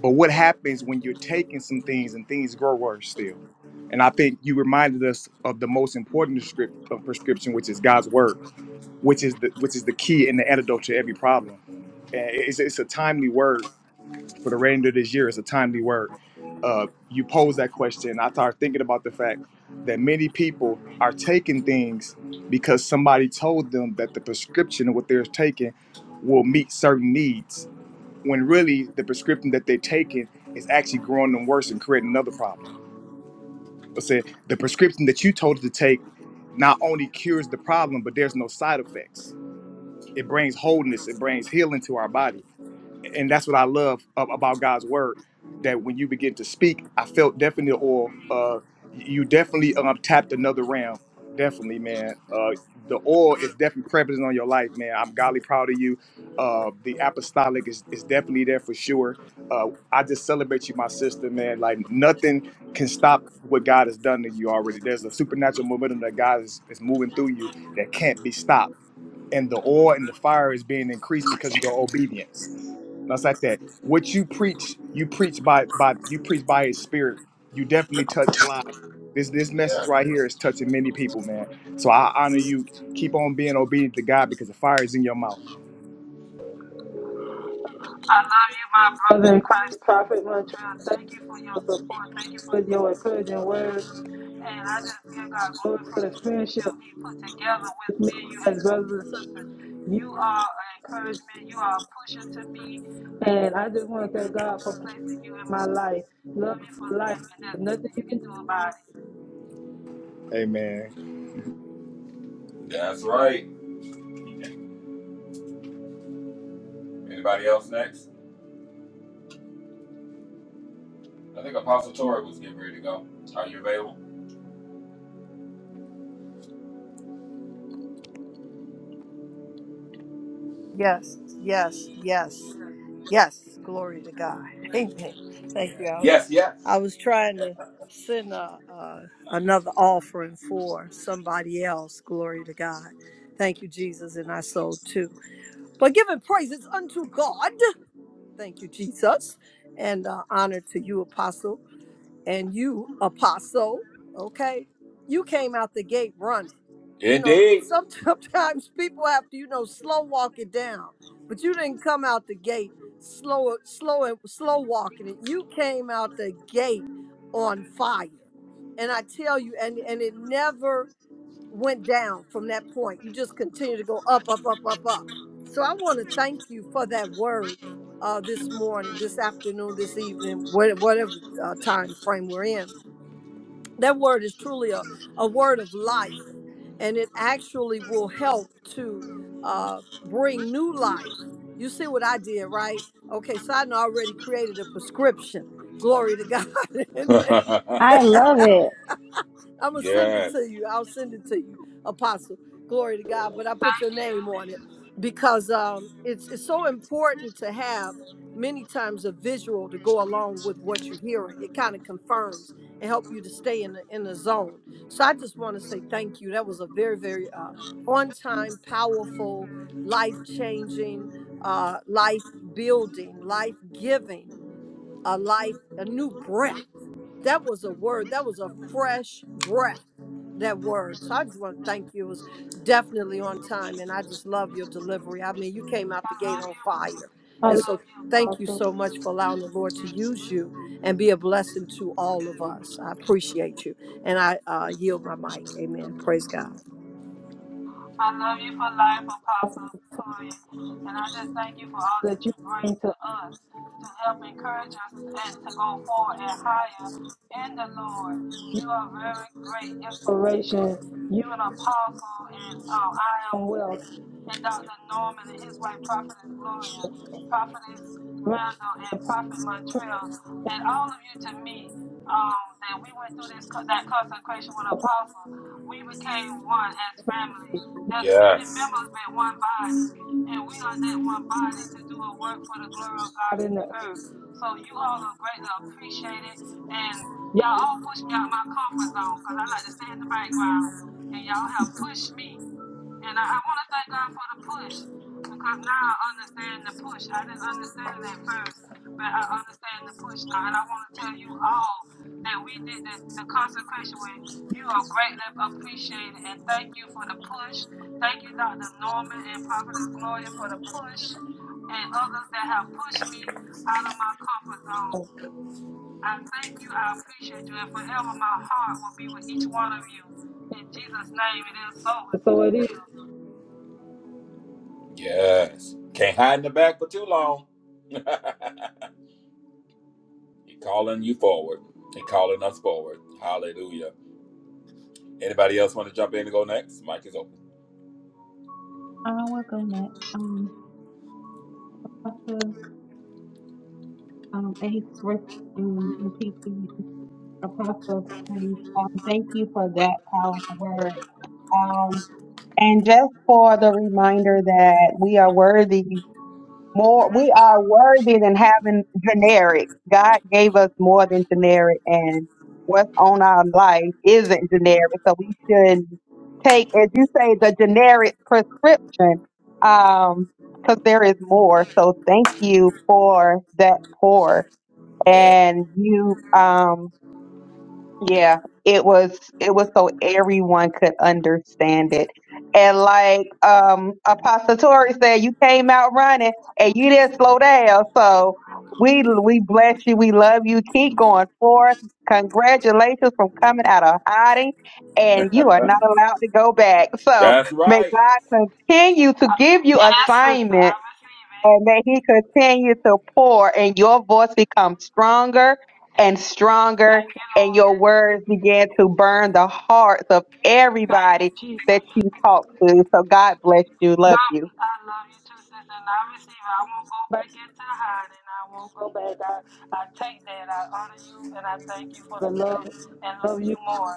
[SPEAKER 5] But what happens when you're taking some things and things grow worse still? And I think you reminded us of the most important script, of prescription, which is God's word which is the which is the key and the antidote to every problem. And it's, it's a timely word for the remainder of this year. It's a timely word. Uh, you pose that question. I started thinking about the fact that many people are taking things because somebody told them that the prescription of what they're taking will meet certain needs, when really the prescription that they're taking is actually growing them worse and creating another problem. I said the prescription that you told it to take not only cures the problem, but there's no side effects it brings wholeness it brings healing to our body and that's what i love a- about god's word that when you begin to speak i felt definitely or uh you definitely um tapped another realm definitely man uh the oil is definitely prevalent on your life man i'm godly proud of you uh the apostolic is, is definitely there for sure uh i just celebrate you my sister man like nothing can stop what god has done to you already there's a supernatural momentum that god is, is moving through you that can't be stopped and the oil and the fire is being increased because of your obedience. That's like that. What you preach, you preach by by you preach by his spirit. You definitely touch lives. This this
[SPEAKER 1] Yeah.
[SPEAKER 5] message right here is touching many people, man. So I honor you. Keep on being obedient to God because the fire is in your mouth.
[SPEAKER 8] I love you, my brother in Christ, Prophet Montreal. Thank you for your support. Thank you for your encouraging words. And I just give God glory for the friendship He put together with me and you as brothers and sisters. You are an encouragement. You are a pusher to me. And I just want to thank God for placing you in my life. Love you for life. And there's nothing you can do about it.
[SPEAKER 5] Amen.
[SPEAKER 1] That's right. Anybody else next? I think Apostle Tori was getting ready to go. Are you available?
[SPEAKER 9] Yes, yes, yes, yes. Glory to God. Amen. Thank you.
[SPEAKER 1] Yes, yes.
[SPEAKER 9] I was trying to send a, a, another offering for somebody else. Glory to God. Thank you, Jesus, and I sold too. But giving praises unto God. Thank you, Jesus. And uh, honor to you, Apostle and you apostle okay you came out the gate running you know
[SPEAKER 1] Indeed.
[SPEAKER 9] some- *laughs* sometimes people have to you know slow walk it down but you didn't come out the gate slow slow and slow walking it you came out the gate on fire and i tell you and and it never went down from that point. You just continue to go up, up, up, up, up. So I want to thank you for that word uh, this morning, this afternoon, this evening, wha- whatever uh, time frame we're in. That word is truly a, a word of life, and it actually will help to uh, bring new life. You see what I did, right? Okay, so I done already created a prescription. Glory to God. *laughs* and,
[SPEAKER 1] *laughs*
[SPEAKER 9] and- *laughs*
[SPEAKER 11] I love it.
[SPEAKER 9] I'm gonna send it
[SPEAKER 1] yes.
[SPEAKER 9] to you. I'll send it to you, Apostle. Glory to God. But I put your name on it because um, it's it's so important to have many times a visual to go along with what you're hearing. It kind of confirms and help you to stay in the in the zone. So I just want to say thank you. That was a very very uh, on time, powerful, life changing, uh, life building, life giving, a life a new breath that was a word that was a fresh breath that word so i just want to thank you it was definitely on time and i just love your delivery i mean you came out
[SPEAKER 8] I
[SPEAKER 9] the gate
[SPEAKER 8] love
[SPEAKER 9] on
[SPEAKER 8] you.
[SPEAKER 9] fire
[SPEAKER 8] I
[SPEAKER 9] and
[SPEAKER 8] love
[SPEAKER 9] so
[SPEAKER 8] you,
[SPEAKER 9] thank you
[SPEAKER 8] Apostle.
[SPEAKER 9] so much for allowing the lord to use you and be a blessing to all of us i appreciate you and i uh, yield my mic amen praise god
[SPEAKER 8] I love you for life, Apostle Toya. And I just thank you for all that you bring to us to help encourage us and to go forward and higher in the Lord. You are very great inspiration. You an apostle and uh, I am wealth and Dr. Norman and his wife, Prophetess Gloria, Prophetess Randall, and Prophet Montreal, and all of you to me, um, that we went through this that consecration with Apostle, we became one as family. There's many
[SPEAKER 1] Yes.
[SPEAKER 8] members but one body, and we are that one body to do a work for the glory of God in the earth. So you all are greatly appreciated, and y'all all push me out my comfort zone because I like to stay in the background, and y'all have pushed me. And I, I want to thank God for the push because now I understand the push. I didn't understand it at first, but I understand the push now. And I want to tell you all that we did the, the consecration with. You are greatly appreciated. And thank you for the push. Thank you, Dr. Norman and Prophetess Gloria, for the push and others that have pushed me out of my comfort zone. I thank you. I appreciate you. And forever my heart will be with each one of you. In Jesus' name, it is so. And so it is.
[SPEAKER 1] Yes. Can't hide in the back for too long. *laughs* he calling you forward. He calling us forward. Hallelujah. Anybody else want to jump in and go next? Mic is open.
[SPEAKER 10] I will go next. Um, Apostle, um, any first, um, repeat the Apostle, please. Um, thank you for that powerful word. Um, and just for the reminder that we are worthy more we are worthy than having generic. God gave us more than generic and what's on our life isn't generic. So we should take, as you say, the generic prescription, um, cause there is more. So thank you for that pour
[SPEAKER 1] Yeah.
[SPEAKER 10] and you, um, yeah, it was it was so everyone could understand it. And like um Apostle Tori said, you came out running and you didn't slow down. So we we bless you. We love you. Keep going forth. Congratulations from coming out of hiding. And you are not allowed to go back. So
[SPEAKER 1] That's
[SPEAKER 10] may
[SPEAKER 1] right.
[SPEAKER 10] God continue to give you
[SPEAKER 8] Yes, sister, I
[SPEAKER 10] assignments
[SPEAKER 8] receive it.
[SPEAKER 10] and that he continue to pour and your voice become stronger and stronger
[SPEAKER 8] Thank you,
[SPEAKER 10] and your
[SPEAKER 8] Lord.
[SPEAKER 10] words begin to burn the hearts of
[SPEAKER 8] Thank you,
[SPEAKER 10] everybody that
[SPEAKER 8] Jesus.
[SPEAKER 10] you talk to. So God bless you. Love
[SPEAKER 8] God,
[SPEAKER 10] you.
[SPEAKER 8] I love you too, sister, and I receive it. I won't go back into hiding. I won't go back. I, I take that. I honor you, and I thank you for the love and love you more.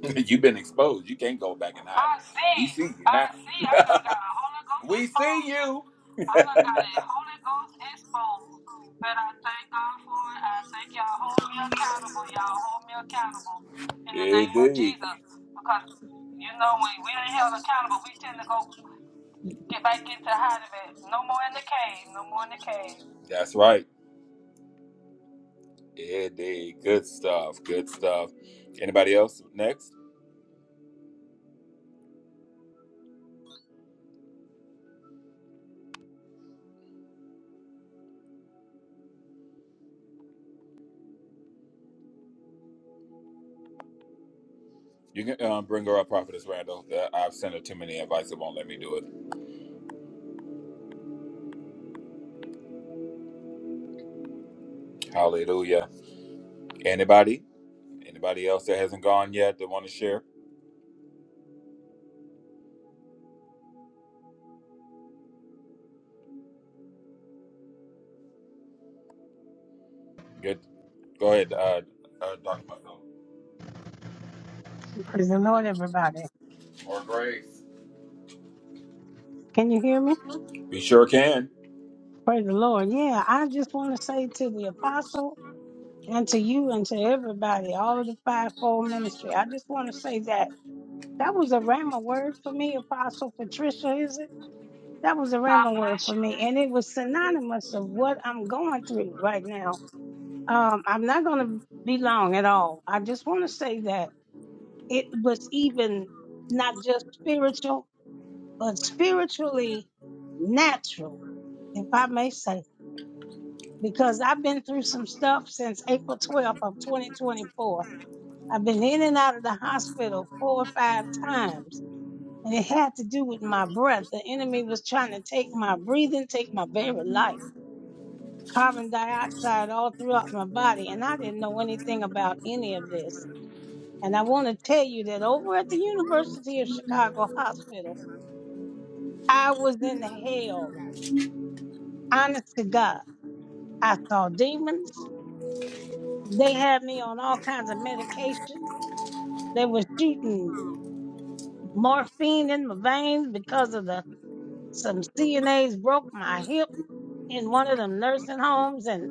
[SPEAKER 1] *laughs* You've been exposed. You can't go back and
[SPEAKER 8] I
[SPEAKER 1] hide it.
[SPEAKER 8] see.
[SPEAKER 1] We see you
[SPEAKER 8] I
[SPEAKER 1] now.
[SPEAKER 8] see. I done got a Holy Ghost
[SPEAKER 1] We see
[SPEAKER 8] exposure.
[SPEAKER 1] you.
[SPEAKER 8] I done got a Holy Ghost exposed. But I thank God for it. I thank y'all hold me accountable. Y'all hold me accountable in the name of
[SPEAKER 1] Indeed.
[SPEAKER 8] Jesus. Because, you know, when we ain't held accountable, we tend to go get back into hiding. But no more in the cave. No more in the cave.
[SPEAKER 1] That's right. Indeed. Good stuff. Good stuff. Anybody else next? You can um, bring her up, Prophetess Randall. Uh, I've sent her too many invites. It won't let me do it. Hallelujah. Anybody? Anybody else that hasn't gone yet that want to share? Good. Go ahead, uh, uh, Dr. Michael.
[SPEAKER 15] Praise the Lord, everybody.
[SPEAKER 1] Or Grace.
[SPEAKER 15] Can you hear me?
[SPEAKER 1] We sure can.
[SPEAKER 15] Praise the Lord. Yeah, I just want to say to the apostle and to you and to everybody, all of the fivefold ministry, I just want to say that that was a rhema word for me, Apostle Patricia, is it? That was a rhema
[SPEAKER 8] Bless
[SPEAKER 15] word
[SPEAKER 8] you
[SPEAKER 15] for me. And it was synonymous of what I'm going through right now. Um, I'm not going to be long at all. I just want to say that it was even not just spiritual, but spiritually natural, if I may say. because I've been through some stuff since April 12th of 2024. I've been in and out of the hospital four or five times, and it had to do with my breath. The enemy was trying to take my breathing, take my very life, carbon dioxide all throughout my body, and I didn't know anything about any of this. And I want to tell you that over at the University of Chicago Hospital, I was in hell. Honest to God, I saw demons. They had me on all kinds of medications. They were shooting morphine in my veins because of the some CNAs broke my hip in one of them nursing homes, and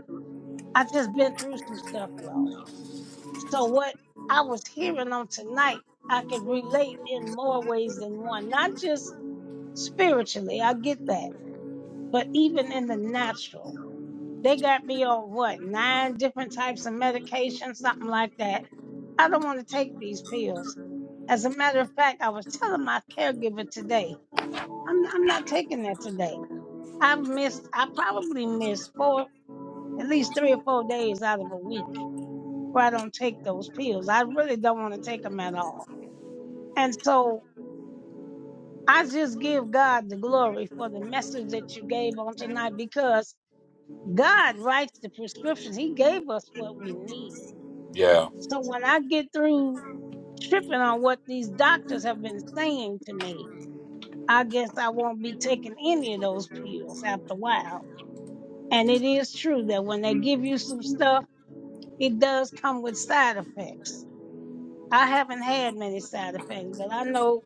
[SPEAKER 15] I just been through some stuff, y'all. So what I was hearing on tonight, I could relate in more ways than one. Not just spiritually, I get that, but even in the natural. They got me on what nine different types of medication, something like that. I don't want to take these pills. As a matter of fact, I was telling my caregiver today. I'm I'm not taking that today. I've missed I probably missed four at least three or four days out of a week where I don't take those pills. I really don't want to take them at all. And so I just give God the glory for the message that you gave on tonight because God writes the prescriptions. He gave us what we need.
[SPEAKER 1] Yeah.
[SPEAKER 15] So when I get through tripping on what these doctors have been saying to me, I guess I won't be taking any of those pills after a while And it is true that when they give you some stuff, it does come with side effects. I haven't had many side effects, but I know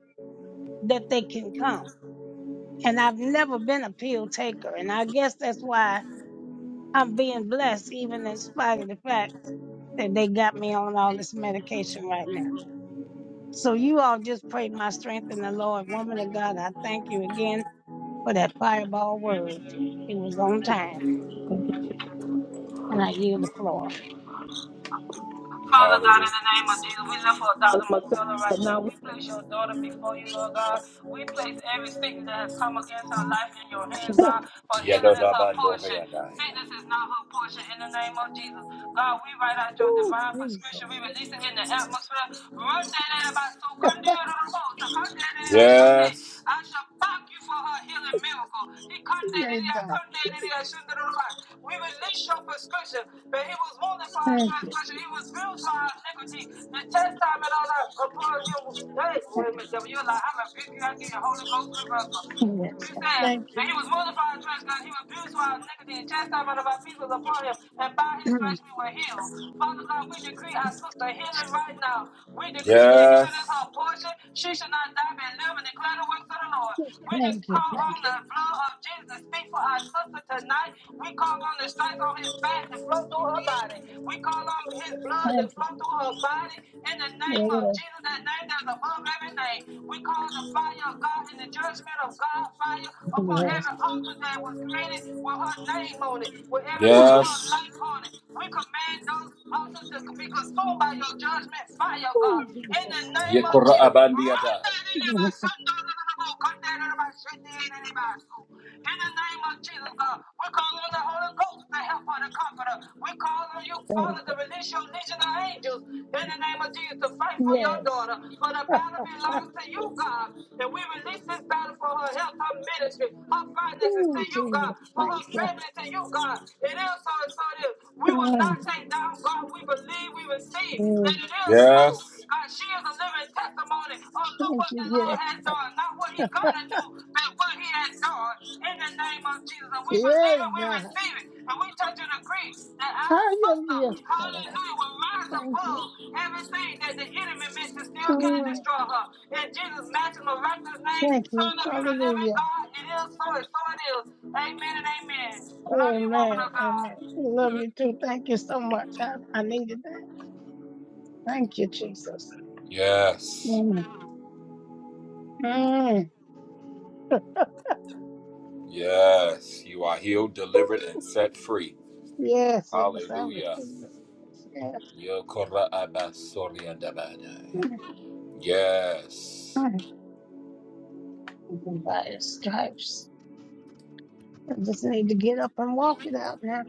[SPEAKER 15] that they can come. And I've never been a pill taker. And I guess that's why I'm being blessed, even in spite of the fact that they got me on all this medication right now. So you all just pray my strength in the Lord. Woman of God, I thank you again for that fireball word. It was on time. And I yield the floor.
[SPEAKER 8] Father God,
[SPEAKER 1] Hallelujah.
[SPEAKER 8] in the name of Jesus, we lift for Dr. Marcella right now. We place your daughter before you, Lord God. We place every sickness that has come against her life in your hands, God, for healing is her portion.
[SPEAKER 1] Yadodabandoriadaya.
[SPEAKER 8] Sickness is not her portion in the name of Jesus. God, we write out your
[SPEAKER 15] Ooh,
[SPEAKER 8] divine prescription. We
[SPEAKER 15] Jesus.
[SPEAKER 8] release it in the atmosphere. Run that about so So Sunday.
[SPEAKER 1] Yes.
[SPEAKER 8] I shall thank you for her healing miracle. He come to the come to the we release your prescription, but he was wounded for our
[SPEAKER 15] Thank you.
[SPEAKER 8] transgression. He was bruised for our iniquity. The chastisement on our, upon him. Hey,
[SPEAKER 15] Thank
[SPEAKER 8] wait a minute, devil, you're like, I rebuke you. I give you Holy Ghost reversal.
[SPEAKER 15] you.
[SPEAKER 8] You
[SPEAKER 15] Yes.
[SPEAKER 8] said
[SPEAKER 15] Thank
[SPEAKER 8] that
[SPEAKER 15] you.
[SPEAKER 8] he was wounded for our transgression. He was bruised for our iniquity. The chastisement of our peace was upon him, and by his
[SPEAKER 15] *clears throat*
[SPEAKER 8] stripes we were healed. Father God, we decree our sister healing right now. We decree that healing is her
[SPEAKER 1] Yes.
[SPEAKER 8] portion. She should not die, but live and declare the works of the Lord. We just
[SPEAKER 15] Thank you.
[SPEAKER 8] call
[SPEAKER 15] Thank
[SPEAKER 8] on
[SPEAKER 15] you.
[SPEAKER 8] the blood of Jesus to speak for our sister tonight. We call on the stripes on his back to flow through her body. We call on his blood to
[SPEAKER 15] Thank you.
[SPEAKER 8] flow through her body in the name of
[SPEAKER 15] Yes.
[SPEAKER 8] Jesus, that name that is above every name. We call the fire of God and the judgment of God fire upon
[SPEAKER 15] Yes.
[SPEAKER 8] every altar that was created with her name on it, with every
[SPEAKER 15] Ooh,
[SPEAKER 8] part of her
[SPEAKER 1] Yes.
[SPEAKER 8] life on it. We command those altars to be consumed by your judgment fire,
[SPEAKER 15] ooh,
[SPEAKER 8] God in the
[SPEAKER 15] Jesus.
[SPEAKER 8] name of
[SPEAKER 1] Yekura
[SPEAKER 8] Jesus. Run
[SPEAKER 1] abandiadai.
[SPEAKER 8] down in the
[SPEAKER 15] Mm,
[SPEAKER 8] son, down in the boat, come down in the bus, shit, down in In the name of Jesus, God, we call on the Holy Ghost, the helper, the comforter. We call on you,
[SPEAKER 15] Thank
[SPEAKER 8] Father,
[SPEAKER 15] you.
[SPEAKER 8] to release your legion of angels in the name of Jesus to fight for your
[SPEAKER 15] Yes.
[SPEAKER 8] daughter. For the
[SPEAKER 15] *laughs*
[SPEAKER 8] battle belongs to you, God. And we release this battle for her health, her ministry, her finances to
[SPEAKER 15] oh
[SPEAKER 8] you, God.
[SPEAKER 15] Jesus.
[SPEAKER 8] For
[SPEAKER 15] Thank
[SPEAKER 8] her
[SPEAKER 15] you.
[SPEAKER 8] family to you, God. It is so, and so it is. We will shall
[SPEAKER 15] Mm,
[SPEAKER 8] not take down. God, we believe, we receive that
[SPEAKER 15] mm,
[SPEAKER 8] it is so.
[SPEAKER 1] Yes.
[SPEAKER 8] God, she is a living testimony of look
[SPEAKER 15] Thank
[SPEAKER 8] what the
[SPEAKER 15] you. Yeah.
[SPEAKER 8] Lord has done, not what he gonna do, but what he has done in the name of Jesus. And we believe
[SPEAKER 15] Yeah,
[SPEAKER 8] it, we
[SPEAKER 15] God.
[SPEAKER 8] receive it, and we touch and agree that our sister,
[SPEAKER 15] Hallelujah.
[SPEAKER 8] hallelujah, will rise
[SPEAKER 15] Thank you.
[SPEAKER 8] above everything that the enemy meant to steal, kill, and
[SPEAKER 15] Mm,
[SPEAKER 8] destroy her. In Jesus' matchless, miraculous name,
[SPEAKER 15] Thank you.
[SPEAKER 8] Son of you, the living
[SPEAKER 15] Hallelujah.
[SPEAKER 8] God, it is so, and so it is. Amen and amen. Love you, woman
[SPEAKER 15] Amen.
[SPEAKER 8] of God.
[SPEAKER 15] Amen. Love you too. Thank you so much. I, I needed that. Thank you, Jesus.
[SPEAKER 1] Yes.
[SPEAKER 15] Mm. Mm.
[SPEAKER 1] Yes, you are healed, delivered, and set free.
[SPEAKER 15] Yes, yes, I was
[SPEAKER 1] Hallelujah.
[SPEAKER 15] feeling yes.
[SPEAKER 1] Yokora abasoria dabadai. Yes.
[SPEAKER 15] yes. *laughs* By the stripes. I just need to get up and walk it out now.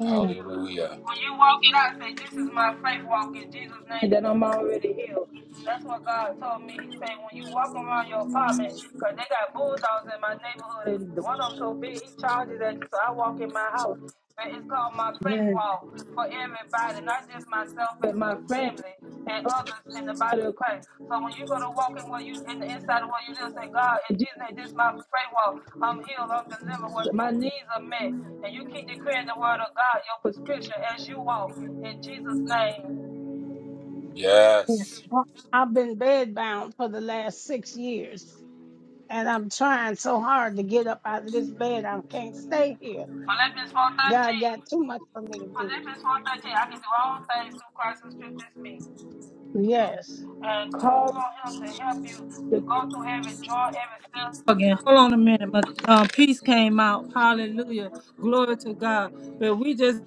[SPEAKER 15] Mm,
[SPEAKER 1] Hallelujah.
[SPEAKER 8] When you walk it out, say, This is my faith walk in Jesus' name that I'm already healed. That's what God told me. He said, When you walk around your apartment, because they got bulldogs in my neighborhood, and one of them so big, he charges at you. So I walk in my house but it's called My Faith
[SPEAKER 15] mm,
[SPEAKER 8] Walk for everybody, not just myself, but my family and others in the body of Christ. So when you go to walk in where you in the inside of where you live, say, God, in Jesus' name, this is my faith walk. I'm healed, I'm delivered, what my needs are met. And you keep declaring the word of God, your prescription as you walk in Jesus' name.
[SPEAKER 15] yeah.
[SPEAKER 1] Yes.
[SPEAKER 15] Well, I've been bedbound for the last six years, and I'm trying so hard to get up out of this bed. I can't stay here.
[SPEAKER 8] Philippians
[SPEAKER 15] God got
[SPEAKER 8] 4.13.
[SPEAKER 15] too much for me to do.
[SPEAKER 8] Philippians 4.13, I can do all things through Christ who strengthens me.
[SPEAKER 15] Yes,
[SPEAKER 8] and call on him to help you to go through every drawer, every cell. Again, hold on a minute. My um, peace came out. Hallelujah. Glory to God. But we just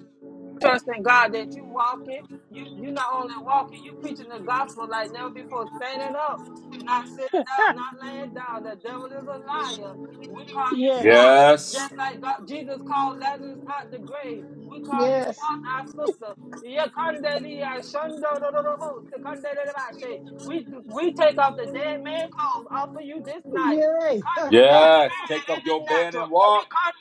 [SPEAKER 8] trusting God that you walking. You you not only walking, you preaching the gospel like never before, standing up, not sitting
[SPEAKER 15] *laughs*
[SPEAKER 8] down, not laying down. The devil is a liar. We call you
[SPEAKER 15] yes,
[SPEAKER 8] forth.
[SPEAKER 1] Yes.
[SPEAKER 8] Just like God, Jesus called Lazarus out the grave. We call you
[SPEAKER 15] yes.
[SPEAKER 8] forth, our sister. Yekandeli ashando do sekandeli bashe. We we take off the dead man clothes off of you this night. He
[SPEAKER 15] Yay! *laughs*
[SPEAKER 8] come in the
[SPEAKER 1] Yes.
[SPEAKER 8] spirit
[SPEAKER 1] Take
[SPEAKER 8] and
[SPEAKER 1] up
[SPEAKER 8] in the
[SPEAKER 1] your bed
[SPEAKER 8] natural.
[SPEAKER 1] and
[SPEAKER 8] He
[SPEAKER 1] walk.
[SPEAKER 8] come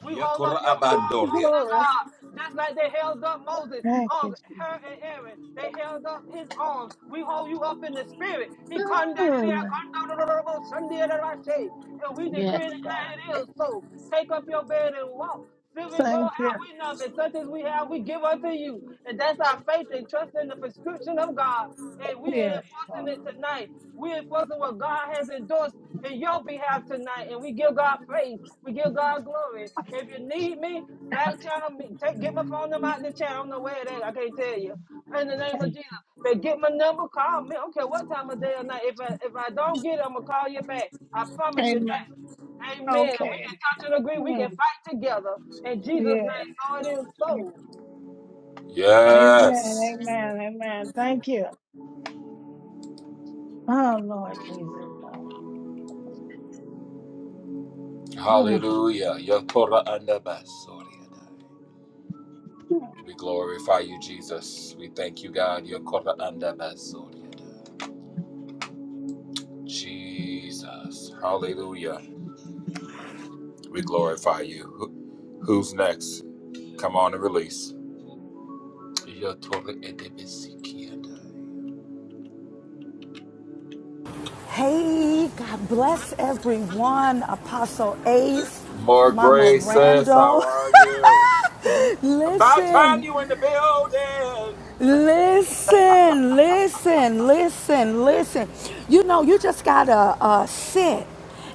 [SPEAKER 8] we hold up
[SPEAKER 1] Yokora
[SPEAKER 8] your arm,
[SPEAKER 1] abandoria.
[SPEAKER 8] woman of
[SPEAKER 15] Glory.
[SPEAKER 8] God. Just like they held up Moses,
[SPEAKER 15] Thank you,
[SPEAKER 8] um, her
[SPEAKER 15] Jesus.
[SPEAKER 8] and Aaron, they held up his arms. We hold you up in the spirit. He condemned it,
[SPEAKER 15] Mm,
[SPEAKER 8] condemned Sunday and Rache. And we decree and
[SPEAKER 15] Yes,
[SPEAKER 8] declare it is so. Take up your bed and walk. Silver and gold
[SPEAKER 15] Thank you.
[SPEAKER 8] have we none, but such as we have, we give unto you. And that's our faith and trust in the prescription of God and we're
[SPEAKER 15] Yes,
[SPEAKER 8] enforcing
[SPEAKER 15] Lord.
[SPEAKER 8] it tonight. We're enforcing what God has endorsed in your behalf tonight, and we give God praise. We give God glory. If you need me, back channel me. Take get my phone number out the chat. I don't know where it is. I can't tell you. In the name of Jesus, but get my number. Call me. I don't care what time of day or night. If I if I don't get it, I'm gonna call you back. I promise you that.
[SPEAKER 15] Amen.
[SPEAKER 8] Amen. And we
[SPEAKER 15] Okay.
[SPEAKER 8] can touch and agree. We can
[SPEAKER 15] Mm,
[SPEAKER 8] fight together in Jesus' name.
[SPEAKER 15] Yes.
[SPEAKER 8] So it is
[SPEAKER 15] Amen.
[SPEAKER 8] so.
[SPEAKER 1] Yes.
[SPEAKER 15] Amen. Amen. Thank you. Oh, Lord Jesus. Mm.
[SPEAKER 1] Hallelujah. Yokora andabasoria dai. We glorify you, Jesus. We thank you, God. Yokora andabasoria dai. Jesus. Hallelujah. We glorify you. Who- Who's next? Come on and release.
[SPEAKER 13] Hey, God bless everyone. Apostle Ace,
[SPEAKER 1] More
[SPEAKER 13] Mama
[SPEAKER 1] grace, sis. How
[SPEAKER 13] Randall.
[SPEAKER 1] are you?
[SPEAKER 13] *laughs*
[SPEAKER 1] About time
[SPEAKER 13] Listen.
[SPEAKER 1] you in the building.
[SPEAKER 13] Listen, listen, listen, listen. You know, you just gotta uh, sit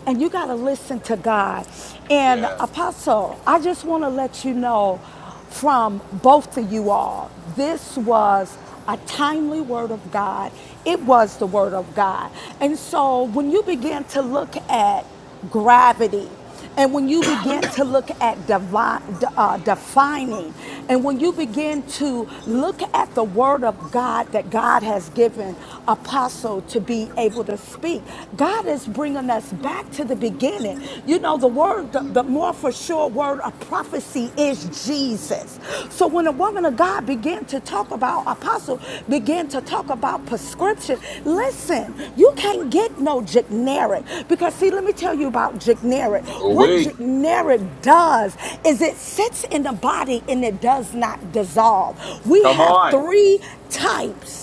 [SPEAKER 13] and you gotta listen to God. And
[SPEAKER 1] Yes.
[SPEAKER 13] Apostle, I just want to let you know from both of you all, this was a timely word of God. It was the word of God. And so when you begin to look at gravity, and when you begin to look at divi- uh, defining, and when you begin to look at the word of God that God has given apostle to be able to speak, God is bringing us back to the beginning. You know, the word, the, the more for sure word of prophecy is Jesus. Christ. So when a woman of God began to talk about apostle, began to talk about prescription, listen, you can't get no generic because see, let me tell you about generic. What
[SPEAKER 1] We.
[SPEAKER 13] generic does is it sits in the body and it does not dissolve. We
[SPEAKER 1] Come
[SPEAKER 13] have
[SPEAKER 1] on.
[SPEAKER 13] three types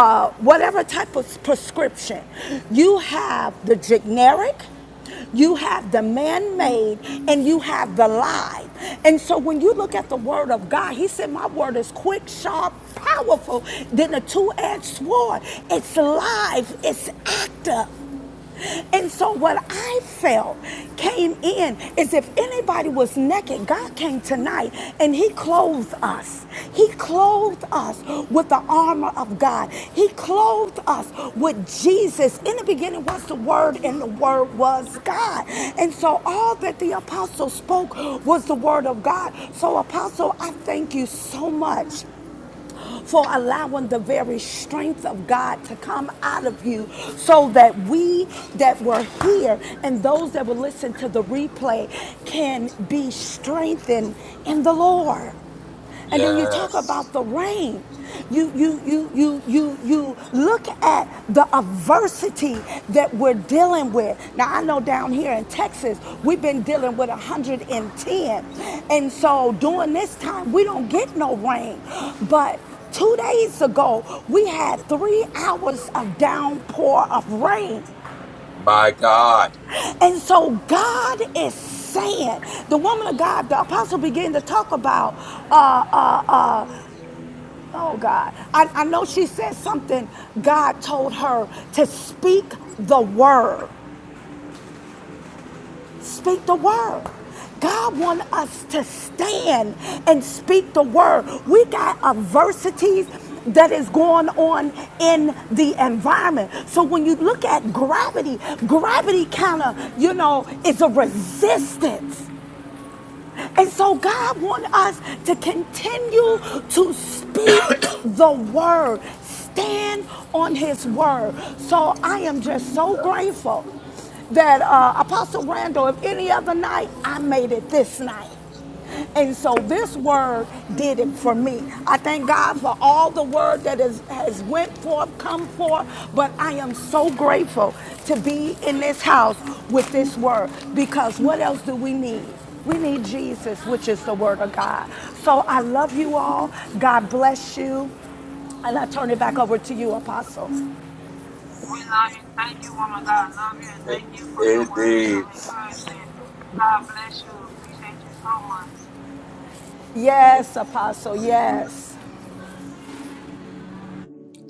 [SPEAKER 13] uh, whatever type of prescription. You have the generic, you have the man made, and you have the lie. And so when you look at the word of God, he said, My word is quick, sharp, powerful, than a two edged sword. It's live, it's active. And so what I felt came in is if anybody was naked, God came tonight and he clothed us. He clothed us with the armor of God. He clothed us with Jesus. In the beginning was the word and the word was God. And so all that the apostle spoke was the word of God. So apostle, I thank you so much for allowing the very strength of God to come out of you so that we that were here and those that will listen to the replay can be strengthened in the Lord. And then you talk about
[SPEAKER 1] Yes.
[SPEAKER 13] the rain. You you you look adversity that we're dealing with. Now, I know down here in Texas, we've been dealing with 110. And so during this time, we don't get no rain. But two days ago, we had three hours of downpour of rain.
[SPEAKER 1] My God.
[SPEAKER 13] And so God is saying, the woman of God, the apostle began to talk about, uh, uh, uh, oh God, I, I know she said something, God told her to speak the word. Speak the word. God wants us to stand and speak the word. We got adversities that is going on in the environment. So when you look at gravity, gravity kind of, you know, is a resistance and so God wants us to continue to speak the word, stand on his word. So I am just so grateful that uh, Apostle Randall, if any other night, I made it this night. And so this word did it for me. I thank God for all the word that is, has went forth, come forth, but I am so grateful to be in this house with this word because what else do we need? We need Jesus, which is the word of God. So I love you all. God bless you. And I turn it back over to you, Apostle.
[SPEAKER 8] We love you. Thank you, woman. God, love you and thank you for your words
[SPEAKER 1] Indeed.
[SPEAKER 8] of encouragement. God bless you. Appreciate you so much.
[SPEAKER 13] Yes, Apostle, yes.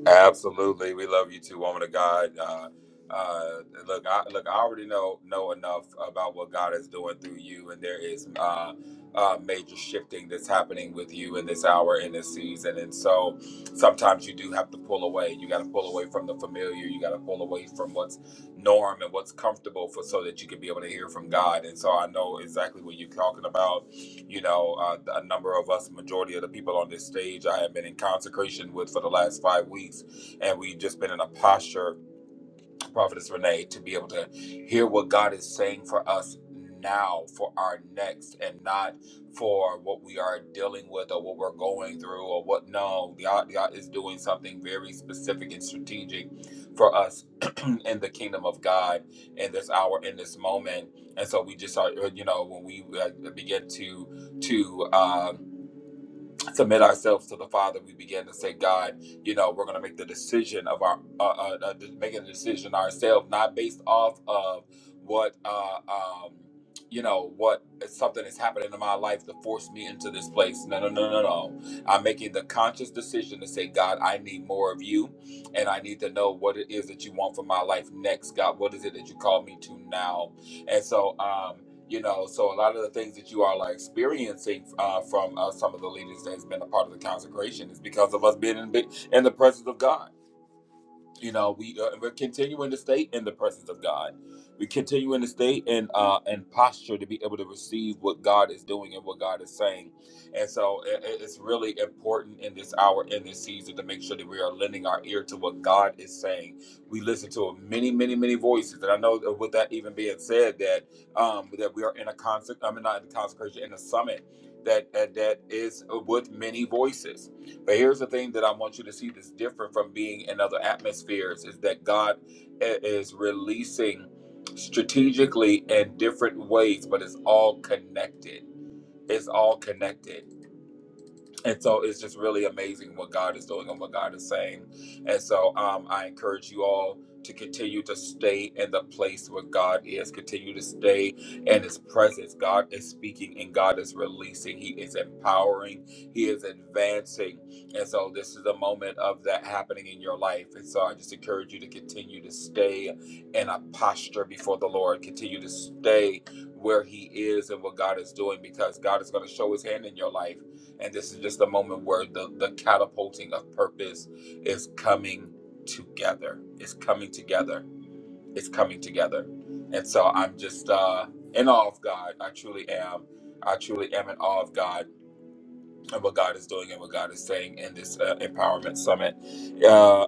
[SPEAKER 1] Absolutely, we love you too, woman of God. Uh, uh, look, I, look, I already know know enough about what God is doing through you, and there is uh, uh, major shifting that's happening with you in this hour, in this season, and so sometimes you do have to pull away. You got to pull away from the familiar. You got to pull away from what's norm and what's comfortable, for so that you can be able to hear from God. And so I know exactly what you're talking about you know, uh, a number of us, majority of the people on this stage, I have been in consecration with for the last five weeks, and we've just been in a posture, Prophetess Renee, to be able to hear what God is saying for us now, for our next, and not for what we are dealing with or what we're going through or what. No, God, God is doing something very specific and strategic for us *clears throat* in the kingdom of God in this hour, in this moment. And so we just are, you know, when we uh, begin to to um, submit ourselves to the Father, we begin to say, God, you know, we're going to make the decision of our, uh, uh, uh, making a decision ourselves, not based off of what, uh, um, you know, what something is happening in my life to force me into this place. No, no, no, no, no. I'm making the conscious decision to say, God, I need more of you, and I need to know what it is that you want for my life next. God, what is it that you call me to now? And so, um, you know so a lot of the things that you all are experiencing uh, from uh, some of the leaders that's been a part of the consecration is because of us being in, in the presence of god you know we uh, we're continuing to stay in the presence of god we continuing to stay in uh in posture to be able to receive what god is doing and what god is saying and so i- i- it's really important in this hour in this season to make sure that we are lending our ear to what god is saying we listen to many many many voices and i know that with that even being said that um that we are in a concert i mean not in the consecration in a summit that that, that is uh, with many voices but here's the thing that I want you to see that's different from being in other atmospheres is that God i- is releasing strategically in different ways, but it's all connected. It's all connected and so it's just really amazing what God is doing and what God is saying. And so um, I encourage you all to continue to stay in the place where God is, continue to stay in His presence. God is speaking and God is releasing, He is empowering, He is advancing. And so this is a moment of that happening in your life. And so I just encourage you to continue to stay in a posture before the Lord, continue to stay where He is and what God is doing because God is going to show His hand in your life. And this is just a moment where the, the catapulting of purpose is coming together. It's coming together. It's coming together. And so I'm just uh, in awe of God. I truly am. I truly am in awe of God of what God is doing and what God is saying in this uh, empowerment summit. Uh,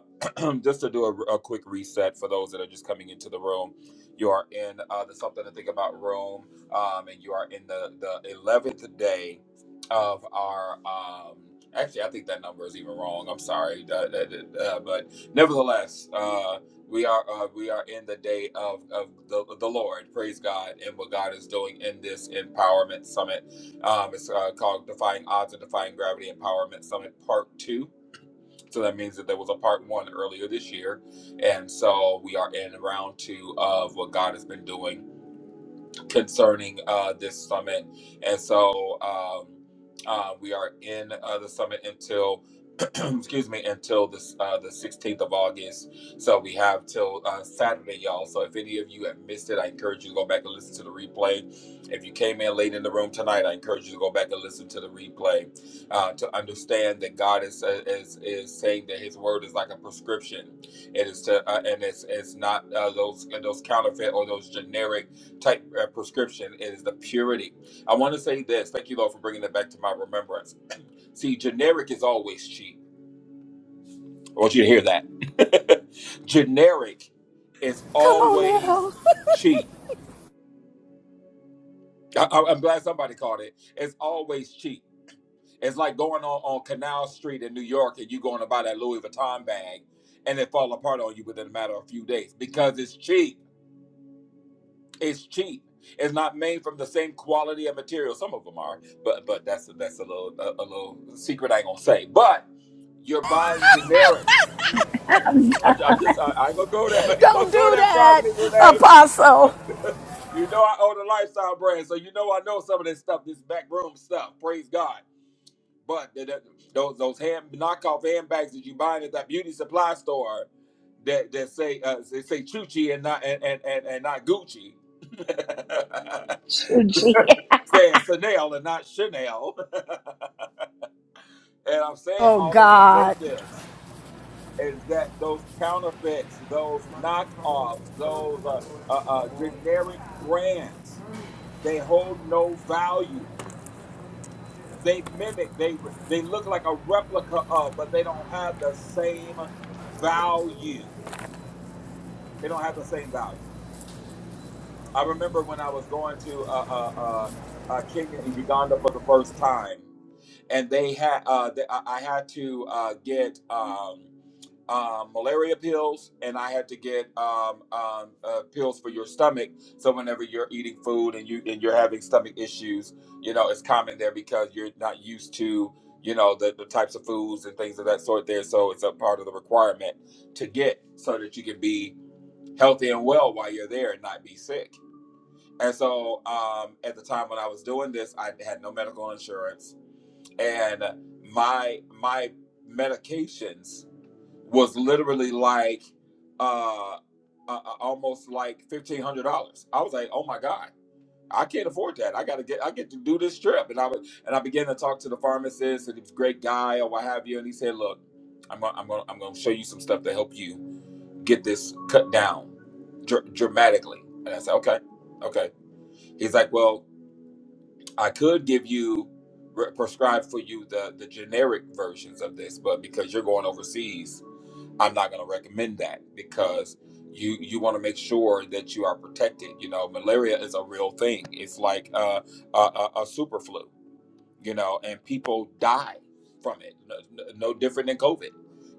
[SPEAKER 1] *clears throat* just to do a, a quick reset for those that are just coming into the room, you are in uh, the Something to Think About room, um, and you are in the the eleventh day of our. Um, Actually, I think that number is even wrong. I'm sorry, Uh, that- that- uh, but nevertheless, uh, we are uh, we are in the day of of the, the Lord. Praise God and what God is doing in this empowerment summit um, it's uh, called Defying Odds and Defying Gravity Empowerment Summit Part 2. So that means that there was a part one earlier this year. And so we are in round two of what God has been doing concerning uh, this summit. And so um, uh, we are in uh, the summit until *clears throat* excuse me, until this uh, the 16th of August. So we have till uh, Saturday, y'all. So if any of you have missed it, I encourage you to go back and listen to the replay. If you came in late in the room tonight, I encourage you to go back and listen to the replay uh, to understand that God is, uh, is is saying that His word is like a prescription. It is to uh, and it's it's not uh, those uh, those counterfeit or those generic type uh, prescription. It is the purity. I want to say this. Thank you, Lord, for bringing that back to my remembrance. See, generic is always cheap I want you to hear that. *laughs* Generic is
[SPEAKER 13] Come on
[SPEAKER 1] always
[SPEAKER 13] now. *laughs*
[SPEAKER 1] cheap. I, I- I'm glad somebody caught it. It's always cheap. It's like going on, on Canal Street in New York and you going to buy that Louis Vuitton bag and it fall apart on you within a matter of a few days because it's cheap. It's cheap. It's not made from the same quality of material. Some of them are, but but that's that's a little a, a little secret I ain't gonna say. But you're buying generic.
[SPEAKER 11] *laughs* I'm
[SPEAKER 1] I'm,
[SPEAKER 11] done,
[SPEAKER 1] I'm just I, I ain't gonna go there. *laughs* I ain't gonna
[SPEAKER 13] Don't
[SPEAKER 1] go
[SPEAKER 13] do
[SPEAKER 1] there.
[SPEAKER 13] that,
[SPEAKER 1] Providence Renee.
[SPEAKER 13] Apostle.
[SPEAKER 1] You know I own a lifestyle brand, so you know I know some of this stuff, this backroom stuff. Praise God. But th- th- those those hand knockoff handbags that you buy at that beauty supply store that that say uh, they say Chuchi and not and and, and, and not Gucci,
[SPEAKER 11] Chuchi.
[SPEAKER 1] *laughs* saying Chanel and not Chanel. *laughs* And I'm saying
[SPEAKER 13] Oh,
[SPEAKER 1] all that to say
[SPEAKER 13] God.
[SPEAKER 1] this is that those counterfeits, those knockoffs, those uh, uh, uh, generic brands, they hold no value They mimic, they they look like a replica of, but they don't have the same value. They don't have the same value. I remember when I was going to uh, uh, uh, uh, Kenya and Uganda for the first time, and they had uh, they, I I had to uh, get. um, um, malaria pills, and I had to get um, um, uh, pills for your stomach. So whenever you're eating food and you and you're having stomach issues, you know it's common there because you're not used to you know the, the types of foods and things of that sort there. So it's a part of the requirement to get so that you can be healthy and well while you're there and not be sick. And so um, at the time when I was doing this, I had no medical insurance, and my my medications was literally like uh, uh uh, almost like fifteen hundred dollars. I was like, oh my god, I can't afford that. I gotta get I get to do this trip, and I was and I began to talk to the pharmacist and he was a great guy or what have you, and he said, look, I'm gonna, I'm gonna I'm gonna show you some stuff to help you get this cut down dr- dramatically. And I said, okay, okay. He's like, well, I could give you re- prescribe for you the the generic versions of this, but because you're going overseas I'm not going to recommend that because you you want to make sure that you are protected. You know, malaria is a real thing. It's like uh, a, a, a super flu. You know, and people die from it. No, no no different than COVID.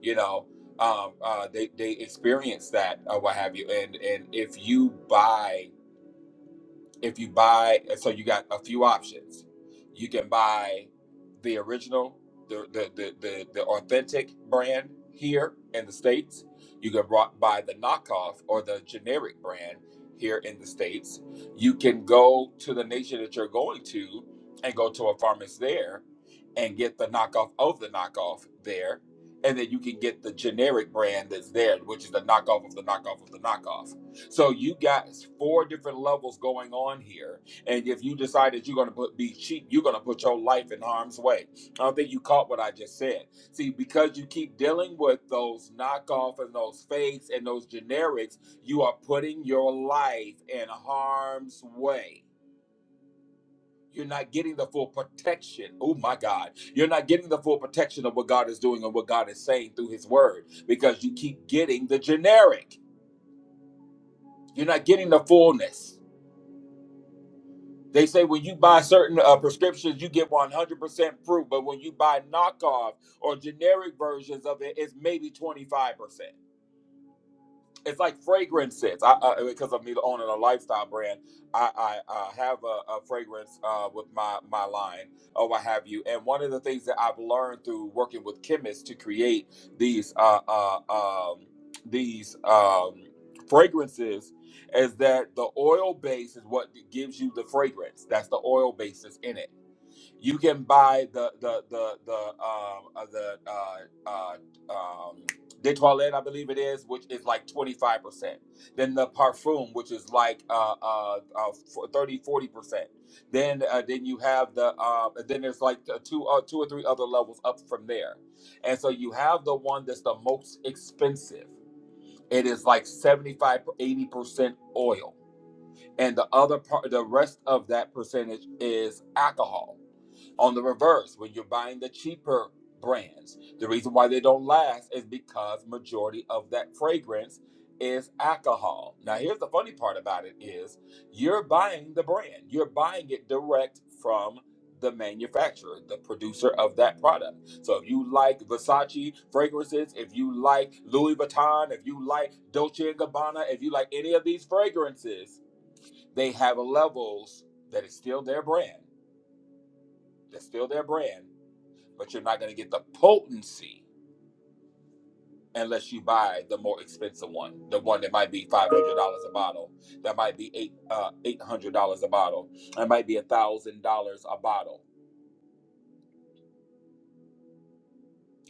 [SPEAKER 1] You know, um, uh, they they experience that or what have you. And and if you buy if you buy, and so you got a few options. You can buy the original, the the the the, the authentic brand here in the states. You can bro- buy the knockoff or the generic brand here in the states. You can go to the nation that you're going to and go to a pharmacist there and get the knockoff of the knockoff there. And then you can get the generic brand that's there, which is the knockoff of the knockoff of the knockoff so you got four different levels going on here, and if you decide that you're going to put, be cheap, you're going to put your life in harm's way. I don't think you caught what I just said. See, because you keep dealing with those knockoff and those fakes and those generics, you are putting your life in harm's way. You're not getting the full protection. Oh my God. You're not getting the full protection of what God is doing and what God is saying through His Word because you keep getting the generic. You're not getting the fullness. They say when you buy certain uh, prescriptions, you get 100% fruit, but when you buy knockoff or generic versions of it, it's maybe 25% it's like fragrances. I, I because of me owning a lifestyle brand, I I, I have a, a fragrance uh, with my my line or what have you. And one of the things that I've learned through working with chemists to create these uh, uh, um, these um, fragrances is that the oil base is what gives you the fragrance. That's the oil basis in it you can buy the the the the um uh, the uh uh um de toilette, I believe it is, which is like 25%. Then the parfum, which is like uh uh, uh f- 30 forty percent Then uh, then you have the uh then there's like the two uh, two or three other levels up from there. And so you have the one that's the most expensive. It is like seventy five eighty percent oil and the other part the rest of that percentage is alcohol on the reverse when you're buying the cheaper brands the reason why they don't last is because majority of that fragrance is alcohol now here's the funny part about it is you're buying the brand you're buying it direct from the manufacturer the producer of that product so if you like versace fragrances if you like louis vuitton if you like dolce and gabbana if you like any of these fragrances they have levels that is still their brand. That's still their brand, but you're not going to get the potency unless you buy the more expensive one, the one that might be five hundred dollars a bottle, that might be eight uh, eight hundred dollars a bottle, that might be a thousand dollars a bottle.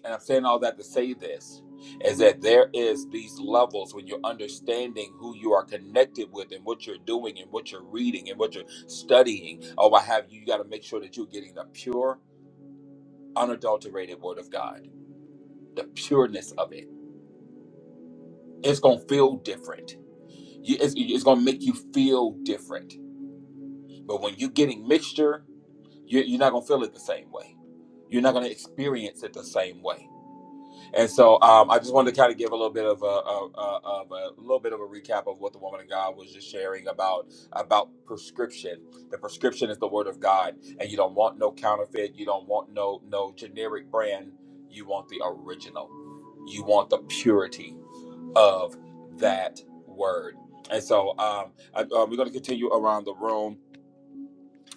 [SPEAKER 1] And I'm saying all that to say this is that there is these levels when you're understanding who you are connected with and what you're doing and what you're reading and what you're studying or what have you. You got to make sure that you're getting the pure unadulterated word of God, the pureness of it. It's gonna feel different. You, it's, it's gonna make you feel different. But when you're getting mixture, you, you're not gonna feel it the same way. You're not gonna experience it the same way And so um, I just wanted to kind of give a little bit of a, a, a, of a little bit of a recap of what the woman of God was just sharing about about prescription. The prescription is the word of God, and you don't want no counterfeit. You don't want no no generic brand. You want the original. You want the purity of that word. And so um, I, uh, we're going to continue around the room.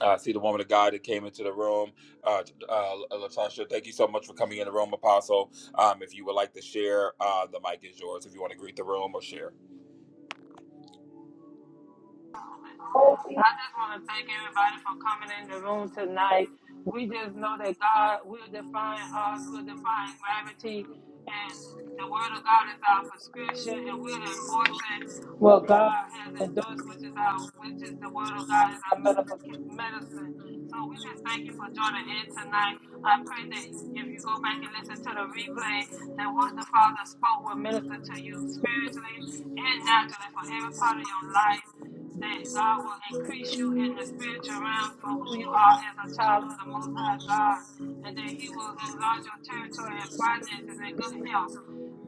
[SPEAKER 1] Uh, I see the woman of God that came into the room. Uh, uh, Latasha, thank you so much for coming in the room, Apostle. Um, if you would like to share, uh, the mic is yours. If you want to greet the room or share,
[SPEAKER 8] I just want to thank everybody for coming in the room tonight. We just know that God will define us, will define gravity, and the Word of God is our prescription, and we're enforcing what God has endorsed, which is our, which is the Word of God is our medifica- medicine. So we just thank you for joining in tonight. I pray that if you go back and listen to the replay, that what the Father spoke will minister to you spiritually and naturally for every part of your life that God will increase you in the spiritual realms for who you are as a child of the Most High God, and that He will enlarge your territory and finances and good health.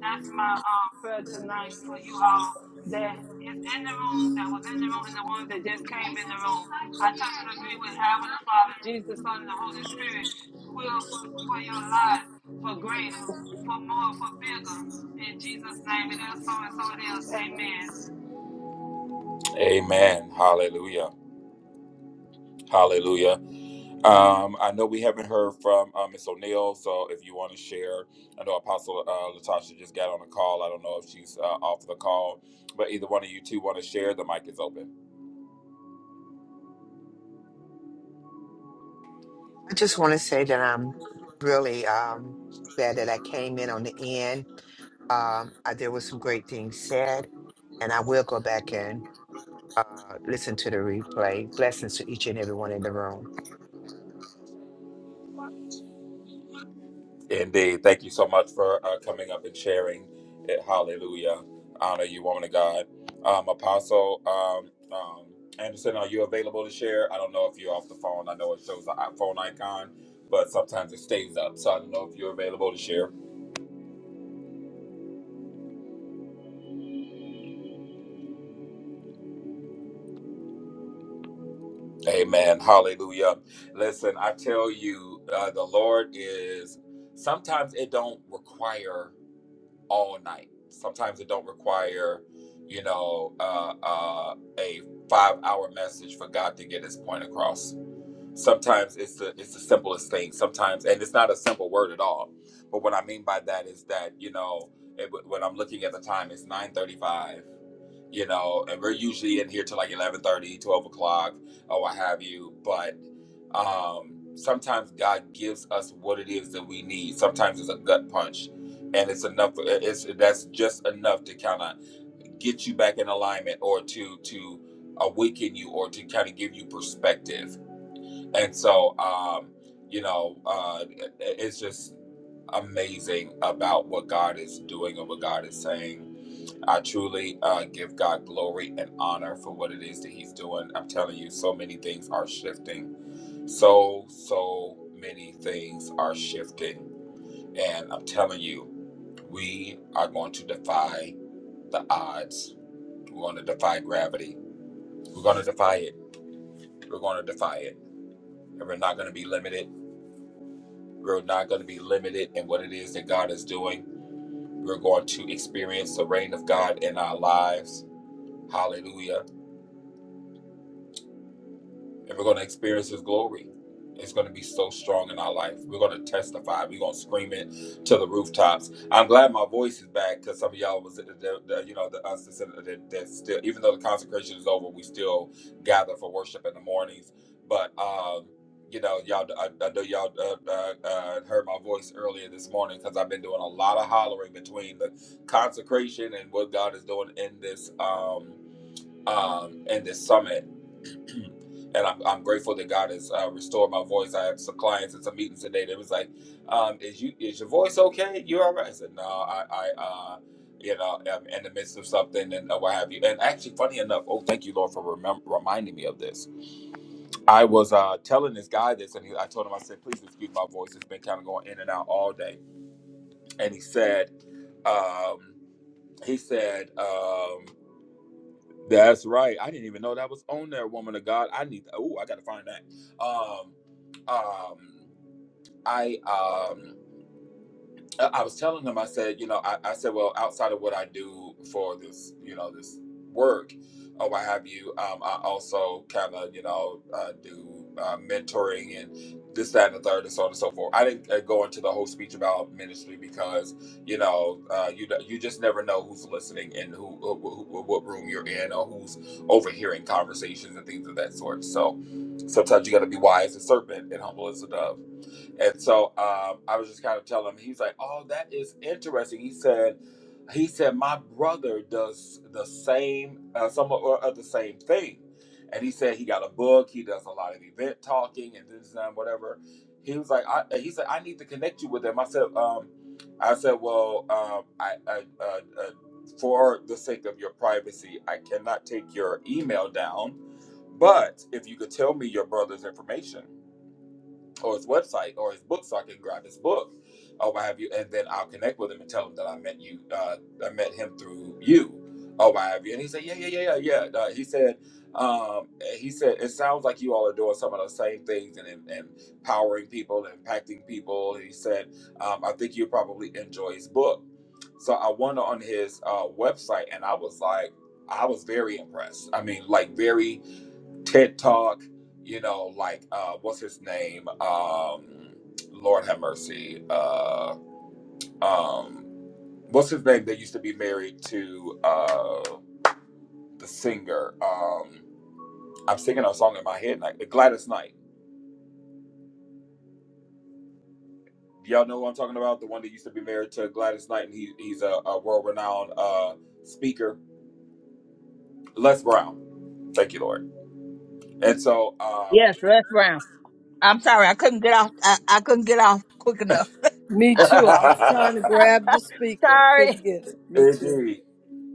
[SPEAKER 8] That's my uh, prayer tonight for you all that is in the room, that was in the room, and the ones that just came in the room. I touch and agree with Abba the Father, Jesus, the Son, and the Holy Spirit will for, for your lives, for greater, for more, for bigger. In Jesus' name, it is so and so it is. Amen.
[SPEAKER 1] Amen. Hallelujah. Hallelujah. Um, I know we haven't heard from uh, Miss O'Neill, so if you want to share, I know Apostle uh, Latasha just got on a call. I don't know if she's uh, off the call, but either one of you two want to share, the mic is open.
[SPEAKER 16] I just want to say that I'm really um, glad that I came in on the end. Um, I, there was some great things said, and I will go back and uh, listen to the replay. Blessings to each and everyone in the room.
[SPEAKER 1] Indeed. Thank you so much for uh, coming up and sharing it. Hallelujah. Honor you, woman of God. Um, Apostle um, um, Anderson, are you available to share? I don't know if you're off the phone. I know it shows the i- phone icon, but sometimes it stays up. So I don't know if you're available to share. Amen. Hallelujah. Listen, I tell you, uh, the Lord is, sometimes it don't require. all night. Sometimes it don't require, you know, uh, uh, a five hour message for God to get His point across sometimes it's the it's the simplest thing sometimes and it's not a simple word at all but what i mean by that is that you know it, when i'm looking at the time it's 9.35 you know and we're usually in here till like eleven thirty, twelve o'clock or what have you but um sometimes god gives us what it is that we need sometimes it's a gut punch and it's enough it's that's just enough to kind of get you back in alignment or to to awaken you or to kind of give you perspective and so um you know uh it- it's just amazing about what god is doing and what god is saying i truly uh give god glory and honor for what it is that he's doing i'm telling you so many things are shifting so so many things are shifting and i'm telling you we are going to defy the odds we're going to defy gravity we're going to defy it we're going to defy it and we're not going to be limited We're not going to be limited in what it is that God is doing. We're going to experience the reign of God in our lives. Hallelujah. and we're going to experience his glory. It's going to be so strong in our life. We're going to testify. We're going to scream it to the rooftops. I'm glad my voice is back because some of y'all was, the, the, the- you know, the, us that's, that, that's still, even though the consecration is over, we still gather for worship in the mornings. But, um, you know, y'all, I, I know y'all uh, uh, uh, heard my voice earlier this morning because I've been doing a lot of hollering between the consecration and what God is doing in this, um, um, in this summit and I'm, I'm grateful that God has uh, restored my voice. I have some clients and some meetings today that was like, um, "Is you is your voice okay? You all right?" I said, "No, I, I uh, you know, I'm in the midst of something and uh, what have you." And actually, funny enough, oh, thank you, Lord, for remem- reminding me of this. I was uh, telling this guy this, and he, I told him, I said, "Please excuse my voice. It's been kind of going in and out all day." And he said, um, he said. Um, that's right. I didn't even know that was on there, woman of God. I need. Oh, I gotta find that. Um, um, I um. I I was telling them, I said, you know, I, I said, well, outside of what I do for this, you know, this work or what have you, um, I also kind of, you know, uh, do uh, mentoring and this, that, and the third, and so on and so forth. I didn't uh, go into the whole speech about ministry because, you know, uh, you d- you just never know who's listening and who, who, who what room you're in or who's overhearing conversations and things of that sort. So sometimes you got to be wise as a serpent and humble as a dove. And so um, I was just kind of telling him, he's like, Oh, that is interesting. He said, he said, my brother does the same, uh, somewhat or other same thing. And he said he got a book. He does a lot of event talking and this and that, whatever. He was like, I, he said, I need to connect you with him. I said, um, I said, well, um, I, I uh, uh, for the sake of your privacy, I cannot take your email down. But if you could tell me your brother's information, or his website or his book so I can grab his book or what have you, and then I'll connect with him and tell him that I met you, uh, I met him through you or what have you. And he said, yeah, yeah, yeah, yeah, yeah. Uh, he said, um, he said, it sounds like you all are doing some of the same things and, and and empowering people and impacting people. And he said, um, I think you probably enjoy his book. So I went on his uh, website and I was like, I was very impressed. I mean, like very TED Talk, you know, like uh what's his name? Um Lord have mercy. Uh um what's his name that used to be married to uh the singer? Um I'm singing a song in my head like Gladys Knight. Y'all know who I'm talking about? The one that used to be married to Gladys Knight and he he's a, a world renowned uh speaker. Les Brown. Thank you, Lord. And so um
[SPEAKER 7] yes let's round i'm sorry i couldn't get off i, I couldn't get off quick enough
[SPEAKER 9] Me too. I was
[SPEAKER 1] *laughs*
[SPEAKER 9] trying to grab the speaker. Couldn't
[SPEAKER 7] sorry
[SPEAKER 9] get it. Me too.
[SPEAKER 1] Indeed.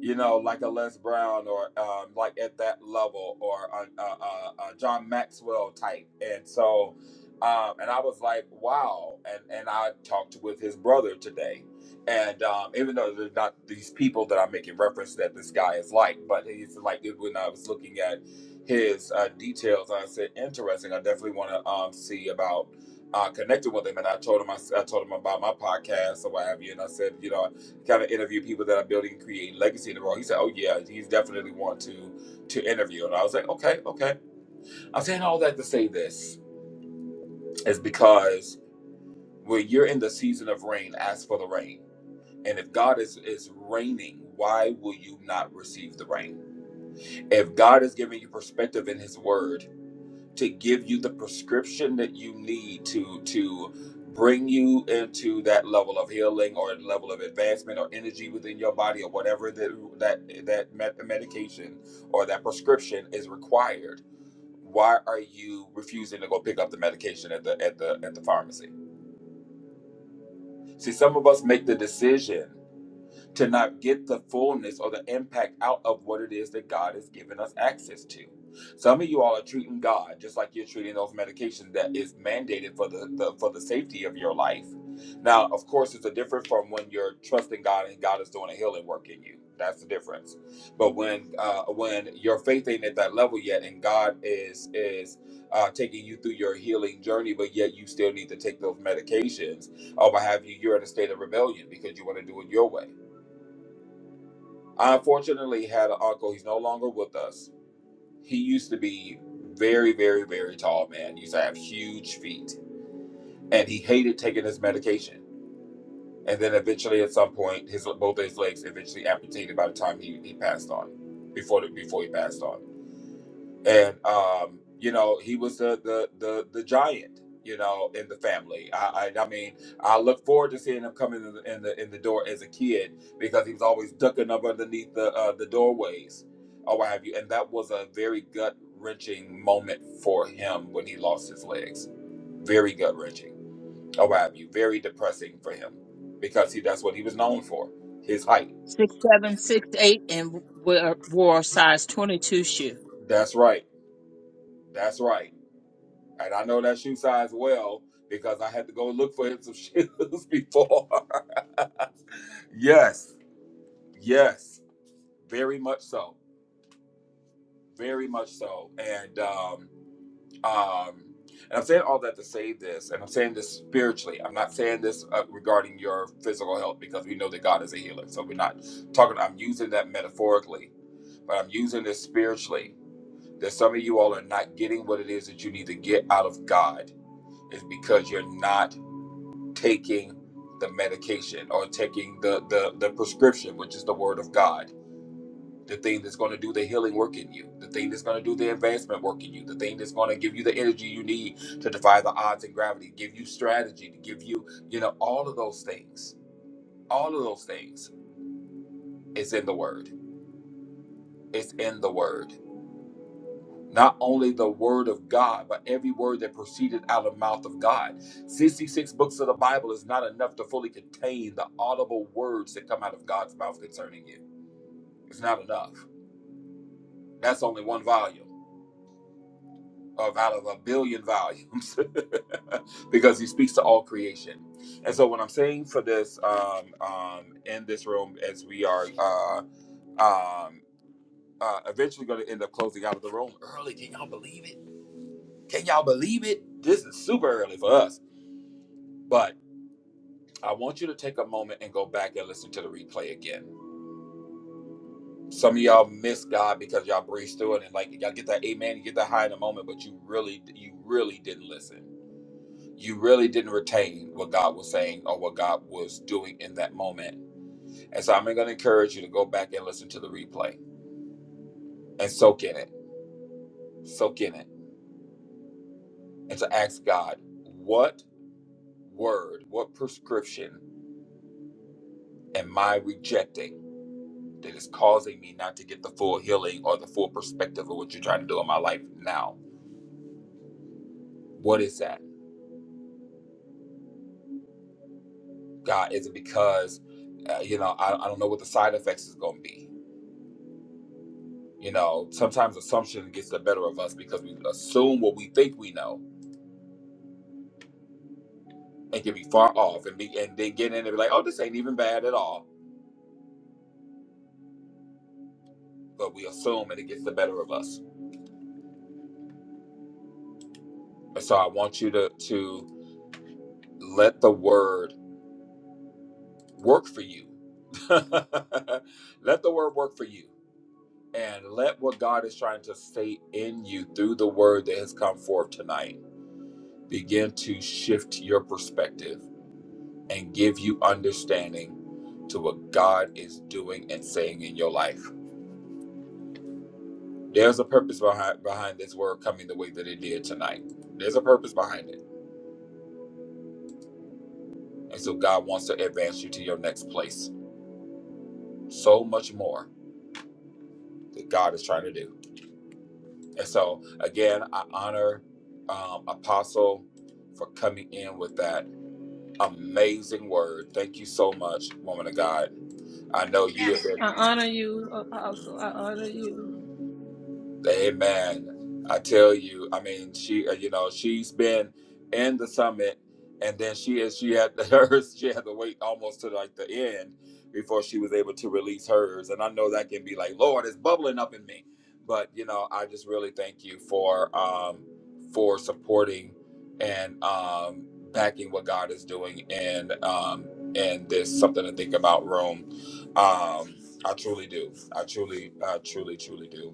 [SPEAKER 1] you know, like a Les Brown or um, like at that level or a, a, a, John Maxwell type. And so, um, and I was like, wow. And and I talked with his brother today. And um, even though they're not these people that I'm making reference that this guy is like, but he's like when I was looking at his uh, details, I said, interesting. I definitely want to um, see about uh, connecting with him. And I told him, I, s- I told him about my podcast or what have you. And I said, you know, kind of interview people that are building and creating legacy in the world. He said, "Oh yeah, he's definitely want to to interview." And I was like, "Okay, okay." I'm saying all that to say this is because when you're in the season of rain, ask for the rain. And if God is is raining, why will you not receive the rain? If God is giving you perspective in His Word, to give you the prescription that you need to to bring you into that level of healing or level of advancement or energy within your body or whatever that that that med- medication or that prescription is required why are you refusing to go pick up the medication at the at the at the pharmacy see some of us make the decision to not get the fullness or the impact out of what it is that God has given us access to. Some of you all are treating God just like you're treating those medications that is mandated for the, the for the safety of your life. Now, of course, it's a difference from when you're trusting God and God is doing a healing work in you. That's the difference. But when uh, when your faith ain't at that level yet, and God is is uh, taking you through your healing journey, but yet you still need to take those medications, or what have you, you're in a state of rebellion because you want to do it your way. I unfortunately had an uncle. He's no longer with us. He used to be very, very, very tall man. He Used to have huge feet, and he hated taking his medication. And then eventually, at some point, his both of his legs eventually amputated by the time he, he passed on. Before the, before he passed on and um, you know he was the the the, the giant you know in the family I, I i mean i look forward to seeing him coming in the, in the in the door as a kid because he was always ducking up underneath the uh, the doorways or what have you and that was a very gut wrenching moment for him when he lost his legs very gut wrenching or what have you very depressing for him because he that's what he was known for his height
[SPEAKER 7] six seven six eight and we wore a size 22 shoe
[SPEAKER 1] that's right that's right And I know that shoe size well because I had to go look for him some *laughs* shoes before. yes, yes, very much so, very much so. And um, um, and I'm saying all that to say this, and I'm saying this spiritually. I'm not saying this uh, regarding your physical health because we know that God is a healer. So we're not talking. I'm using that metaphorically, but I'm using this spiritually. That some of you all are not getting what it is that you need to get out of God is because you're not taking the medication or taking the, the, the prescription, which is the word of God, the thing that's going to do the healing work in you, the thing that's going to do the advancement work in you, the thing that's going to give you the energy you need to defy the odds and gravity, give you strategy, to give you, you know, all of those things. All of those things is in the word. It's in the word. not only the word of God, but every word that proceeded out of the mouth of God. 66 books of the Bible is not enough to fully contain the audible words that come out of God's mouth concerning you. It's not enough. That's only one volume of out of a billion volumes *laughs* because he speaks to all creation. And so what I'm saying for this um, um, in this room as we are uh, um, uh, eventually going to end up closing out of the room early. Can y'all believe it? Can y'all believe it? This is super early for us. But I want you to take a moment and go back and listen to the replay again. Some of y'all miss God because y'all breeze through it and like y'all get that amen, you get that high in a moment, but you really, you really didn't listen. You really didn't retain what God was saying or what God was doing in that moment. And so I'm going to encourage you to go back and listen to the replay and soak in it, soak in it, and to ask God, what word, what prescription am I rejecting? that is causing me not to get the full healing or the full perspective of what you're trying to do in my life now? What is that? God, is it because, uh, you know, I, I don't know what the side effects is going to be? You know, sometimes assumption gets the better of us because we assume what we think we know and can be far off and be and then get in and be like, oh, this ain't even bad at all. But we assume and it gets the better of us. And so I want you to to let the word work for you. *laughs* let the word work for you and let what God is trying to say in you through the word that has come forth tonight begin to shift your perspective and give you understanding to what God is doing and saying in your life. There's a purpose behind behind this word coming the way that it did tonight. There's a purpose behind it. And so God wants to advance you to your next place. So much more that God is trying to do. And so again, I honor um, Apostle for coming in with that Amazing word. Thank you so much, woman of God. I know you have been Amen. I tell you, I mean, she, uh, you know, she's been in the summit, and then she is she had *laughs* hers. She had to wait almost to like the end before she was able to release hers. And I know that can be like, Lord, it's bubbling up in me. But you know, I just really thank you for um, for supporting and um, backing what God is doing in um, in this something to think about room. Um, I truly do. I truly, I truly, truly do.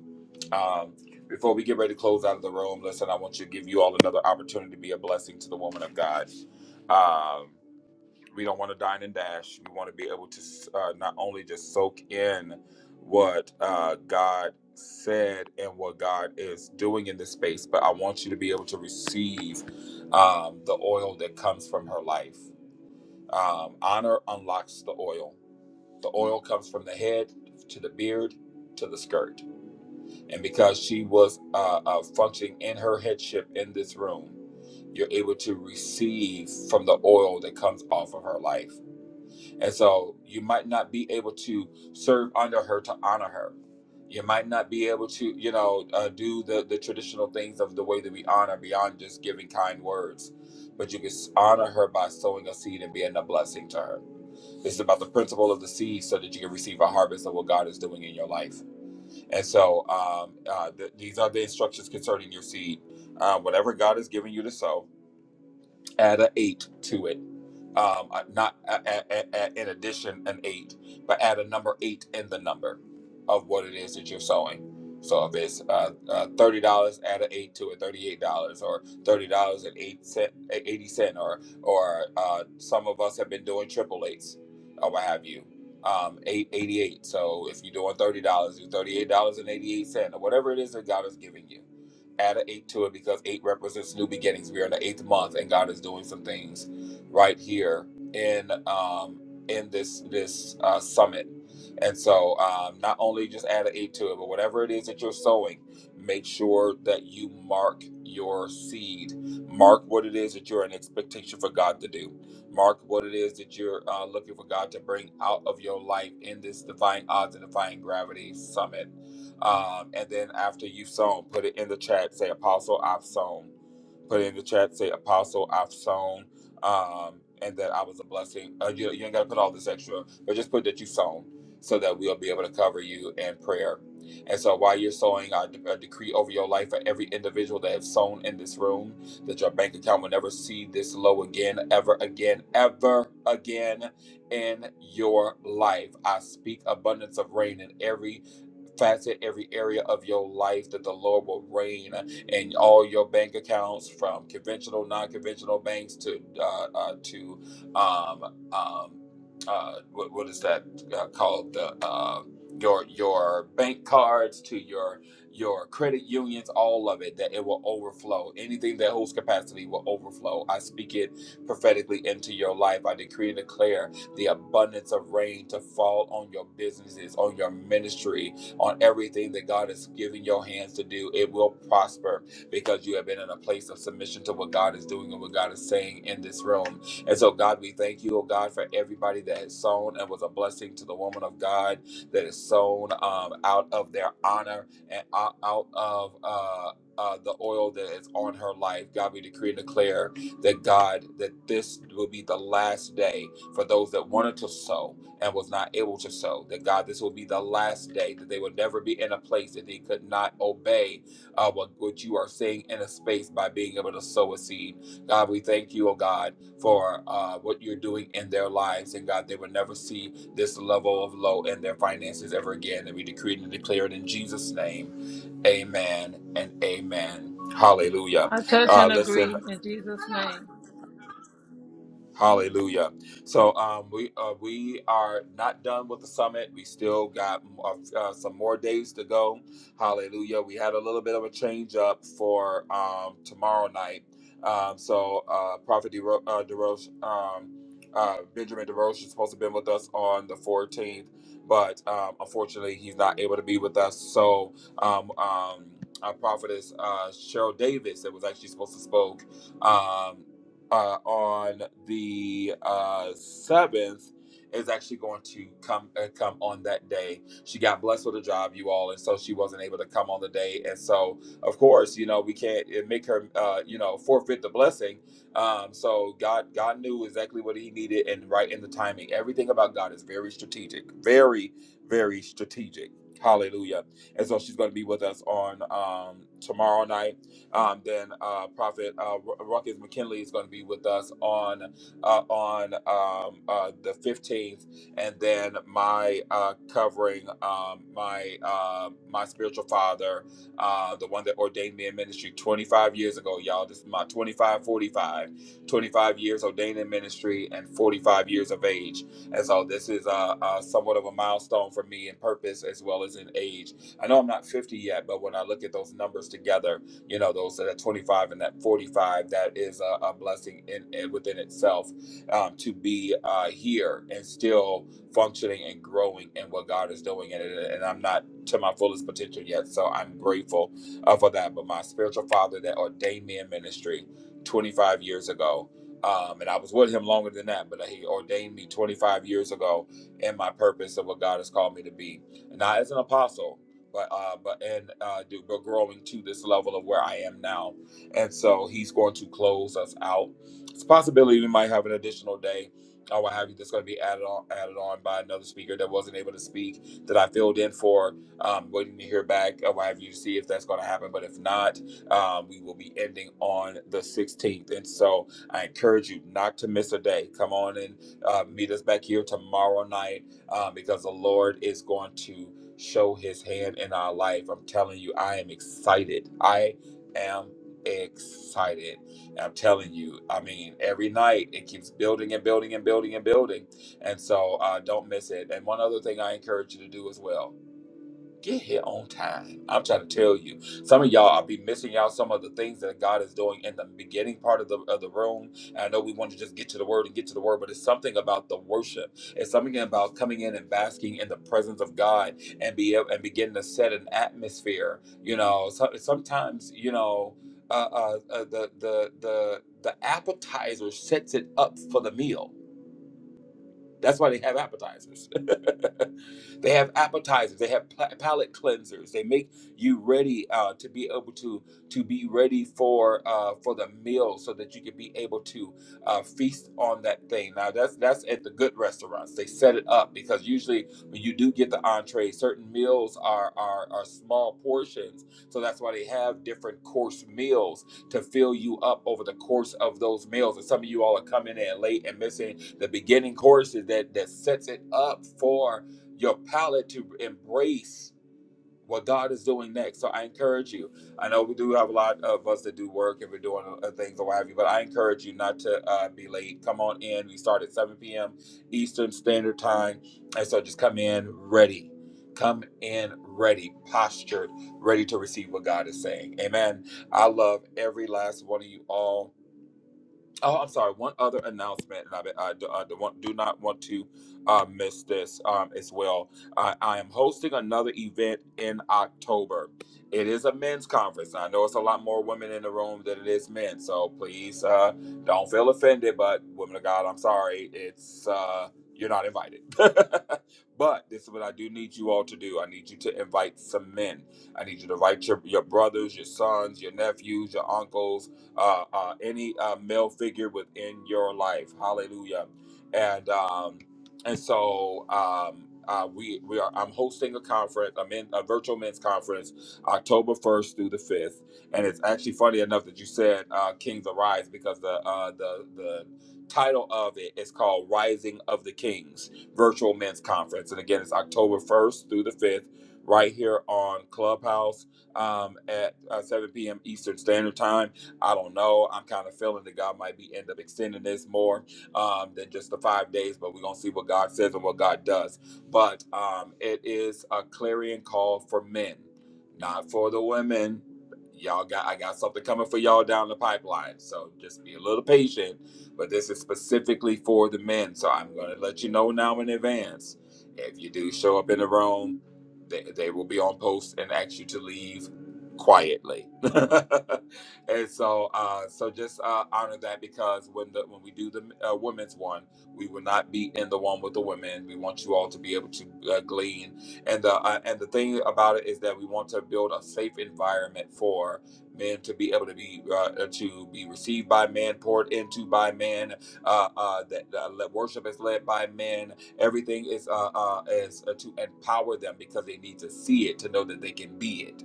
[SPEAKER 1] Um, before we get ready to close out of the room, listen, I want to give you all another opportunity to be a blessing to the woman of God. Um, we don't want to dine and dash. We want to be able to uh, not only just soak in what uh, God said and what God is doing in this space, but I want you to be able to receive um, the oil that comes from her life. Um, honor unlocks the oil. The oil comes from the head to the beard to the skirt and because she was uh, uh, functioning in her headship in this room, you're able to receive from the oil that comes off of her life. And so you might not be able to serve under her to honor her. You might not be able to, you know, uh, do the, the traditional things of the way that we honor beyond just giving kind words. But you can s- honor her by sowing a seed and being a blessing to her. This is about the principle of the seed so that you can receive a harvest of what God is doing in your life. And so um, uh, th- these are the instructions concerning your seed. Uh, whatever God has given you to sow, add an eight to it um, uh, not a, a, a, a, in addition an eight, but add a number eight in the number of what it is that you're sewing. So if it's uh, uh, thirty dollars, add an eight to it, thirty-eight dollars, or thirty dollars and eight cent, eh, eighty cent, or or uh, some of us have been doing triple eights, or what have you, um, eight eighty-eight. So if you're doing thirty dollars, do thirty-eight dollars and eighty-eight cent, or whatever it is that God is giving you. Add an eight to it because eight represents new beginnings. We are in the eighth month, and God is doing some things right here in um, in this this uh, summit. And so, um, not only just add an eight to it, but whatever it is that you're sowing, make sure that you mark your seed. Mark what it is that you're in expectation for God to do. Mark what it is that you're uh, looking for God to bring out of your life in this Defying Odds and Defying Gravity Summit. Um, and then after you've sown, put it in the chat. Say, Apostle, I've sown. Put it in the chat. Say, Apostle, I've sown um, and that I was a blessing. Uh, you, you ain't got to put all this extra, but just put that you sown so that we'll be able to cover you in prayer. And so while you're sowing, I de- a decree over your life for every individual that have sown in this room that your bank account will never see this low again, ever again, ever again in your life. I speak abundance of rain in every facet, every area of your life that the Lord will reign in all your bank accounts, from conventional, non-conventional banks to uh, uh, to um, um, uh, what, what is that uh, called? The uh, your your bank cards to your your credit unions, all of it, that it will overflow. Anything that holds capacity will overflow. I speak it prophetically into your life. I decree and declare the abundance of rain to fall on your businesses, on your ministry, on everything that God has given your hands to do. It will prosper because you have been in a place of submission to what God is doing and what God is saying in this room. And so, God, we thank you, oh God, for everybody that has sown and was a blessing to the woman of God that is sown um, out of their honor and out out of. Uh, uh, the oil that is on her life. God, we decree and declare that God, that this will be the last day for those that wanted to sow and was not able to sow. That God, this will be the last day, that they will never be in a place that they could not obey uh, what, what you are saying in a space by being able to sow a seed. God, we thank you, oh God, for uh, what you're doing in their lives. And God, they will never see this level of low in their finances ever again. And we decree and declare it in Jesus' name. Amen and amen. Hallelujah.
[SPEAKER 8] I touch
[SPEAKER 1] Uh,
[SPEAKER 8] and agree
[SPEAKER 1] listen.
[SPEAKER 8] in Jesus' name.
[SPEAKER 1] Hallelujah. So um, we uh, we are not done with the summit. We still got uh, uh, some more days to go. Hallelujah. We had a little bit of a change up for um, tomorrow night. Um, so uh, Prophet DeRoche, uh, DeRoche um, uh, Benjamin DeRoche is supposed to have been with us on the 14th, but um, unfortunately he's not able to be with us. So um, um, our prophetess uh, Cheryl Davis, that was actually supposed to spoke. um, uh, on the uh, seventh is actually going to come uh, come on that day. She got blessed with a job, you all, and so she wasn't able to come on the day. And so, of course, you know we can't uh, make her, uh, you know, forfeit the blessing. Um, so God, God knew exactly what He needed, and right in the timing. Everything about God is very strategic, very, very strategic. Hallelujah! And so she's going to be with us on um, tomorrow night um, then uh, Prophet uh, Ru- Ruckus McKinley is going to be with us on uh, on um, uh, the fifteenth, and then my uh, covering um, my uh, my spiritual father, uh, the one that ordained me in ministry twenty five years ago, y'all. This is my 25 45, 25 years ordained in ministry and forty five years of age, and so this is uh, uh, somewhat of a milestone for me in purpose as well as in age. I know I'm not fifty yet, but when I look at those numbers together you know those that are 25 and that 45 that is a, a blessing in, in within itself um, to be uh, here and still functioning and growing in what god is doing and, and i'm not to my fullest potential yet so i'm grateful uh, for that but my spiritual father that ordained me in ministry 25 years ago um, and I was with him longer than that, but he ordained me 25 years ago in my purpose of what God has called me to be. Not as an apostle, but uh, but and uh, do, but growing to this level of where I am now, and so he's going to close us out. It's a possibility we might have an additional day. or what have you that's going to be added on added on by another speaker that wasn't able to speak that I filled in for. Um, waiting to hear back. or what have you to see if that's going to happen, but if not, um, we will be ending on the 16th. And so I encourage you not to miss a day. Come on and uh, meet us back here tomorrow night uh, because the Lord is going to show his hand in our life. I'm telling you, I am excited. I am excited. I'm telling you, I mean, every night it keeps building and building and building and building. And so uh, don't miss it. And one other thing I encourage you to do as well get here on time. I'm trying to tell you, some of y'all I'll be missing out some of the things that God is doing in the beginning part of the of the room. And I know we want to just get to the word and get to the word, but it's something about the worship. It's something about coming in and basking in the presence of God and be able and begin to set an atmosphere. You know, so, sometimes you know. Uh, uh, uh, the the the the appetizer sets it up for the meal that's why they have appetizers. *laughs* they have appetizers. They have pla- palate cleansers. They make you ready uh, to be able to to be ready for uh, for the meal, so that you can be able to uh, feast on that thing. Now that's that's at the good restaurants. They set it up because usually when you do get the entree, certain meals are are, are small portions. So that's why they have different course meals to fill you up over the course of those meals. And some of you all are coming in late and missing the beginning choruses that that sets it up for your palate to embrace what God is doing next. So I encourage you. I know we do have a lot of us that do work and we're doing uh, things or what have you, but I encourage you not to uh, be late. Come on in. We start at 7 p.m. Eastern Standard Time, and so just come in ready. Come in ready, postured, ready to receive what God is saying. Amen. I love every last one of you all. Oh, I'm sorry. One other announcement, and I, I, do- I do, want, do not want to uh, miss this um, as well. I, I am hosting another event in October. It is a men's conference. I know it's a lot more women in the room than it is men, so please uh, don't feel offended. But women of God, I'm sorry. It's uh, you're not invited. *laughs* but this is what I do need you all to do. I need you to invite some men. I need you to invite your, your brothers, your sons, your nephews, your uncles uh, uh, any uh, male figure within your life. Hallelujah. And um, and so um, uh, we we are. I'm hosting a conference, a, men, a virtual men's conference, October 1st through the 5th. And it's actually funny enough that you said uh, "Kings Arise" because the uh, the the title of it is called "Rising of the Kings" Virtual Men's Conference. And again, it's October 1st through the 5th, right here on Clubhouse um, at uh, 7 p.m. Eastern Standard Time I don't know. I'm kind of feeling that God might be end up extending this more um, than just the five days, but we're gonna see what God says and what God does. But um, it is a clarion call for men, not for the women. Y'all got I got something coming for y'all down the pipeline, so just be a little patient. But this is specifically for the men, so I'm gonna let you know now in advance. If you do show up in the room, they, they will be on post and ask you to leave quietly. *laughs* and so uh, so just uh, honor that because when the when we do the uh, women's one, we will not be in the one with the women. We want you all to be able to uh, glean, and the uh, and the thing about it is that we want to build a safe environment for men to be able to be uh, uh, to be received by men, poured into by men. Uh, uh, that uh, le- worship is led by men. Everything is uh, uh, is uh, to empower them because they need to see it to know that they can be it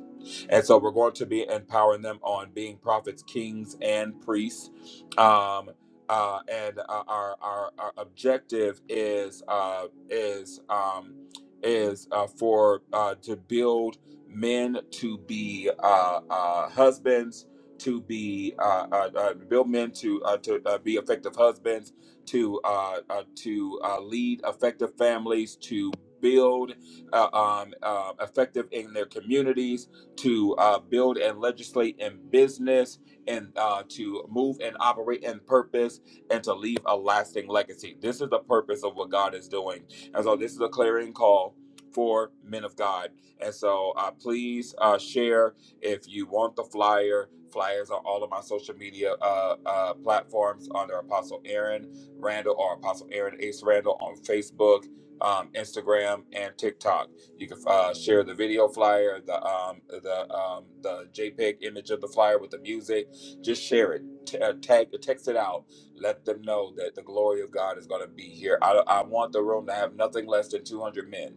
[SPEAKER 1] and so we're going to be empowering them on being prophets, kings, and priests. Um, uh, and uh, our, our our objective is uh, is um, is uh, for uh, to build men to be uh, uh, husbands, to be uh, uh, uh, build men to uh, to uh, be effective husbands, to uh, uh, to uh, lead effective families, to build uh, um, uh, effective in their communities to uh, build and legislate in business, and uh, to move and operate in purpose, and to leave a lasting legacy. This is the purpose of what God is doing. And so, this is a clarion call for men of God. And so, uh, please uh, share if you want the flyer. Flyers on all of my social media uh, uh, platforms under Apostle Aaron Randall or Apostle Aaron Ace Randall on Facebook, um, Instagram, and TikTok. You can uh, share the video flyer, the um, the um, the JPEG image of the flyer with the music. Just share it, T- uh, tag, text it out. Let them know that the glory of God is going to be here. I, I want the room to have nothing less than 200 men.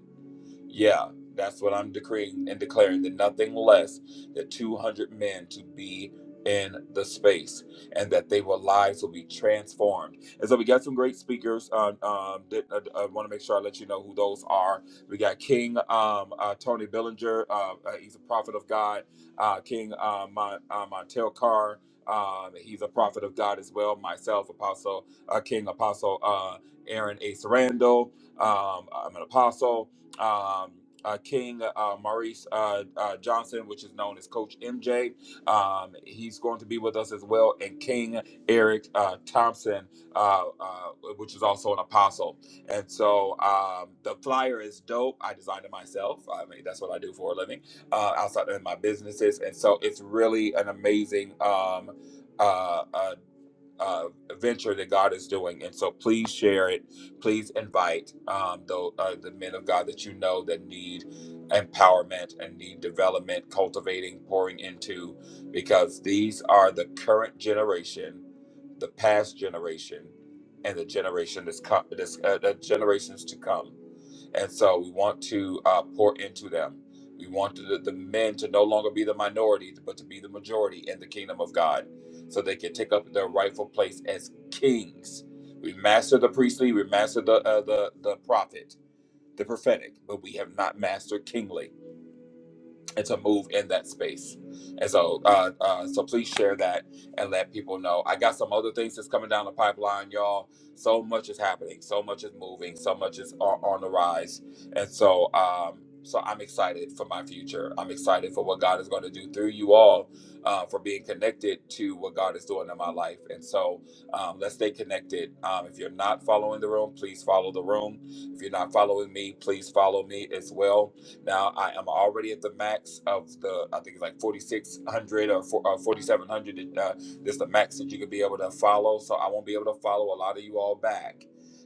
[SPEAKER 1] Yeah, that's what I'm decreeing and declaring that nothing less than 200 men to be in the space and that they will lives will be transformed. And so we got some great speakers. Um, um, that, I, I want to make sure I let you know who those are. We got King um, uh, Tony Billinger. Uh, uh, he's a prophet of God. Uh, King uh, Mon, uh, Montel Carr. Um, he's a prophet of God as well. Myself, Apostle uh, King Apostle uh, Aaron A. Sarandel. Um, I'm an apostle um, uh, King uh, Maurice uh, uh, Johnson, which is known as Coach MJ. Um, he's going to be with us as well, and King Eric uh, Thompson, uh, uh, which is also an apostle. And so um, the flyer is dope. I designed it myself. I mean, that's what I do for a living uh, outside of my businesses. And so it's really an amazing. Um, uh, uh, uh, venture that God is doing. And so please share it. Please invite um, the, uh, the men of God that you know that need empowerment and need development, cultivating, pouring into, because these are the current generation, the past generation, and the generation that's come, that's, uh, the generations to come. And so we want to uh, pour into them. We want the, the men to no longer be the minority, but to be the majority in the kingdom of God so they can take up their rightful place as kings. We master the priestly, we master the uh, the the prophet, the prophetic, but we have not mastered kingly and to move in that space. And so, uh, uh, so please share that and let people know. I got some other things that's coming down the pipeline, y'all. So much is happening, so much is moving, so much is on, on the rise, and so, um, so I'm excited for my future. I'm excited for what God is going to do through you all, uh, for being connected to what God is doing in my life. And so, um, let's stay connected. Um, if you're not following the room, please follow the room. If you're not following me, please follow me as well now I am already at the max of the I think it's like 4600 or, 4700. Uh, this is the max that you could be able to follow. So I won't be able to follow a lot of you all back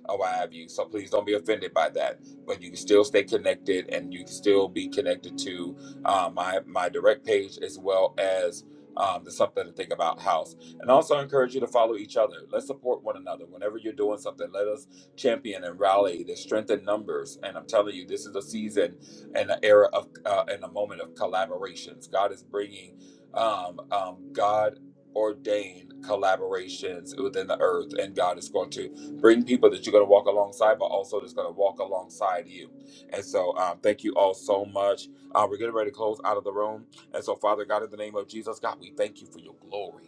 [SPEAKER 1] or what have you. So please don't be offended by that. But you can still stay connected and you can still be connected to uh, my my direct page as well as. Um, the something to think about house and also encourage you to follow each other let's support one another whenever you're doing something let us champion and rally the strength in numbers and i'm telling you this is a season and an era of uh, and a moment of collaborations. God is bringing um, um, God ordained collaborations within the earth, and God is going to bring people that you're going to walk alongside, but also that's going to walk alongside you. And so, um, thank you all so much. Uh, we're getting ready to close out of the room, and so Father God, in the name of Jesus, God, we thank you for your glory.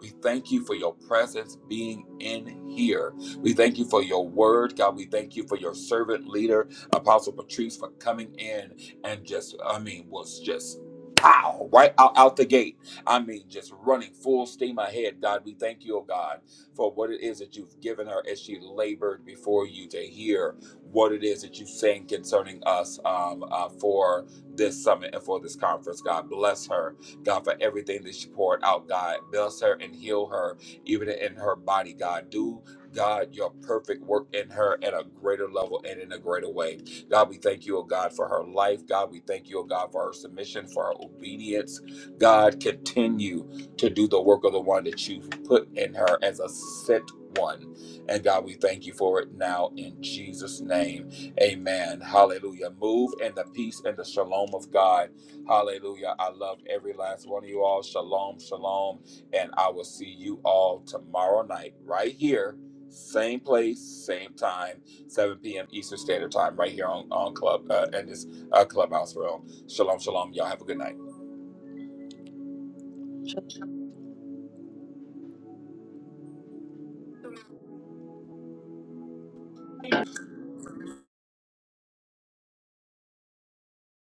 [SPEAKER 1] We thank you for your presence being in here. We thank you for your word, God. We thank you for your servant leaders. Apostle Patrice for coming in and just, I mean, was just pow right out, out the gate. I mean, just running full steam ahead. God, we thank you, oh God, for what it is that you've given her as she labored before you to hear what it is that you're saying concerning us um, uh, for this summit and for this conference. God, bless her. God, for everything that she poured out, God, bless her and heal her, even in her body, God. Do God, your perfect work in her at a greater level and in a greater way. God, we thank you, oh God, for her life. God, we thank you, oh God, for her submission, for her obedience. God, continue to do the work of the one that you've put in her as a sent one. And God, we thank you for it now in Jesus' name. Amen. Hallelujah. Move in the peace and the shalom of God. Hallelujah. I love every last one of you all. Shalom, shalom. And I will see you all tomorrow night, right here, same place, same time. 7 p.m. Eastern Standard Time, right here on on Club uh, in this uh, Clubhouse room. Shalom, shalom. Y'all have a good night.